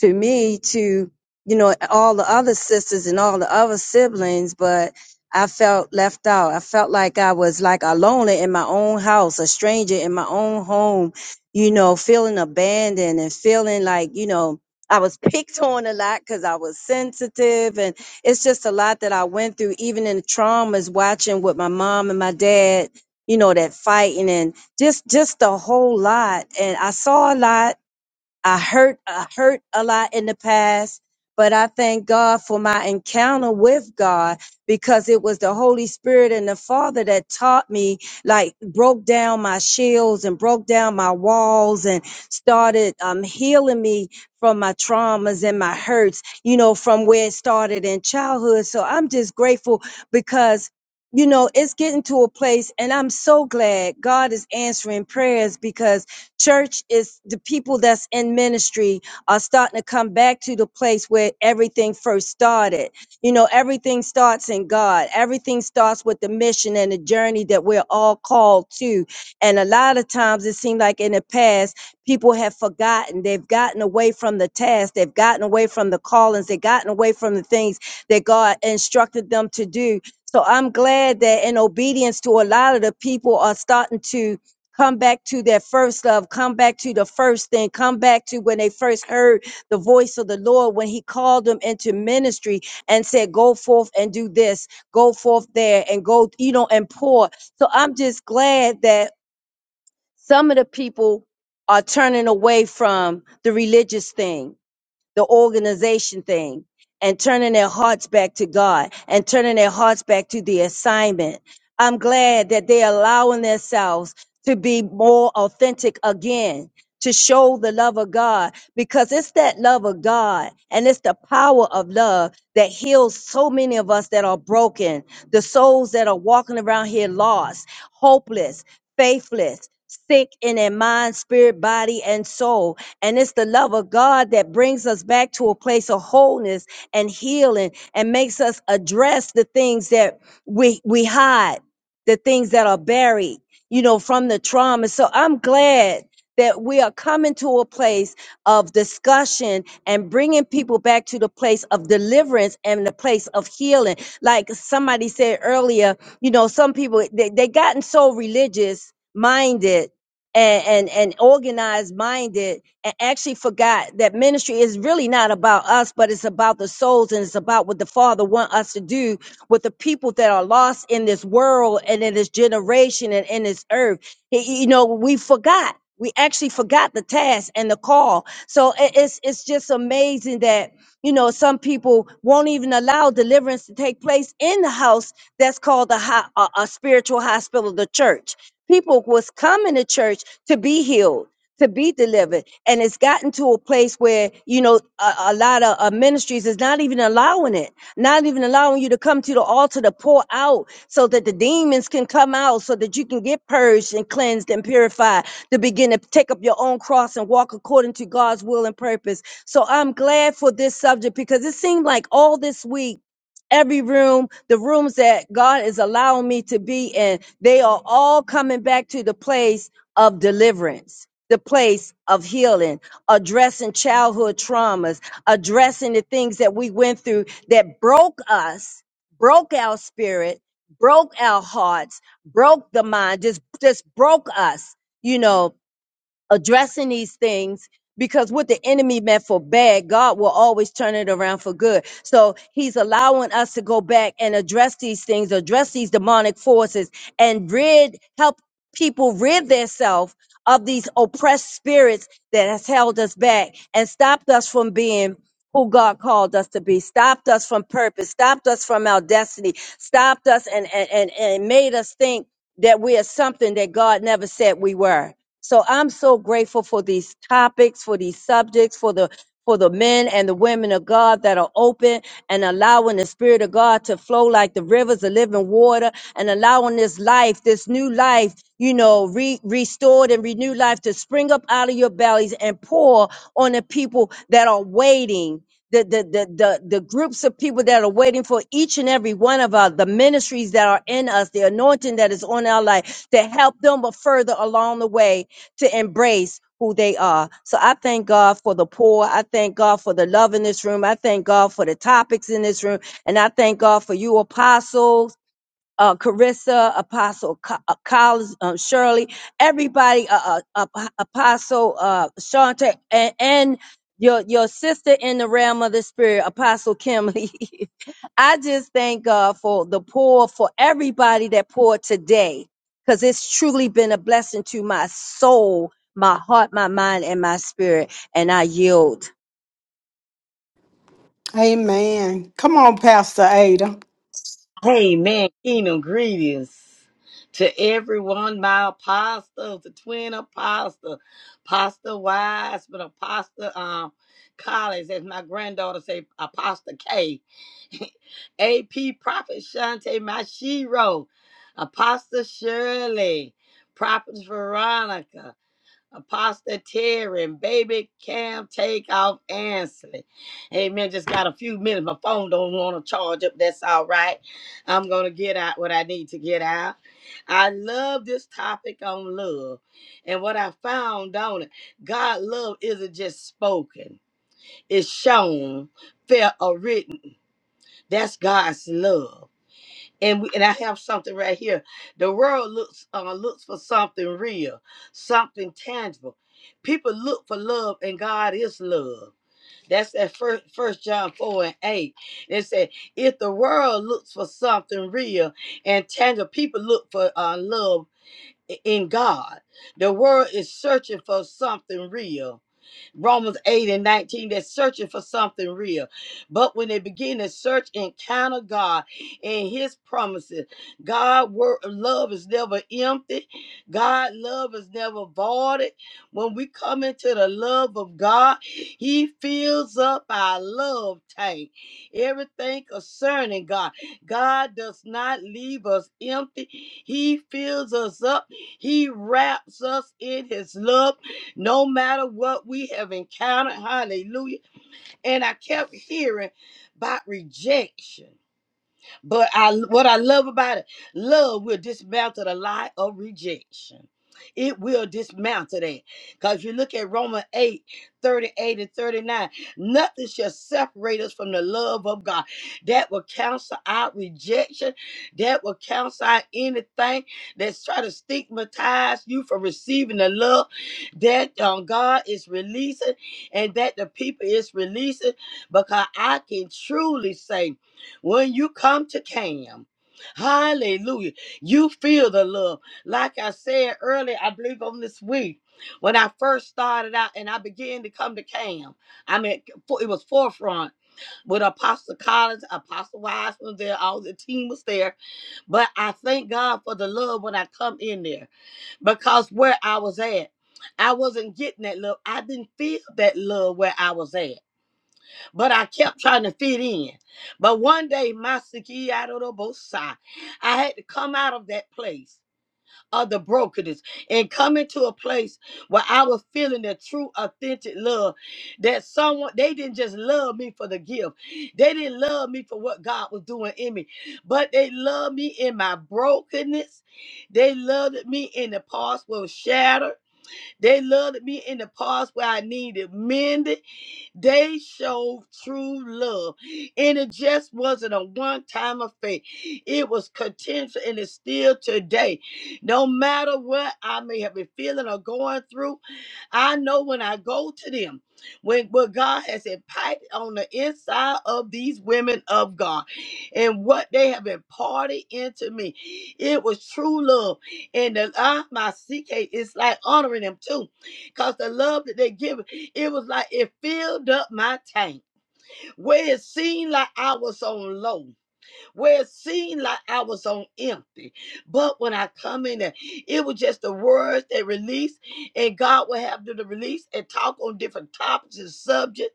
Speaker 11: to me to you know all the other sisters and all the other siblings, but I felt left out. I felt like I was like a loner in my own house, a stranger in my own home, you know, feeling abandoned and feeling like you know I was picked on a lot because I was sensitive, and it's just a lot that I went through, even in the traumas, watching with my mom and my dad, you know, that fighting and just just the whole lot. And I saw a lot, I hurt, I hurt a lot in the past, but I thank God for my encounter with God because it was the Holy Spirit and the Father that taught me, like broke down my shields and broke down my walls and started um, healing me from my traumas and my hurts, you know, from where it started in childhood. So I'm just grateful because you know, it's getting to a place, and I'm so glad God is answering prayers because Church is the people that's in ministry are starting to come back to the place where everything first started. You know, everything starts in God. Everything starts with the mission and the journey that we're all called to. And a lot of times it seems like in the past, people have forgotten. They've gotten away from the task. They've gotten away from the callings. They've gotten away from the things that God instructed them to do. So I'm glad that in obedience to a lot of the people are starting to Come back to that first love. Come back to the first thing. Come back to when they first heard the voice of the Lord when He called them into ministry and said, Go forth and do this, go forth there, and go, you know, and pour. So I'm just glad that some of the people are turning away from the religious thing the organization thing and turning their hearts back to God and turning their hearts back to the assignment. I'm glad that they're allowing themselves to be more authentic again to show the love of God because it's that love of God and it's the power of love that heals so many of us that are broken, the souls that are walking around here lost, hopeless, faithless, sick in their mind, spirit, body, and soul. And it's the love of God that brings us back to a place of wholeness and healing and makes us address the things that we we hide, the things that are buried, you know, from the trauma. So I'm glad that we are coming to a place of discussion and bringing people back to the place of deliverance and the place of healing. Like somebody said earlier, you know, some people they, they gotten so religious minded and, and and organized minded and actually forgot that ministry is really not about us but it's about the souls and it's about what the father want us to do with the people that are lost in this world and in this generation and in this earth Y- you know we forgot we actually forgot the task and the call so i- it's it's just amazing that you know some people won't even allow deliverance to take place in the house that's called a, ho- a, a spiritual hospital the church people was coming to church to be healed to be delivered. And it's gotten to a place where, you know, a, a lot of uh, ministries is not even allowing it, not even allowing you to come to the altar to pour out so that the demons can come out, so that you can get purged and cleansed and purified to begin to take up your own cross and walk according to God's will and purpose. So I'm glad for this subject because it seemed like all this week, Every room, the rooms that God is allowing me to be in, they are all coming back to the place of deliverance, the place of healing, addressing childhood traumas, addressing the things that we went through that broke us, broke our spirit, broke our hearts, broke the mind, just just broke us, you know addressing these things because what the enemy meant for bad, God will always turn it around for good. So he's allowing us to go back and address these things, address these demonic forces and rid, help people rid themselves of these oppressed spirits that has held us back and stopped us from being who God called us to be, stopped us from purpose, stopped us from our destiny, stopped us and, and, and, and made us think that we are something that God never said we were. So I'm so grateful for these topics, for these subjects, for the for the men and the women of God that are open and allowing the Spirit of God to flow like the rivers of living water and allowing this life, this new life, you know, re- restored and renewed life to spring up out of your bellies and pour on the people that are waiting. The, the, the, the, the groups of people that are waiting for each and every one of us, the ministries that are in us, the anointing that is on our life to help them but further along the way to embrace who they are. So I thank God for the poor. I thank God for the love in this room. I thank God for the topics in this room. And I thank God for you, Apostle uh, Carissa, Apostle Co- uh, Collins, um, Shirley, everybody, uh, uh, Ap- Apostle uh, Shante, and, and your your sister in the realm of the spirit, Apostle Kim. Lee. I just thank God for the poor, for everybody that poured today, because it's truly been a blessing to my soul, my heart, my mind, and my spirit. And I yield.
Speaker 1: Amen. Come on, Pastor Ada.
Speaker 6: Amen. Kingdom greetings to everyone. My apostle, the twin apostle, Apostle Wiseman, Apostle um, Collins, as my granddaughter say, Apostle K, A P Prophet Shante Mashiro, Apostle Shirley, Prophet Veronica. Apostle Terry and baby Cam take off Ansley. Amen. Just got a few minutes. My phone don't want to charge up. That's all right. I'm gonna get out what I need to get out. I love this topic on love. And what I found on it, God love isn't just spoken, it's shown, felt, or written. That's God's love and we, and I have something right here. The world looks uh, looks for something real, something tangible. People look for love, and God is love. That's at first First John four and eight. It said, if the world looks for something real and tangible, people look for uh, love i- in God. The world is searching for something real Romans 8 and 19, that's searching for something real. But when they begin to search, and encounter God and His promises, God word, love is never empty. God love is never voided. When we come into the love of God, He fills up our love tank. Everything concerning God, God does not leave us empty. He fills us up. He wraps us in His love no matter what we have encountered. Hallelujah. And I kept hearing about rejection. But I what I love about it, love will dismantle the lie of rejection. It will dismantle that. Because you look at Romans 8 38 and 39, nothing shall separate us from the love of God. That will cancel out rejection. That will cancel out anything that's trying to stigmatize you from receiving the love that um, God is releasing and that the people is releasing. Because I can truly say when you come to CAM, hallelujah, you feel the love. Like I said earlier, I believe on this week, when I first started out and I began to come to CAM, I mean, for- it was forefront with Apostle Collins, Apostle Wise was there, all the team was there. But I thank God for the love when I come in there because where I was at, I wasn't getting that love. I didn't feel that love where I was at but I kept trying to fit in. But one day, my siki out of the both side, I had to come out of that place of the brokenness and come into a place where I was feeling the true, authentic love that someone they didn't just love me for the gift, they didn't love me for what God was doing in me, but they loved me in my brokenness. They loved me in the parts where it was shattered. They loved me in the parts where I needed mended. They showed true love. And it just wasn't a one time affair, it was continuous and it's still today. No matter what I may have been feeling or going through, I know when I go to them. When what God has impacted on the inside of these women of God and what they have imparted into me. It was true love. And the I, my CK is like honoring them too. Because the love that they give. It was like it filled up my tank where it seemed like I was on low where it seemed like I was on empty. But when I come in there, it was just the words they released, and God will have them to release and talk on different topics and subjects.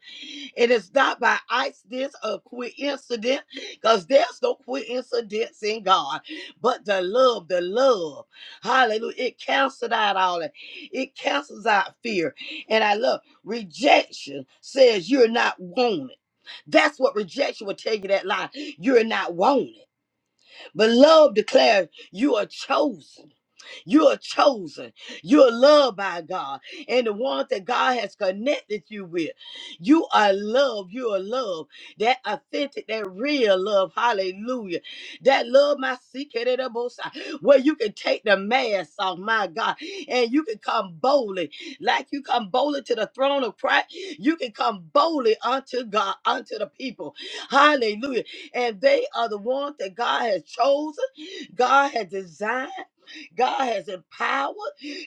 Speaker 6: And it's not by accident or coincidence, because there's no coincidence in God. But the love, the love, hallelujah, it cancels out all that. It cancels out fear. And I love rejection says you're not wanted. That's what rejection will tell you that lie. You're not wanted. But love declares you are chosen. You are chosen. You are loved by God. And the ones that God has connected you with, you are loved. You are loved. That authentic, that real love. Hallelujah. That love, my secret, and the most high, where you can take the mask off, my God, and you can come boldly. Like you come boldly to the throne of Christ, you can come boldly unto God, unto the people. Hallelujah. And they are the ones that God has chosen. God has designed. God has empowered.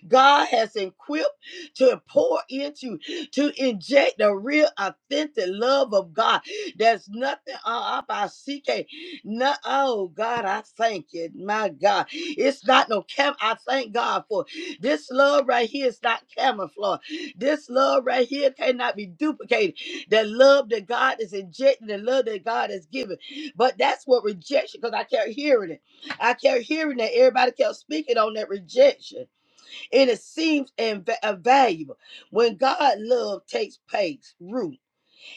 Speaker 6: God has equipped to pour into, to inject the real authentic love of God. There's nothing uh, about CK. No, oh God, I thank you. My God. It's not no cam. I thank God for this love right here is not camouflage. This love right here cannot be duplicated. The love that God is injecting, the love that God has given. But that's what rejection, because I kept hearing it. I kept hearing that everybody kept speaking on that rejection, and it seems inv- invaluable. When God love takes place, root,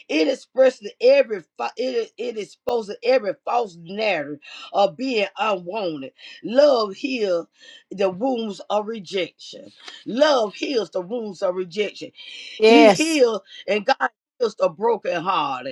Speaker 6: it expresses every fa- it is- it exposes every false narrative of being unwanted. Love heals the wounds of rejection. Love heals the wounds of rejection. He
Speaker 1: Yes.
Speaker 6: heals, and God heals the brokenhearted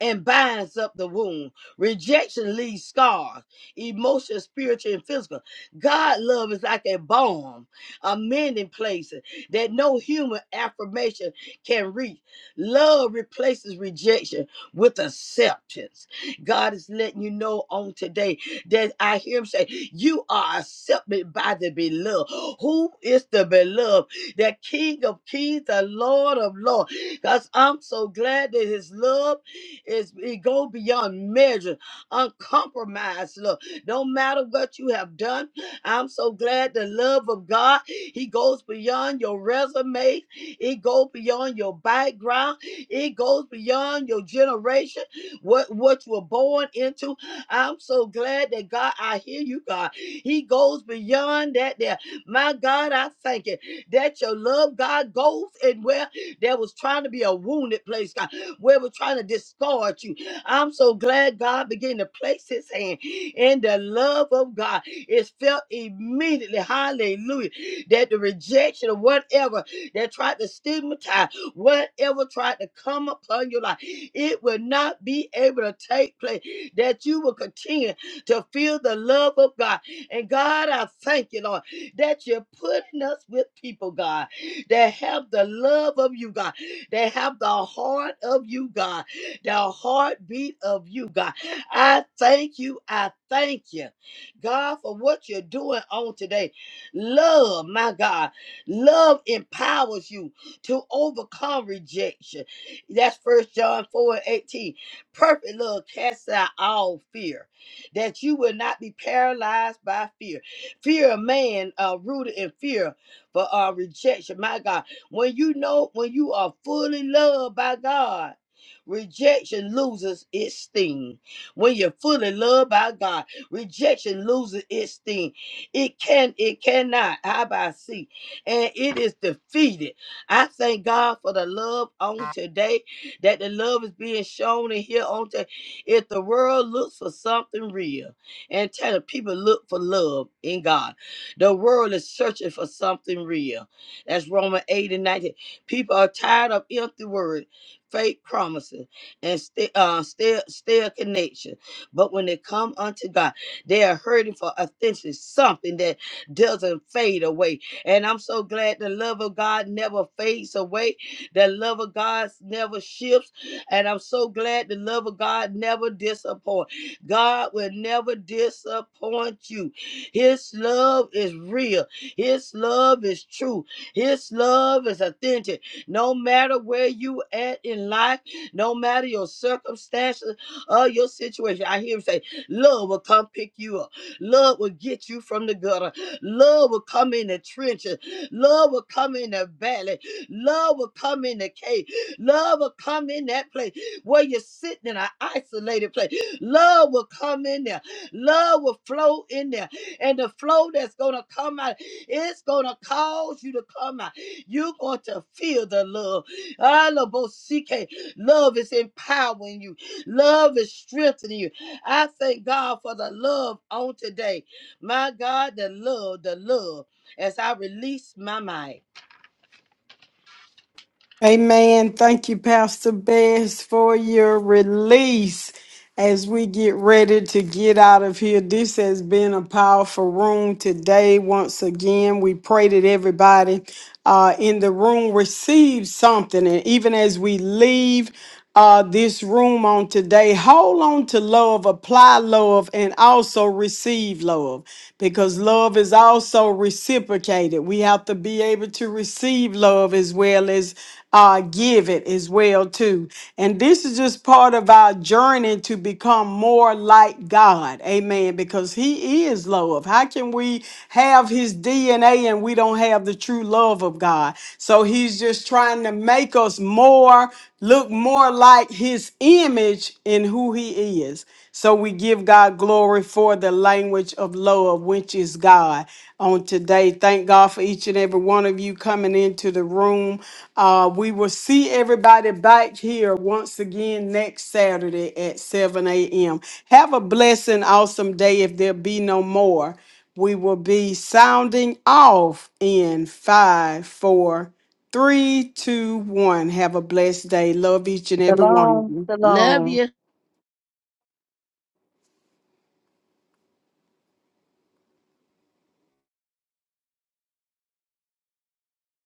Speaker 6: and binds up the wound. Rejection leaves scars, emotional, spiritual, and physical. God love is like a balm, a mending place that no human affirmation can reach. Love replaces rejection with acceptance. God is letting you know on today that I hear him say, You are accepted by the beloved. Who is the beloved? The King of Kings, the Lord of Lords. Because I'm so glad that his love it's, it go beyond measure, uncompromised love. No matter what you have done, I'm so glad the love of God, He goes beyond your resume. It goes beyond your background. It goes beyond your generation, what, what you were born into. I'm so glad that God, I hear you, God. He goes beyond that there. My God, I thank you that your love, God, goes and where there was trying to be a wounded place. God where we're trying to discard you. I'm so glad God began to place his hand and the love of God. is felt immediately, hallelujah, that the rejection of whatever that tried to stigmatize, whatever tried to come upon your life, it will not be able to take place. That you will continue to feel the love of God. And God, I thank you, Lord, that you're putting us with people, God, that have the love of you, God that have the heart of you, God, the heartbeat of you, God. I thank you. I thank you, God, for what you're doing on today. Love, my God, love empowers you to overcome rejection. That's First John 4 and 18. Perfect love casts out all fear, that you will not be paralyzed by fear. Fear of man, uh, rooted in fear for uh, rejection. My God, when you know, when you are fully loved by God, rejection loses its sting. When you're fully loved by God, rejection loses its sting. It can, it cannot. How about see? And it is defeated. I thank God for the love on today. That the love is being shown in here on today. If the world looks for something real, and tell the people look for love in God. The world is searching for something real that's Romans 8 and 19. People are tired of empty words, fake promises, and still uh, still still connection. But when they come unto God, they are hurting for authentic something that doesn't fade away. And I'm so glad the love of God never fades away. The love of God never shifts. And I'm so glad the love of God never disappoints. God will never disappoint you. His love is real. His love is true. His love is authentic. No matter where you at in life, no matter your circumstances or your situation, I hear him say, love will come pick you up. Love will get you from the gutter. Love will come in the trenches. Love will come in the valley. Love will come in the cave. Love will come in that place where you're sitting in an isolated place. Love will come in there. Love will flow in there. And the flow that's going to come out. It's going to cause you to come out. You're going to feel the love. Alabosike. Love is empowering you, love is strengthening you. I thank God for the love on today. My God, the love, the love as I release my mind.
Speaker 1: Amen. Thank you, Pastor Bess, for your release as we get ready to get out of here. This has been a powerful room today. Once again, we pray that everybody uh, in the room receives something. And even as we leave, uh, this room on today. Hold on to love, apply love, and also receive love because love is also reciprocated. We have to be able to receive love as well as uh, give it as well too. And this is just part of our journey to become more like God. Amen. Because because he is love. How can we have his DNA and we don't have the true love of God? So he's just trying to make us more, look more like his image in who he is. So we give God glory for the language of love, which is God. On today, thank God for each and every one of you coming into the room. Uh, we will see everybody back here once again next Saturday at 7 a.m. Have a blessing, awesome day. If there be no more, we will be sounding off in five, four, three, two, one. Have a blessed day. Love each and every one of
Speaker 11: Shalom,
Speaker 1: you.
Speaker 6: Love
Speaker 11: shalom.
Speaker 6: you.